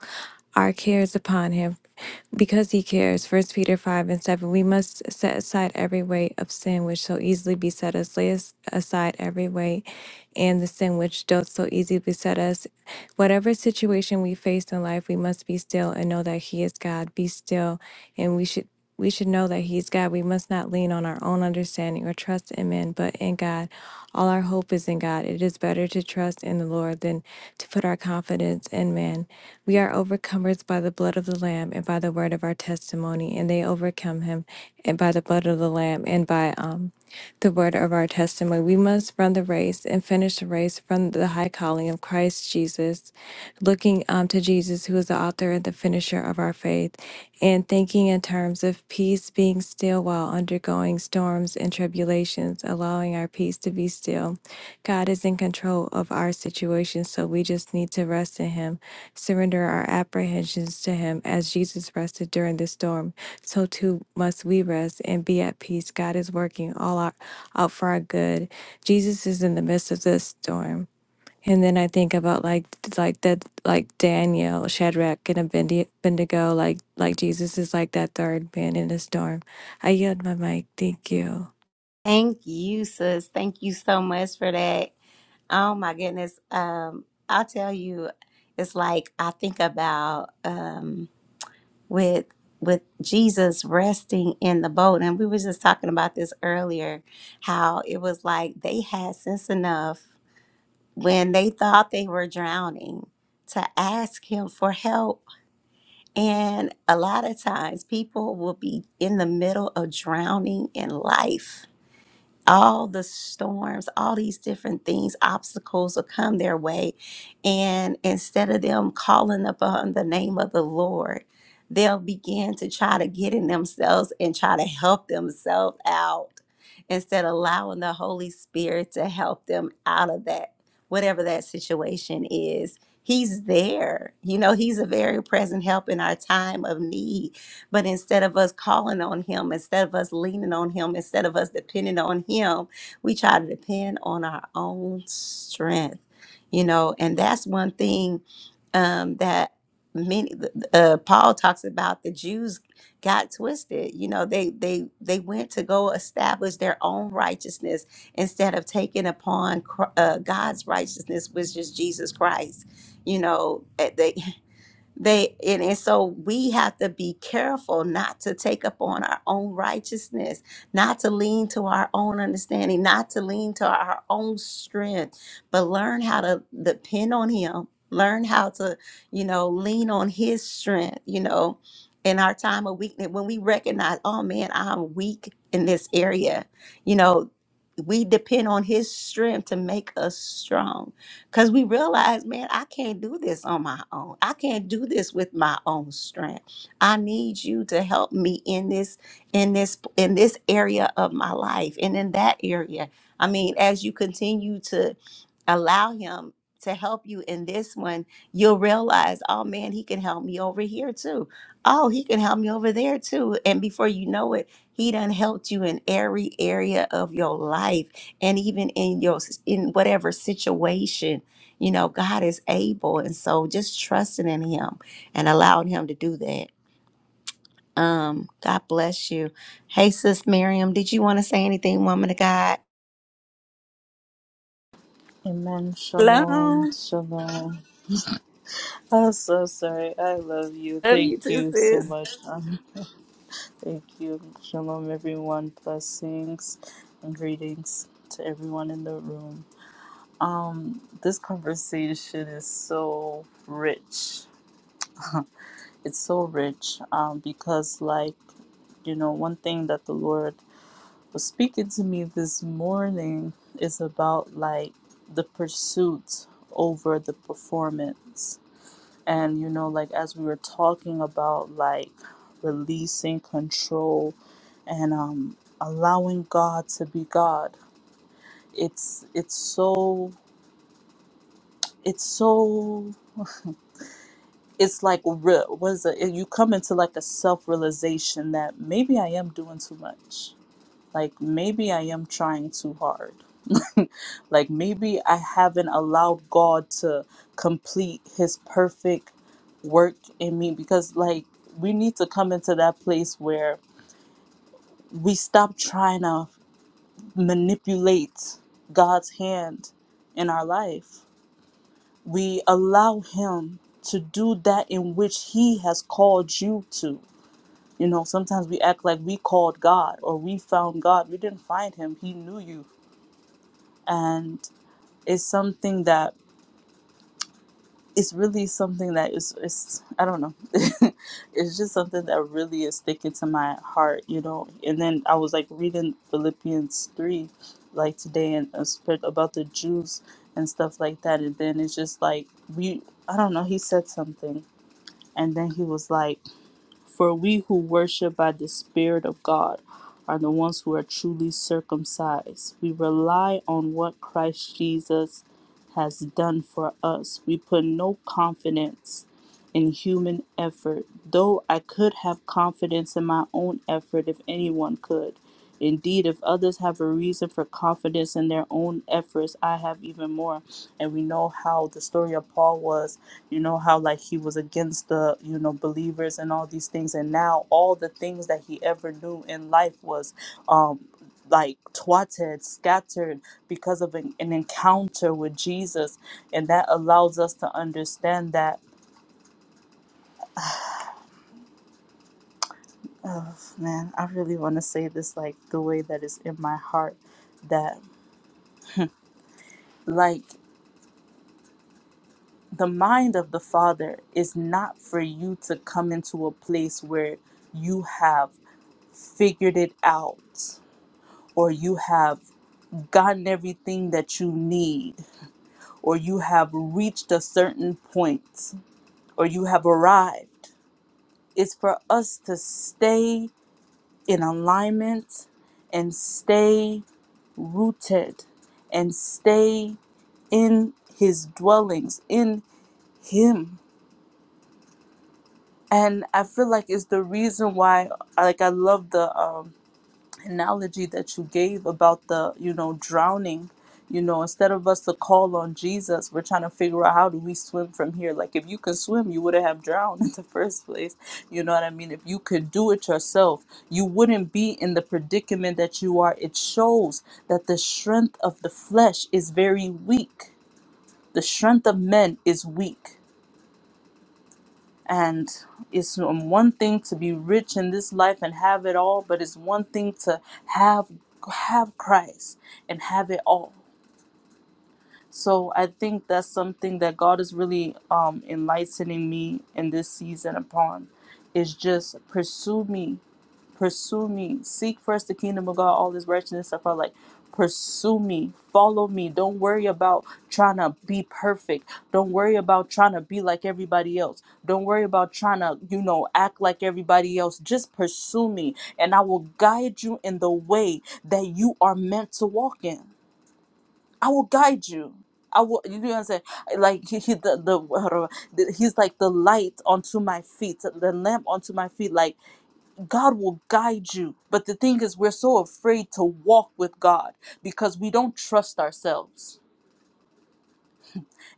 [SPEAKER 14] our cares upon him because he cares First peter 5 and 7 we must set aside every weight of sin which so easily beset us lay as- aside every weight and the sin which doth so easily beset us whatever situation we face in life we must be still and know that he is god be still and we should we should know that he's god we must not lean on our own understanding or trust in men but in god all our hope is in God. It is better to trust in the Lord than to put our confidence in man. We are overcomers by the blood of the Lamb and by the word of our testimony, and they overcome him and by the blood of the Lamb and by um, the word of our testimony. We must run the race and finish the race from the high calling of Christ Jesus, looking um, to Jesus, who is the author and the finisher of our faith and thinking in terms of peace being still while undergoing storms and tribulations, allowing our peace to be still. God is in control of our situation, so we just need to rest in Him, surrender our apprehensions to Him as Jesus rested during the storm. So too must we rest and be at peace. God is working all our, out for our good. Jesus is in the midst of this storm. And then I think about like like that like Daniel, Shadrach, and Abendi- Abednego, like like Jesus is like that third man in the storm. I yield my mic. Thank you.
[SPEAKER 1] Thank you, sis. Thank you so much for that. Oh my goodness. Um, I'll tell you, it's like I think about um with with Jesus resting in the boat, and we were just talking about this earlier, how it was like they had sense enough when they thought they were drowning to ask him for help And a lot of times people will be in the middle of drowning in life. All the storms, all these different things, obstacles will come their way. And instead of them calling upon the name of the Lord, they'll begin to try to get in themselves and try to help themselves out instead of allowing the Holy Spirit to help them out of that, whatever that situation is. He's there. You know, he's a very present help in our time of need. But instead of us calling on him, instead of us leaning on him, instead of us depending on him, we try to depend on our own strength. You know, and that's one thing um, that many uh, Paul talks about the Jews got twisted. You know, they they they went to go establish their own righteousness instead of taking a price. You know, they they not but learn to you know. and. Hallelujah. You know, we depend on his strength to make us strong because we realize man i can't do this on my own i can't do this with my own strength i need you to help me in this in this in this area of my life and in that area i mean as you continue to allow him to help you in this one, you'll realize, oh man, he can help me over here too. Oh, he can help me over there too. And before you know it, he done helped you in every area of your life and even in your in whatever situation. You know, God is able. And so just trusting in him and allowing him to do that. Um, God bless you. Hey, sis Miriam, did you want to say anything, woman of God?
[SPEAKER 15] Amen.
[SPEAKER 1] Hello.
[SPEAKER 15] Shalom. Shalom. I'm so sorry. I love you. Thank you so much. Um, thank you. Shalom, everyone. Blessings and greetings to everyone in the room. Um, this conversation is so rich. It's so rich um, because, like, you know, one thing that the Lord was speaking to me this morning is about like the pursuit over the performance and you know like as we were talking about like releasing control and um allowing god to be god it's it's so it's so it's like re- was it you come into like a self-realization that maybe i am doing too much like maybe i am trying too hard like maybe I haven't allowed God to complete his perfect work in me because like we need to come into that place where we stop trying to manipulate God's hand in our life. We allow him to do that in which he has called you to. You know, sometimes we act like we called God or we found God. We didn't find him. He knew you. And it's something that it's really something that is it's I don't know. it's just something that really is sticking to my heart, you know. And then I was like reading Philippians three like today and uh, sp- about the Jews and stuff like that and then it's just like we I don't know, he said something and then he was like for we who worship by the Spirit of God are the ones who are truly circumcised. We rely on what Christ Jesus has done for us. We put no confidence in human effort, though I could have confidence in my own effort if anyone could. Indeed, if others have a reason for confidence in their own efforts, I have even more. And we know how the story of Paul was you know how like he was against the you know believers and all these things and now all the things that he ever knew in life was um like twatted scattered because of an, an encounter with jesus and that allows us to understand that oh man i really want to say this like the way that is in my heart that like the mind of the father is not for you to come into a place where you have figured it out or you have gotten everything that you need, or you have reached a certain point, or you have arrived. It's for us to stay in alignment and stay rooted and stay in his dwellings, in him. And I feel like it's the reason why like I love the um analogy that you gave about the you know drowning you know instead of us to call on jesus we're trying to figure out how do we swim from here like if you could swim you wouldn't have drowned in the first place you know what i mean if you could do it yourself you wouldn't be in the predicament that you are it shows that the strength of the flesh is very weak the strength of men is weak and it's um, one thing to be rich in this life and have it all, but it's one thing to have have Christ and have it all. So I think that's something that God is really um, enlightening me in this season upon is just pursue me, pursue me, seek first the kingdom of God, all this righteousness stuff. I like pursue me, follow me. Don't worry about trying to be perfect. Don't worry about trying to be like everybody else. Don't worry about trying to, you know, act like everybody else. Just pursue me and I will guide you in the way that you are meant to walk in. I will guide you. I will, you know what I'm saying? Like he, he the, the, the he's like the light onto my feet, the lamp onto my feet. Like God will guide you. But the thing is, we're so afraid to walk with God because we don't trust ourselves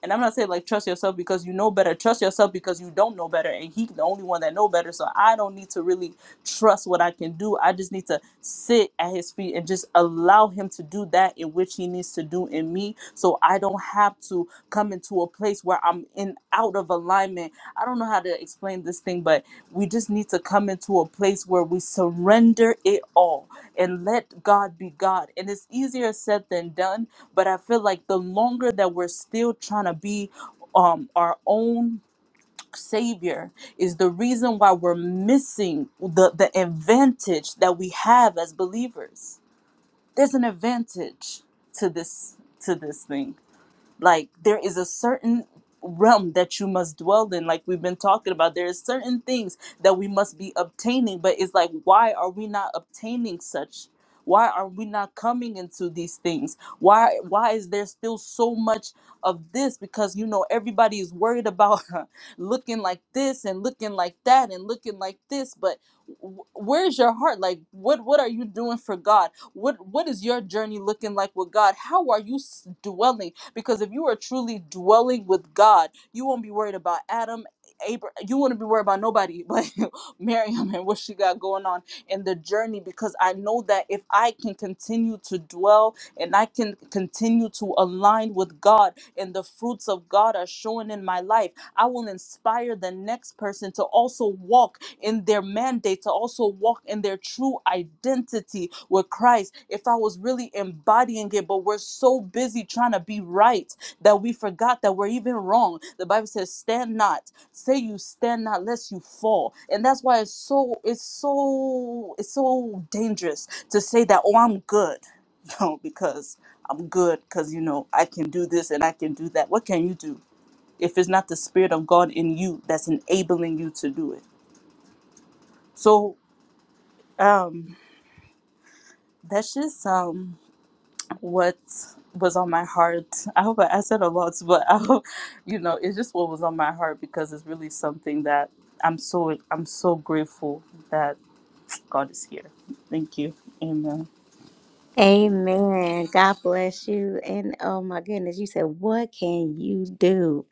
[SPEAKER 15] and I'm not saying like trust yourself because you know better. Trust yourself because you don't know better. And he's the only one that know better. So I don't need to really trust what I can do. I just need to sit at his feet and just allow him to do that in which he needs to do in me. So I don't have to come into a place where I'm in out of alignment. I don't know how to explain this thing, but we just need to come into a place where we surrender it all and let God be God. And it's easier said than done but I feel like the longer that we're still trying to be um, our own savior is the reason why we're missing the the advantage that we have as believers. There's an advantage to this to this thing like there is a certain realm that you must dwell in like we've been talking about there is certain things that we must be obtaining but it's like why are we not obtaining such why are we not coming into these things why why is there still so much of this because you know everybody is worried about looking like this and looking like that and looking like this but w- where's your heart like what what are you doing for god what what is your journey looking like with god how are you s- dwelling because if you are truly dwelling with God, you won't be worried about Adam, Abraham. You won't be worried about nobody but Miriam and what she got going on in the journey. Because I know that if I can continue to dwell and I can continue to align with God and the fruits of God are showing in my life, I will inspire the next person to also walk in their mandate to also walk in their true identity with Christ. If I was really embodying it, but we're so busy trying to be right that we forgot that we're even wrong. The Bible says, "Stand not, say you stand not, lest you fall." And that's why it's so it's so it's so dangerous to say that, "Oh, I'm good," no, because I'm good because you know I can do this and I can do that. What can you do if it's not the Spirit of God in you that's enabling you to do it? So um, that's just um what was on my heart. I hope I, I said a lot, but I hope, you know, it's just what was on my heart because it's really something that I'm so I'm so grateful that God is here. Thank you. Amen.
[SPEAKER 1] Amen. God bless you. And oh my goodness, you said, What can you do?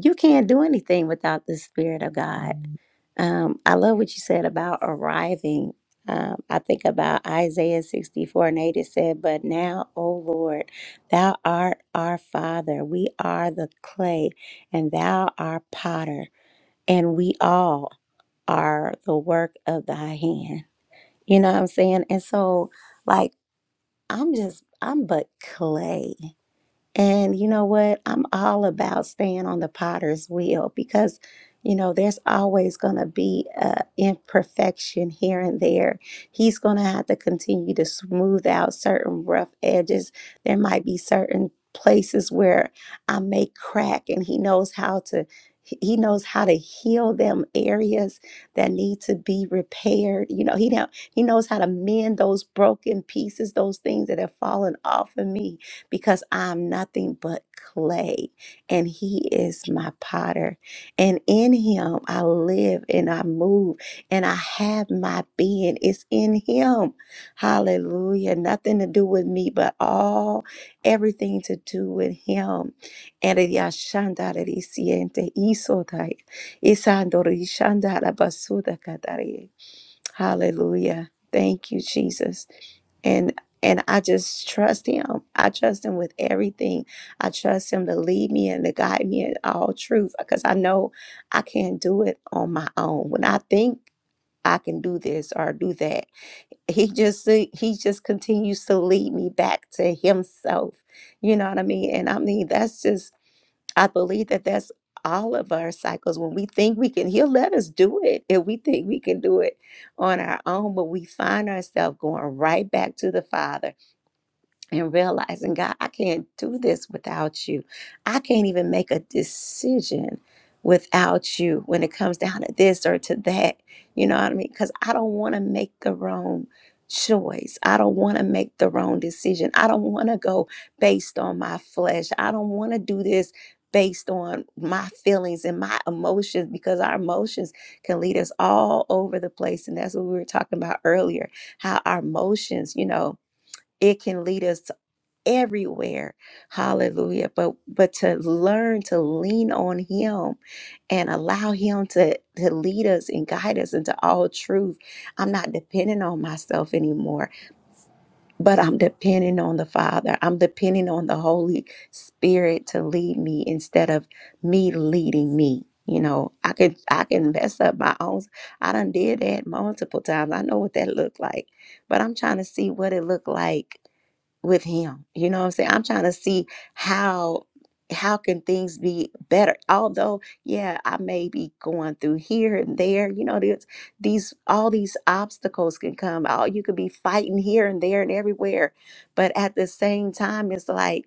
[SPEAKER 1] You can't do anything without the Spirit of God. Um, I love what you said about arriving. Um, I think about Isaiah 64 and 8. It said, But now, O Lord, thou art our Father. We are the clay, and thou art potter, and we all are the work of thy hand. You know what I'm saying? And so, like, I'm just, I'm but clay. And you know what? I'm all about staying on the potter's wheel because, you know, there's always going to be a imperfection here and there. He's going to have to continue to smooth out certain rough edges. There might be certain places where I may crack, and he knows how to. He knows how to heal them areas that need to be repaired. You know, he know, he knows how to mend those broken pieces, those things that have fallen off of me because I'm nothing but clay and he is my potter. And in him I live and I move and I have my being. It's in him. Hallelujah. Nothing to do with me, but all everything to do with him. And it yashandarari siente isotai. Isandori shandara basuda katari. Hallelujah. Thank you, Jesus. And and I just trust him. I know I lean on or right back to the Father and realizing, God, I can't do this without you. I can't even make a decision without you when it comes down to this or to that. You know what I mean? Because I don't want to make the wrong choice. I don't want to make the wrong decision. I don't want to go based on my flesh. I don't want to do this based on my feelings and my emotions because our emotions can lead us all over the place and that's what we were talking about earlier how our emotions you know it can lead us everywhere hallelujah but but to learn to lean on him and allow him to to lead us and guide us into all truth i'm not depending on myself anymore but i'm depending on the father i'm depending on the holy spirit to lead me instead of me leading me you know i could i can mess up my own i done did that multiple times i know what that looked like but i'm trying to see what it looked like with him you know what i'm saying i'm trying to see how how can things be better although yeah i may be going through here and there you know there's these all these obstacles can come out you could be fighting here and there and everywhere but at the same time it's like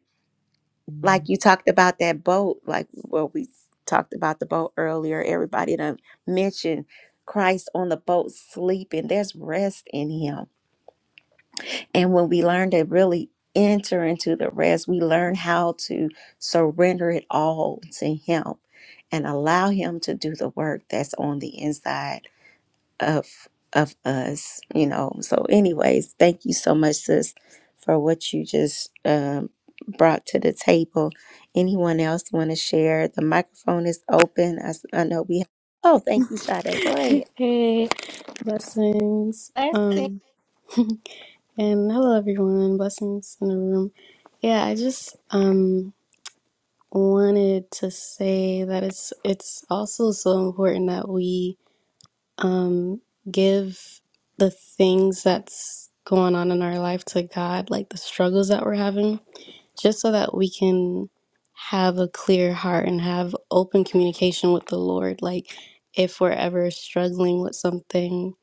[SPEAKER 1] like you talked about that boat like well we talked about the boat earlier everybody done mentioned christ on the boat sleeping there's rest in him and when we learn to really enter into the rest, we learn how to surrender it all to Him and allow Him to do the work that's on the inside of of us. You know. So, anyways, thank you so much, sis, for what you just um, brought to the table. Anyone else want to share? The microphone is open. I, s- I know we. Oh, thank you, Sade. Go ahead.
[SPEAKER 16] Hey, blessings.
[SPEAKER 1] Blessing.
[SPEAKER 16] Um, and hello everyone. Blessings in the room. Yeah, I just um wanted to say that it's it's also so important that we um give the things that's going on in our life to God, like the struggles that we're having, just so that we can have a clear heart and have open communication with the Lord. Like if we're ever struggling with something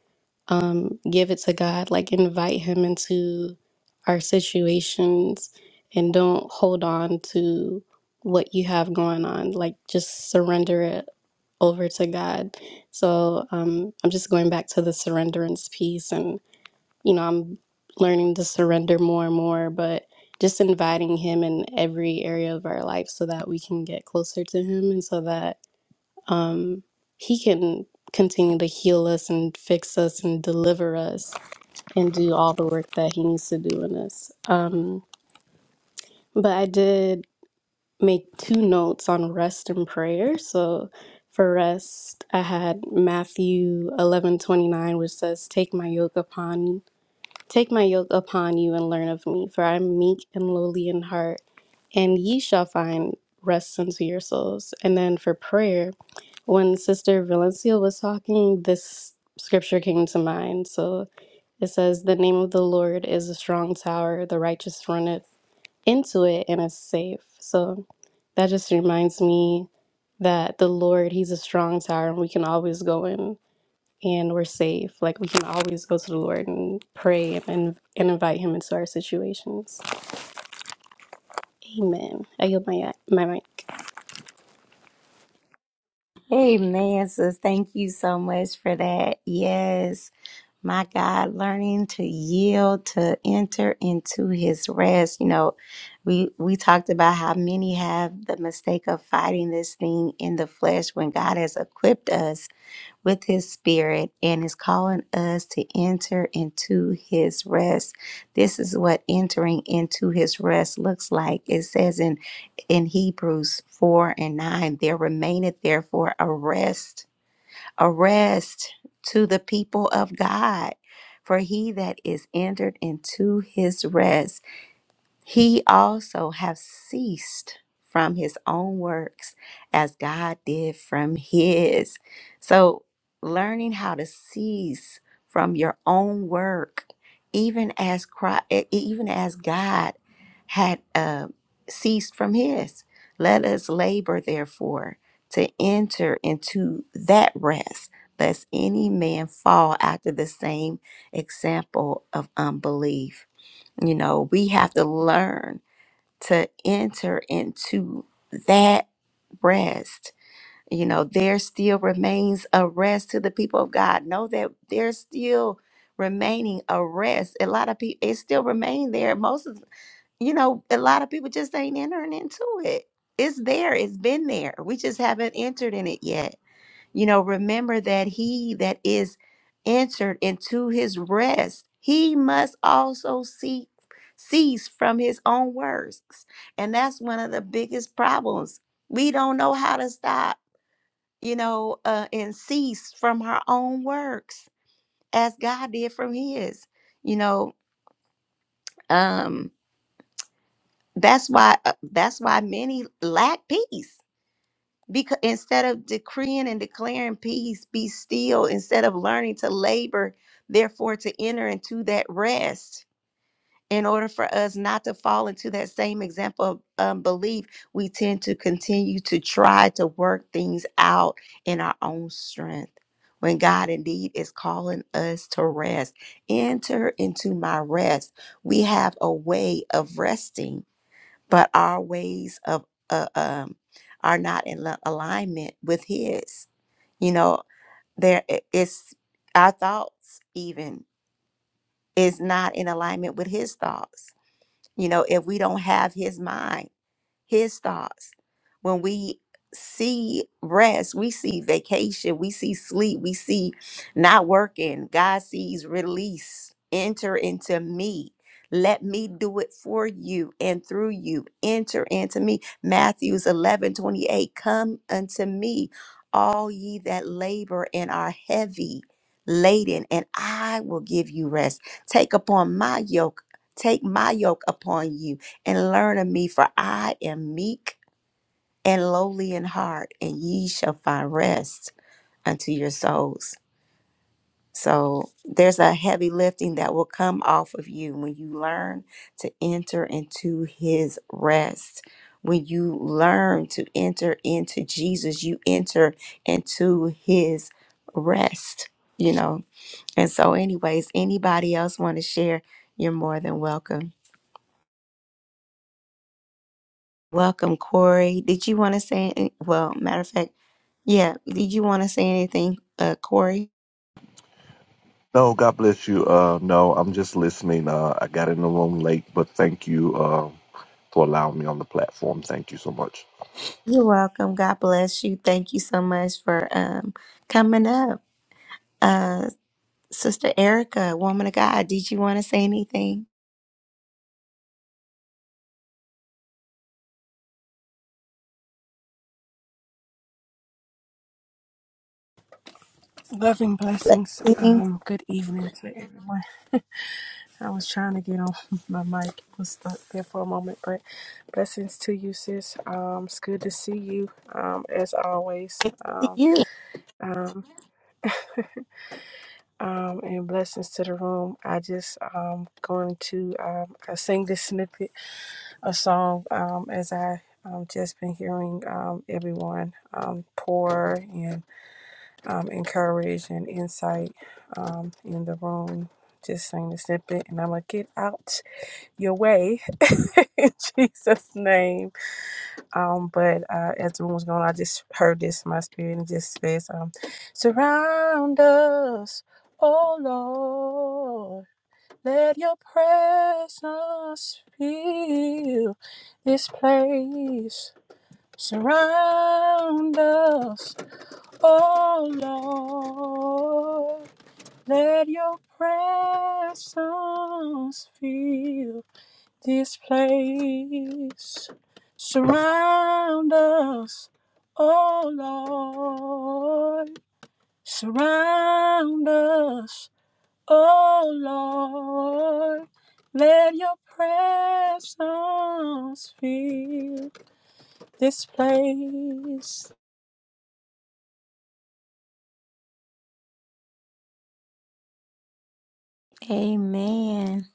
[SPEAKER 16] um, give it to God, like invite Him into our situations and don't hold on to what you have going on. Like just surrender it over to God. So um, I'm just going back to the surrenderance piece, and you know, I'm learning to surrender more and more, but just inviting Him in every area of our life so that we can get closer to Him and so that um, he can continue to heal us and fix us and deliver us and do all the work that he needs to do in us. Um, but I did make two notes on rest and prayer. So for rest, I had Matthew eleven twenty nine, which says, "Take my yoke upon you, take my yoke upon you and learn of me, for I am meek and lowly in heart, and ye shall find rest unto your souls." And then for prayer. When Sister Valencia was talking, this scripture came to mind. So it says, The name of the Lord is a strong tower, the righteous runneth into it and is safe. So that just reminds me that the Lord, He's a strong tower and we can always go in and we're safe. Like we can always go to the Lord and pray and, and invite Him into our situations. Amen. I yield my, my mic.
[SPEAKER 1] Hey, man, sis. Thank you so much for that. Yes. my God, learning to yield, to enter into his rest. You know, we we talked about how many have the mistake of fighting this thing in the flesh when God has equipped us with his spirit and is calling us to enter into his rest. This is what entering into his rest looks like. It says in in Hebrews 4 and 9, there remaineth therefore a rest a rest to the people of God. For he that is entered into his rest he also have ceased from his own works as God did from his. So learning how to cease from your own work, even as Christ, even as God had uh, ceased from his. Let us labor, therefore, to enter into that rest, lest any man fall after the same example of unbelief. You know, we have to learn to enter into that rest. You know, there still remains a rest to the people of God. Know that there's still remaining a rest. A lot of people, it still remain there. Most of, you know, a lot of people just ain't entering into it. It's there. It's been there. We just haven't entered in it yet you know, remember that he that is entered into his rest, he must also seek cease from his own works. And that's one of the biggest problems. We don't know how to stop, you know, uh, and cease from our own works as God did from his. You know, um that's why uh, that's why many lack peace because instead of decreeing and declaring peace be still instead of learning to labor therefore to enter into that rest in order for us not to fall into that same example of unbelief we tend to continue to try to work things out in our own strength when God indeed is calling us to rest, enter into my rest. We have a way of resting but our ways of uh, um, are not in li- alignment with His. You know, there i- it's our thoughts even is not in alignment with His thoughts. You know, if we don't have His mind his thoughts. When we see rest, we see vacation, we see sleep, we see not working. God sees release. Enter into me. Let me do it for you and through you. Enter into me. Matthews 11 28. Come unto me, all ye that labor and are heavy laden, and I will give you rest. Take upon my yoke. Take my yoke upon you and learn of me, for I am meek and lowly in heart, and ye shall find rest unto your souls. So there's a heavy lifting that will come off of you when you learn to enter into his rest. When you learn to enter into Jesus, you enter into his rest, you know. And so, anyways, anybody else want to share? You're more than welcome. Welcome, Corey. Did you want to say? any- Well, matter of fact. Yeah. Did you want to say anything, uh, Corey?
[SPEAKER 17] No, God bless you. Uh, no, I'm just listening. Uh, I got in the room late, but thank you uh, for allowing me on the platform. Thank you so much.
[SPEAKER 1] You're welcome. God bless you. Thank you so much for um coming up. Uh Sister Erica, woman of God, did you want to say anything?
[SPEAKER 18] Loving blessings. Um, good evening to everyone. I was trying to get on my mic, it was stuck there for a moment, but blessings to you, sis. Um, it's good to see you, um, as always. Um, um, um, and blessings to the room. I just um going to um I sing this snippet of song um as I um just been hearing um everyone um pour and um, encourage and insight um, in the room. Just saying the snippet, and I'm gonna get out your way in Jesus' name. Um, but uh, as the room was going, I just heard this in my spirit, and it just says, um, "Surround us, oh Lord, let Your presence fill this place. Surround us." Oh Lord, let your presence fill this place. Surround us, oh Lord. Surround us, oh Lord. Let your presence fill this place.
[SPEAKER 1] Amen.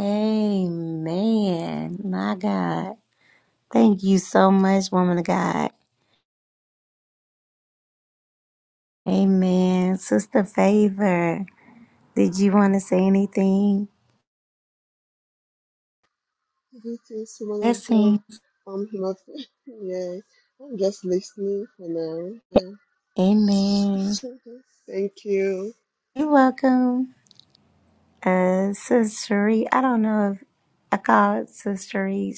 [SPEAKER 1] Amen. My God. Thank you so much, woman of God. Amen. Sister Favor, did you want to say anything?
[SPEAKER 19] This is one of God. I'm not. Yeah, I'm just listening for now. Yeah.
[SPEAKER 1] Amen.
[SPEAKER 19] Thank you.
[SPEAKER 1] Cherie, I don't know if God, Sister Cherie.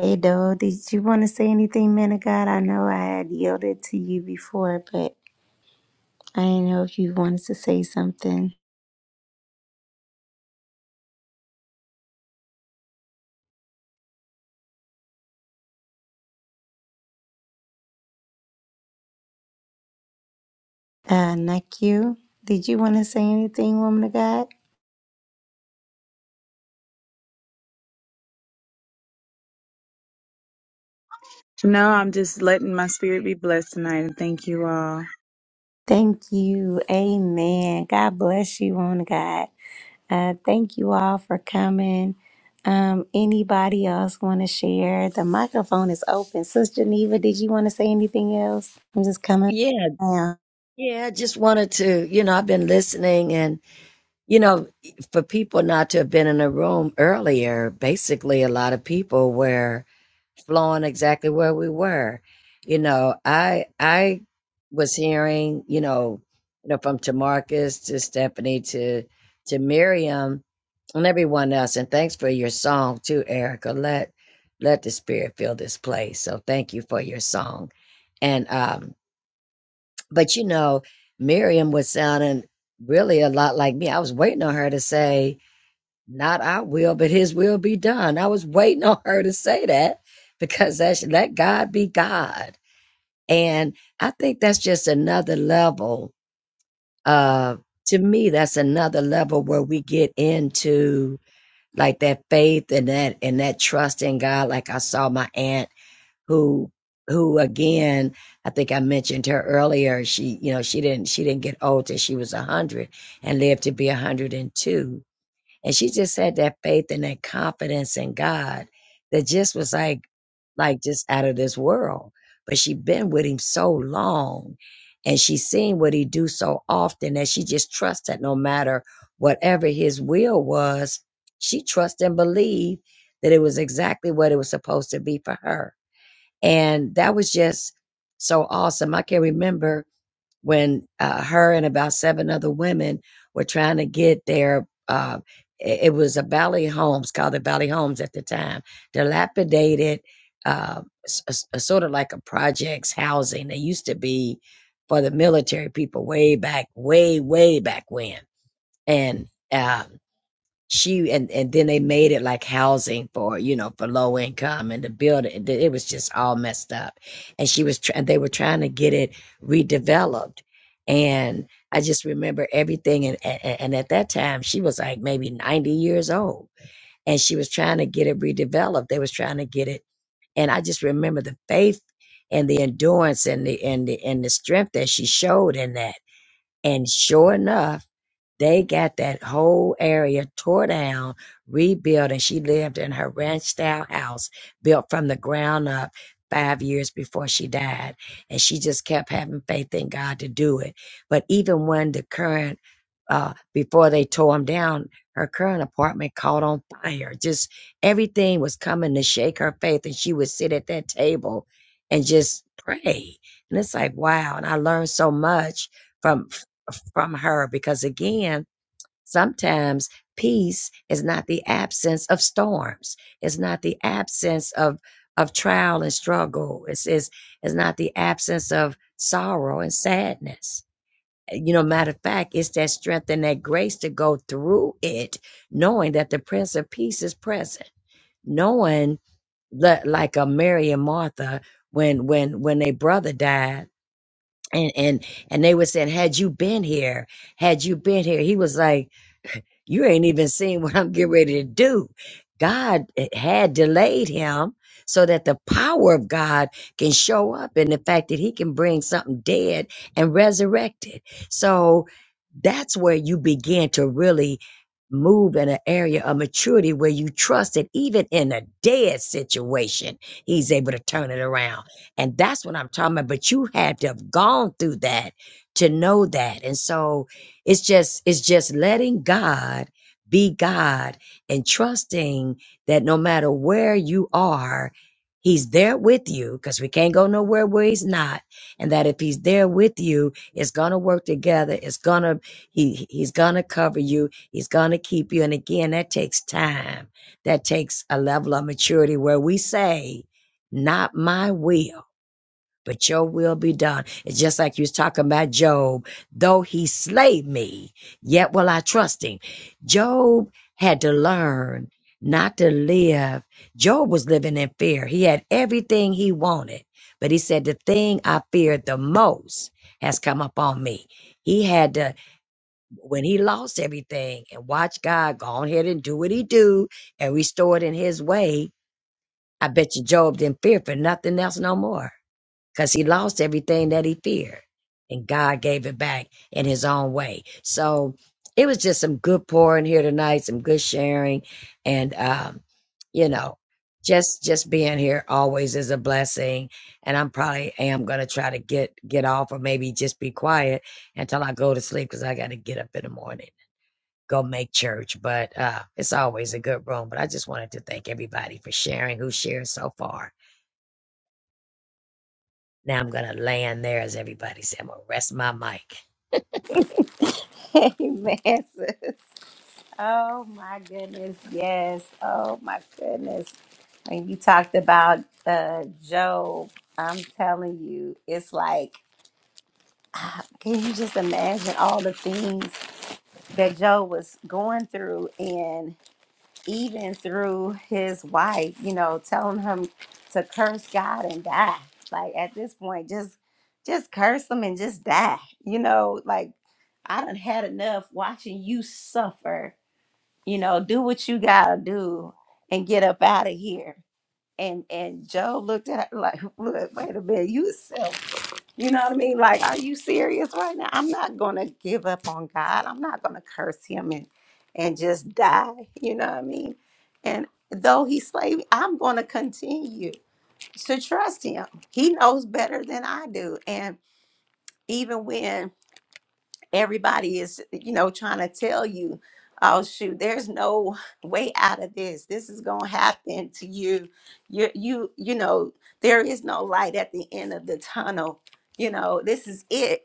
[SPEAKER 1] Hey, dog, did you want to say anything, man of God? I know I had yielded to you before, but I didn't know if you wanted to say something. Uh, Naku, did you want to say anything, woman of God?
[SPEAKER 20] No, I'm just letting my spirit be blessed tonight and thank you all.
[SPEAKER 1] Thank you. Amen. God bless you, woman of God. Uh, thank you all for coming. Um, anybody else want to share? The microphone is open. Sister Geneva, did you want to say anything else? I'm just coming
[SPEAKER 2] Yeah,
[SPEAKER 1] down.
[SPEAKER 2] yeah, I just wanted to, you know, I've been listening and, you know, for people not to have been in the room earlier, basically a lot of people were. flowing exactly where we were. You know, I I was hearing, you know, you know, from Tamarcus to Stephanie to to Miriam and everyone else. And thanks for your song too, Erica. Let let the spirit fill this place. So thank you for your song. And um, but you know, Miriam was sounding really a lot like me. I was waiting on her to say, not our will, but his will be done. I was waiting on her to say that because that's let God be God. And I think that's just another level of to me, that's another level where we get into like that faith and that and that trust in God. Like I saw my aunt who who again, I think I mentioned her earlier. She, you know, she didn't she didn't get old till she was a hundred and lived to be a hundred and two and she just had that faith and that confidence in God that just was like, like just out of this world. But she'd been with him so long and she seen what he do so often that she just trusted no matter whatever his will was, she trusted and believed that it was exactly what it was supposed to be for her. And that was just so awesome. I can remember when uh, her and about seven other women were trying to get their uh, i- it was a Valley Homes called the Valley Homes at the time, dilapidated, uh, s- s- a sort of like a projects housing. They used to be for the military people way back, way way back when, and. uh, she and and then they made it like housing for you know for low income and the building it it was just all messed up and she was tr- and they were trying to get it redeveloped and i just remember everything and, and and at that time she was like maybe 90 years old and she was trying to get it redeveloped they was trying to get it and I just remember the faith and the endurance and the and the and the strength that she showed in that. And sure enough they got that whole area tore down, rebuilt, and she lived in her ranch style house built from the ground up five years before she died. And she just kept having faith in God to do it. But even when the current, uh, before they tore them down, her current apartment caught on fire. Just everything was coming to shake her faith. And she would sit at that table and just pray. And it's like, wow. And I learned so much from from her because again sometimes peace is not the absence of storms it's not the absence of of trial and struggle it's is it's not the absence of sorrow and sadness Eh, you know matter of fact it's that strength and that grace to go through it knowing that the prince of peace is present knowing that like a mary and martha when when when their brother died and and and they were saying had you been here had you been here he was like you ain't even seen what I'm getting ready to do. God eh, had delayed him so that the power of God can show up in the fact that he can bring something dead and resurrect it. So that's where you begin to really move in an area of maturity where you trust that even in a dead situation, he's able to turn it around. And that's what I'm talking about. But you had to have gone through that to know that. And so, it's just it's just letting God be God and trusting that no matter where you are, He's there with you because we can't go nowhere where He's not, and that if He's there with you, it's gonna work together. It's gonna He He's gonna cover you. He's gonna keep you. And again, that takes time. That takes a level of maturity where we say, "Not my will." but your will be done. It's just like you was talking about Job. Though he slay me, yet will I trust him. Job had to learn not to live. Job was living in fear. He had everything he wanted, but he said, the thing I feared the most has come upon me. He had to, when he lost everything and watch God go on ahead and do what he do and restore it in his way, I bet you Job didn't fear for nothing else no more because he lost everything that he feared and God gave it back in his own way. So it was just some good pouring here tonight, some good sharing and um you know just just being here always is a blessing and I'm probably am going to try to get get off or maybe just be quiet until I go to sleep cuz I got to get up in the morning go make church but uh it's always a good room but I just wanted to thank everybody for sharing who shared so far now I'm gonna land there as everybody said. I'm gonna rest my mic.
[SPEAKER 1] Yes. Oh, my goodness. Uh, uh, Job, I'm telling you, it's like, can you just imagine all the things that Job was going through and even through his wife, you know, telling him to curse God and die. Like at this point, just just curse him and just die. You know, like I done had enough watching you suffer. You know, do what you gotta do and get up out of here. And and Joe looked at her like, look, wait a minute, you selfish. You know what I mean? Like, are you serious right now? I'm not gonna give up on God. I'm not gonna curse him and and just die. You know what I mean? And though he slay me, I'm gonna continue to trust him. He knows better than I do. And even when everybody is, you know, trying to tell you, oh shoot, there's no way out of this. This is gonna happen to you. You you you know, there is no light at the end of the tunnel. You know, this is it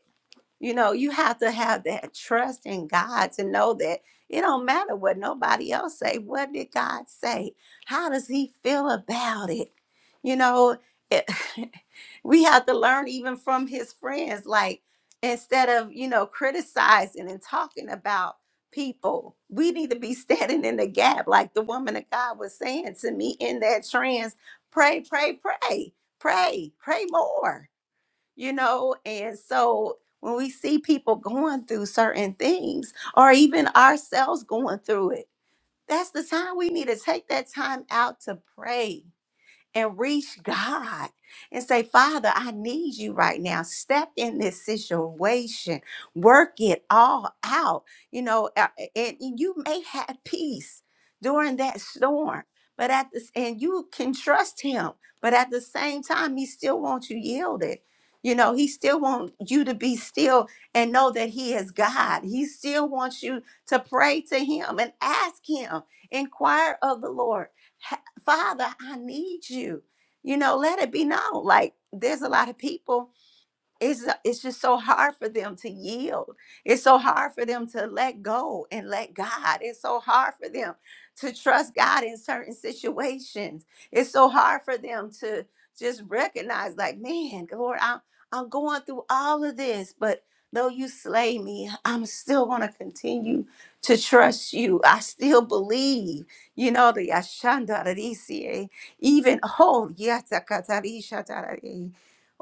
[SPEAKER 1] you know, you have to have that trust in God to know that it don't matter what nobody else say. What did God say? How does he feel about it? You know, it, we have to learn even from his friends like instead of, you know, criticizing and talking about people, we need to be standing like God was saying, saying, pray, pray, pray more, you know? And so when we see peace or and, and it sees you right now. Step in this, work it out, you know, a- and you may have peace during that storm. But at this, and you can trust him, but at the same time, he still wants you yielded. You know, he still wants you to be still and know that he is God. He still wants you to pray to him and ask him, inquire of the Lord, "Ha- Father, I need you. You know, let it be known. Like there's a lot of people it's uh, it's just so hard for them to yield. It's so hard for them to let go and let God. It's so hard for them to trust God in certain situations. It's so hard for them to just recognize, like, man, Lord, I'm I'm going through all of this, but though you slay me, I'm still gonna continue to trust you. I still believe, you know, the Yashandarisiye, even oh, yes,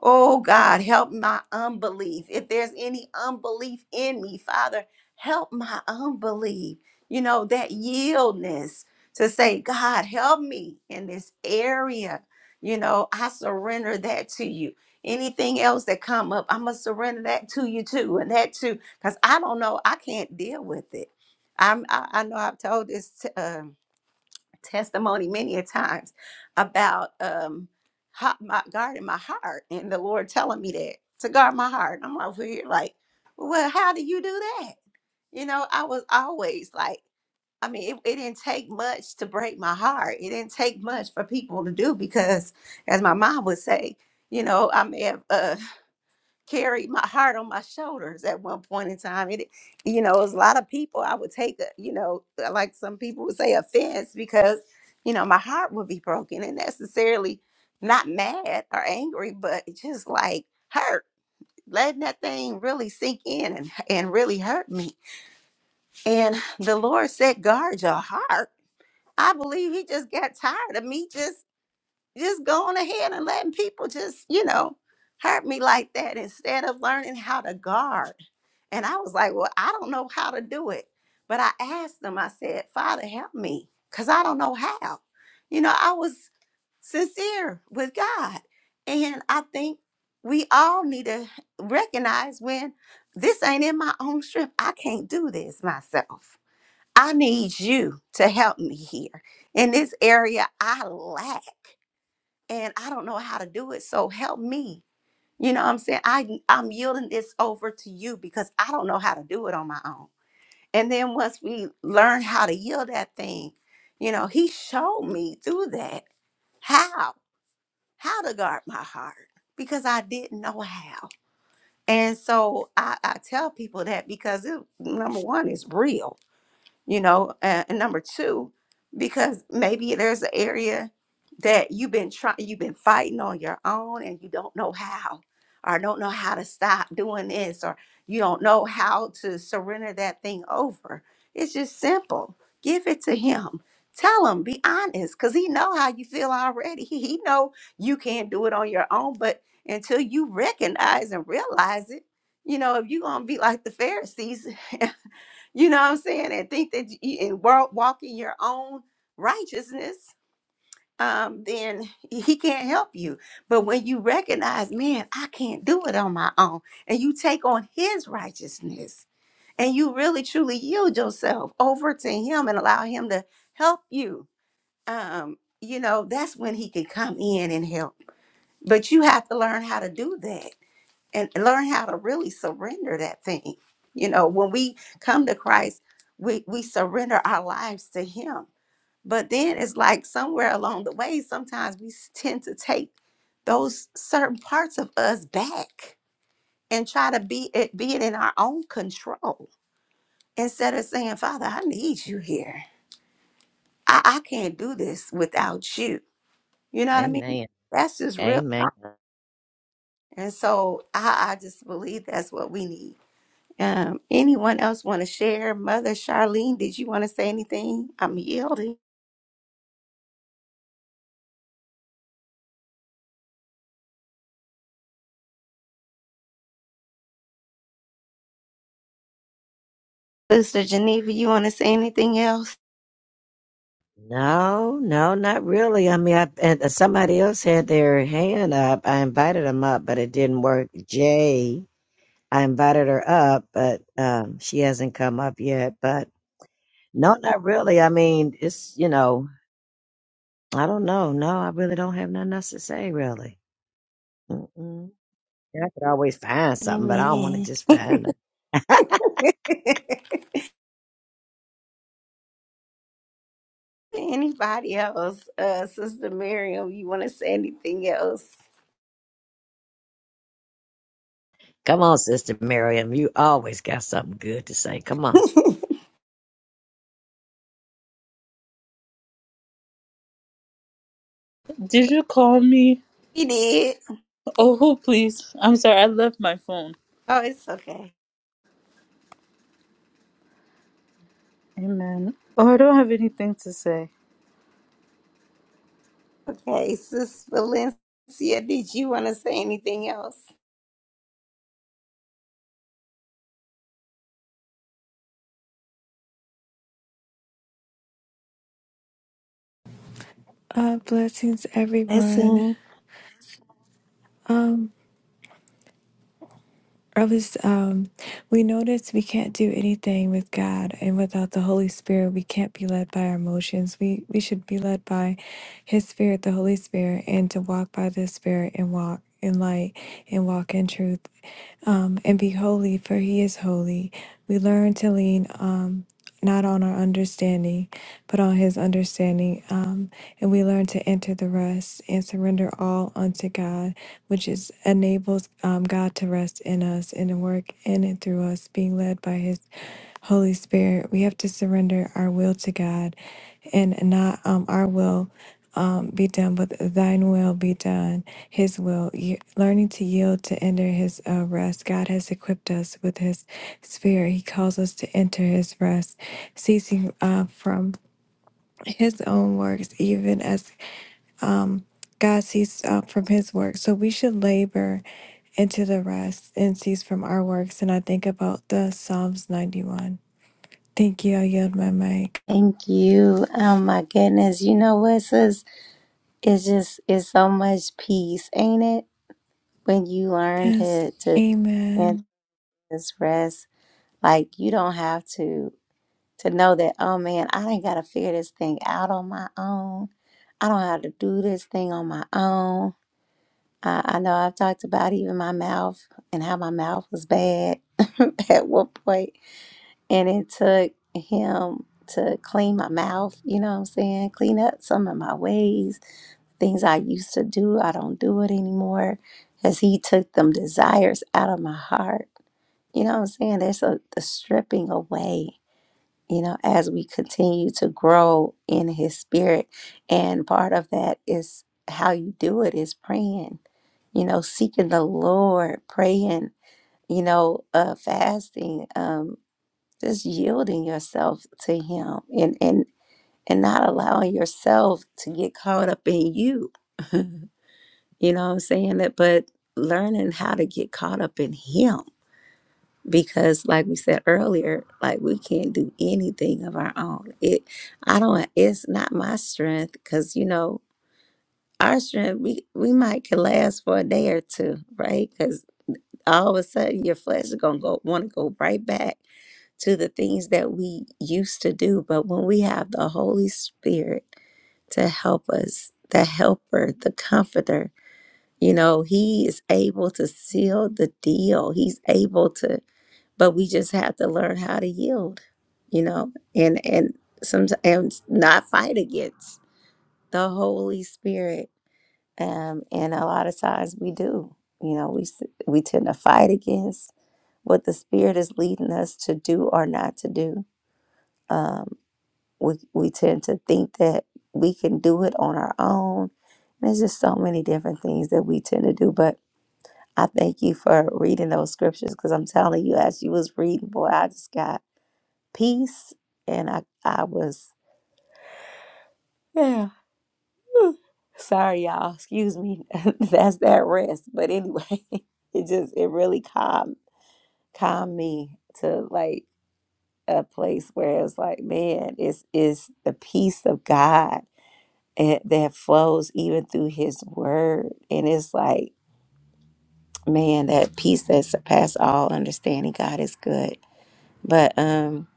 [SPEAKER 1] Oh God, help my unbelief. If there's any unbelief in me, Father, help my unbelief. You know, that yieldness to say, God, help me in this area. You know, I surrender that to you. Anything else that come up, I'm gonna surrender that to you too, and that too, because I don't know, I can't deal with it. I'm, I, I know I've told this testimony many a times about um how, my guarding my heart and the Lord telling me that to guard my heart. I'm over here like, well, how do you do that? You know, I was always like, I mean, it, it didn't take much to break my heart. It didn't take much for people to do because, as my mom would say, you know, I may have. uh, carried my heart on my shoulders at one point in time. It, you know, it was a lot of people I would take, a, you know, uh, like some people would say offense because, you know, my heart would be broken and necessarily not mad or angry, but it just like hurt, letting that thing really sink in and, and really hurt me. And the Lord said, guard your heart. I believe he just got tired of me just, just going ahead and letting people just, you know, hurt me like that instead of learning how to guard. And I was like, well, I don't know how to do it. But I asked them, I said, Father, help me, because I don't know how. You know, I was sincere with God. And I think we all need to recognize when this ain't in my own strength. I can't do this myself. I need you to help me here. In this area, I lack and I don't know how to do it. So help me. You know what I'm saying? I, I'm yielding this over to you because I don't know how to do it on my own. And then once we learn how to yield that thing, you know, he showed me through that how, how to guard my heart because I didn't know how. And so I, I tell people that because it, number one, it's real you know and, and number two because maybe there's an area that you've been trying you've been fighting on your own and you don't know how or don't know how to stop doing this or you don't know how to surrender that thing over it's just simple give it to him tell him be honest because he know how you feel already he, he know you can't do it on your own but until you recognize and realize it you know if you're gonna be like the pharisees you know what I'm saying, and think that you and wa- walk in world walking your own righteousness, um, then he can't help you. But when you recognize, man, I can't do it on my own, and you take on his righteousness and you really truly yield yourself over to him and allow him to help you, um, you know, that's when he can come in and help. But you have to learn how to do that and learn how to really surrender that thing. You know, when we come to Christ, we we surrender our lives to Him. But then it's like somewhere along the way, sometimes we s- tend to take those certain parts of us back and try to be it be it in our own control instead of saying, Father, I need you here. I, I can't do this without you. You know what I mean?
[SPEAKER 2] Amen.
[SPEAKER 1] That's just real.
[SPEAKER 2] Amen.
[SPEAKER 1] And so I, I just believe that's what we need Um, anyone else want to share? Mother Charlene, did you want to say anything? I'm yielding. Sister Geneva, you want to say anything else?
[SPEAKER 2] No, no, not really. I mean, I, and somebody else had their hand up. I invited them up, but it didn't work. Jay, I invited her up, but um, she hasn't come up yet. But no, not really. I mean, it's, you know, I don't know. No, I really don't have nothing else to say, really. Mm-mm. Yeah, I could always find something, but I don't want to
[SPEAKER 1] Amen.
[SPEAKER 2] just find nothing.
[SPEAKER 1] Anybody else? Uh, Sister Miriam, you want to say anything else?
[SPEAKER 2] Come on, Sister Miriam. You always got something good to say. Come on.
[SPEAKER 15] Did you call me?
[SPEAKER 1] He did.
[SPEAKER 15] Oh, please. I'm sorry. I left my phone.
[SPEAKER 1] Oh, it's okay.
[SPEAKER 15] Amen. Oh, I don't have anything to say.
[SPEAKER 1] Okay, Sister Valencia, did you want to say anything else?
[SPEAKER 14] Uh, blessings, everyone.
[SPEAKER 1] Blessing
[SPEAKER 14] Um, I was um, we notice we can't do anything with God and without the Holy Spirit. We can't be led by our emotions. We we should be led by His Spirit, the Holy Spirit, and to walk by the Spirit and walk in light and walk in truth. um, and be holy, for he is holy. We learn to lean um, not on our understanding, but on his understanding. Um, and we learn to enter the rest and surrender all unto God, which is enables um, God to rest in us in the work in and through us, being led by his Holy Spirit, we have to surrender our will to God and not um, our will um, be done, but thine will be done, his will. Ye- learning to yield to enter his uh, rest. God has equipped us with his spirit. He calls us to enter his rest, ceasing uh, from his own works, even as God ceased uh, from his work. So we should labor into the rest and cease from our works. And I think about the Psalms 91. Thank you. I yield my mic.
[SPEAKER 1] you. Oh my goodness. You know what, sis? It's just it's so much peace, ain't it? When you learn
[SPEAKER 14] Yes.
[SPEAKER 1] to to stand in
[SPEAKER 14] Amen.
[SPEAKER 1] this rest Like you don't have to to know that, oh man, I ain't gotta figure this thing out on my own. I don't have to do this thing on my own. I, I know I've talked about even my mouth and how my mouth was bad. And the Lord praying, you know, uh fasting, um, just yielding yourself to him and and and not allowing yourself to get caught up in you. You know what I'm saying? That but learning how to get caught up in him because like we said earlier like we can't do anything of our own it i don't it's not my strength because you know our strength we we might can last for a day or two right because all of a sudden your flesh is gonna go want to go right back to the things that we used to do but when we have the holy spirit to help us the helper the comforter you know he is able to seal the deal he's able to but we just have to learn how to yield you know and and sometimes not fight against the holy spirit um and a lot of times we do you know we s- we tend to fight against what the spirit is leading us to do or not to do um we we tend to think that we can do it on our own there's just so many different things that we tend to do but i thank you for reading those scriptures because i'm telling you as you was reading boy i just got peace. And I, I was, yeah. Sorry, y'all. Excuse me. That's that rest. But anyway, it just, it really calmed, calmed me to like a place where it's like, man, it's, it's the peace of God and that flows even through his word. And it's like, man, that peace that surpasses all understanding. God is good. But, um,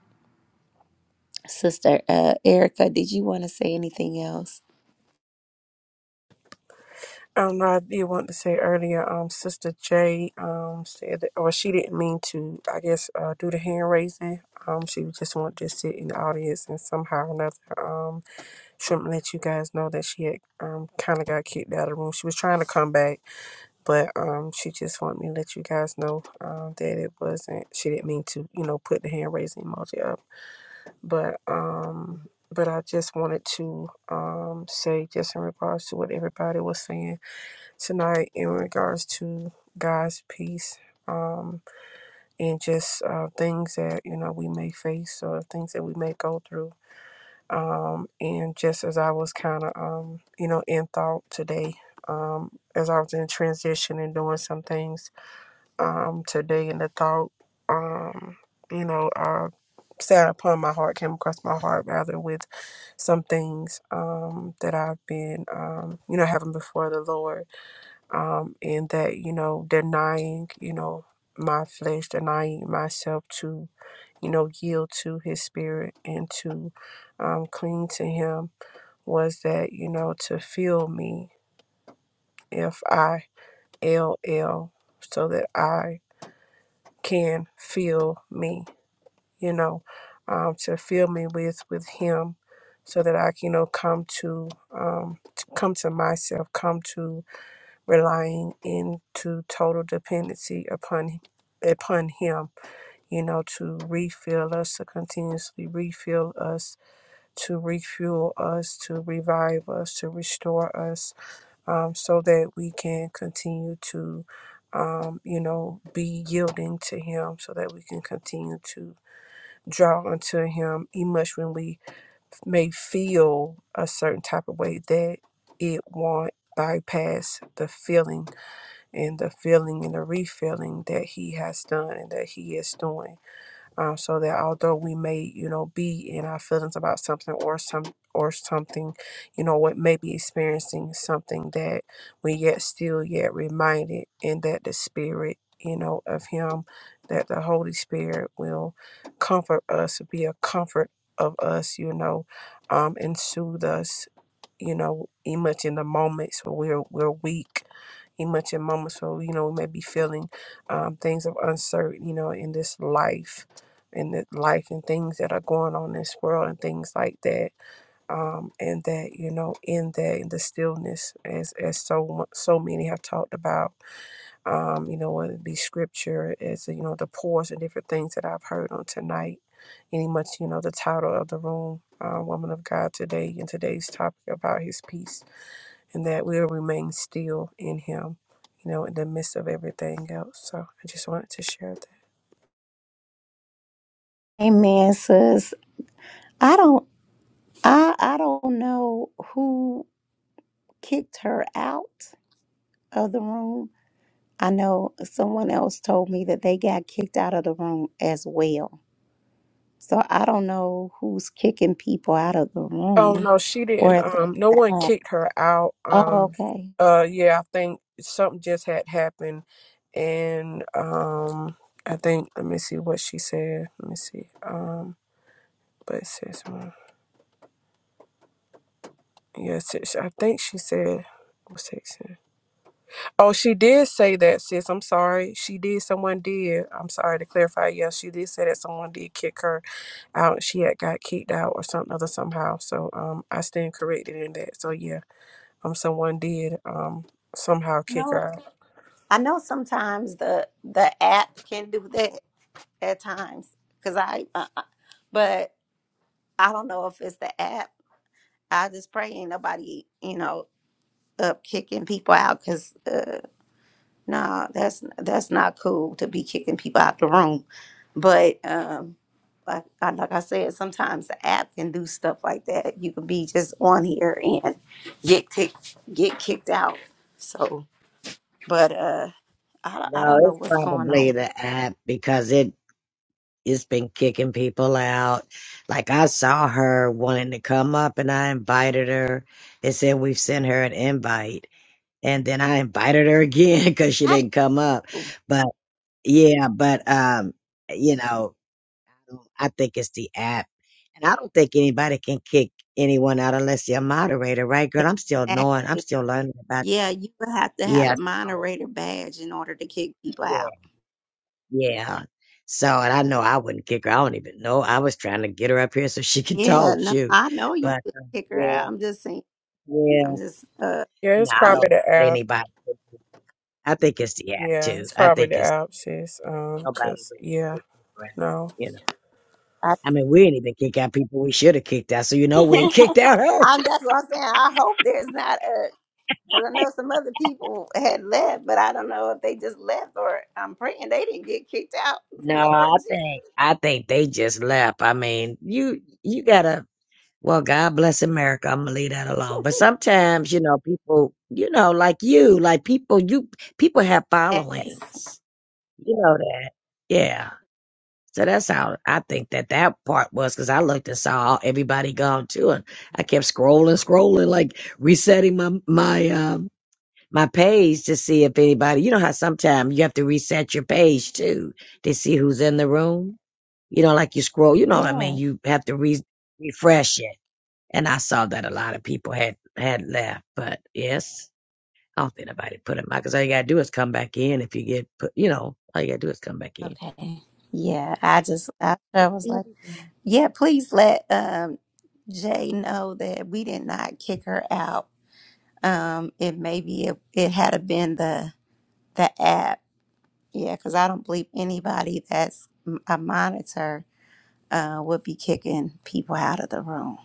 [SPEAKER 1] Sister uh, Erica, did you want to say anything else?
[SPEAKER 18] Um, I did want to say earlier, um, Sister J, um, said that, or she didn't mean to, I guess, uh, do the hand raising. Um, she just wanted to sit in the audience and somehow or another, um, shouldn't let you guys know that she had, um, kind of got kicked out of the room. She was trying to come back, but, um, she just wanted me to let you guys know, um, that it wasn't, she didn't mean to, you know, put the hand raising emoji up. But, um, but I just wanted to, um, say just in regards to what everybody was saying tonight in regards to God's peace um, and just uh, things that you know we may face or things that we may go through. Um, and just as I was kind of um, you know in thought today, um, as I was in transition and doing some things um, today, and the thought um, you know uh, sat upon my heart, came across my heart rather with some things um, that I've been um, you know having before the Lord um, and that you know denying you know my flesh denying myself to you know yield to his spirit and to um, cling to him was that you know to fill me if i L L so that i can feel me you know um, to fill me with with him so that i can you know come to um, to come to myself come to relying into total dependency upon upon him you know to refill us to continuously refill us to refuel us to revive us to restore us um, so that we can continue to um, you know be yielding to him so that we can continue to draw unto him even much when we may feel a certain type of way that it won't bypass the feeling and the filling and the refilling that he has done and that he is doing um, so that although we may you know be in our feelings about something or some or something you know what may be experiencing something that we yet still yet reminded and that the spirit you know of him that the holy spirit will comfort us be a comfort of us you know um, and soothe us you know, even much in the moments where we're we're weak, even much in moments where you know we may be feeling um, things of uncertain, you know, in this life, in the life and things that are going on in this world and things like that, um, and that you know, in that in the stillness, as as so mu- so many have talked about um, you know, whether it be scripture, as you know, the pores and different things that I've heard on tonight, any much, you know, the title of the room, uh, Woman of God today, and today's topic about his peace, and that we'll remain still in him, you know, in the midst of everything else. So I just wanted to share that.
[SPEAKER 1] Amen, sis. I don't I I don't know who kicked her out of the room. I know someone else told me that they got kicked out of the room as well. So I don't know who's kicking people out of the
[SPEAKER 18] Oh,
[SPEAKER 1] room
[SPEAKER 18] no, she
[SPEAKER 1] or
[SPEAKER 18] didn't.
[SPEAKER 1] at the,
[SPEAKER 18] Um, no
[SPEAKER 1] the
[SPEAKER 18] one
[SPEAKER 1] app.
[SPEAKER 18] kicked her out.
[SPEAKER 1] Oh,
[SPEAKER 18] Um,
[SPEAKER 1] okay.
[SPEAKER 18] uh, yeah, I think something just had happened, and um, I think, let me see what she said. Let me see. Um. But sis, mm, yeah, sis, I think she said what's texting. Oh, she did say that, sis. I'm sorry. She did. Someone did. I'm sorry to clarify. Yeah, she did say that someone did kick her out. She had got kicked out or something other somehow. So um, I stand corrected in that. So yeah, um, someone did um somehow kick her out.
[SPEAKER 1] I know sometimes the the app can do that at times cuz I uh, uh, but I don't know if it's the app. I just pray ain't nobody, you know, up kicking people out cuz No, that's that's not cool to be kicking people out the room. But um, like I, like I said, sometimes the app can do stuff like that. You can be just on here and get kicked get kicked out. So, but uh, I I
[SPEAKER 2] No,
[SPEAKER 1] don't know
[SPEAKER 2] it's
[SPEAKER 1] what's going on
[SPEAKER 2] probably
[SPEAKER 1] with
[SPEAKER 2] the app because it it's been kicking people out. Like I saw her wanting to come up and I invited her. It said we've sent her an invite. And then I invited her again because she didn't come up.
[SPEAKER 1] Google.
[SPEAKER 2] But yeah, but um, you know, I think it's the app. And I don't think anybody can kick anyone out unless you're a moderator, right, girl? I'm still
[SPEAKER 1] That.
[SPEAKER 2] knowing, I'm still learning about
[SPEAKER 1] Yeah, you would have to have a
[SPEAKER 2] Yeah, so
[SPEAKER 1] moderator badge in order to kick people
[SPEAKER 2] yeah,
[SPEAKER 1] out.
[SPEAKER 2] yeah. So, and I know I wouldn't kick her. I don't even know. I was trying to get her up here so she could
[SPEAKER 1] Yeah,
[SPEAKER 2] talk,
[SPEAKER 1] no,
[SPEAKER 2] shoot.
[SPEAKER 1] I know you
[SPEAKER 2] But
[SPEAKER 1] could
[SPEAKER 2] uh,
[SPEAKER 1] kick her
[SPEAKER 2] yeah,
[SPEAKER 1] out. I'm just saying. I'm
[SPEAKER 2] yeah.
[SPEAKER 1] just uh,
[SPEAKER 18] Yeah,
[SPEAKER 2] No,
[SPEAKER 18] it's
[SPEAKER 2] I
[SPEAKER 1] yeah.
[SPEAKER 2] don't
[SPEAKER 18] probably the
[SPEAKER 2] think that
[SPEAKER 18] app.
[SPEAKER 2] anybody. would do- I think it's the app
[SPEAKER 18] Yeah,
[SPEAKER 2] too.
[SPEAKER 18] it's
[SPEAKER 2] I
[SPEAKER 18] probably the
[SPEAKER 2] think it's
[SPEAKER 18] app, sis. Um,
[SPEAKER 2] nobody
[SPEAKER 18] cause
[SPEAKER 2] would,
[SPEAKER 18] yeah,
[SPEAKER 2] would kick her out,
[SPEAKER 18] no.
[SPEAKER 2] you know. I mean, we didn't even kick out people we should have kicked out, so you know we
[SPEAKER 1] I,
[SPEAKER 2] ain't kicked out her.
[SPEAKER 1] I'm that's what I'm saying. I hope there's not a because I know some other people had left, but I don't know if they just left or I'm praying they didn't get kicked out.
[SPEAKER 2] No,
[SPEAKER 1] Lord
[SPEAKER 2] I
[SPEAKER 1] Jesus.
[SPEAKER 2] think I think they just left. I mean, you you gotta Well, God bless America. I'm gonna leave that alone. But sometimes, you know, people, you know, like you, like people, you people have followings. You know that, yeah. So that's how I think that that part was because I looked and saw everybody gone too, and I kept scrolling, scrolling, like resetting my my um my page to see if anybody. You know how sometimes you have to reset your page too to see who's in the room. You know, like you scroll. You
[SPEAKER 1] Yes.
[SPEAKER 2] know what I mean?
[SPEAKER 1] Yeah.
[SPEAKER 2] You have to re- refresh it and I saw that a lot of people had had left, but yes, I don't think nobody put them out because all you gotta do is come back in. If you get put, you know, all you gotta do is come back in.
[SPEAKER 1] Okay. Yeah. I just I, I was
[SPEAKER 2] Yeah.
[SPEAKER 1] like, yeah, please let um Jay know that we did not kick her out. Um, it maybe it, it had have been the the app. Yeah, because I don't believe anybody that's a monitor uh, would be kicking people out of the room.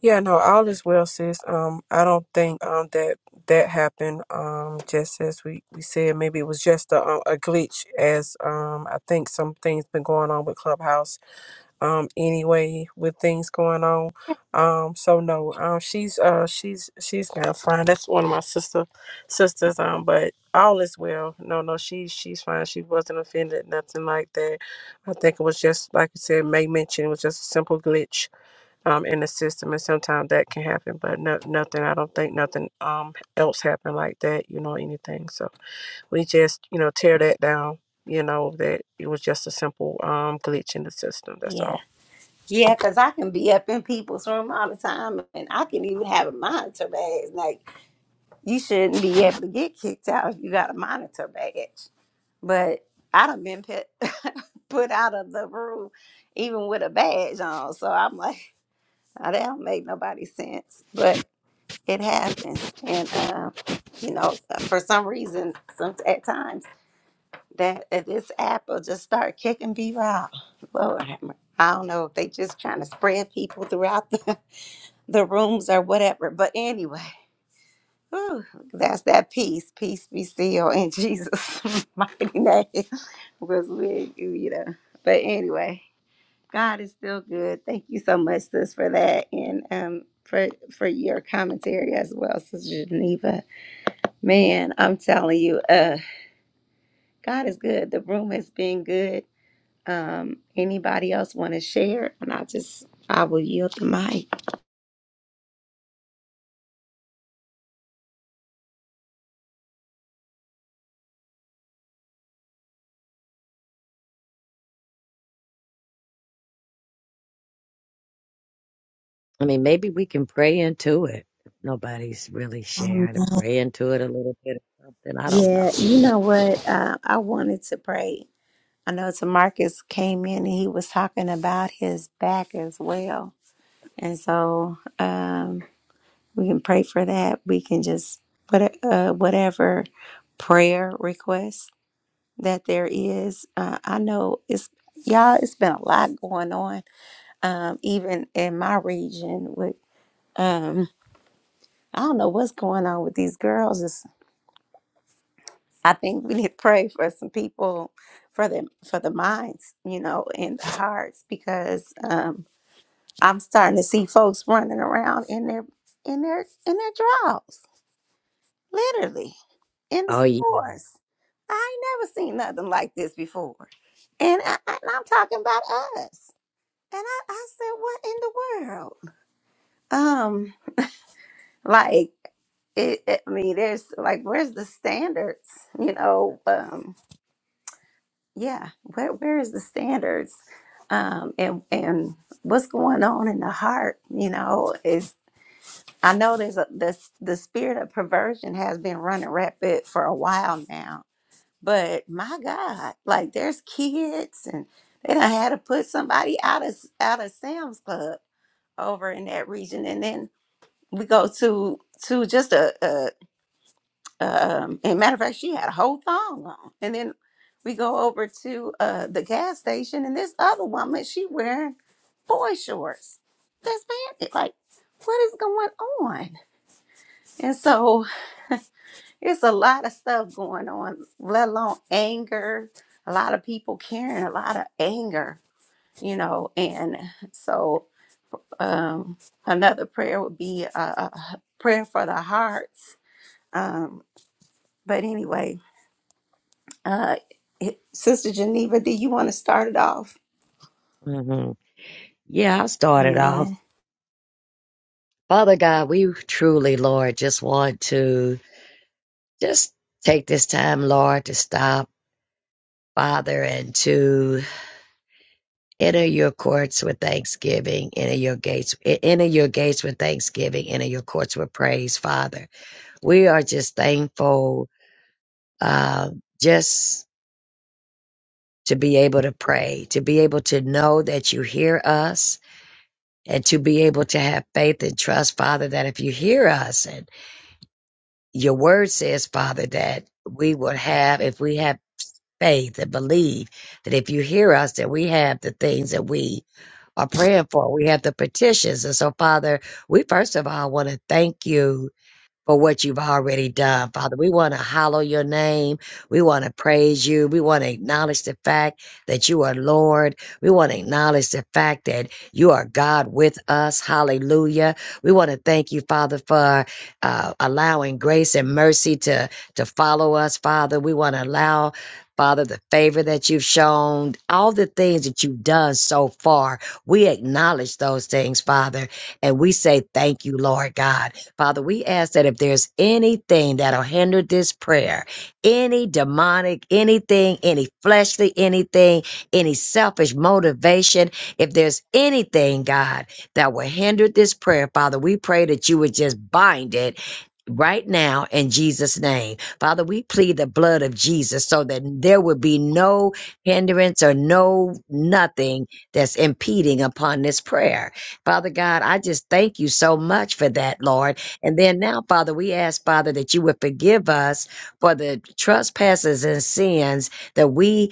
[SPEAKER 18] Yeah, no, all is well, sis. Um, I don't think um that that happened. Um, just as we we said, maybe it was just a a glitch. As um, I think some things been going on with Clubhouse. Um, anyway, with things going on. Um, so no. Um, she's uh she's she's now fine. That's one of my sister sisters. Um, but all is well. No, no, she she's fine. She wasn't offended, nothing like that. I think it was just like you said, May mentioned, it was just a simple glitch um, in the system, and sometimes that can happen. But no, nothing. I don't think nothing um else happened like that. You know anything? So we just you know tear that down. You know that it was just a simple um glitch in the system. That's
[SPEAKER 1] Yeah.
[SPEAKER 18] all.
[SPEAKER 1] Yeah, 'cause I can be up in people's room I'm and monitor badge, But I done been put, put out of the room even with a badge on. So I'm like, "Oh, that don't make nobody sense. But it happens. And, uh, you know, for some reason, some at times, that, that this app will just start kicking people out. Lord, have mercy. I don't know if they just trying to spread people throughout the, the rooms or whatever. But anyway, that's the peace. Peace be still in Jesus' mighty name. was with you, you know. Anyway, God is still good. Thank you so much, sis, for that, for for your comments as well, sis. Man, I'm telling.
[SPEAKER 2] I mean, maybe we can pray into it. Nobody's really
[SPEAKER 1] Amen.
[SPEAKER 2] sharing to pray into it a little bit or something. I don't
[SPEAKER 1] Yeah,
[SPEAKER 2] know.
[SPEAKER 1] you know what? Uh, I wanted to pray. I know Tamarcus came in and he was talking about his back as well, and so um, we can pray for that. We can just what uh, whatever prayer request that there is. Uh, I know it's y'all. It's been a lot going on um, even in my region with um, I don't know what's going on with these girls. It's, I think we need to pray for some people for them for the minds, you know, and the heart, because I'm starting to see folks running around in their their- in their dr- litter in the
[SPEAKER 2] Oh yeah,
[SPEAKER 1] store. Never seen nothing like this before, and, I, and I'm talking about us. I said, what in the world? Um, like it, it- I mean, there's like, where's the standard? yeah where where is the standards um and and what's going on in the heart you know is i know there's a this the spirit of perversion has been running rampant for a while now but my god like there's kids and they done had to put somebody out of out of sam's club over in that region and then we go to to just a, a um and matter of fact she had a whole thong on and then we go over to uh the gas station and this other woman she wearing boy shorts that's bandit like what is going on and so it's a lot of stuff going on let alone anger a lot of people carrying a lot of anger you know and so um another prayer would be uh, a prayer for the hearts um but anyway uh sister geneva do you want to start it off
[SPEAKER 2] hmm yeah. I started
[SPEAKER 1] Amen.
[SPEAKER 2] off, Father God, we truly, Lord, just want to just take this time, Lord, to stop, Father, and to Enter your courts with thanksgiving. Enter your gates. e- Enter your gates with thanksgiving. Enter your courts with praise, Father. We are just thankful, uh, just to be able to pray, to be able to know that you hear us, and to be able to have faith and trust, Father, that if you hear us, and your word says, Father, that we will have, if we have faith and believe that if you hear us, that we have the things that we are praying for. We have the petitions. And so, Father, we first of all want to thank you for what you've already done, Father. We want to hallow your name. We want to praise you. We want to acknowledge the fact that you are Lord. We want to acknowledge the fact that you are God with us. Hallelujah. We want to thank you, Father, for uh, allowing grace and mercy to, to follow us, Father. We want to allow Father, the favor that you've shown, all the things that you've done so far, we acknowledge those things, Father, and we say thank you, Lord God. Father, we ask that if there's anything that'll hinder this prayer, any demonic, anything, any fleshly, anything, any selfish motivation, if there's anything, God, that will hinder this prayer, Father, we pray that you would just bind it right now in Jesus' name. Father, we plead the blood of Jesus so that there would be no hindrance or no nothing that's impeding upon this prayer. Father God, I just thank you so much for that, Lord. And then now, Father, we ask, Father, that you would forgive us for the trespasses and sins that we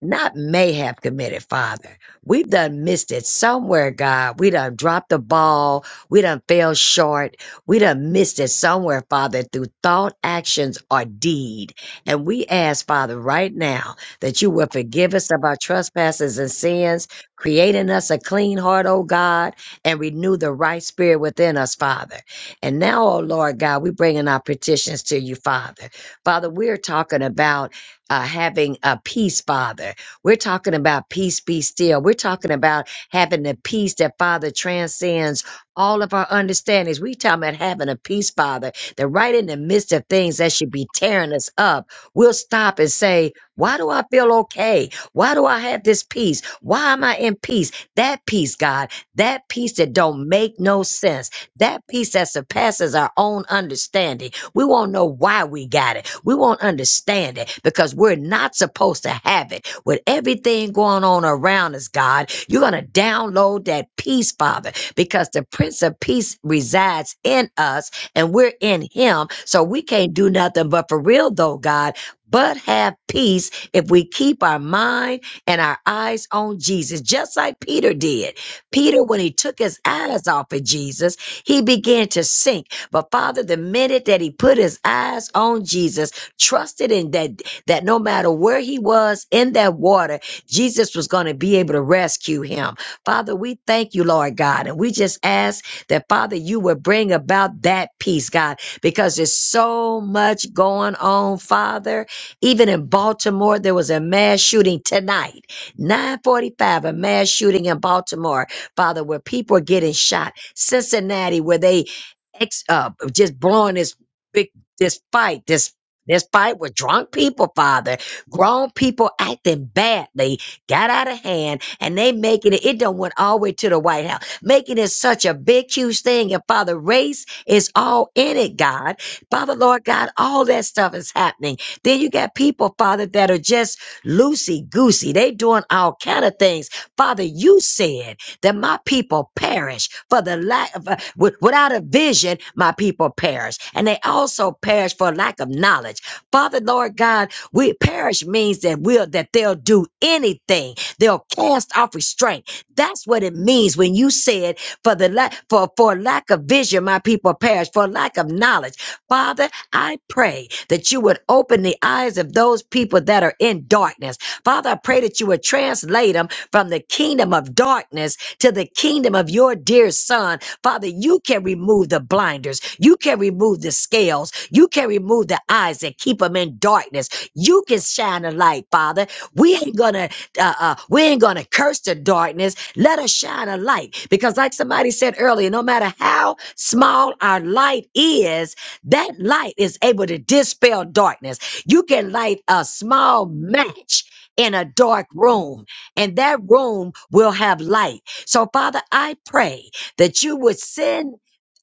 [SPEAKER 2] not may have committed, Father. We've done missed it somewhere, God. We done dropped the ball. We done fell short. We done missed it somewhere, Father, through thought, actions, or deed. And we ask, Father, right now that you will forgive us of our trespasses and sins, create in us a clean heart, O God, and renew the right spirit within us, Father. And now, O Lord God, we bringing our petitions to you, Father. Father, we're talking about uh, having a peace, Father. We're talking about peace be still. We're talking about having the peace that, Father, transcends all of our understandings. we talking about having a peace, Father, that right in the midst of things that should be tearing us up, we'll stop and say, Why do I feel okay? Why do I have this peace? Why am I in peace? That peace, God, that peace that don't make no sense, that peace that surpasses our own understanding. We won't know why we got it we won't understand it because we're not supposed to have it. With everything going on around us, God, you're going to download that peace, Father, because the Prince of Peace resides in us and we're in Him. So we can't do nothing but for real, though, God. But have peace if we keep our mind and our eyes on Jesus, just like Peter did. Peter, when he took his eyes off of Jesus, he began to sink. But Father, the minute that he put his eyes on Jesus, trusted in that that no matter where he was in that water, Jesus was going to be able to rescue him. Father, we thank you, Lord God, and we just ask that Father, you would bring about that peace, God, because there's so much going on, Father. Even in Baltimore, there was a mass shooting tonight, 9:45, a mass shooting in Baltimore, Father, where people are getting shot. Cincinnati, where they ex- uh, just blowing this big this fight, this there's fight with drunk people, Father. Grown people acting badly, got out of hand, and they making it, it done went all the way to the White House, making it such a big, huge thing. And Father, race is all in it, God. Father, Lord God, all that stuff is happening. Then you got people, Father, that are just loosey goosey. They doing all kind of things. Father, you said that my people perish for the lack of, uh, wi- without a vision, my people perish. And they also perish for lack of knowledge. Father, Lord God, we perish means that we'll, that they'll do anything. They'll cast off restraint. That's what it means when you said for the lack, for, for lack of vision, my people perish for lack of knowledge. Father, I pray that you would open the eyes of those people that are in darkness. Father, I pray that you would translate them from the kingdom of darkness to the kingdom of your dear son. Father, you can remove the blinders. You can remove the scales. You can remove the eyes that keep them in darkness. You can shine a light, Father. We ain't gonna, uh, uh, we ain't gonna curse the darkness. Let us shine a light because like somebody said earlier, no matter how small our light is, that light is able to dispel darkness. You can light a small match in a dark room and that room will have light. So, Father, I pray that you would send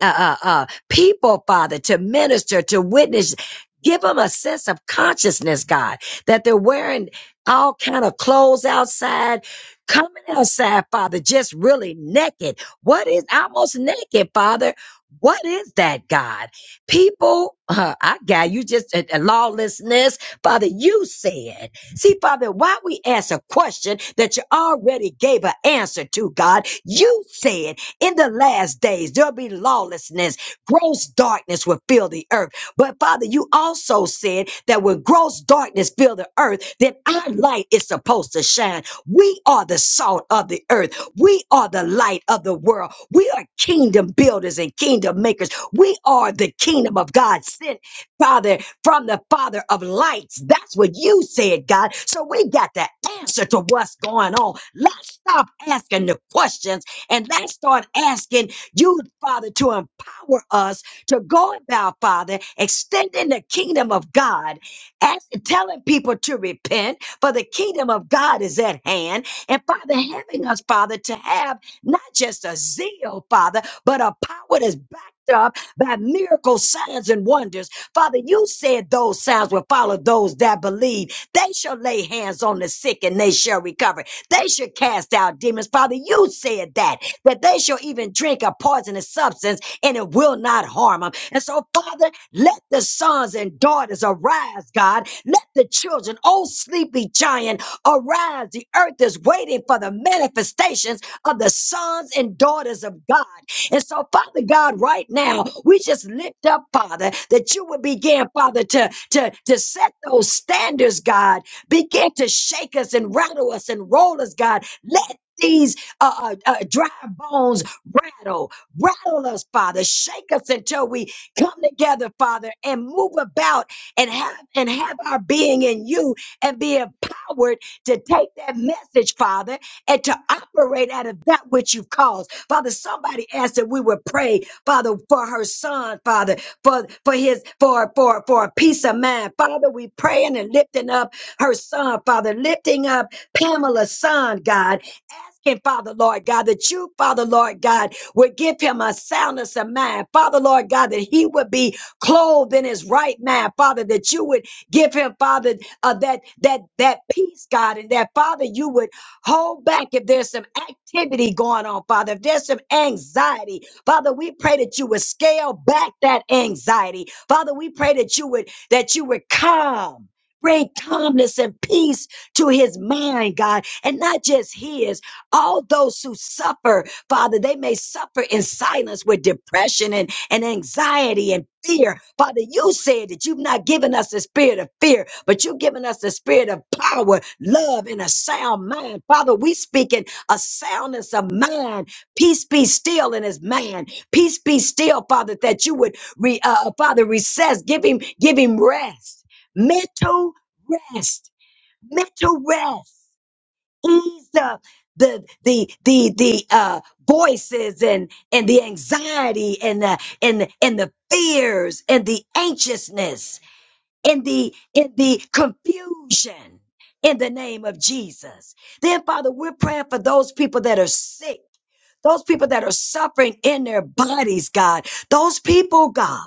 [SPEAKER 2] uh, uh, uh, people, Father, to minister, to witness. Give them a sense of consciousness, God, that they're wearing all kind of clothes outside, coming outside, Father, just really naked. What is almost naked, Father? What is that, God? People, uh, I got you just uh, uh, lawlessness, Father. You said. See, Father, why we ask a question that you already gave an answer to, God. You said in the last days there'll be lawlessness, gross darkness will fill the earth. But Father, you also said that when gross darkness fill the earth, then our light is supposed to shine. We are the salt of the earth. We are the light of the world. We are kingdom builders and kingdom makers. We are the kingdom of God sent, Father, from the Father of lights. That's what you said, God. So we got the answer to what's going on. Let's stop asking the questions and let's start asking you, Father, to empower us to go about, Father, extending the kingdom of God, as, telling people to repent, for the kingdom of God is at hand. And Father, having us, Father, to have not just a zeal, Father, but a power that's backed up by miracle signs and wonders Father, you said those signs will follow those that believe. They shall lay hands on the sick and they shall recover. They shall cast out demons. Father, you said that, that they shall even drink a poisonous substance and it will not harm them. And so, Father, let the sons and daughters arise, God. Let the children, oh sleepy giant, arise. The earth is waiting for the manifestations of the sons and daughters of God. And so, Father God, right now, we just lift up, Father, that you would begin, Father, to, to, to set those standards, God, begin to shake us and rattle us and roll us, God. Let these uh, uh, uh, dry bones rattle, rattle us, Father. Shake us until we come together, Father, and move about and have and have our being in you and be empowered to take that message, Father, and to operate out of that which you've caused. Father, somebody asked that we would pray, Father, for her son, Father, for, for his, for, for, for a peace of mind. Father, we praying and lifting up her son, Father, lifting up Pamela's son, God, asking, Father, Lord God, that you, Father, Lord God, would give him a soundness of mind. Father, Lord God, that he would be clothed in his right mind. Father, that you would give him, Father, uh, that that that peace, God, and that Father, you would hold back if there's some activity going on, Father. If there's some anxiety, Father, we pray that you would scale back that anxiety. Father, we pray that you would that you would calm. Bring calmness and peace to his mind, God, and not just his all those who suffer, Father, they may suffer in silence with depression and, and anxiety and fear. Father, you said that you've not given us the spirit of fear, but you've given us the spirit of power, love, and a sound mind. Father, we speaking a soundness of mind. Peace be still in his mind. Peace be still, Father, that you would, re, uh, uh, Father, recess, give him, give him rest, mental rest, mental rest ease up the the the the uh voices and and the anxiety and the and and the fears and the anxiousness and the and the confusion in the name of Jesus. Then Father, we're praying for those people that are sick. Those people that are suffering in their bodies, God. Those people, God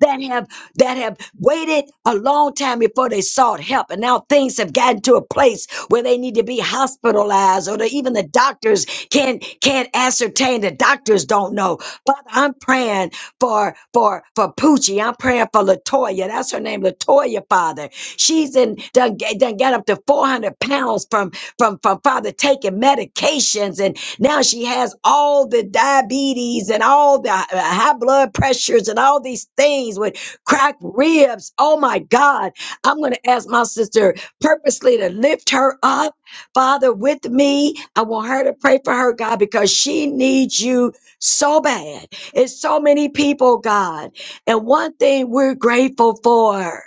[SPEAKER 2] that have that have waited a long time before they sought help and now things have gotten to a place where they need to be hospitalized or the, even the doctors can't can't ascertain the doctors don't know father i'm praying for for for poochie i'm praying for latoya that's her name latoya father she's in done, ga- done got up to 400 pounds from from from father taking medications and. Now she has all the diabetes and all the uh, high blood pressures and all these things with cracked ribs. Oh my God. I'm going to ask my sister purposely to lift her up, Father, with me. I want her to pray for her, God, because she needs you so bad. It's so many people, God. And one thing we're grateful for.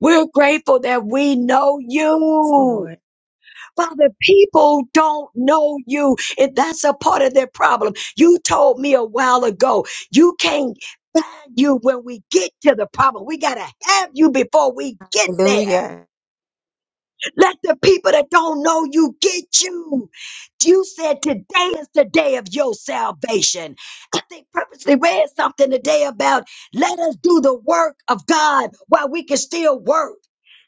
[SPEAKER 2] We're grateful that we know
[SPEAKER 1] Yes,
[SPEAKER 2] you.
[SPEAKER 1] Lord.
[SPEAKER 2] Father, people don't know you, and that's a part of their problem. You told me a while ago, you can't find you when we get to the problem. We got to have you before we get there.
[SPEAKER 1] Hallelujah.
[SPEAKER 2] Let the people that don't know you get you. You said today is the day of your salvation. I think purposely read something today about let us do the work of God while we can still work.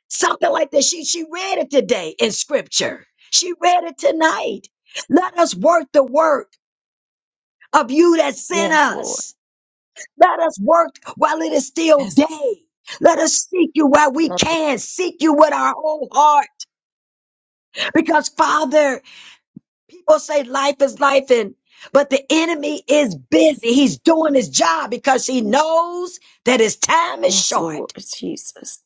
[SPEAKER 2] Something like that. She she read it today in scripture. She read it tonight. Let us work the work of you that sent
[SPEAKER 1] Yes, Lord.
[SPEAKER 2] us. Let us work while it is still
[SPEAKER 1] Yes,
[SPEAKER 2] day. Let us seek you while we
[SPEAKER 1] Lord.
[SPEAKER 2] can. Seek you with our whole heart. Because Father, People say life is life and but the enemy is busy. He's doing his job because he knows that his time is
[SPEAKER 1] Yes, Lord.
[SPEAKER 2] short.
[SPEAKER 1] Jesus.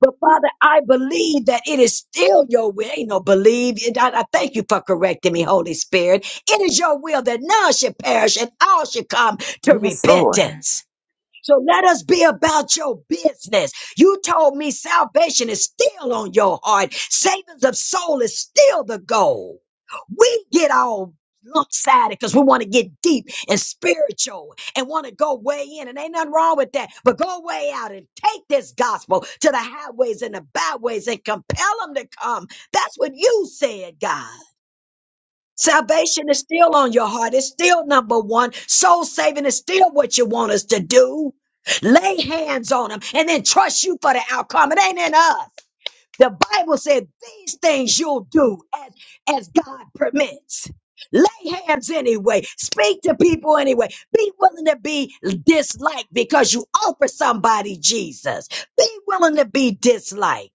[SPEAKER 2] But Father, I believe that it is still your will. Ain't no believe. And I, I thank you for correcting me, Holy Spirit. It is your will that none should perish and all should come to
[SPEAKER 1] Yes, Lord.
[SPEAKER 2] repentance. So let us be about your business. You told me salvation is still on your heart. Savings of soul is still the goal. We get all lopsided because we want to get deep and spiritual and want to go way in. And ain't nothing wrong with that. But go way out and take this gospel to the highways and the byways and compel them to come. That's what you said, God. Salvation is still on your heart. It's still number one. Soul saving is still what you want us to do. Lay hands on them and then trust you for the outcome. It ain't in us. The Bible said these things you'll do as, as God permits. Lay hands anyway. Speak to people anyway. Be willing to be disliked because you offer somebody Jesus. Be willing to be disliked.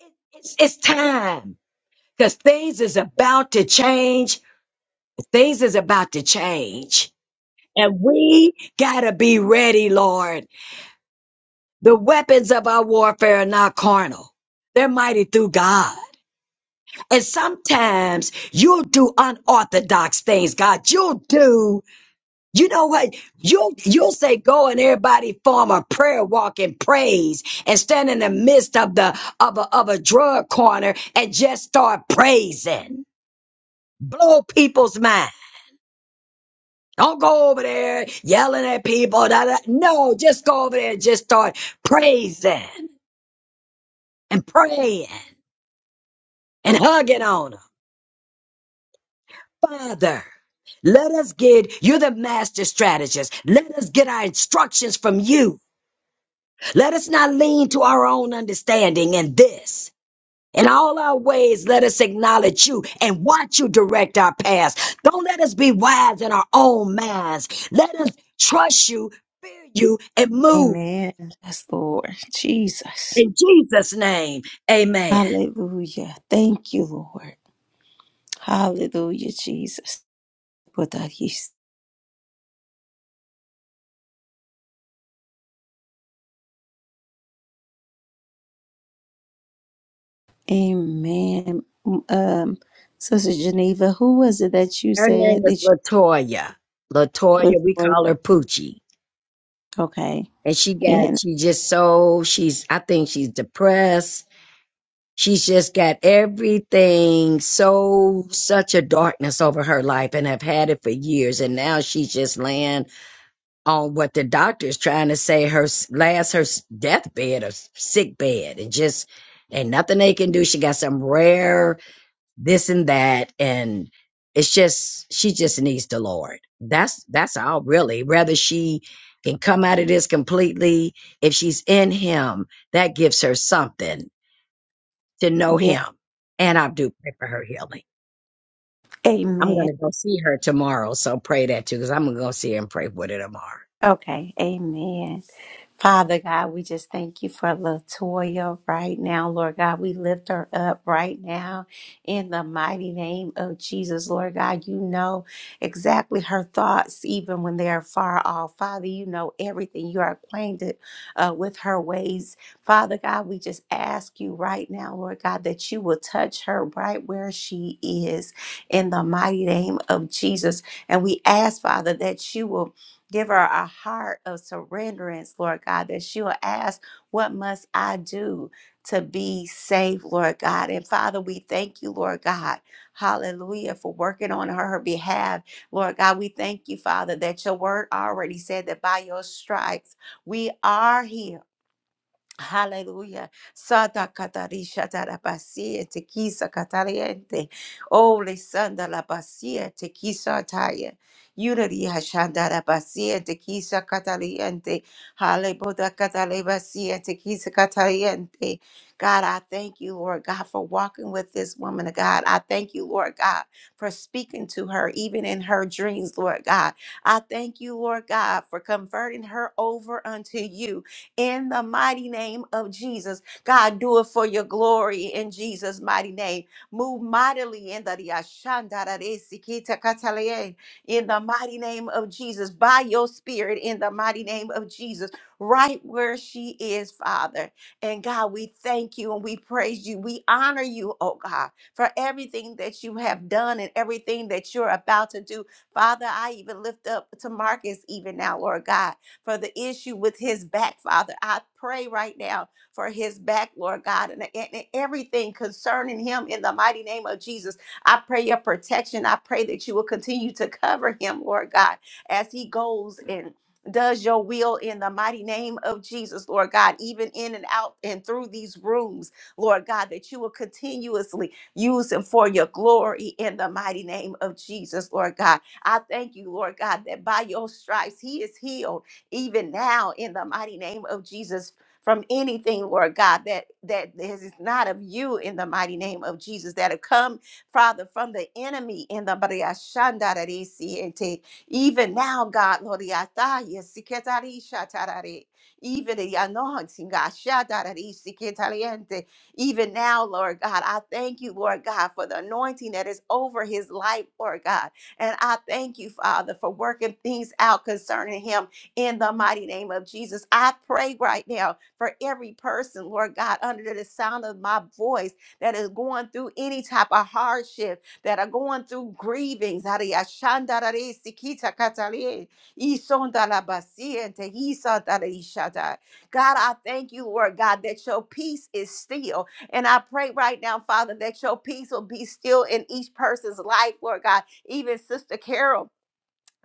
[SPEAKER 2] It- It's, it's time because things is about to change Things is about to change. And we gotta be ready, Lord. The weapons of our warfare are not carnal. They're mighty through God. And sometimes you'll do unorthodox things, God. You'll do, you know what? You'll, you'll say, go and everybody form a prayer walk and praise and stand in the midst of the, of a, of a drug corner and just start praising. Blow people's minds. Don't go over there yelling at people. da, da. No, just go over there and just start praising and praying and hugging on them. Father, let us get, you're the master strategist. Let us get our instructions from you. Let us not lean to our own understanding in this. In all our ways, let us acknowledge you and watch you direct our paths. Don't let us be wise in our own minds. Let us trust you, fear you, and move.
[SPEAKER 1] Amen. Yes, Lord. Jesus.
[SPEAKER 2] In Jesus' name, amen.
[SPEAKER 1] Hallelujah. Thank you, Lord. Hallelujah, Jesus. For that he's. Amen. Um, Sister Geneva, who was it that you
[SPEAKER 2] Her
[SPEAKER 1] said
[SPEAKER 2] name
[SPEAKER 1] that
[SPEAKER 2] is
[SPEAKER 1] you
[SPEAKER 2] Latoya.
[SPEAKER 1] looked
[SPEAKER 2] Latoya, we
[SPEAKER 1] for?
[SPEAKER 2] call her Poochie.
[SPEAKER 1] Okay.
[SPEAKER 2] And she got,
[SPEAKER 1] And
[SPEAKER 2] she just so, she's, I think she's depressed. She's just got everything so, such a darkness over her life and have had it for years. And now she's just laying on what the doctor is trying to say her s- last, her s- deathbed or s- sick bed. And just, ain't nothing they can do. She got some rare this and that and it's just she just needs the lord that's that's all really whether she can come out of this completely if she's in him that gives her something to know him and i do pray for her healing i'm going
[SPEAKER 1] amen.
[SPEAKER 2] to go see her tomorrow so pray that too because i'm going to go see her and pray with her tomorrow
[SPEAKER 1] Okay. Amen. Father God, we just thank you for Latoya right now, Lord God. We lift her up right now in the mighty name of Jesus, Lord God. You know exactly her thoughts, even when they are far off. Father, you know everything. You are acquainted uh, with her ways. Father God, we just ask you right now, Lord God, that you will touch her right where she is in the mighty name of Jesus. And we ask, Father, that you will Give her a heart of surrenderance, Lord God, that she'll ask, What must I do to be saved, Lord God? And Father, we thank you, Lord God. Hallelujah, for working on her, her behalf. Lord God, we thank you, Father, that your word already said that by your stripes we are healed. Hallelujah. Sada katarisha tarabasi tekisa kataliente. Oh, le siete kisa kataliente. Basia tekisa Jesus' mighty name. Move mightily in the Yashandarare-sikita-katalaye, in the mighty name of Jesus, by your spirit, in the mighty name of Jesus, right where she is, Father. And God, we thank you and we praise you. We honor you, oh God, for everything that you have done and everything that you're about to do. Father, I even lift up to Marcus even now, Lord God, for the issue with his back, Father. I pray right now for his back, Lord God, and, and everything concerning him in the mighty name of Jesus. I pray your protection. I pray that you will continue to cover him, Lord God, as he goes and does your will in the mighty name of Jesus, Lord God, even in and out and through these rooms, Lord God, that you will continuously use him for your glory in the mighty name of Jesus, Lord God. I thank you, Lord God, that by your stripes he is healed even now in the mighty name of Jesus from anything, Lord God, that that is not of you in the mighty name of Jesus, that have come, Father, from the enemy in the Maria Shanda da Dee Si even now, God, Lord, I thank you, Si even the anointing, God, Sha Da Si even now, Lord God, I thank you, Lord God, for the anointing that is over his life, Lord God. And I thank you, Father, for working things out concerning him in the mighty name of Jesus. I pray right now for every person, Lord God, under the sound of my voice that is going through any type of hardship, that are going through grievings. Ari ashanda rare sikita katale, isonda la basiente, isonda la God, I thank you, Lord God, that your peace is still. And I pray right now, Father, that your peace will be still in each person's life, Lord God. Even Sister Carol,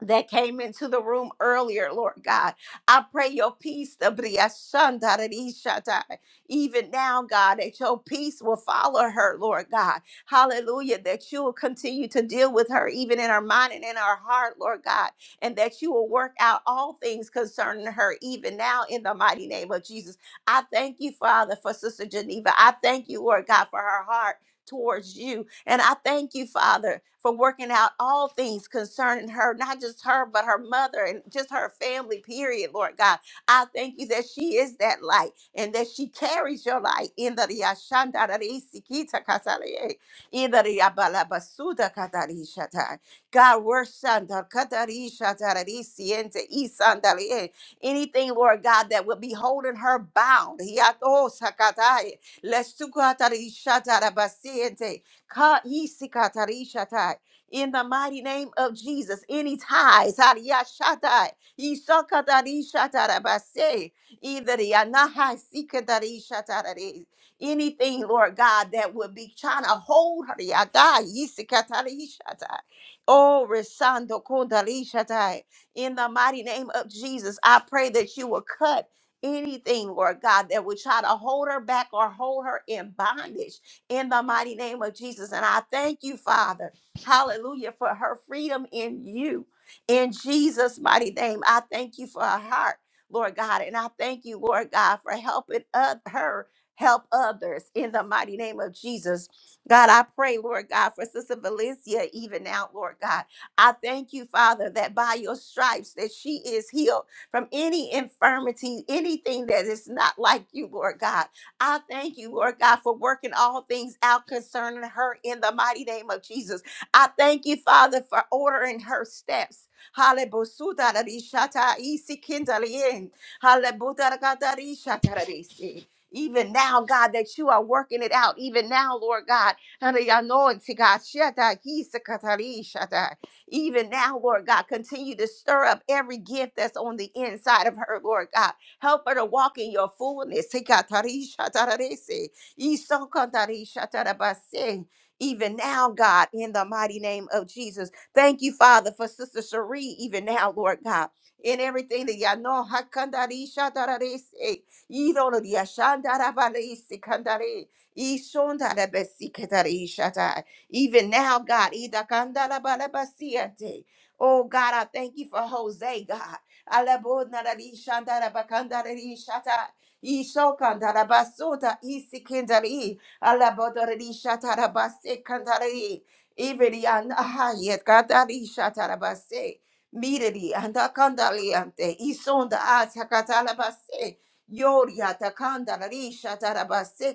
[SPEAKER 1] that came into the room earlier, Lord God. I pray your peace, the Briashandarishata, even now, God, that your peace will follow her, Lord God. Hallelujah, that you will continue to deal with her, even in her mind and in her heart, Lord God, and that you will work out all things concerning her, even now, in the mighty name of Jesus. I thank you, Father, for Sister Geneva. I thank you, Lord God, for her heart towards you. And I thank you, Father, for working out all things concerning her, not just her, but her mother and just her family, period, Lord God. I thank you that she is that light and that she carries your light in the Riashandararisikita Kasalaye, in the Riabalabasuda Katarishatai. God, we're Shandar Katarishatarisiyente Isandalaye. anything, Lord God, that will be holding her bound. Hiato Sakatai. Lesukatarishatarabasiente. Ka- isikatarishatai. In the mighty name of Jesus, any ties, hariyashatai, isakatarishatarabase, either the anahasikatarishatarai, anything, Lord God, that would be trying to hold her, hariyadai, isikatarishatai. Oh, Resando Kondarishatai. In the mighty name of Jesus, I pray that you will cut. Anything, Lord God, that would try to hold her back or hold her in bondage in the mighty name of Jesus. And I thank you, Father, hallelujah, for her freedom in you. In Jesus' mighty name, I thank you for her heart, Lord God. And I thank you, Lord God, for helping oth- her help others in the mighty name of Jesus. God, I pray, Lord God, for Sister Valencia even now, Lord God. I thank you, Father, that by your stripes that she is healed from any infirmity, anything that is not like you, Lord God. I thank you, Lord God, for working all things out concerning her in the mighty name of Jesus. I thank you, Father, for ordering her steps. Hale bosuda da di shata isi kindalien. Hale buda da ga da di shata da di si. Even now, God, that you are working it out. Even now, Lord God, and the anointing, God, shata isi katari shata. Even now, Lord God, continue to stir up every gift that's on the inside of her, Lord God. Help her to walk in your fullness. Sikatarishatararese, isokantarishatarabase. Even now, God, in the mighty name of Jesus. Thank you, Father, for Sister Cherie, even now, Lord God. In everything that y'all know, hakandarishatararese, irorodiashandarabalese kandare, ishondarabesiketarishata. Even now, God, Idakandalabalabasiate. oh God, I thank you for Jose, God. Alabodnaralishandalabakandalishata. Ishokandalabasuta isikindali. Alabodorelishadarabasekandali. Even Yanahayet Kadarishatarabase. Mirili andakandaliante. Isonda atakatalabase. Yori atakandalishatarabase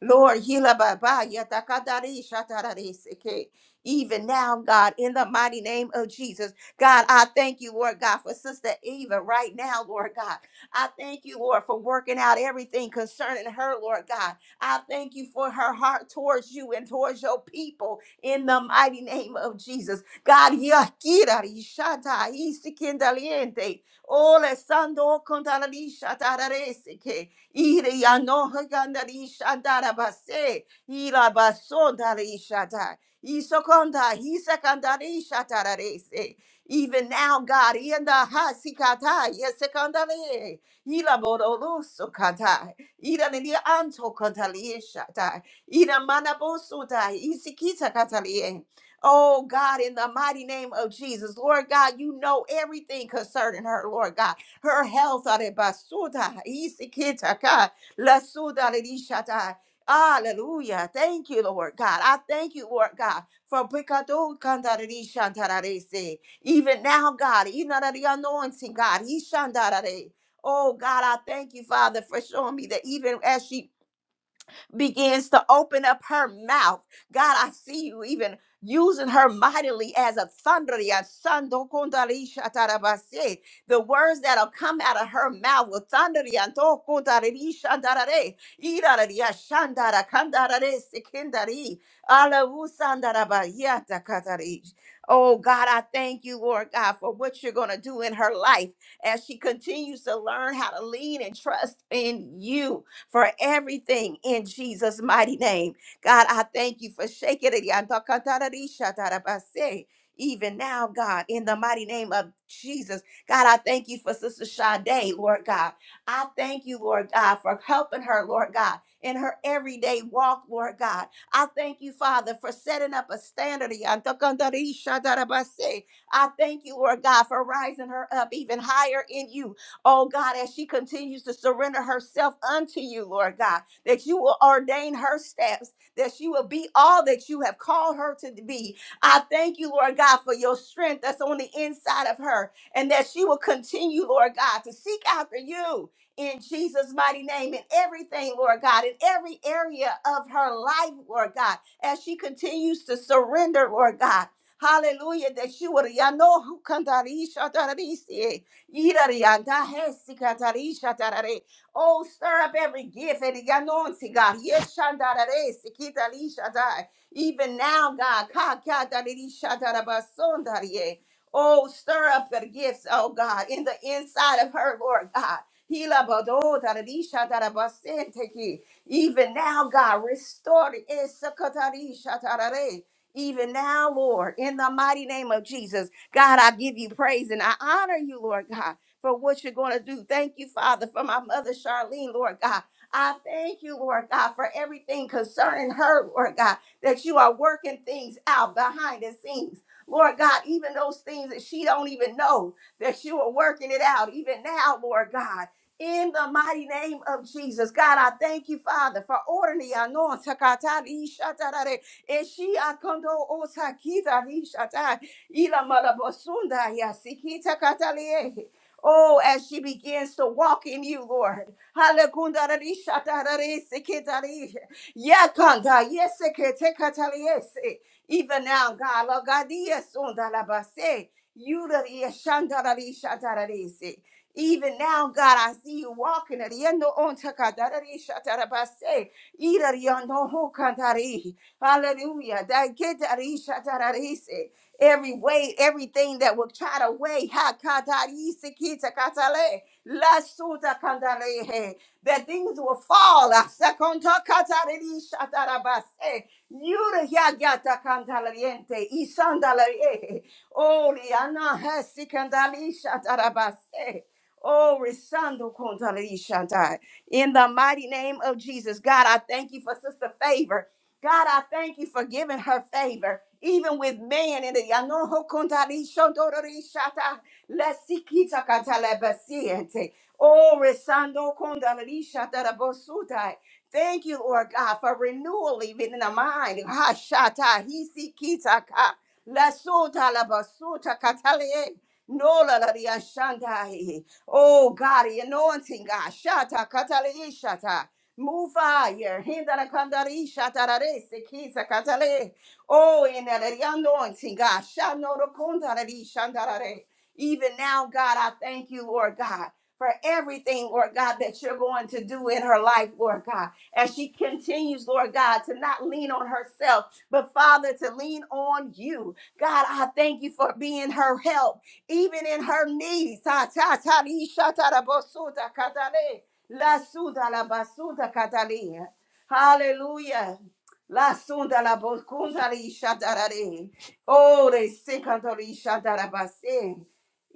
[SPEAKER 1] Lord, Hila Baba, Yatakadari, Shatarari, Seke. even now, God, in the mighty name of Jesus, God, I thank you, Lord God, for Sister Eva right now, Lord God. I thank you, Lord, for working out everything concerning her, Lord God. I thank you for her heart towards you and towards your people in the mighty name of Jesus. God, Yakirari, Shatai, Isikindaliente, Ole Sando, Kontalari, Shatarari, Seke. Ire ya no haganda ri shandara base. Ira basonda ri shata. Isokonda hisakanda ri shatara rese. Even now, God, yenda hasikata yesekandare. Ila bororoso kata. Ira ni anto kantali shata. Ira manabosuta isikita katalie. Oh God, in the mighty name of Jesus, Lord God, you know everything concerning her, Lord God her health. are basuda, isikitaka, lasuda, lishata. Hallelujah. Thank you, Lord God. I thank you, Lord God, for Bikado Kandarari Shantararese. Even now, God, Inarari anointing, God. Ishandarare. Oh God, I thank you, Father, for showing me that even as she begins to open up her mouth. God, I see you even using her mightily as a thunder. ya sando kundari shatarabase. The words that'll come out of her mouth will thunder. ya ndo kundari shandarare. Irarari ya shandara kandarare sekindari. Alawu sandaraba yata katari. Oh God, I thank you, Lord God, for what you're going to do in her life as she continues to learn how to lean and trust in you for everything in Jesus' mighty name. God, I thank you for shaking it. Even now, God, in the mighty name of Jesus, God, I thank you for Sister Sade, Lord God. I thank you, Lord God, for helping her, Lord God, in her everyday walk, Lord God. I thank you, Father, for setting up a standard. I thank you, Lord God, for rising her up even higher in you. Oh God, as she continues to surrender herself unto you, Lord God, that you will ordain her steps, that she will be all that you have called her to be. I thank you, Lord God, for your strength that's on the inside of her, and that she will continue, Lord God, to seek after you in Jesus' mighty name in everything, Lord God, in every area of her life, Lord God, as she continues to surrender, Lord God. Hallelujah, that you would. Irariandahesikatarishatarare. Oh, stir up every gift and the anointing, God. yeshandarare Even now, God. Kakatarishatarabasondarie. Oh, stir up the gifts, oh God, in the inside of her, Lord God. Hilabadotarishtarabasenteki. Even now, God, restore it. Esakatarishatarare even now, Lord, in the mighty name of Jesus. God, I give you praise and I honor you, Lord God, for what you're going to do. Thank you, Father, for my mother, Charlene, Lord God. I thank you, Lord God, for everything concerning her, Lord God, that you are working things out behind the scenes. Lord God, even those things that she don't even know that you are working it out even now, Lord God. In the mighty name of Jesus, God, I thank you, Father, for ordering the anointing Eshi akondo osakita rishata ila malabosunda yasikita katalehe. Oh, as she begins to walk in you, Lord. Halakundarishatararisikitari. Yakanda yeseketekataliese. Even now, God, Lord God, yesundarabase. Yurarieshandararishatararisi. even now, God, I see you walking. Riendo ontakadarishatarabase. Irarionohokandari. Hallelujah. That get that isha, that that is it. Every weight, everything that will try to weigh, ha, ka, da, is it, ki, ta, ka, ta, le, la, su, ta, ka, da, le, he. that things will fall. Ah, sa, kon, ta, ka, ta, le, isha, da, da, ba, se. Yura, ya, ya, ta, ka, da, le, ente, isan, da, le, eh. Oh, liana, he, si, ka, da, le, isha, da, da, ba, se. Oh, resando, kon, da, in the mighty name of Jesus, God, I thank you for sister favor. God, I thank you for giving her favor, even with man. In the Yanoho Kuntari Shodorori Shata, Lesikita Katalabasiente, Oh, Resando Kundari Shatara Bosutai. Thank you, Lord God, for renewal even in the mind. Ha Shata, Hisikita Ka, Lasuta Labasuta Katale. No la la Oh God, the anointing God. Shata katale shata. Move fire. Hindara kandari shatarare sekisa katale. Oh, in the anointing, God. Shanoro kundarari shandarare. Even now, God, I thank you, Lord God, for everything, Lord God, that you're going to do in her life, Lord God. As she continues, Lord God, to not lean on herself, but Father, to lean on you. God, I thank you for being her help, even in her knees. La suda la basunda catalia. Hallelujah. La sunda la bocunda li shadarare. Oh, they secondary shadarabase.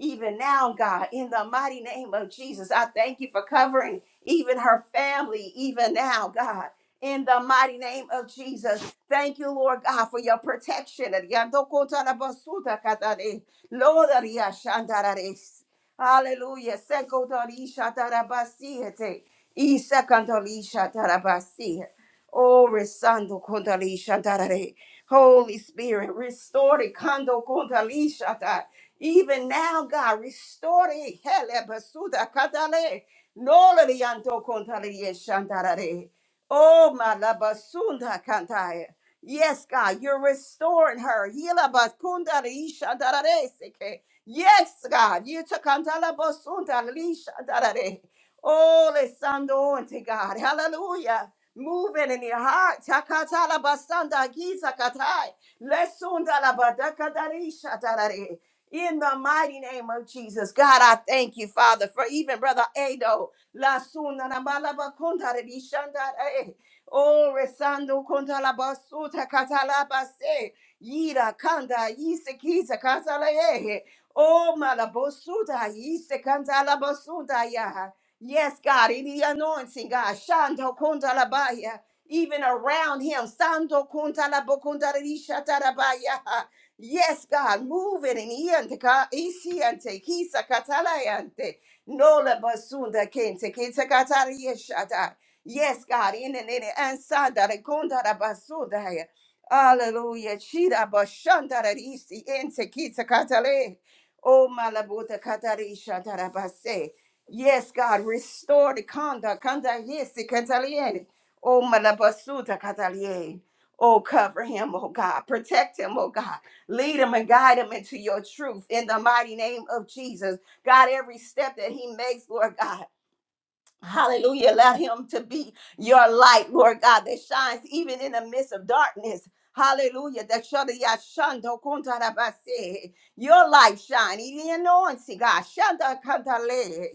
[SPEAKER 1] Even now, God, in the mighty name of Jesus, I thank you for covering even her family, even now, God. In the mighty name of Jesus, thank you, Lord God, for your protection. Yando kota la basuda katare. Lord, ya shandarare. Hallelujah. Sekotorisha tarabasihete. Isakantorisha tarabasihe. Oh, resando kontalisha tarare. Holy Spirit, restore the kando kontalisha ta. Even now, God, restore it. Hele basuda katale. Nola lianto kontalisha tarare. Oh, my labasunda kantaya. Yes, God, you're restoring her. Hila bakunda lisha tarare seke. Yes, God. You took Andala Bosunda, Lisha, Darare. Oh, Lesando, and God. Hallelujah. Moving in your heart. Takatala Basanda, Giza Katai. Lesunda la Badaka Darisha, Darare. In the mighty name of Jesus, God, I thank you, Father, for even Brother Ado. La Sunda, na Balaba Kunda, Risha, Darare. Oh, Resando, Kunda la Basuta, Katala Base. Yira Kanda, Yisa Kiza, Katala Oh, Malabosuda, Yisekandalabosuda, Yaha. Yes, God, in the anointing, God, Shando Kundalabaya, even around him, Sando Kundalabokundalishatarabaya. Yes, God, move it in Iante, Isiante, Kisa Katalayante, Nola Basunda Kente, kente Katariyashata. Yes, God, in the name and Sanda Kundalabasuda. Hallelujah. Chida Bashanda Isi Ente Kita Katale. Oh, Malabuta Katarisha Tarabase. Yes, God, restore the conduct. Kanda yes, the Kataliene. Oh, Malabasuta Kataliene. Oh, cover him, oh God. Protect him, oh God. Lead him and guide him into your truth in the mighty name of Jesus. God, every step that he makes, Lord God. Hallelujah. Let him to be your light, Lord God, that shines even in the midst of darkness. Hallelujah. That shada ya shando kunta da base. Your light shine. Even in the anointing, God. Shanda kanta le.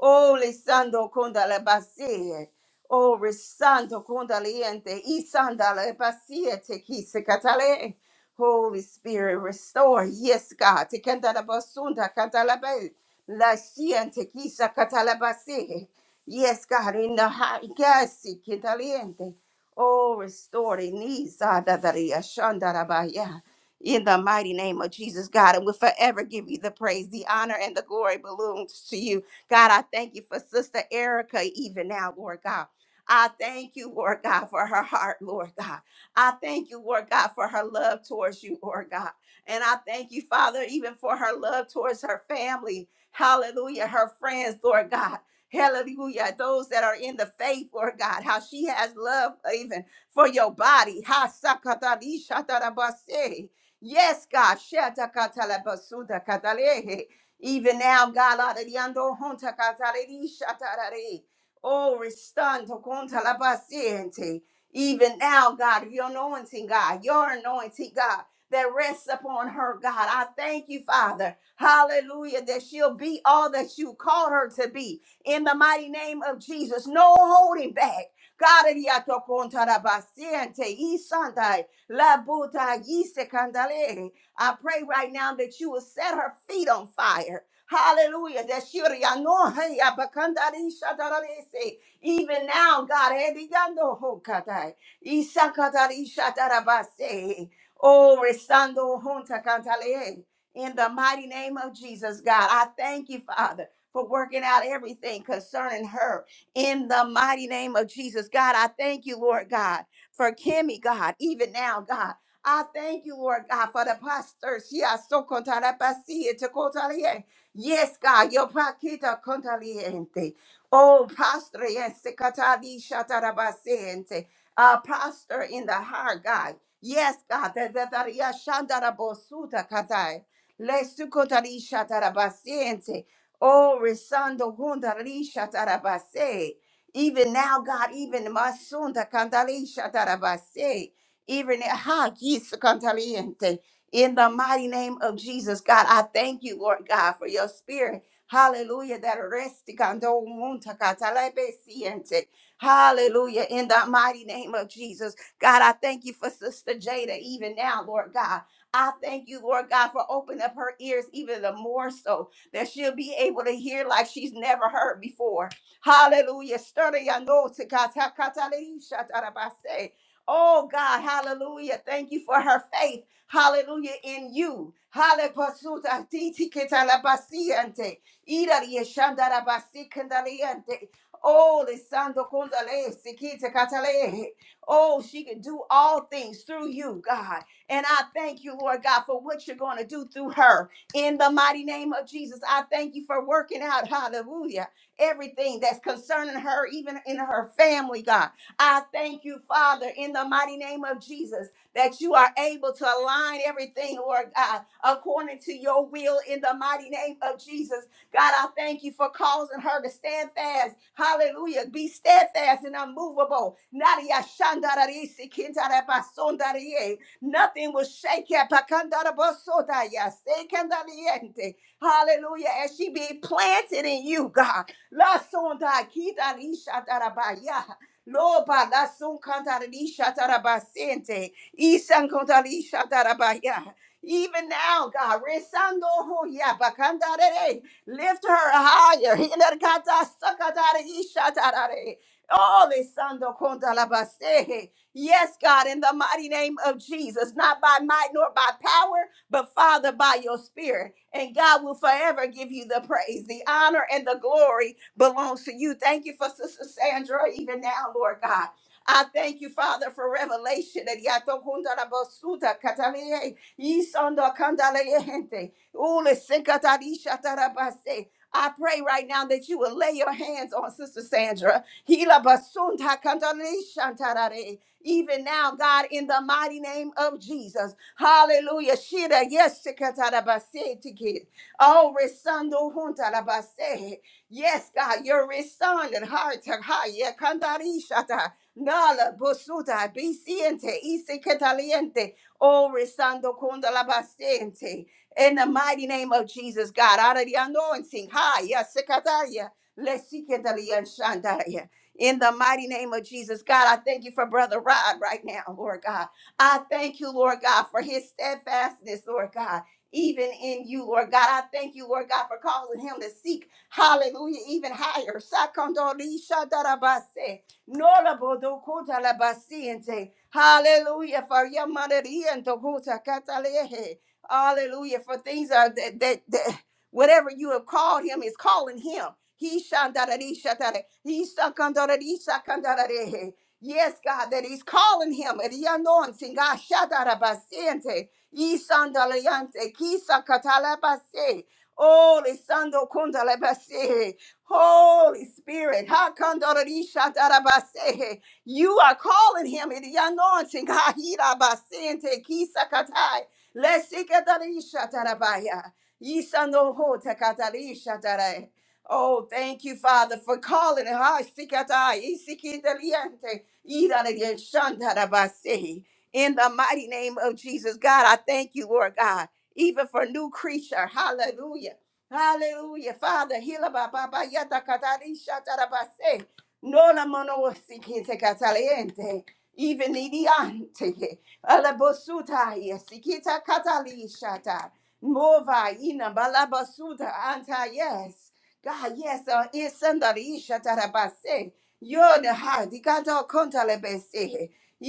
[SPEAKER 1] Oh, lisando kunta la base. Oh, risando kunta liente. Isanda la base. Te kise katale. Holy Spirit, restore. Yes, God. Te kanta la basunda kanta la be. La siente kisa kata la base. Yes, God, in the high, yes, caliente. Oh, restore the knees, ah, da, da, da, ya, shan, da, da, ba, ya. in the mighty name of Jesus, God, and we'll forever give you the praise, the honor, and the glory belongs to you. God, I thank you for Sister Erica, even now, Lord God. I thank you, Lord God, for her heart, Lord God. I thank you, Lord God, for her love towards you, Lord God. And I thank you, Father, even for her love towards her family. Hallelujah, her friends, Lord God. Hallelujah. Those that are in the faith, Lord God, how she has love even for your body. Ha sakatali shatarabase. Yes, God. Shatakatalabasuda katalehe. Even now, God, adadiando honta kataledi shatarare. oh, restando conta la paciente. Even now, God, your anointing, God, your anointing, God, that rests upon her, God. I thank you, Father. Hallelujah, that she'll be all that you called her to be in the mighty name of Jesus. No holding back. God, riato contara paciente, y santa, la buta, y se candale. I pray right now that you will set her feet on fire. Hallelujah. That she will know, hey, shatararese. even now, God, ediyando hokatai, isakatari shatarabase. oh, resando junta cantale. in the mighty name of Jesus, God, I thank you, Father for working out everything concerning her in the mighty name of Jesus. God, I thank you, Lord God, for Kimmy, God, even now, God. I thank you, Lord God, for the pastors. Yes, so contarapasia to cotalie. Yes, God, your paquita contaliente. Oh, pastor, yes, secatali shatarabasiente. Uh, pastor in the heart, God. Yes, God. the- the- the- yeah, shandarabosuta katai. Le sukotari shatarabasiente. Oh, Resando Gundalisha Tarabase. Even now, God, even Masunda Candalisha Tarabase. Even Ha Gis Cantaliente. In the mighty name of Jesus, God, I thank you, Lord God, for your spirit. Hallelujah. That resti kando munta katalebe siente. Hallelujah. In the mighty name of Jesus. God, I thank you for Sister Jada, even now, Lord God. I thank you, Lord God, for opening up her ears even the more so that she'll be able to hear like she's never heard before. Hallelujah. Stir the yano to kata- Oh God, hallelujah. Thank you for her faith. Hallelujah in you. Hale pasuta titi ketalabasiante. Ira yeshandarabasi Oh, Lisando Kundale, Sikita Katale. Oh, she can do all things through you, God. And I thank you, Lord God, for what you're going to do through her. In the mighty name of Jesus, I thank you for working out, hallelujah, everything that's concerning her, even in her family, God. I thank you, Father, in the mighty name of Jesus, that you are able to align everything, Lord God, according to your will, in the mighty name of Jesus. God, I thank you for causing her to stand fast. Hallelujah. Be steadfast and unmovable. Nadia shandararisi kintarabasondarie. Nothing will shake her. Pakandarabasotaya, sekandaliente. Hallelujah. As she be planted in you, God. La sonda kitarisha darabaya. Loba la sun kantarisha darabasente. Isan kantarisha darabaya. Even now, God, resando hoya bakandarere. lift her higher. Hilarkata sakatara isha tarare. Ole sando konta la base. Yes, God, in the mighty name of Jesus, not by might nor by power, but Father, by your spirit. And God will forever give you the praise. The honor and the glory belongs to you. Thank you for Sister Sandra, even now, Lord God. I thank you, Father, for revelation. I pray right now that you will lay your hands on Sister Sandra. Hila basunda kandale shantarare even now, God, in the mighty name of Jesus. Hallelujah. Shida, yes, sikatarabase tiki. Oh, resando juntarabase. Yes, God, you're responding. Heart to heart. Yeah, kantarishata. Nala busuta bisiente isikataliente. Oh, resando kundalabasiente. In the mighty name of Jesus, God, out of the anointing. Hi, yes, sikataria. Le in the mighty name of Jesus, God, I thank you for Brother Rod right now, Lord God. I thank you, Lord God, for his steadfastness, Lord God, even in you, Lord God. I thank you, Lord God, for causing him to seek, hallelujah, even higher. Sakandorishadabase. Norabodokotalabasinze. Hallelujah, for your Hallelujah, for things are that, that, that. Whatever you have called him is calling him. He shandarari shatara. He sakandarari sakandarare. Yes, God, that he's calling him. And the anointing, God, shatarabasiente. He sandaliante. Kisa katalabase. Holy sando kundalabase. Holy Spirit. ha kandarari shatarabase. You are calling him. And the anointing, God, hirabasiente. Kisa katai. Lesikatari shatarabaya. Yisano ho takatari shatare. Oh, thank you, Father, for calling. Ha sikata isikindaliente irarien shandarabase. In the mighty name of Jesus, God, I thank you, Lord God, even for new creature. Hallelujah. Hallelujah. Father, heal about Baba Yata Katari Shatarabase. No la mono sikite cataliente. Even idiante. Alabosuta yesikita katali Mova ina balabasuta anta yes. God yes uh, isanda isha tarabase. Yo the heart di gato konta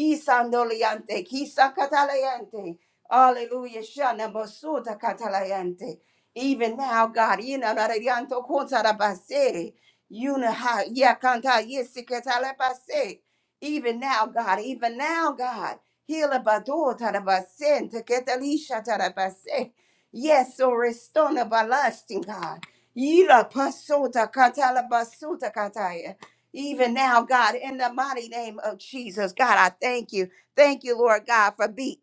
[SPEAKER 1] Yisandoliante, kisa kataliente. Hallelujah. Shana basuta kataliente. Even now, God, ina radianto kontarabase. Yuna ha ya kanta yesikatalabase. Even now, God, even now, God. Heal abado tarabase, teketalisha tarabase. Yes, so restore the ballasting, God. Yila pasota katala basuta even now, God, in the mighty name of Jesus, God, I thank you. Thank you, Lord God, for BE.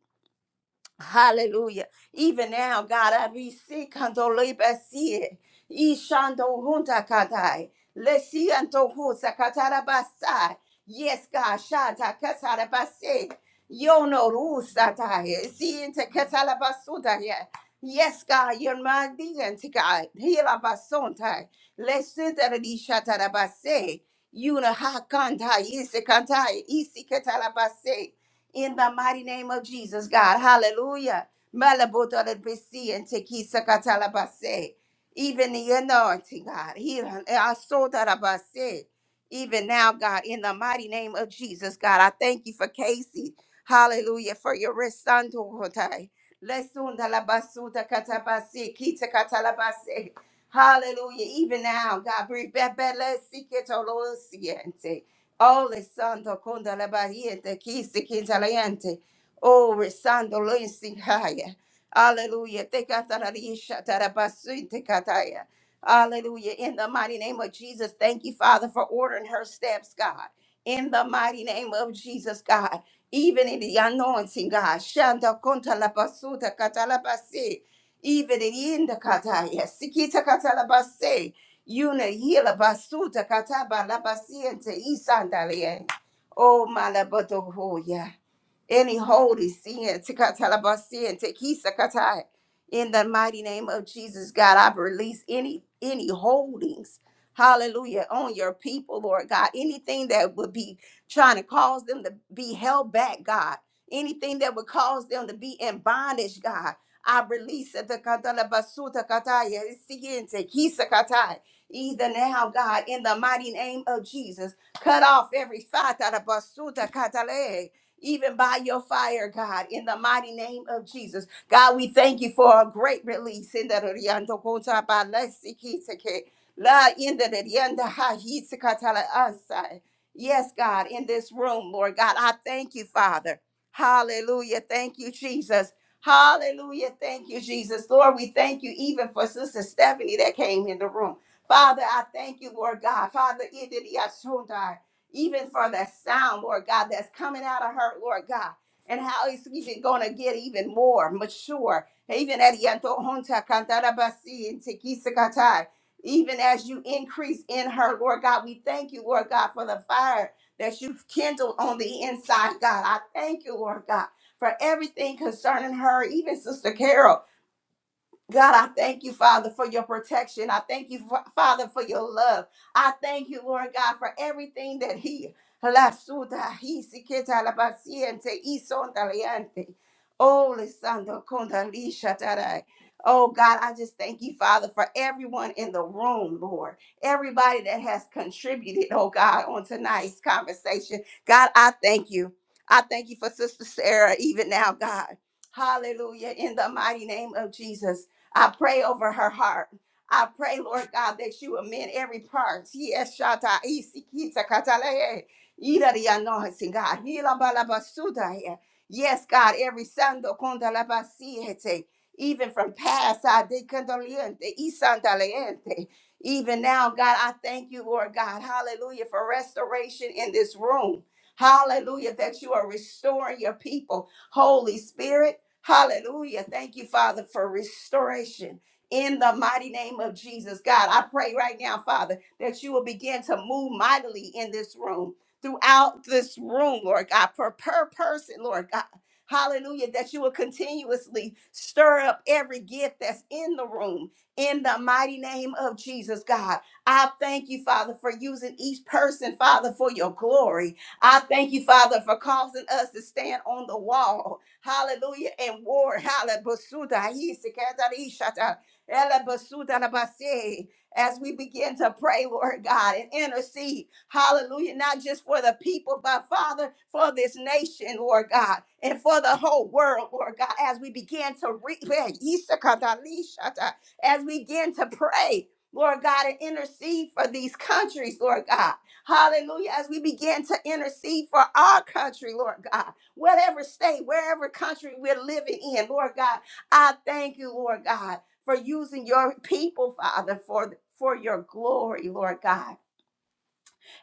[SPEAKER 1] Hallelujah. Even now, God, I receive condolibasi. Ishando hunta katai. Lesi anto husa katarabasai. Yes, God, shata katarabasi. Yono rusa tai. Si inte katarabasuda ye. Yes, God, you're my deity, God. Hila basontai. Lesi teredi shatarabasi. Yuna hakanta isi kantai isi katarabasi in the mighty name of Jesus, God. Hallelujah. Malabotolepesi and tekisakatalabase. Even the anointing, God. He- asotarabase. Even now, God, in the mighty name of Jesus, God, I thank you for Casey. Hallelujah. For your rest, Santo Lesundalabasuta katabase, kitakatalabase. Hallelujah. Even now, God, bring back Oh, Santo conda la bahiente, kisi kintaliente. Oh, resando lensi haya. Hallelujah. Te katararisha tarabasinte kataya. Hallelujah. In the mighty name of Jesus, thank you, Father, for ordering her steps, God. In the mighty name of Jesus, God. Even in the anointing, God. Shanta conta la basuta katalabasi. Even in the kataya. Sikita katalabasi. Yuna hila basuta kataba la basiente isandalie. Oh malaboto hoya any holy sin. tikatalabasin, tikisakatai. In the mighty name of Jesus, God, I release any any holdings, hallelujah, on your people, Lord God. Anything that would be trying to cause them to be held back, God. Anything that would cause them to be in bondage, God. I release it. tikatalabasu, tikataya, siente, kisakatai. Either now, God, in the mighty name of Jesus, cut off every fata even by your fire, God, in the mighty name of Jesus. God, we thank you for a great release in the Riando Kota Ba Lesi Kiteke. La in the Rianda Ha Hitakatala Asai. Yes, God, in this room, Lord God, I thank you, Father. Hallelujah. Thank you, Jesus. Hallelujah. Thank you, Jesus. Lord, we thank you even for Sister Stephanie that came in the room. Father, I thank you, Lord God. Father, in the Riasundai even for that sound, Lord God, that's coming out of her, Lord God, and how it's even going to get even more mature. Even at Yanto Honta Kantarabasi and Tekisakatai, even as you increase in her, Lord God, we thank you, Lord God, for the fire that you've kindled on the inside, God. I thank you, Lord God, for everything concerning her, even Sister Carol. God, I thank you, Father, for your protection. I thank you, Fa- Father, for your love. I thank you, Lord God, for everything that He. Lasuta, He, Siketa, La Paciente, Y Son Taliente. Oh, Lisandro, Condalisha, Tarai. Oh, God, I just thank you, Father, for everyone in the room, Lord. Everybody that has contributed, oh, God, on tonight's conversation. God, I thank you. I thank you for Sister Sarah, even now, God. Hallelujah. In the mighty name of Jesus. I pray over her heart. I pray, Lord God, that you amend every part. Yes, Shata, Isi, Kita, Katale, Ida, the anointing, God. Hila, balabasuda Basuda, yeah. Yes, God, every Sando, Konda, La, Basi, even from past, I de Condoliente, Isandaliente. Even now, God, I thank you, Lord God, hallelujah, for restoration in this room. Hallelujah, that you are restoring your people. Holy Spirit, Hallelujah. Thank you, Father, for restoration. In the mighty name of Jesus, God, I pray right now, Father, that you will begin to move mightily in this room, throughout this room, Lord God, per, per person, Lord God. Hallelujah, that you will continuously stir up every gift that's in the room. In the mighty name of Jesus, God, I thank you, Father, for using each person, Father, for your glory. I thank you, Father, for causing us to stand on the wall Hallelujah. And war. Hallelujah. As we begin to pray, Lord God, and intercede. Hallelujah. Not just for the people, but Father, for this nation, Lord God, and for the whole world, Lord God, as we begin to read, as we begin to pray. Lord God, and intercede for these countries, Lord God. Hallelujah. As we begin to intercede for our country, Lord God whatever state, wherever country we're living in. Lord God, I thank you, Lord God, for using your people, Father, for, for your glory, Lord God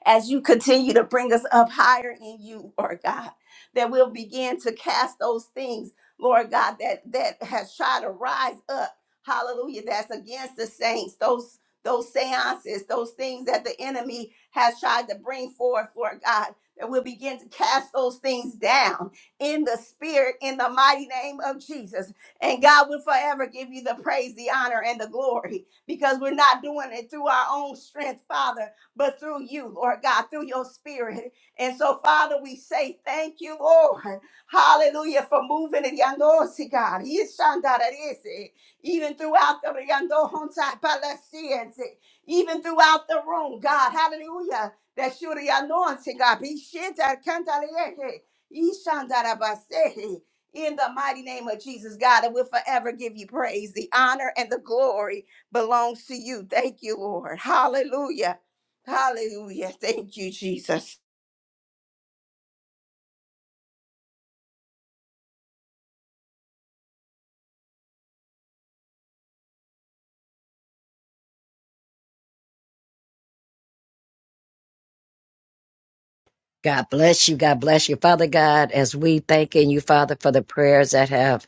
[SPEAKER 1] as you continue to bring us up higher in you, Lord God, that we'll begin to cast those things, Lord God, that that has tried to rise up. Hallelujah. That's against the saints. Those those seances, those things that the enemy has tried to bring forth, Lord God, that we'll begin to cast those things down in the spirit, in the mighty name of Jesus. And God will forever give you the praise, the honor, and the glory because we're not doing it through our own strength, Father but through you, Lord God, through your spirit. And so, Father, we say thank you, Lord. Hallelujah, for moving in Yandosi, God. Yishandarese. Even throughout the Yandohonsai Palestinians, even throughout the room, God. Hallelujah. That you're the anointing, God. Be shit that can't in the mighty name of Jesus, God, and we'll forever give you praise. The honor and the glory belongs to you. Thank you, Lord. Hallelujah. Hallelujah. Thank you, Jesus.
[SPEAKER 2] god bless you god bless you father god as we thanking you father for the prayers that have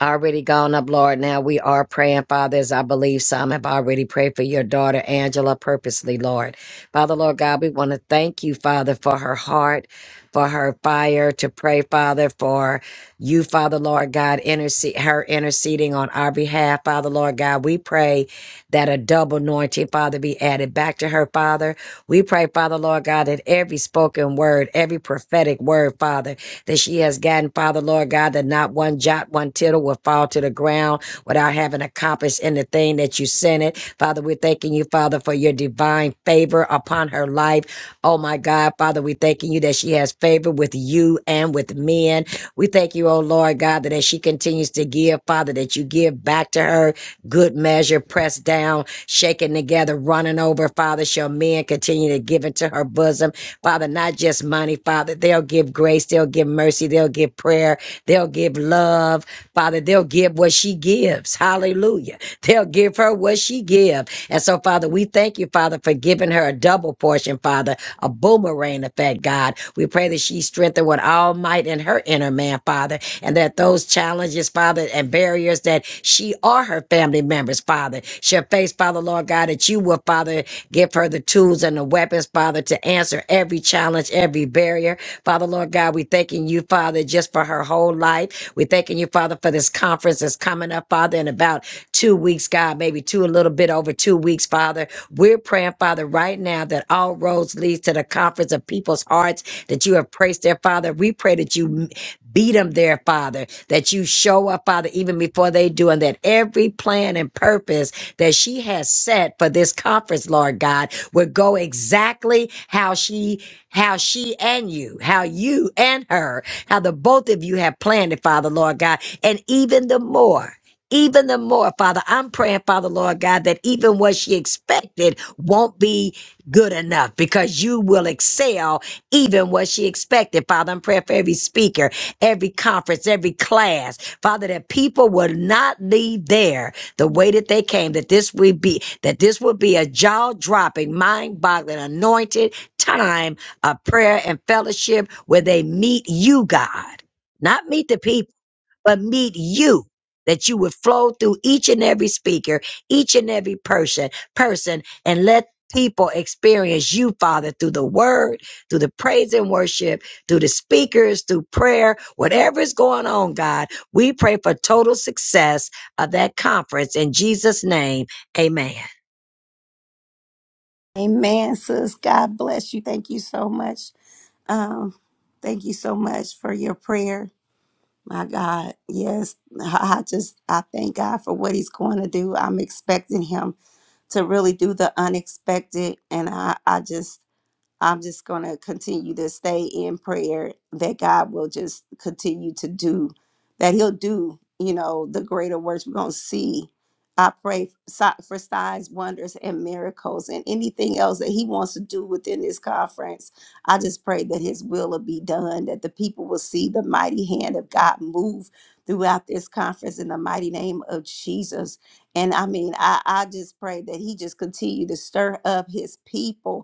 [SPEAKER 2] already gone up, Lord. Now we are praying, Father, as I believe some have already prayed for your daughter, Angela, purposely, Lord. Father, Lord God, we want to thank you, Father, for her heart, for her fire to pray, Father, for you, Father, Lord God, intercede, her interceding on our behalf, Father, Lord God. We pray that a double anointing, Father, be added back to her, Father. We pray, Father, Lord God, that every spoken word, every prophetic word, Father, that she has gotten, Father, Lord God, that not one jot, one tittle will fall to the ground without having accomplished in the thing that you sent it. Father, we're thanking you, Father, for your divine favor upon her life. Oh my God, Father, we're thanking you that she has favor with you and with men. We thank you, oh Lord God, that as she continues to give, Father, that you give back to her good measure, pressed down, shaken together, running over, Father. Shall men continue to give into her bosom? Father, not just money, Father. They'll give grace, they'll give mercy, they'll give prayer, they'll give love, Father. They'll give what she gives. Hallelujah. They'll give her what she gives. And so, Father, we thank you, Father, for giving her a double portion, Father, a boomerang effect, God. We pray that she strengthened with all might in her inner man, Father, and that those challenges, Father, and barriers that she or her family members, Father, shall face, Father, Lord God, that you will, Father, Give her the tools and the weapons, Father, to answer every challenge, every barrier. Father, Lord God, we thanking you, Father, just for her whole life. We thanking you, Father, for this conference that's coming up, Father, in about two weeks, God, maybe two, a little bit over two weeks, Father. We're praying, Father, right now that all roads leads to the conference of people's hearts that you have placed there, Father. We pray that you beat them there, Father, that you show up, Father, even before they do, and that every plan and purpose that she has set for this conference, Lord God, will go exactly how she, how she and you, how you and her, how the both of you have planned it, Father, Lord God, and even the more. Even the more, Father, I'm praying, Father, Lord God, that even what she expected won't be good enough because you will excel even what she expected. Father, I'm praying for every speaker, every conference, every class, Father, that people will not leave there the way that they came, that this would be, that this would be a jaw dropping, mind boggling, anointed time of prayer and fellowship where they meet you, God, not meet the people but meet you that you would flow through each and every speaker, each and every person, person, and let people experience you, Father, through the word, through the praise and worship, through the speakers, through prayer, whatever is going on, God. We pray for total success of that conference in Jesus' name. Amen.
[SPEAKER 1] Amen, sis. God bless you. Thank you so much. Um, thank you so much for your prayer. My God, yes, I I just I thank God for what He's going to do. I'm expecting Him to really do the unexpected, and I I just I'm just going to continue to stay in prayer that God will just continue to do, that He'll do, you know, the greater works we're going to see. I pray si- for signs, wonders, and miracles, and anything else that He wants to do within this conference. I just pray that His will will be done, that the people will see the mighty hand of God move throughout this conference in the mighty name of Jesus. And I mean, I, I just pray that He just continue to stir up His people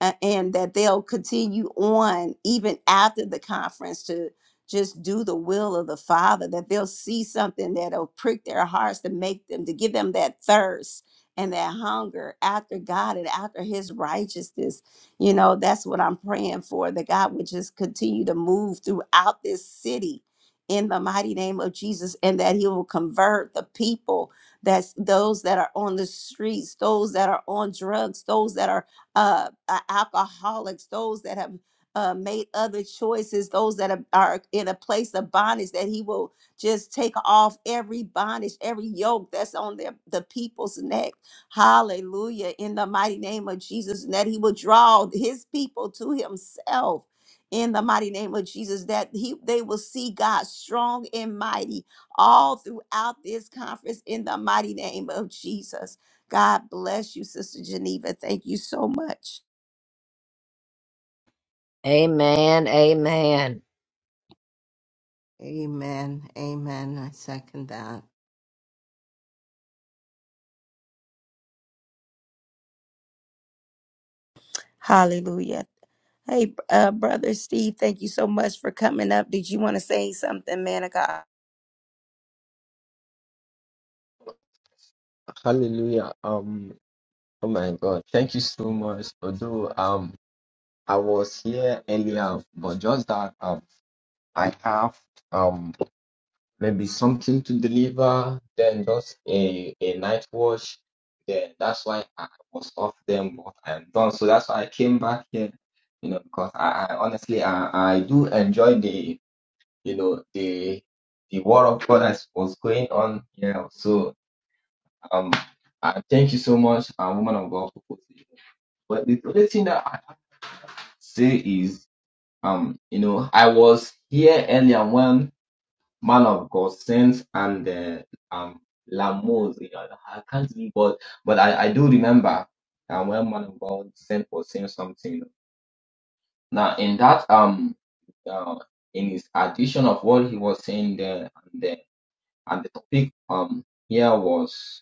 [SPEAKER 1] a- and that they'll continue on even after the conference to just do the will of the father that they'll see something that'll prick their hearts to make them to give them that thirst and that hunger after god and after his righteousness you know that's what i'm praying for that god would just continue to move throughout this city in the mighty name of jesus and that he will convert the people that's those that are on the streets those that are on drugs those that are uh, a- alcoholics, those that have uh, made other choices, those that are, are in a place of bondage, that He will just take off every bondage, every yoke that's on their, the people's neck. Hallelujah. In the mighty name of Jesus, and that He will draw His people to Himself. In the mighty name of Jesus, that he they will see God strong and mighty all throughout this conference in the mighty name of Jesus. God bless you, Sister Geneva. Thank you so much.
[SPEAKER 2] Amen. Amen.
[SPEAKER 13] Amen. Amen. I second that.
[SPEAKER 1] Hallelujah. Hey, uh, Brother Steve, thank you so much for coming up. Did you want to say something, man of God?
[SPEAKER 21] Hallelujah. Um, oh my God. Thank you so much. Although um I was here earlier, but just that um I have um maybe something to deliver, then just a, a night watch. Then that's why I was off then but I'm done. So that's why I came back here, you know, because I, I honestly I, I do enjoy the you know the the war of God that was going on, here. So Um, I thank you so much, uh, woman of God, for posting. But the only thing that I say is, um, you know, I was here earlier when man of God sent and uh, um Lamos, you know, I can't read, but but I, I do remember uh, when man of God sent was saying something. Now in that um uh, in his addition of what he was saying there and the and the topic um here was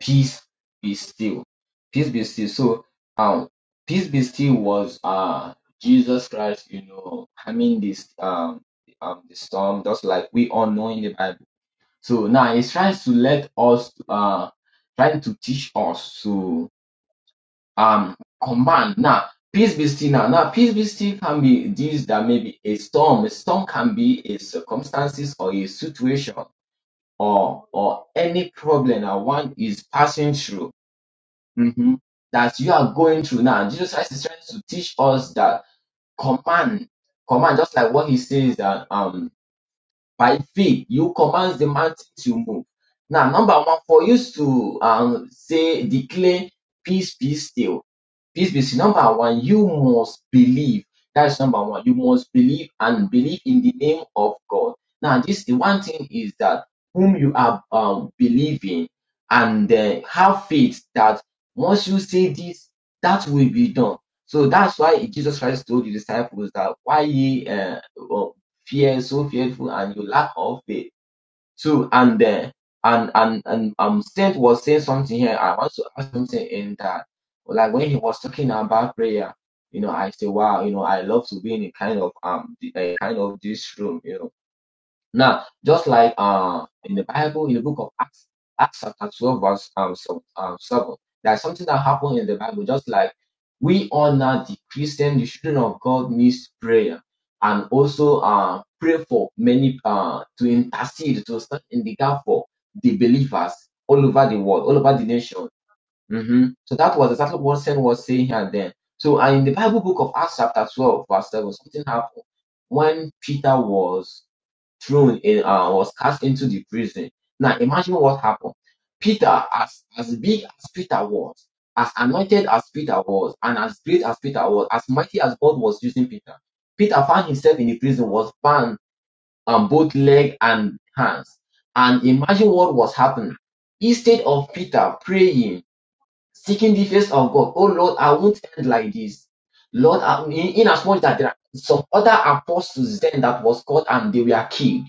[SPEAKER 21] Peace Be Still. Peace Be Still. So, um, Peace Be Still was uh Jesus Christ, you know, having this um um the storm, just like we all know in the Bible. So now he's trying to let us uh trying to teach us to um command now. Peace be still now. Now, peace be still can be this that may be a storm. A storm can be a circumstances or a situation or or any problem that one is passing through Mhm. that you are going through now. Jesus Christ is trying to teach us that command, command, just like what he says that um by faith, you command the mountain to move. Now, number one, for you to um, say, declare peace, be still. Peace be still. Number one, you must believe. That's number one. You must believe and believe in the name of God. Now, this the one thing is that whom you are um, believing and uh, have faith that once you say this, that will be done. So that's why Jesus Christ told the disciples that why ye uh, fear is so fearful and you lack of faith. So and then and and and um Saint was saying something here. I want to add something in that like when he was talking about prayer, you know, I say, wow, you know, I love to be in a kind of um the- a kind of this room, you know now, just like uh, in the Bible, in the book of Acts, Acts chapter 12, verse um, so- um, 7, there's something that happened in the Bible, just like we are now the Christian, the children of God needs prayer and also uh, pray for many, uh, to intercede, to stand in the gap for the believers all over the world, all over the nation. hmm So that was exactly what Sam was saying here then. So, and in the Bible book of Acts chapter 12, verse 7, something happened when Peter was thrown in uh, was cast into the prison. Now imagine what happened. Peter, as as big as Peter was, as anointed as Peter was, and as great as Peter was, as mighty as God was using Peter, Peter found himself in the prison, was bound on both leg and hands. And imagine what was happening. Instead of Peter praying, seeking the face of God, oh Lord, I won't end like this. Lord, I, in, in as much that there are some other apostles then that was called and they were killed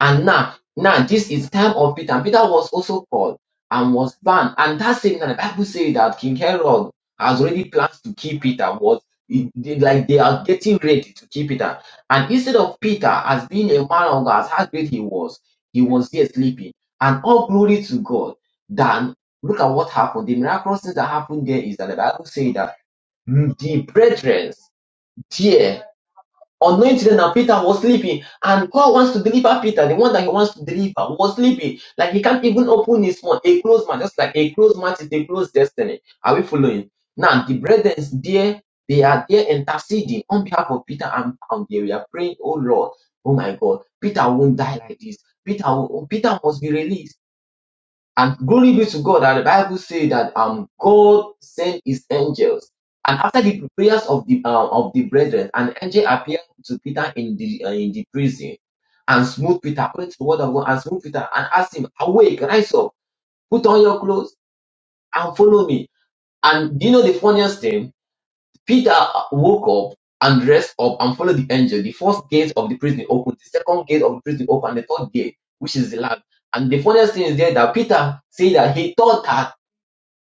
[SPEAKER 21] and now, now this is time of Peter. And Peter was also called and was banned. And that same time, the Bible says that King Herod has already plans to kill Peter. Was it- they- like they are getting ready to kill Peter. And instead of Peter as being a man of God, as how great he was, he was there sleeping. And all glory to God. Then look at what happened. The miraculous things that happened there is that the Bible says that mm, the brethren there Unknowing to them that Peter was sleeping, and God wants to deliver Peter, the one that he wants to deliver was sleeping. Like he can't even open his mouth. A closed man, just like a closed mouth is a closed destiny. Are we following? Now the brethren there, they are there interceding on behalf of Peter and Paul. They were praying, oh Lord, oh my God, Peter won't die like this. Peter, will- Peter must be released. And glory be to God that the Bible says that um God sent his angels. And after the prayers of the uh, of the brethren, an angel appeared to Peter in the uh, in the prison and smote Peter, according to the word of God, and smote Peter and asked him, Awake, rise up, put on your clothes, and follow me. And do you know the funniest thing? Peter woke up and dressed up and followed the angel. The first gate of the prison opened, the second gate of the prison opened, and the third gate, which is the land. And the funniest thing is there that Peter said that he thought that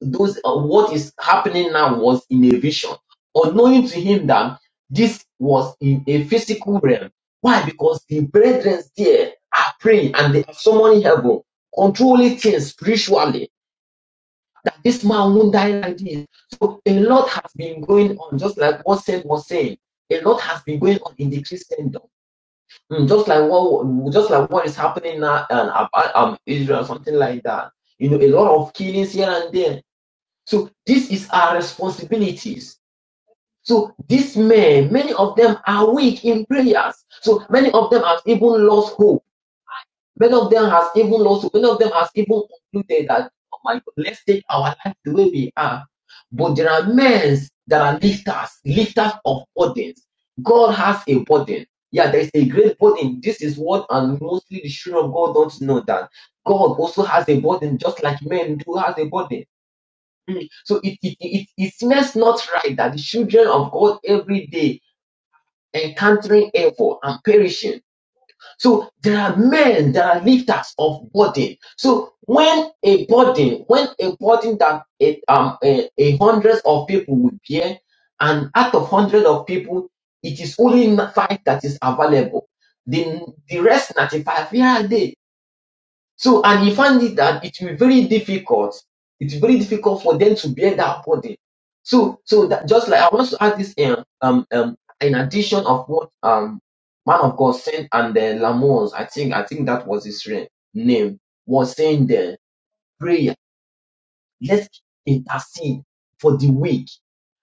[SPEAKER 21] those uh, what is happening now was in a vision, unknowing to him that this was in a physical realm. Why? Because the brethren there are praying and they are summoning heaven, controlling things spiritually. That this man won't die like this. So a lot has been going on, just like what Saint was saying. A lot has been going on in the Christendom, Mm, just like what, just like what is happening now, and about um, Israel, something like that. You know, a lot of killings here and there so this is our responsibilities. So these men, many of them are weak in prayers. So many of them have even lost hope. Many of them has even lost hope. Many of them has even concluded that, oh my God, let's take our life the way we are. But there are men that are lifters, lifters of burdens. God has a burden. Yeah, there is a great burden. This is what and mostly the children of God don't know that God also has a burden, just like men do has a burden. Mm. So it, it, it, it seems not right that the children of God every day encountering evil and perishing. So there are men that are lifters of burden. So when a burden, when a burden that a, um, a, a hundred of people will bear, and out of hundred of people, it is only five that is available. The, the rest 95, where are they? So, and he found it that it will be very difficult. It's very difficult for them to bear that burden. So, so that just like I want to add this in, um, um, in addition of what um, man of God sent and the Lamons, I think, I think that was his re- name, was saying the prayer. Let's intercede for the weak.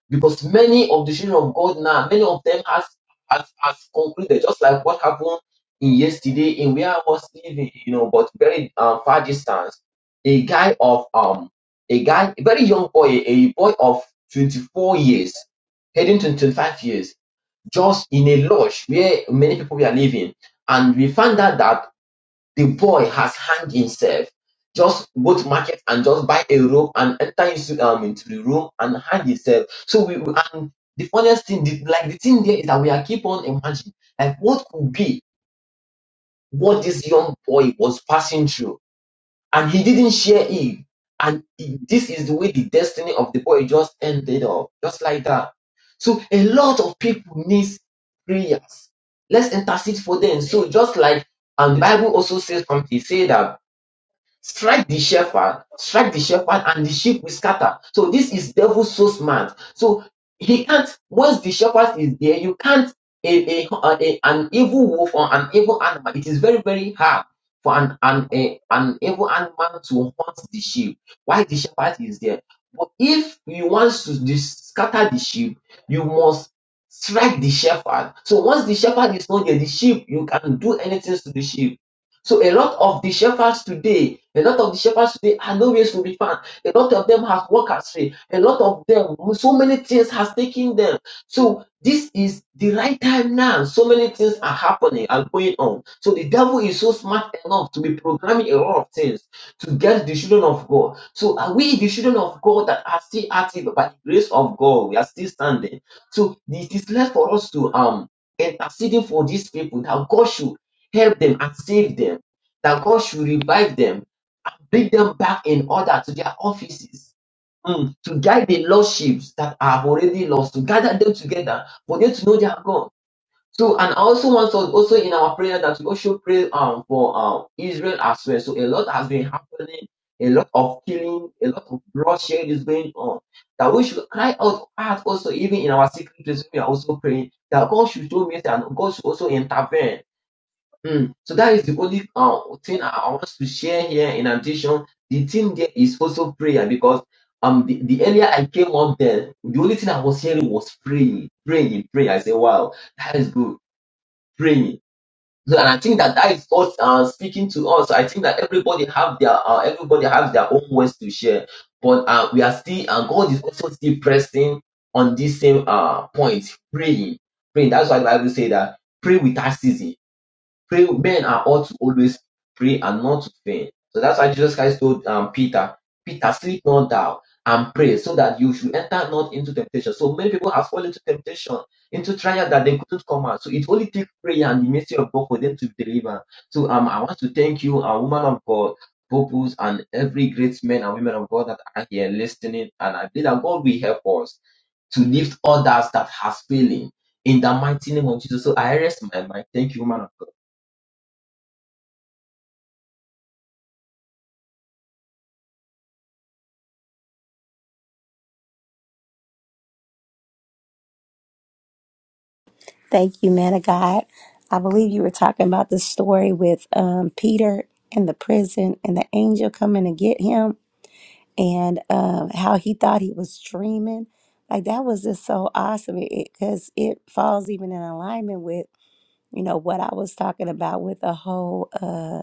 [SPEAKER 21] Because many of the children of God now, many of them has has, has concluded, just like what happened in yesterday in where I was living, you know, but very uh, far distance. A guy of um a guy, a very young boy, a boy of 24 years, heading to 25 years, just in a lodge where many people were living. And we found out that the boy has hanged himself. Just go to market and just buy a rope and enter into um into the room and hang himself. So we we- and the funniest thing, the, like the thing there is that we are keep on imagining like what could be what this young boy was passing through, and he didn't share it. And it- this is the way the destiny of the boy just ended up, just like that. So a lot of people need prayers. Let's intercede for them. So just like and the Bible also says something, say that strike the shepherd, strike the shepherd, and the sheep will scatter. So this is devil so smart. So he can't, once the shepherd is there, you can't, a, a, a- an evil wolf or an evil animal, it is very, very hard for an, an, a, an evil animal to hunt the sheep. Why the shepherd is there? But if you want to dis- scatter the sheep, you must strike the shepherd. So once the shepherd is not there, the sheep, you can do anything to the sheep so a lot of the shepherds today, a lot of the shepherds today are nowhere to be found. A lot of them have walked astray. A lot of them, so many things has taken them. So this is the right time now. So many things are happening and going on. So the devil is so smart enough to be programming a lot of things to get the children of God. So are we the children of God that are still active by the grace of God? We are still standing. So it is left for us to um interceding for these people that God should help them and save them, that God should revive them, bring them back in order to their offices, mm, to guide the lost sheep that are already lost, to gather them together for them to know their God. So, and I also want to also in our prayer that we also pray um, for um, Israel as well. So, a lot has been happening, a lot of killing, a lot of bloodshed is going on. That we should cry out, out also, even in our secret place, we are also praying that God should show mercy and God should also intervene Mm. So that is the only uh, thing I I want to share here. In addition, the thing there is also prayer because um the, the earlier I came up there, the only thing I was hearing was praying, praying, praying. I said, wow, that is good, praying. So, and I think that that is us uh, speaking to us. I think that everybody have their uh, everybody has their own words to share, but uh, we are still and God is also still pressing on this same uh point, praying, praying. That's why the Bible say that pray without ceasing Pray men are ought to always pray and not to faint. So that's why Jesus Christ told um, Peter, Peter, sleep not thou and pray so that you should enter not into temptation. So many people have fallen into temptation, into trial that they couldn't come out. So it only takes prayer and the mercy of God for them to deliver. So um, I want to thank you, a woman of God, purpose, and every great man and women of God that are here listening. And I pray that God will help us to lift others that has failing in the mighty name of Jesus. So I rest my mind. Thank you, woman of God.
[SPEAKER 1] Thank you, man of God. I believe you were talking about the story with um, Peter in the prison and the angel coming to get him and um, how he thought he was dreaming. Like that was just so awesome because it, 'cause it falls even in alignment with, you know, what I was talking about with the whole uh,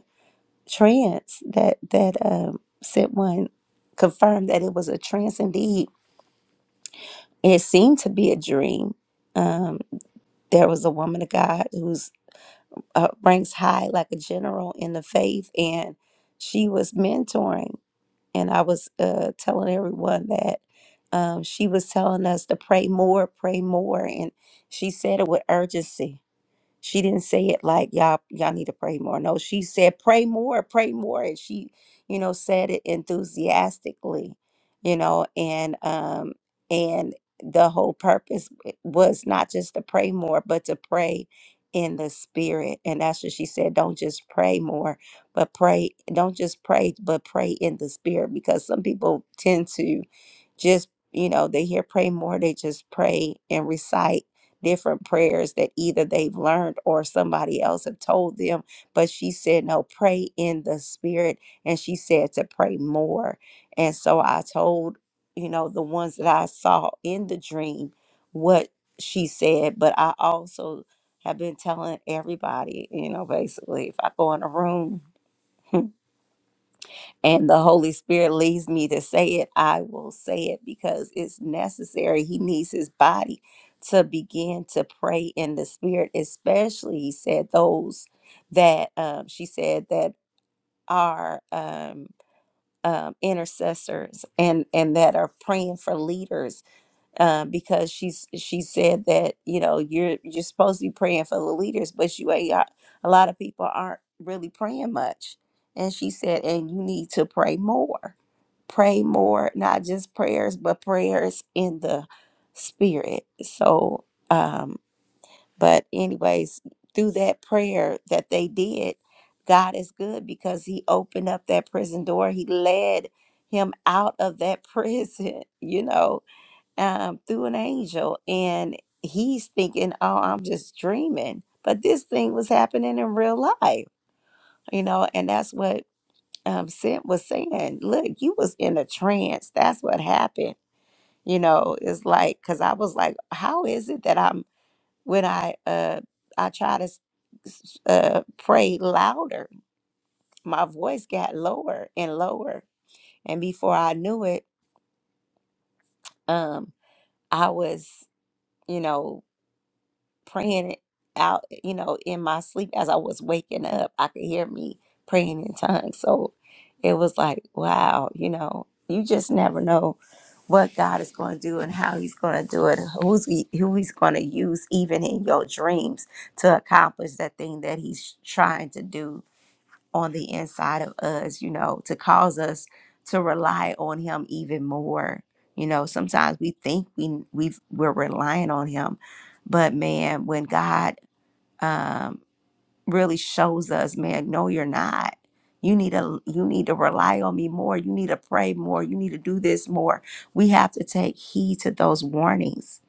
[SPEAKER 1] trance that that um, sent one confirmed that it was a trance indeed. It seemed to be a dream. Um, there was a woman of God who's uh, ranks high, like a general in the faith, and she was mentoring. And I was uh, telling everyone that um, she was telling us to pray more, pray more, and she said it with urgency She didn't say it like y'all y'all need to pray more. No, she said pray more, pray more, and she, you know, said it enthusiastically, you know, and um and the whole purpose w- was not just to pray more, but to pray in the spirit. And that's what she said. Don't just pray more, but pray. Don't just pray, but pray in the spirit. Because some people tend to just, you know, they hear pr- just pray different. We've learned somebody else, but spirit and sure, you know, the one. dream. She'll have been, you know, basically, if I go in a room and the Holy Spirit leads me to say it, I will say it because it's necessary. He needs his body to begin to pray in the spirit, especially, he said, those that um, she said that are um, um, intercessors and and that are praying for leaders uh, because she's she said that you know you're you're supposed to be praying for the leaders, but you ain't got- a lot of people aren't really praying much. And she said, and you need to pray more, pray more, not just prayers, but prayers in the spirit. So, um, but anyways, through that prayer that they did, God is good because He opened up that prison door. He led him out of that prison, you know um, through an angel, and he's thinking, "Oh, I'm just dreaming," but this thing was happening in real life, you know, and that's what um, Sid was saying. Look, you was in a trance. That's what happened. You know, it's like because I was like, "How is it that I'm when I uh I try to s- s- uh pray louder, my voice got lower and lower, and before I knew it, um, I was." You know, praying it out, you know, in my sleep as I was waking up. I could hear me praying in tongues. So it was like, wow, you know, you just never know what God is going to do and how he's going to do it, who's he, who he's going to use even in your dreams to accomplish that thing that he's trying to do on the inside of us, you know, to cause us to rely on him even more. You know, sometimes we think we we've, we're relying on him, but man, when God really shows us, man, no, you're not. You need to you need to rely on me more. You need to pray more. You need to do this more. We have to take heed to those warnings.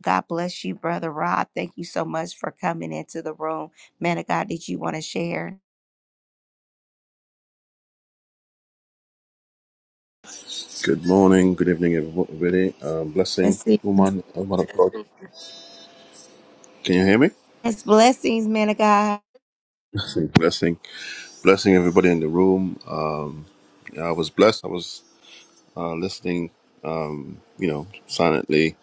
[SPEAKER 1] God bless you, brother Rob. Thank you so much for coming into the room. Man of God, did you want to share?
[SPEAKER 22] Good morning, good evening, everybody. Um, blessing,
[SPEAKER 1] Blessing,
[SPEAKER 22] woman, woman of God. Can you hear me?
[SPEAKER 1] Yes, blessings, man of God.
[SPEAKER 22] Blessing, blessing, blessing, everybody in the room. Um, yeah, I was blessed. I was uh, listening, um, you know, silently.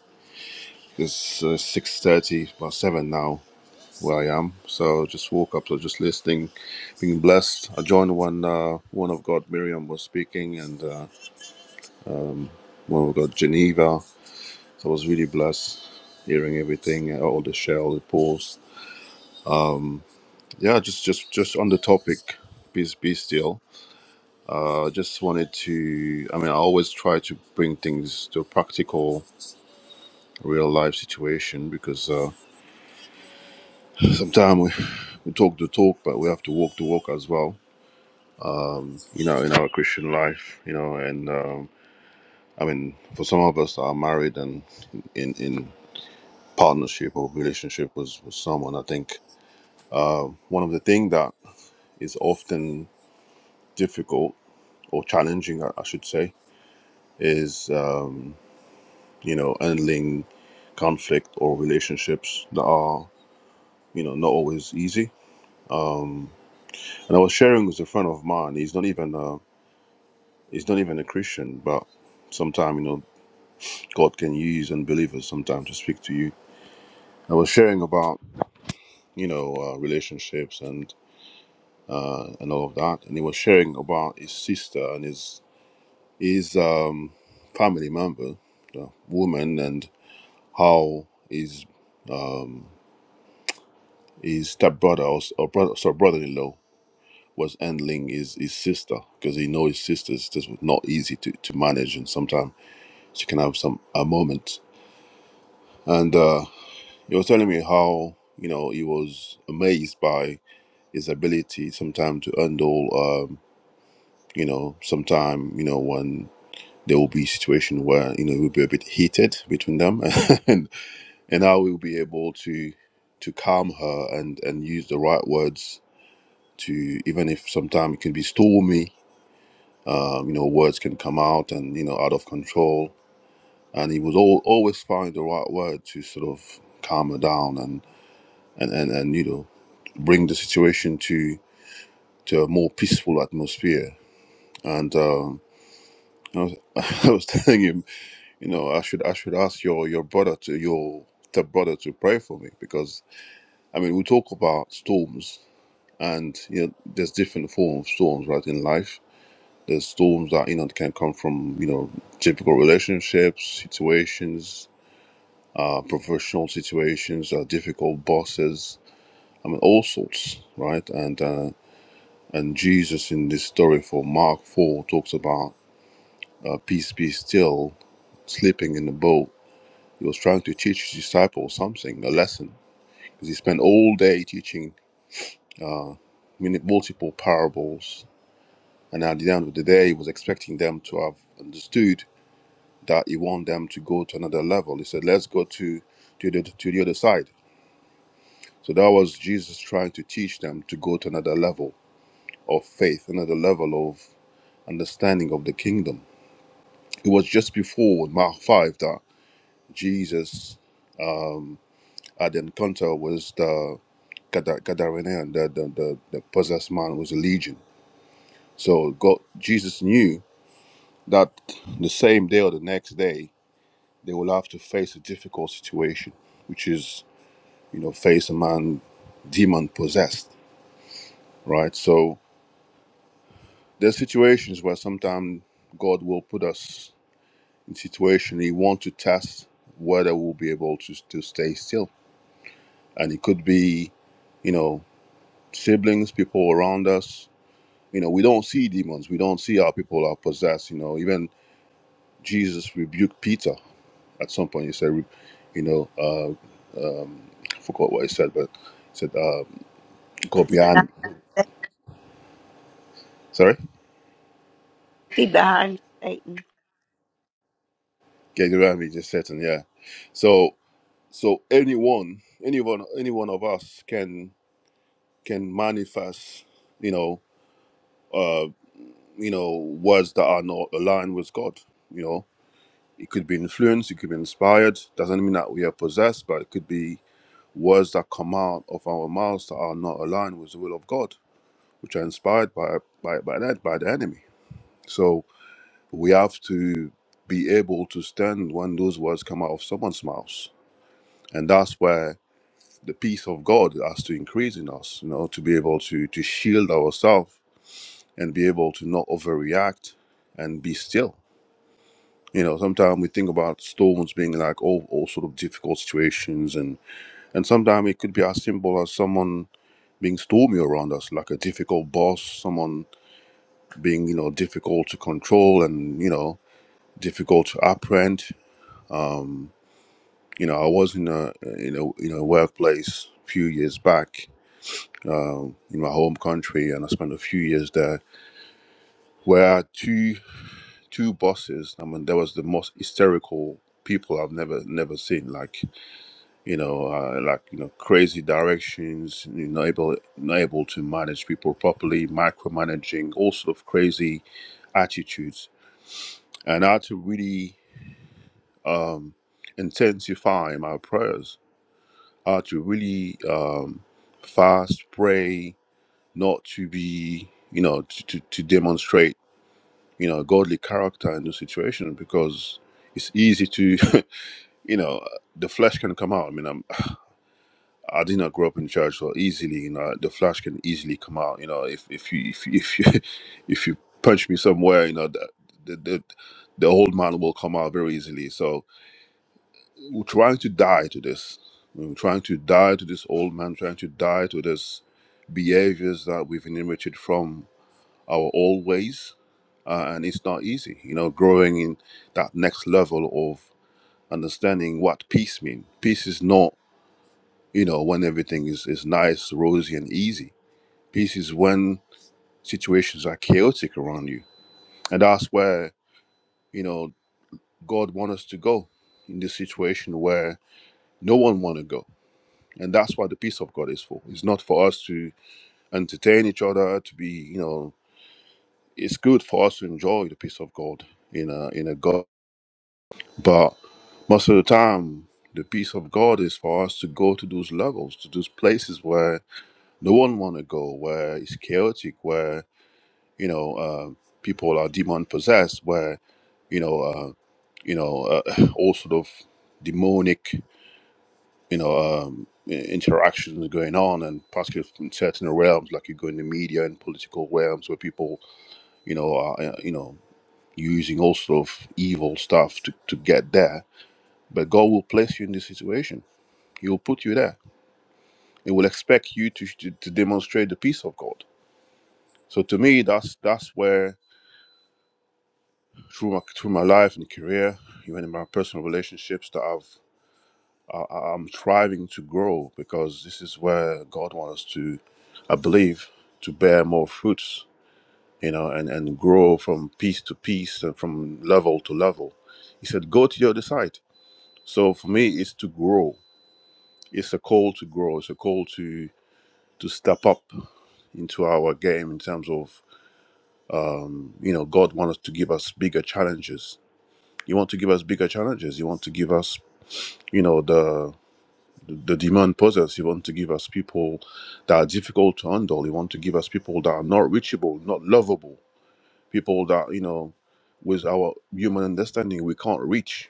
[SPEAKER 22] It's uh, six thirty, about seven now, where I am. So just woke up, so just listening, being blessed. I joined when uh, one of God, Miriam, was speaking, and uh, one of God, Geneva. So I was really blessed hearing everything, uh, all the share, all the pulls. Yeah, just just just on the topic, be be still. Uh, just wanted to. I mean, I always try to bring things to a practical, real life situation because uh, sometimes we, we talk the talk, but we have to walk the walk as well. You know, in our Christian life, you know, and um, I mean, for some of us that are married and in in partnership or relationship with, with someone, I think one of the things that is often difficult or challenging, I, I should say, is. Um, you know, handling conflict or relationships that are, you know, not always easy. And I was sharing with a friend of mine. He's not even a, he's not even a Christian, but sometimes you know God can use unbelievers sometimes to speak to you. I was sharing about you know uh, relationships and uh, and all of that, and he was sharing about his sister and his his um, family member, the woman, and how his um, his stepbrother or, or brother, sorry, brother-in-law was handling his, his sister because he know his sister is just not easy to, to manage and sometimes she can have some a moment and uh, he was telling me how you know he was amazed by his ability sometimes to handle um, you know sometime you know when there will be situation where you know it will be a bit heated between them and and how we'll be able to to calm her and and use the right words to even if sometimes it can be stormy Um, you know, words can come out and, you know, out of control. And he would al always find the right word to sort of calm her down and, and, and, and you know, bring the situation to, to a more peaceful atmosphere. And um, I, was, I was telling him, you know, I should I should ask your, your brother to your stepbrother to pray for me because I mean we talk about storms and you know there's different forms of storms right in life the storms that you know can come from you know difficult relationships, situations, uh, professional situations, uh, difficult bosses. I mean, all sorts, right? And uh, and Jesus in this story for Mark four talks about uh, peace be still, sleeping in the boat. He was trying to teach his disciples something, a lesson, because he spent all day teaching many multiple parables, and at the end of the day, he was expecting them to have understood that he want them to go to another level. He said, "Let's go to to the to the other side." So that was Jesus trying to teach them to go to another level of faith, another level of understanding of the kingdom. It was just before Mark five that Jesus had the encounter with the Gadar- Gadarenaean, the the, the the possessed man was a legion. So God, Jesus knew that the same day or the next day they will have to face a difficult situation, which is you know, face a man demon possessed, right? So there's situations where sometimes God will put us in situation He wants to test whether we'll be able to, to stay still. And it could be, you know, siblings, people around us. You know, we don't see demons. We don't see how people are possessed. You know, even Jesus rebuked Peter at some point. He said, you know, uh, um, I forgot what he said, but he said, uh, go behind. Sorry?
[SPEAKER 1] he died, Satan.
[SPEAKER 22] Get around me, just certain, yeah. So so anyone, anyone, any one of us can can manifest, you know, uh, you know, words that are not aligned with God. You know, it could be influenced, it could be inspired. Doesn't mean that we are possessed, but it could be words that come out of our mouths that are not aligned with the will of God, which are inspired by by by that by the enemy. So we have to be able to stand when those words come out of someone's mouth, and that's where the peace of God has to increase in us, you know, to be able to to shield ourselves and be able to not overreact and be still. You know, sometimes we think about storms being like all, all sort of difficult situations and and sometimes it could be as simple as someone being stormy around us, like a difficult boss, someone being, you know, difficult to control and, you know, difficult to apprehend. Um, you know, I was in a in a in a workplace a few years back um, in my home country, and I spent a few years there, where I had two two bosses. I mean, there was the most hysterical people I've never never seen. Like you know, uh, like you know, crazy directions. You know, able not able to manage people properly, micromanaging, all sort of crazy attitudes, and I had to really um, intensify my prayers. I had to really um, fast, pray, not to be, you know, to, to, to demonstrate you know godly character in the situation because it's easy to you know the flesh can come out i mean I'm, i did not grow up in church so easily you know the flesh can easily come out you know if if you if you if you, if you punch me somewhere you know the, the the the old man will come out very easily so we're trying to die to this we're trying to die to this old man trying to die to this behaviors that we've inherited from our old ways, uh, and it's not easy. You know, growing in that next level of understanding what peace means. Peace is not, you know, when everything is, is nice, rosy, and easy. Peace is when situations are chaotic around you, and that's where you know God wants us to go in this situation where no one want to go. And that's what the peace of God is for. It's not for us to entertain each other, to be, you know, it's good for us to enjoy the peace of God in a in a God. But most of the time, the peace of God is for us to go to those levels, to those places where no one want to go, where it's chaotic, where you know uh, people are demon possessed, where you know uh, you know uh, all sort of demonic you know um, i- interactions going on, and particularly from certain realms, like you go in the media and political realms, where people you know are uh, you know using all sort of evil stuff to, to get there. But God will place you in this situation He will put you there. He will expect you to, to, to demonstrate the peace of God. So to me, that's that's where through my through my life and career, even in my personal relationships, that I've I'm striving to grow because this is where God wants us to, I believe, to bear more fruits, you know, and and grow from piece to piece and from level to level. He said, go to the other side. So for me, it's to grow. It's a call to grow. It's a call to to step up into our game in terms of you know god wants to give us bigger challenges he wants to give us bigger challenges he wants to give us you know the the demand poses he wants to give us people that are difficult to handle he wants to give us people that are not reachable not lovable people that you know with our human understanding we can't reach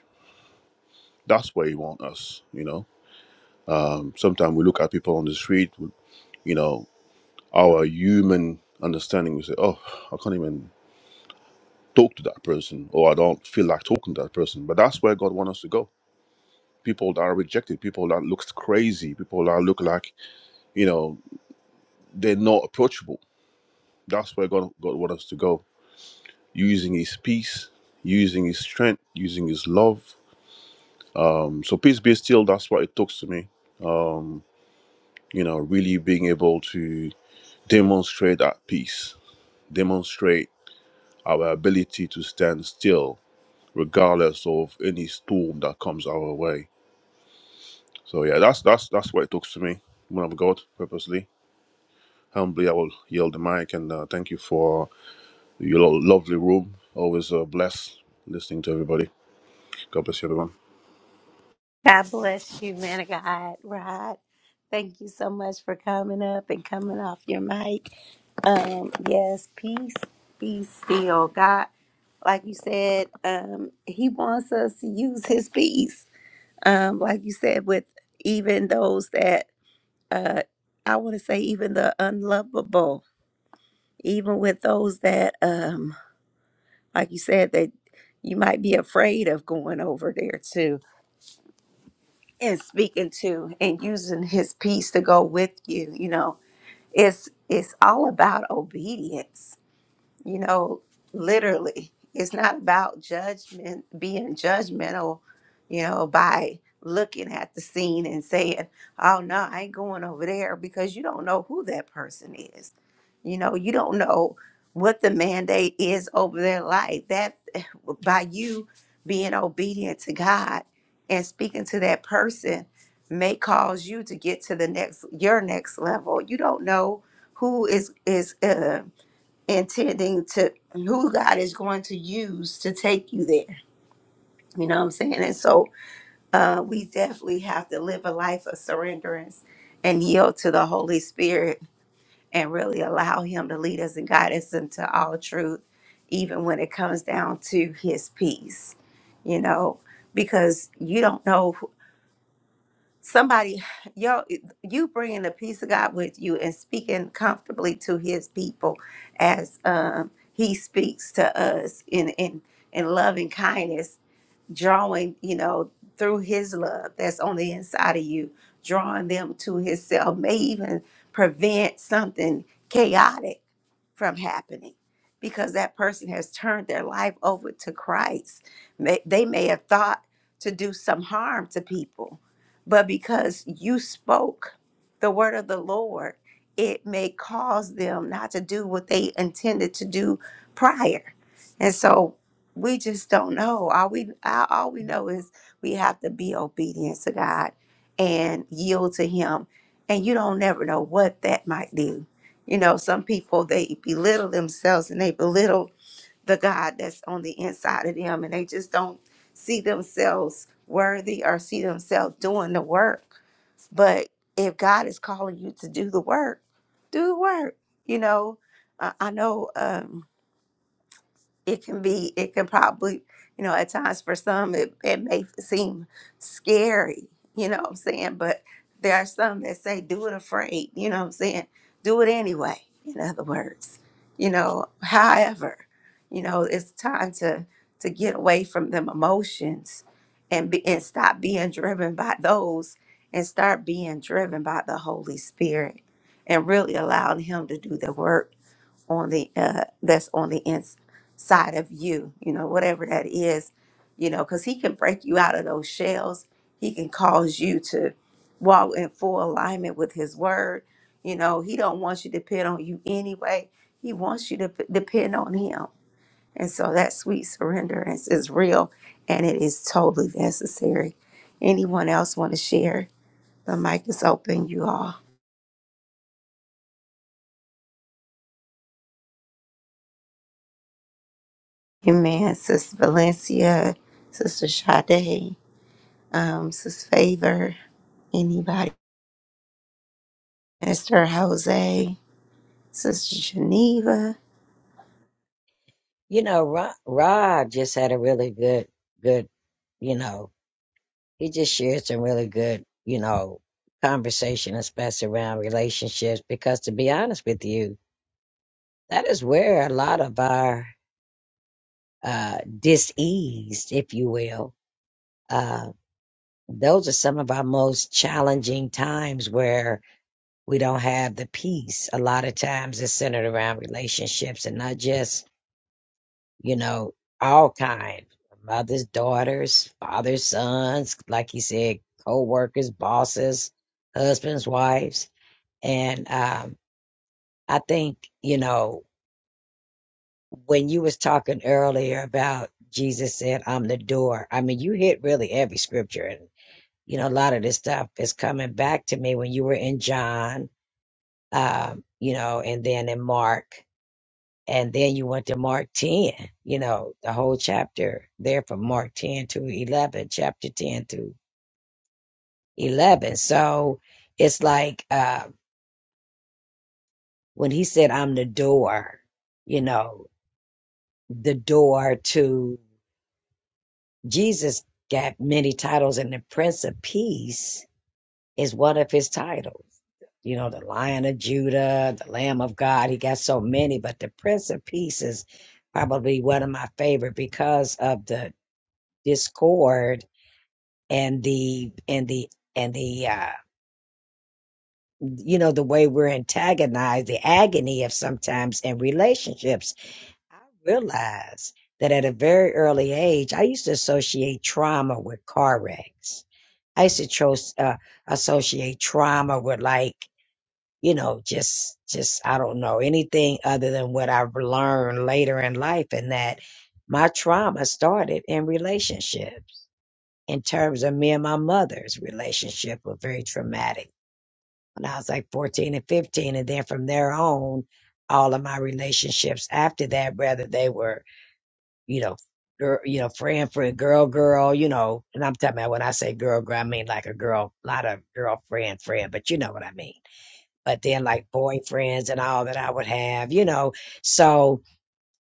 [SPEAKER 22] that's where he wants us you know um sometimes we look at people on the street you know our human understanding we say oh i can't even talk to that person or i don't feel like talking to that person but that's where god wants us to go people that are rejected, people that looks crazy, people that look like you know they're not approachable. That's where God God wants us to go, using His peace, using His strength, using His love. Um, so peace be still. That's what it talks to me. You know, really being able to demonstrate that peace, demonstrate our ability to stand still regardless of any storm that comes our way. So yeah, that's that's that's what it talks to me. Man of God, purposely, humbly, I will yield the mic and uh, thank you for Your lo- lovely room. Always a bless listening to everybody. God bless you, everyone.
[SPEAKER 1] even with those that um like you said that you might be afraid of going over there too. and speaking to and using his peace to go with you you know it's it's all about obedience you know literally it's not about judgment being judgmental you know by looking at the scene and saying oh no i ain't going over there because you don't know who that person is you know you don't know what the mandate is over their life that by you being obedient to god and speaking to that person may cause you to get to the next your next level you don't know who is is going to who god is going to use a surrenderance and yield to the holy spirit and really allow him to lead us and guide us into all truth even when it comes down to his peace you know because you don't know who, you bringing the peace of god speaking comfortably to his people as um he speaks to us in loving kindness through his love that's on the inside of you, drawing them to himself may even prevent something chaotic from happening because that person has turned their life over to Christ. May, they may have thought to do some harm to people, but because you spoke the word of the Lord, it may cause them not to do what they intended to do prior. And so we just don't know. All we all all we know is we have to be obedient to God and yield to him and you don't never know what that might do you know some people they belittle themselves and they belittle the god that's on the inside of them and they just don't see themselves worthy or see themselves doing the work but if god is calling you to do the work do the work you know uh, it can be it can probably you know at times for some it, it may seem scary you know what i'm saying but there are some that say do it afraid you know what i'm saying do it anyway in other words you know however you know it's time to to get away from them emotions and be, and stop being driven by those and start being driven by the holy spirit and really allowing him to do the work on the uh, that's on the inside of you you know whatever that is you know because he can break you out of those shells he can cause you to walk in full alignment with his word you know he don't want you to depend on you anyway he wants you to p- depend on him and so that sweet surrender is, is real and it is totally necessary anyone else want to share the mic is open you all amen Sister valencia sister Sade. um, Sis Favor, anybody, Mr. Jose, Sister Geneva.
[SPEAKER 2] You know, Rod, Rod just had a really good, good, you know, he just shared some really good, you know, conversation, especially around relationships. Because to be honest with you, that is where a lot of our uh, dis-ease, if you will, uh, those are some of our most challenging times where we don't have the peace. A lot of times it's centered around relationships and not just, you know, all kinds. Mothers, daughters, fathers, sons, like he said, co-workers, bosses, husbands, wives And um, I think, you know, when you was talking earlier about Jesus said, I'm the door, I mean, you hit really every scripture. And, you know, a lot of this stuff is coming back to me when you were in John, um, you know, and then in Mark, and then you went to Mark 10, you know, the whole chapter there from Mark 10 to 11, chapter 10 to 11. So it's like uh, when he said, I'm the door, you know, the door to Jesus got many titles and the Prince of Peace is one of his titles. You know, the Lion of Judah, the Lamb of God, he got so many, but the Prince of Peace is probably one of my favorite because of the discord and the and the and the uh you know the way we're antagonized, the agony of sometimes in relationships I realized that at a very early age, I used to associate trauma with car wrecks. I used to tro- uh, associate trauma with like, you know, just, just, I don't know, anything other than what I've learned later in life. And that my trauma started in relationships in terms of me and my mother's relationship were very traumatic when I was like 14 and 15. And then from there on, all of my relationships after that, whether they were you know, girl, you know, friend, friend, girl, girl, you know, and I'm talking about when I say girl, girl, I mean like a girl, not a girlfriend, friend, but you know what I mean. But then like boyfriends and all that I would have, you know, so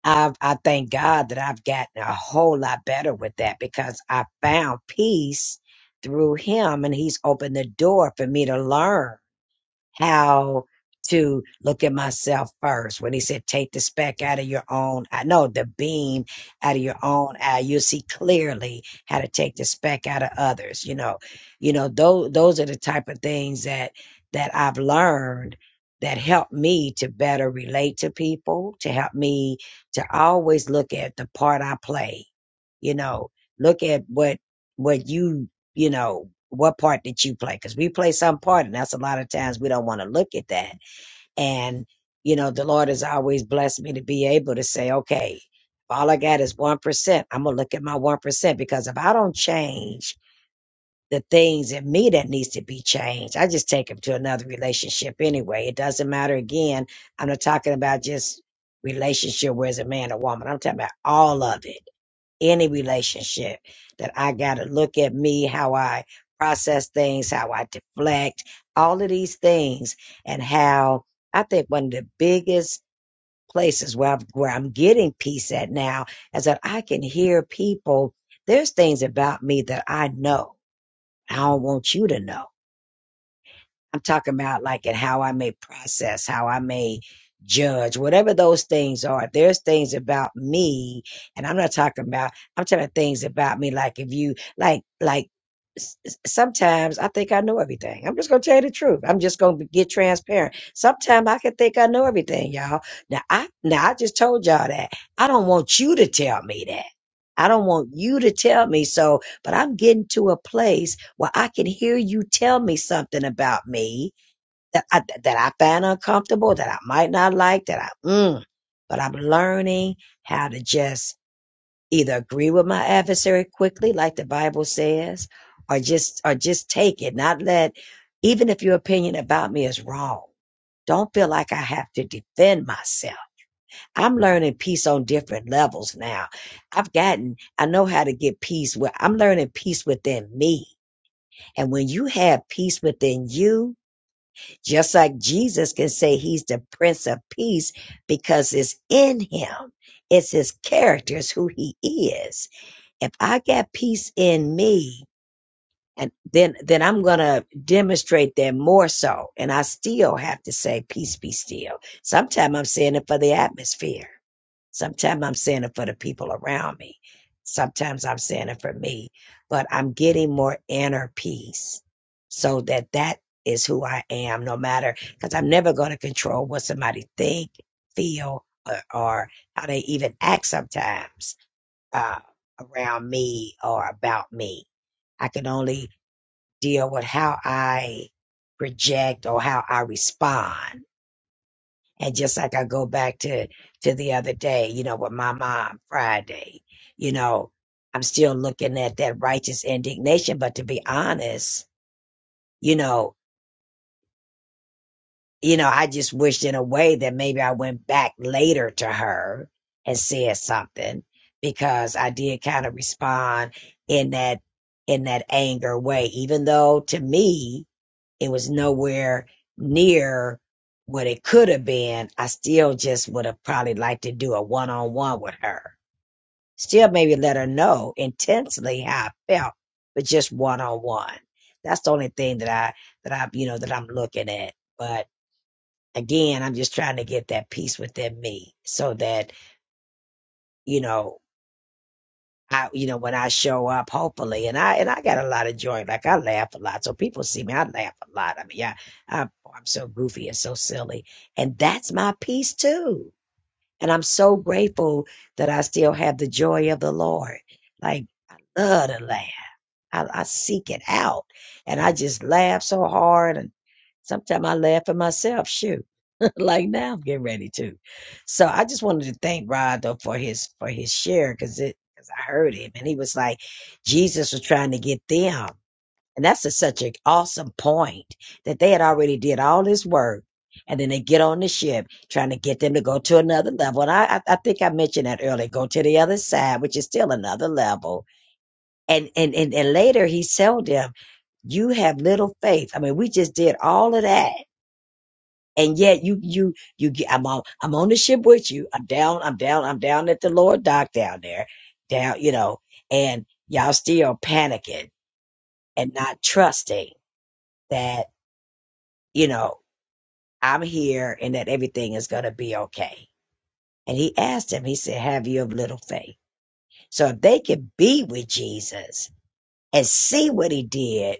[SPEAKER 2] I I thank God that I've gotten a whole lot better with that because I found peace through Him, and He's opened the door for me to learn how to look at myself first. When he said, take the speck out of your own, I know the beam out of your own eye, you'll see clearly how to take the speck out of others. You know, you know, those, those are the type of things that, that I've learned that help me to better relate to people, to help me to always look at the part I play, you know, look at what, what you you know, what part did you play? Because we play some part, and that's a lot of times we don't want to look at that. And, you know, the Lord has always blessed me to be able to say, okay, if all I got is 1%, I'm going to look at my 1% because if I don't change the things in me that needs to be changed, I just take them to another relationship anyway. It doesn't matter. Again, I'm not talking about just relationship where it's a man or woman. I'm talking about all of it any relationship that I got to look at me, how I process things, how I deflect, all of these things, and how I think one of the biggest places where I'm, where I'm getting peace at now is that I can hear people. There's things about me that I know. I don't want you to know. I'm talking about like and how I may process, how I may judge, whatever those things are. If there's things about me, and I'm not talking about, I'm talking about things about me. Like if you like, like s- s- sometimes I think I know everything. I'm just gonna tell you the truth. I'm just gonna be- get transparent. Sometimes I can think I know everything, y'all. Now I, now I just told y'all that. I don't want you to tell me that. I don't want you to tell me so, but I'm getting to a place well, I can hear you tell me something about me that I, that I find uncomfortable, that I might not like, that I, mm, but I'm learning how to just either agree with my adversary quickly, like the Bible says, or just, or just take it, not let, even if your opinion about me is wrong, don't feel like I have to defend myself. I'm learning peace on different levels now. I've gotten, I know how to get peace with. I'm learning peace within me and when you have peace within you, just like Jesus can say he's the Prince of Peace because it's in him, it's his character, it's who he is. If I got peace in me, and then then I'm gonna demonstrate that more so. And I still have to say, peace be still. Sometimes I'm saying it for the atmosphere. Sometimes I'm saying it for the people around me. Sometimes I'm saying it for me. But I'm getting more inner peace so that that is who I am, no matter because I'm never gonna control what somebody think, feel, or, or how they even act sometimes uh, around me or about me. I can only deal with how I project or how I respond. And just like I go back to to the other day, you know, with my mom Friday, you know, I'm still looking at that righteous indignation. But to be honest, you know, you know, I just wished in a way that maybe I went back later to her and said something because I did kind of respond in that in that anger way, even though to me it was nowhere near what it could have been, I still just would have probably liked to do a one on one with her. Still, maybe let her know intensely how I felt, but just one on one. That's the only thing that I, that I, you know, that I'm looking at. But again, I'm just trying to get that peace within me so that, you know, I, you know, when I show up, hopefully, and I and I got a lot of joy. Like I laugh a lot, so people see me. I laugh a lot. I mean, yeah, I'm, I'm so goofy and so silly, and that's my peace too. And I'm so grateful that I still have the joy of the Lord. Like I love to laugh. I, I seek it out, and I just laugh so hard. And sometimes I laugh at myself. Shoot like now I'm getting ready to. So I just wanted to thank Rod though for his for his share because it because I heard him and he was like Jesus was trying to get them and that's a, such an awesome point that they had already did all this work and then they get on the ship trying to get them to go to another level and I I, I think I mentioned that earlier go to the other side which is still another level and and and, and later he told them you have little faith I mean we just did all of that and yet you you you get i'm on i'm on the ship with you i'm down i'm down i'm down at the lord dock down there down you know and y'all still panicking and not trusting that you know i'm here and that everything is going to be okay and he asked him he said have you of little faith so if they could be with jesus and see what he did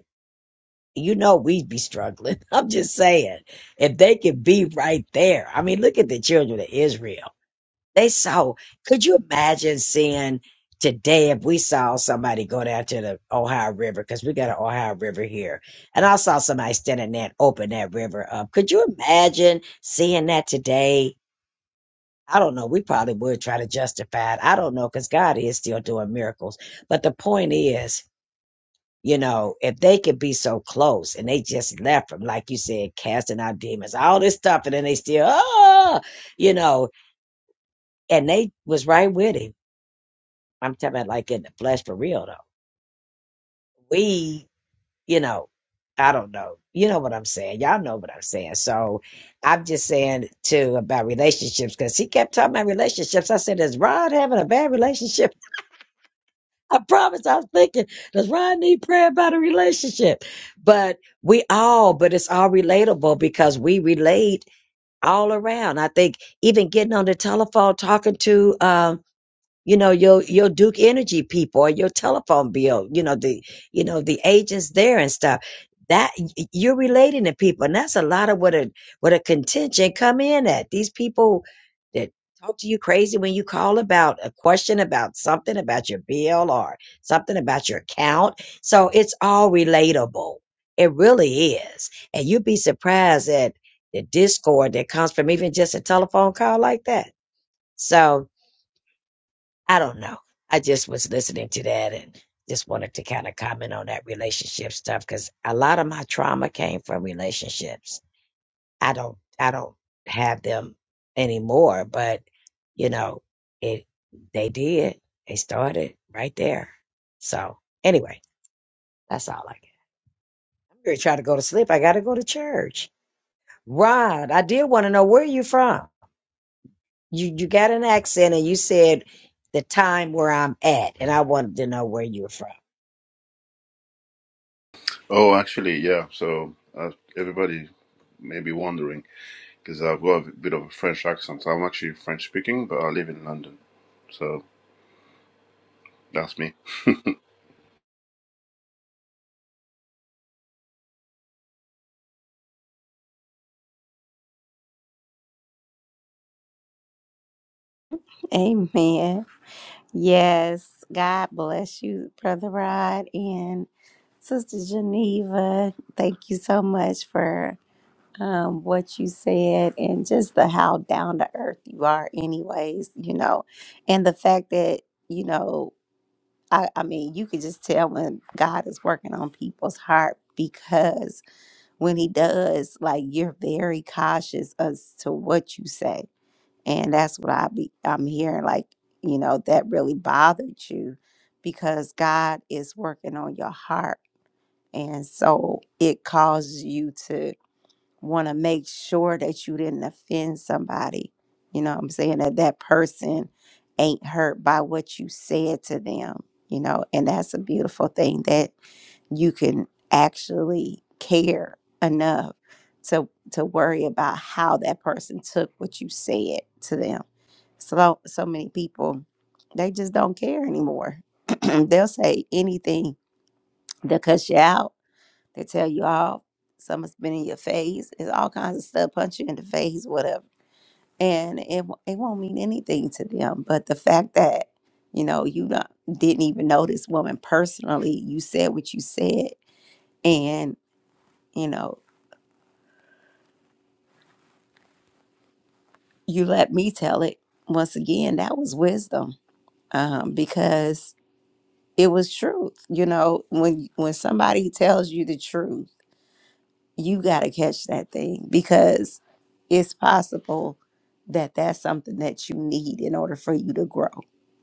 [SPEAKER 2] you know we'd be struggling i'm just saying if they could be right there i mean look at the children of israel They saw. Could you imagine seeing today if we saw somebody go down to the Ohio River because we got an Ohio River here, and I saw somebody standing there and open that river up. Could you imagine seeing that today? I don't know. We probably would try to justify it. I don't know because God is still doing miracles. But the point is, you know, if they could be so close and they just left from, like you said, casting out demons, all this stuff, and then they still, oh, you know, and they was right with him I'm talking about like in the flesh for real though. We, you know, I don't know. You know what I'm saying. Y'all know what I'm saying. So I'm just saying too about relationships because he kept talking about relationships. I said, Is Rod having a bad relationship? I promise I was thinking, does Rod need prayer about a relationship? But we all, but it's all relatable because we relate all around. I think even getting on the telephone, talking to um you know your your duke energy people or your telephone bill you know the you know the agents there and stuff that y- you're relating to people and that's a lot of what a what a contention come in at these people that talk to you crazy when you call about a question about something about your bill or something about your account so it's all relatable it really is and you'd be surprised at the discord that comes from even just a telephone call like that so I don't know. I just was listening to that and just wanted to kind of comment on that relationship stuff because a lot of my trauma came from relationships. I don't, I don't have them anymore, but you know, it, they did. They started right there. So anyway, that's all I get. I'm going to try to go to sleep. I got to go to church. Rod, I did want to know where you from? You, you got an accent and you said the time where I'm at, and I wanted to know where you're from.
[SPEAKER 22] Oh, actually, yeah. So uh, everybody may be wondering because I've got a bit of a French accent. So I'm actually French speaking, but I live in London. So that's me.
[SPEAKER 1] Amen. Yes, God bless you, Brother Rod and Sister Geneva. Thank you so much for um, what you said and just the how down to earth you are, anyways, you know, and the fact that, you know, I, I mean, you could just tell when God is working on people's heart because when he does, like you're very cautious as to what you say. And that's what I be I'm hearing, like, you know, that really bothered you because God is working on your heart. And so it causes you to want to make sure that you didn't offend somebody. You know what I'm saying? That that person ain't hurt by what you said to them, you know, and that's a beautiful thing that you can actually care enough to to worry about how that person took what you said to them. So so many people they just don't care anymore. They'll say anything. They'll cuss you out. They tell you off. Someone's been in your face. It's all kinds of stuff. Punch you in the face, whatever. And it wo- it won't mean anything to them. But the fact that you know you not, didn't even know this woman personally, you said what you said, and you know, you let me tell it. Once again, that was wisdom um, because it was truth. You know, when when somebody tells you the truth, you got to catch that thing because it's possible that that's something that you need in order for you to grow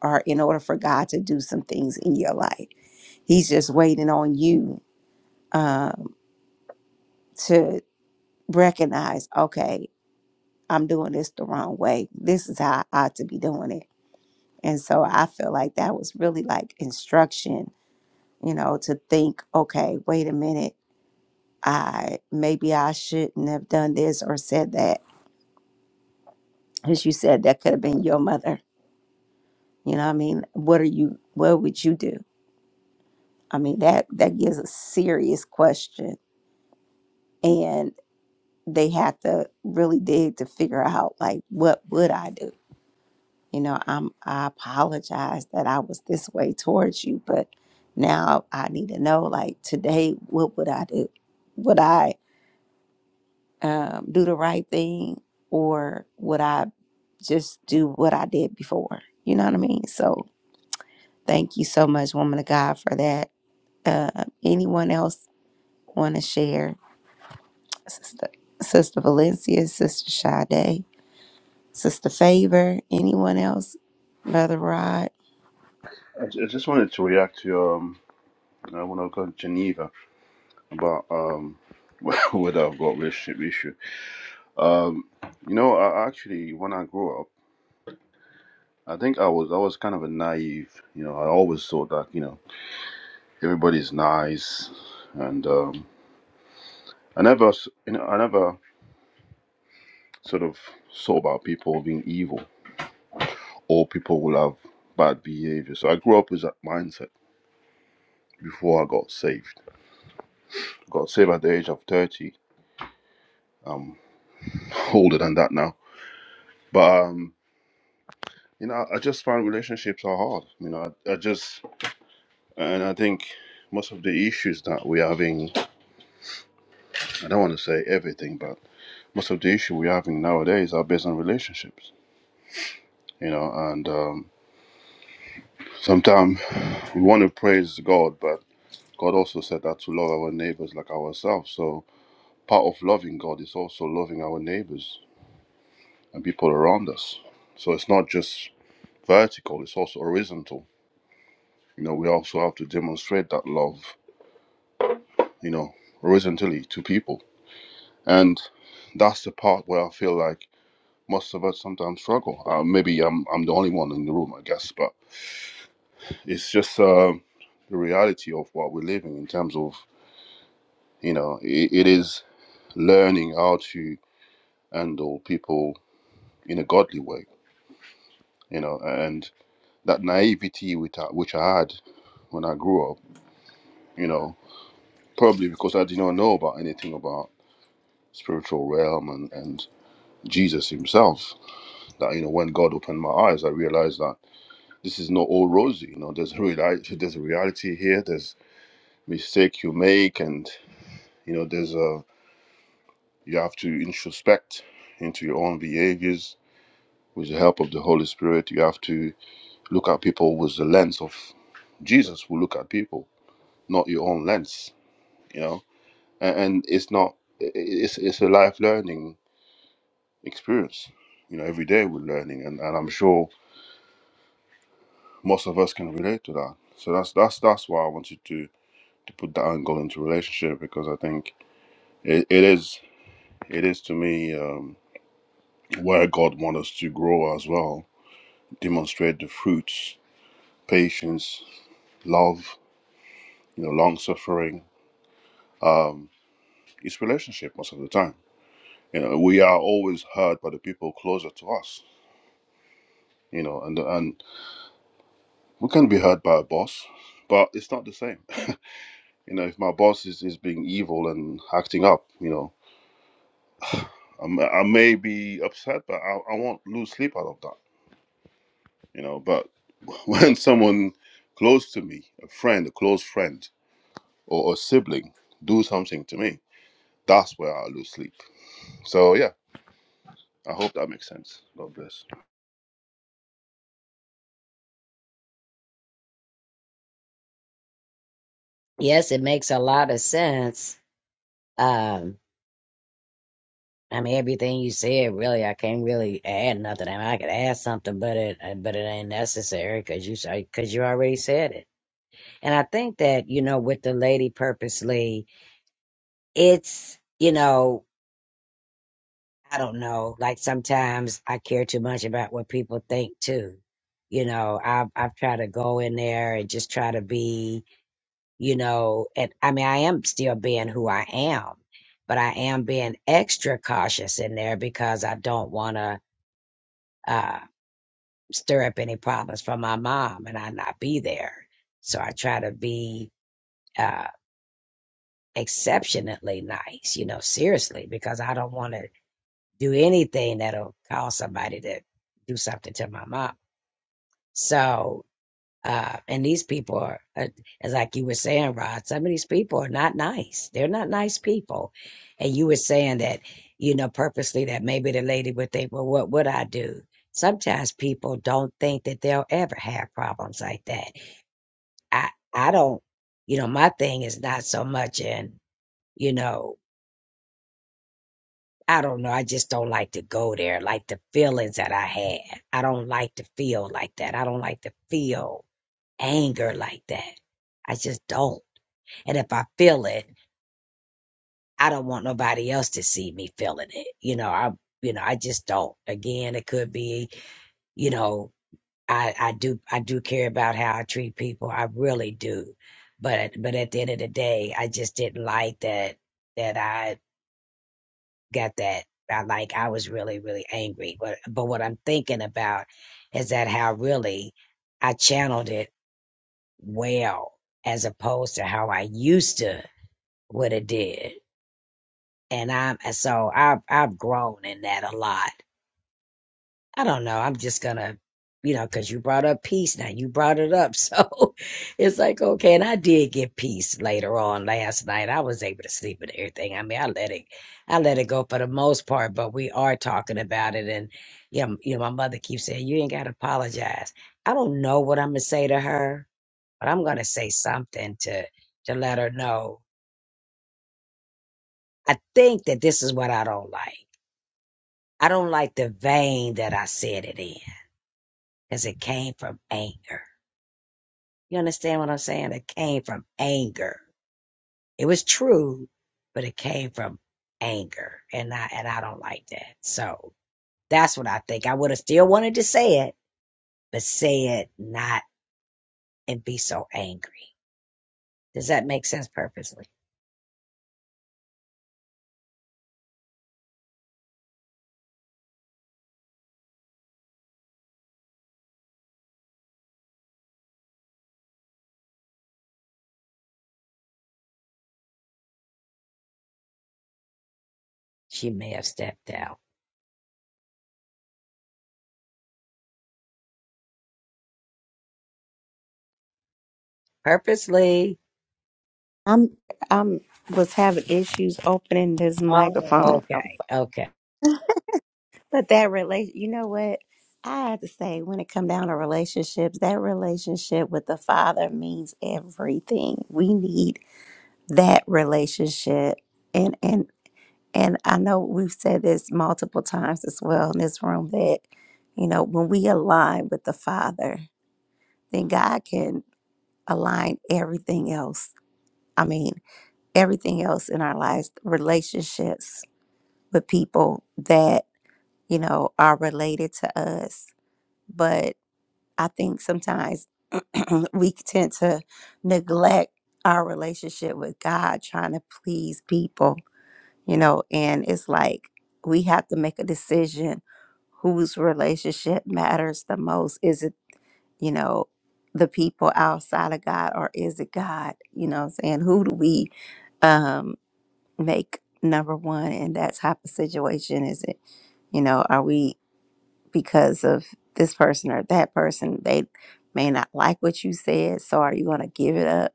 [SPEAKER 1] or in order for God to do some things in your life. He's just waiting on you um, to recognize, okay, I'm doing this the wrong way. This is how I ought to be doing it And so I feel like that was really like instruction, you know, to think, okay, wait a minute, I maybe I shouldn't have done this or said that. As you said, that could have been your mother. You know, what I mean, what are you what would you do? I mean, that that gives a serious question. And they have to really dig to figure out like what would I do? you know i'm i apologize that i was this way towards you but now i need to know like today what would i do would i um, do the right thing or would i just do what i did before you know what i mean so thank you so much woman of god for that uh, anyone else want to share sister sister valencia sister Sade, sister favor anyone else brother rod
[SPEAKER 22] I ju- I just wanted to react to um, uh, when I got to Geneva about um, whether I've got relationship issue. Um, you know, I I actually when I grew up, I think I was I was kind of a naive. You know, I always thought that you know Everybody's nice, and um, I never, you know, I never sort of saw about people being evil or people will have bad behavior. So I grew up with that mindset before I got saved. Got saved at the age of thirty. I'm older than that now, but um, you know, I just find relationships are hard. You know, I, I just, and I think most of the issues that we're having, I don't want to say everything, but most of the issue we're having nowadays are based on relationships. You know, and um, Sometimes we want to praise God, but God also said that to love our neighbors like ourselves. So part of loving God is also loving our neighbors and people around us. So it's not just vertical, it's also horizontal. You know, we also have to demonstrate that love, you know, horizontally to people. And that's the part where I feel like most of us sometimes struggle. Uh, maybe I'm, I'm the only one in the room, I guess, but it's just um the reality of what we're living in terms of, you know, i it is learning how to handle people in a godly way, you know, and that naivety which I, which I had when I grew up, you know, probably because I did not know about anything about spiritual realm and, and Jesus himself, that, you know, when God opened my eyes, I realized that this is not all rosy, you know, there's a reality, there's a reality here, there's mistake you make and, you know, there's a, you have to introspect into your own behaviors with the help of the Holy Spirit. You have to Look at people with the lens of Jesus. Will look at people, not your own lens. You know, and, and it's not. It's it's a life learning experience. You know, every day we're learning, and, and I'm sure most of us can relate to that. So that's that's that's why I wanted to to put that angle into relationship because I think it, it is it is to me um, where God wants us to grow as well. Demonstrate the fruits, patience, love, you know, long suffering. um, It's relationship most of the time. You know, we are always hurt by the people closer to us. You know, and and we can be hurt by a boss, but it's not the same. You know, if my boss is, is being evil and acting up, you know, I'm, I may be upset, but I, I won't lose sleep out of that. You know, but when someone close to me, a friend, a close friend, or a sibling, do something to me, that's where I lose sleep. So yeah, I hope that makes sense. God bless.
[SPEAKER 2] Yes, it makes a lot of sense. Um, I mean, everything you said, really, I can't really add nothing. I mean, I could add something, but it, uh, but it ain't necessary because you, because you already said it. And I think that you know, with the lady purposely, it's you know, I don't know. Like sometimes I care too much about what people think too. You know, I've I've tried to go in there and just try to be you know, and I mean, I am still being who I am, but I am being extra cautious in there because I don't want to uh, stir up any problems for my mom and I not be there. So I try to be uh, exceptionally nice, you know, seriously, because I don't want to do anything that'll cause somebody to do something to my mom. So, Uh, and these people are, uh, as like you were saying, Rod, some of these people are not nice. They're not nice people. And you were saying that, you know, purposely that maybe the lady would think, well, what would I do? Sometimes people don't think that they'll ever have problems like that. I, I don't, you know, my thing is not so much in, you know, I don't know. I just don't like to go there. Like the feelings that I had. I don't like to feel like that. I don't like to feel anger like that. I just don't. And if I feel it, I don't want nobody else to see me feeling it. You know, I you know, I just don't. Again, it could be, you know, I, I do I do care about how I treat people. I really do. But but at the end of the day, I just didn't like that that I got that I like I was really, really angry. But but what I'm thinking about is that how really I channeled it well as opposed to how I used to what it did. and I'm and so I've I've grown in that a lot. I don't know. I'm just gonna, you know, because you brought up peace. Now you brought it up, so it's like okay. And I did get peace later on last night. I was able to sleep and everything. I mean, I let it, I let it go for the most part. But we are talking about it, and yeah, you know, you know, my mother keeps saying you ain't gotta apologize. I don't know what I'm gonna say to her, but I'm gonna say something to to let her know. I think that this is what I don't like I don't like the vein that I said it in because it came from anger. You understand what I'm saying? It came from anger. It was true, but it came from anger. And I and I don't like that. So that's what I think. I would have still wanted to say it, but say it not and be so angry. Does that make sense purposely? She may have stepped out. Purposely.
[SPEAKER 1] I'm I'm was having issues opening this
[SPEAKER 2] Oh,
[SPEAKER 1] microphone. I'm
[SPEAKER 2] okay.
[SPEAKER 1] so-
[SPEAKER 2] Okay.
[SPEAKER 1] But that relation, you know what? I have to say, when it come down to relationships, that relationship with the Father means everything. We need that relationship, and and and I know we've said this multiple times as well in this room that you know when we align with the Father, then God can align everything else. I mean, everything else in our lives, relationships, with people that, you know, are related to us. But I think sometimes we tend to neglect our relationship with God trying to please people, you know, and it's like we have to make a decision whose relationship matters the most. Is it, you know, the people outside of God or is it God? You know what I'm saying? Who do we um make number one in that type of situation? Is it, you know, are we because of this person or that person, they may not like what you said. So are you going to give it up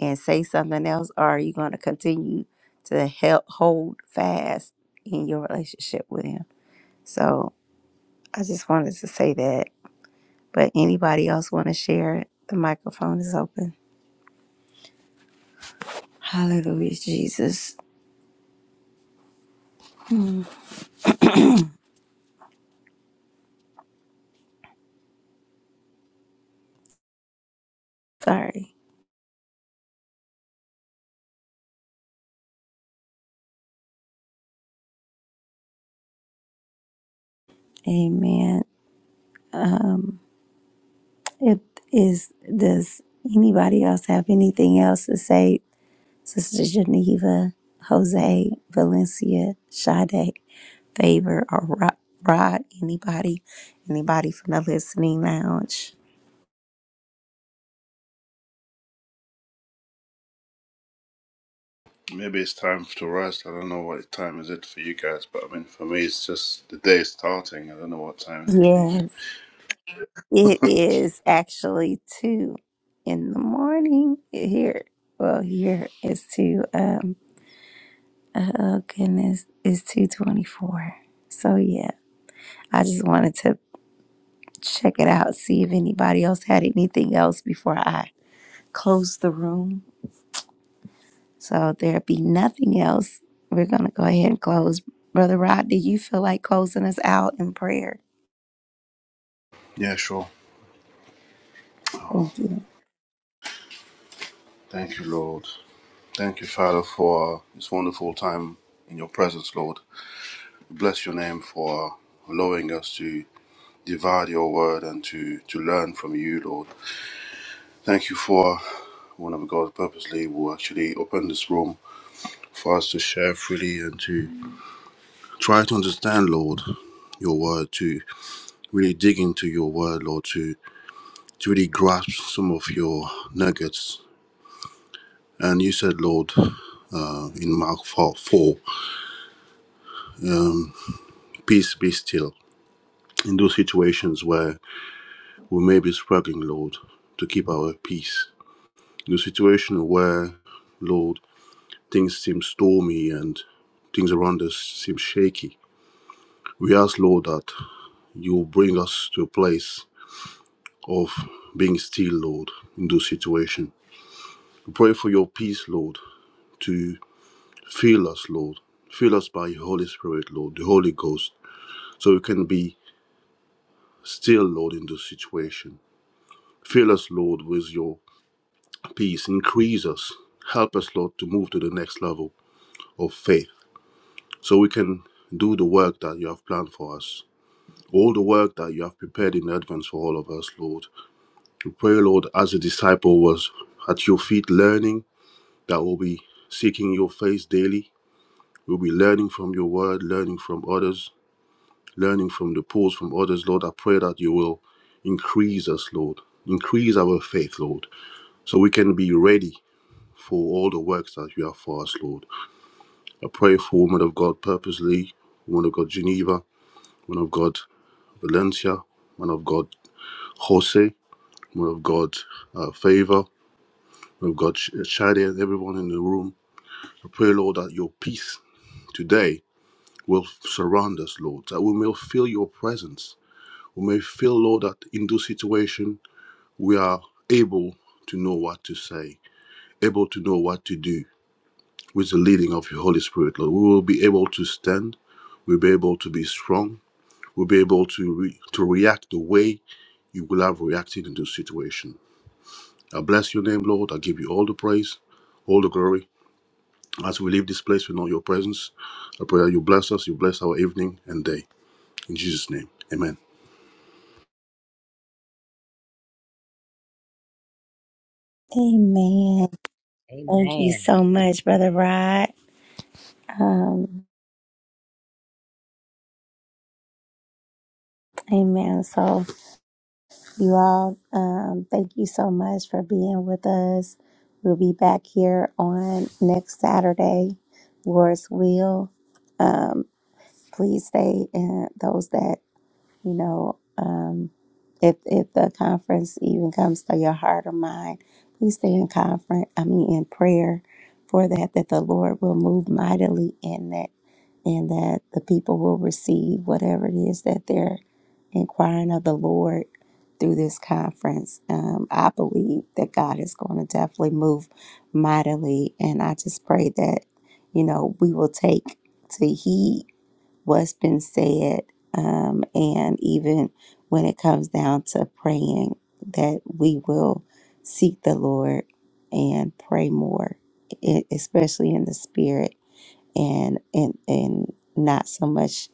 [SPEAKER 1] and say something else? Or are you going to continue to help hold fast in your relationship with him? So I just wanted to say that. But anybody else want to share it? The microphone is open. Hallelujah, Jesus. Sorry. Amen. Um. It is. Does anybody else have anything else to say? Sister Geneva, Jose, Valencia, Sade, Favor, or Rod? Rod, anybody? Anybody from the listening lounge?
[SPEAKER 22] Maybe it's time to rest. I don't know what time is it for you guys, but I mean, for me, it's just the day is starting. I don't know what time is it for you.
[SPEAKER 1] Yes, it is actually two in the morning here. Well, here it's two. Um, oh goodness, it's two twenty-four. So yeah, I just wanted to check it out, see if anybody else had anything else before I close the room. So there be nothing else. We're gonna go ahead and close. Brother Rod, do you feel like closing us out in prayer?
[SPEAKER 22] Yeah, sure.
[SPEAKER 1] Thank you.
[SPEAKER 22] Thank you, Lord. Thank you, Father, for this wonderful time in your presence, Lord. Bless your name for allowing us to divide your word and to, to learn from you, Lord. Thank you for one of God purposely will actually open this room for us to share freely and to try to understand, Lord, your word, to really dig into your word, Lord, to to really grasp some of your nuggets. And you said, Lord, uh, in Mark 4, 4, peace be still. In those situations where we may be struggling, Lord, to keep our peace. In the situation where, Lord, things seem stormy and things around us seem shaky, we ask, Lord, that you will bring us to a place of being still, Lord, in those situations. We pray for your peace, Lord, to. Fill us, Lord. Fill us by your Holy Spirit, Lord, the Holy Ghost, so we can be still, Lord, in this situation. Fill us, Lord, with your peace. Increase us. Help us, Lord, to move to the next level of faith so we can do the work that you have planned for us. All the work that you have prepared in advance for all of us, Lord. We pray, Lord, as a disciple was at your feet learning, that we'll be seeking your face daily. We'll be learning from your word, learning from others, learning from the pools from others, Lord. I pray that you will increase us, Lord. Increase our faith, Lord, so we can be ready for all the works that you have for us, Lord. I pray for woman of God purposely, woman of God Geneva, woman of God Valencia, woman of God Jose, woman of God uh, Favor, woman of God Sh- Shadi, and everyone in the room. I pray, Lord, that your peace today will surround us, Lord, that we may feel your presence. We may feel, Lord, that in this situation we are able to know what to say, able to know what to do with the leading of your Holy Spirit, Lord. We will be able to stand, we'll be able to be strong, we'll be able to, re- to react the way you will have reacted in this situation. I bless your name, Lord. I give you all the praise, all the glory. As we leave this place, we know your presence. I pray that you bless us, you bless our evening and day. In Jesus' name, amen.
[SPEAKER 1] Amen. Thank you
[SPEAKER 2] Amen.
[SPEAKER 1] so much, Brother Rod. Um, amen. So you all, um, thank you so much for being with us. We'll be back here on next Saturday, Lord's will. Um, please stay and those that you know um, if if the conference even comes to your heart or mind please stay in conference i mean in prayer for that that the lord will move mightily in that and that the people will receive whatever it is that they're inquiring of the lord through this conference um, i believe that god is going to definitely move mightily and i just pray that you know we will take to heed what's been said, um, and even when it comes down to praying, that we will seek the Lord and pray more, e- especially in the spirit and and and not so much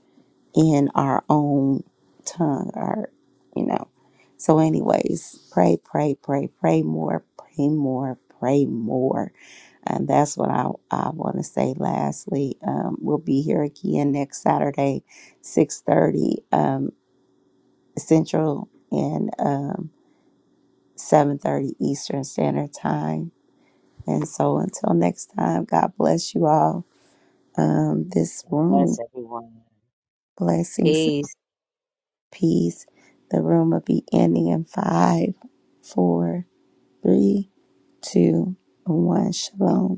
[SPEAKER 1] in our own tongue or you know. So, anyways, pray, pray, pray, pray more, pray more, pray more and that's what I, I want to say lastly. Um, we'll be here again next Saturday, 6.30 um, Central and um, 7.30 Eastern Standard Time. And so until next time, God bless you all. Um, this
[SPEAKER 2] God bless
[SPEAKER 1] room,
[SPEAKER 2] everyone.
[SPEAKER 1] blessings,
[SPEAKER 2] Peace.
[SPEAKER 1] peace. The room will be ending in five, four, three, two, and one. Shalom.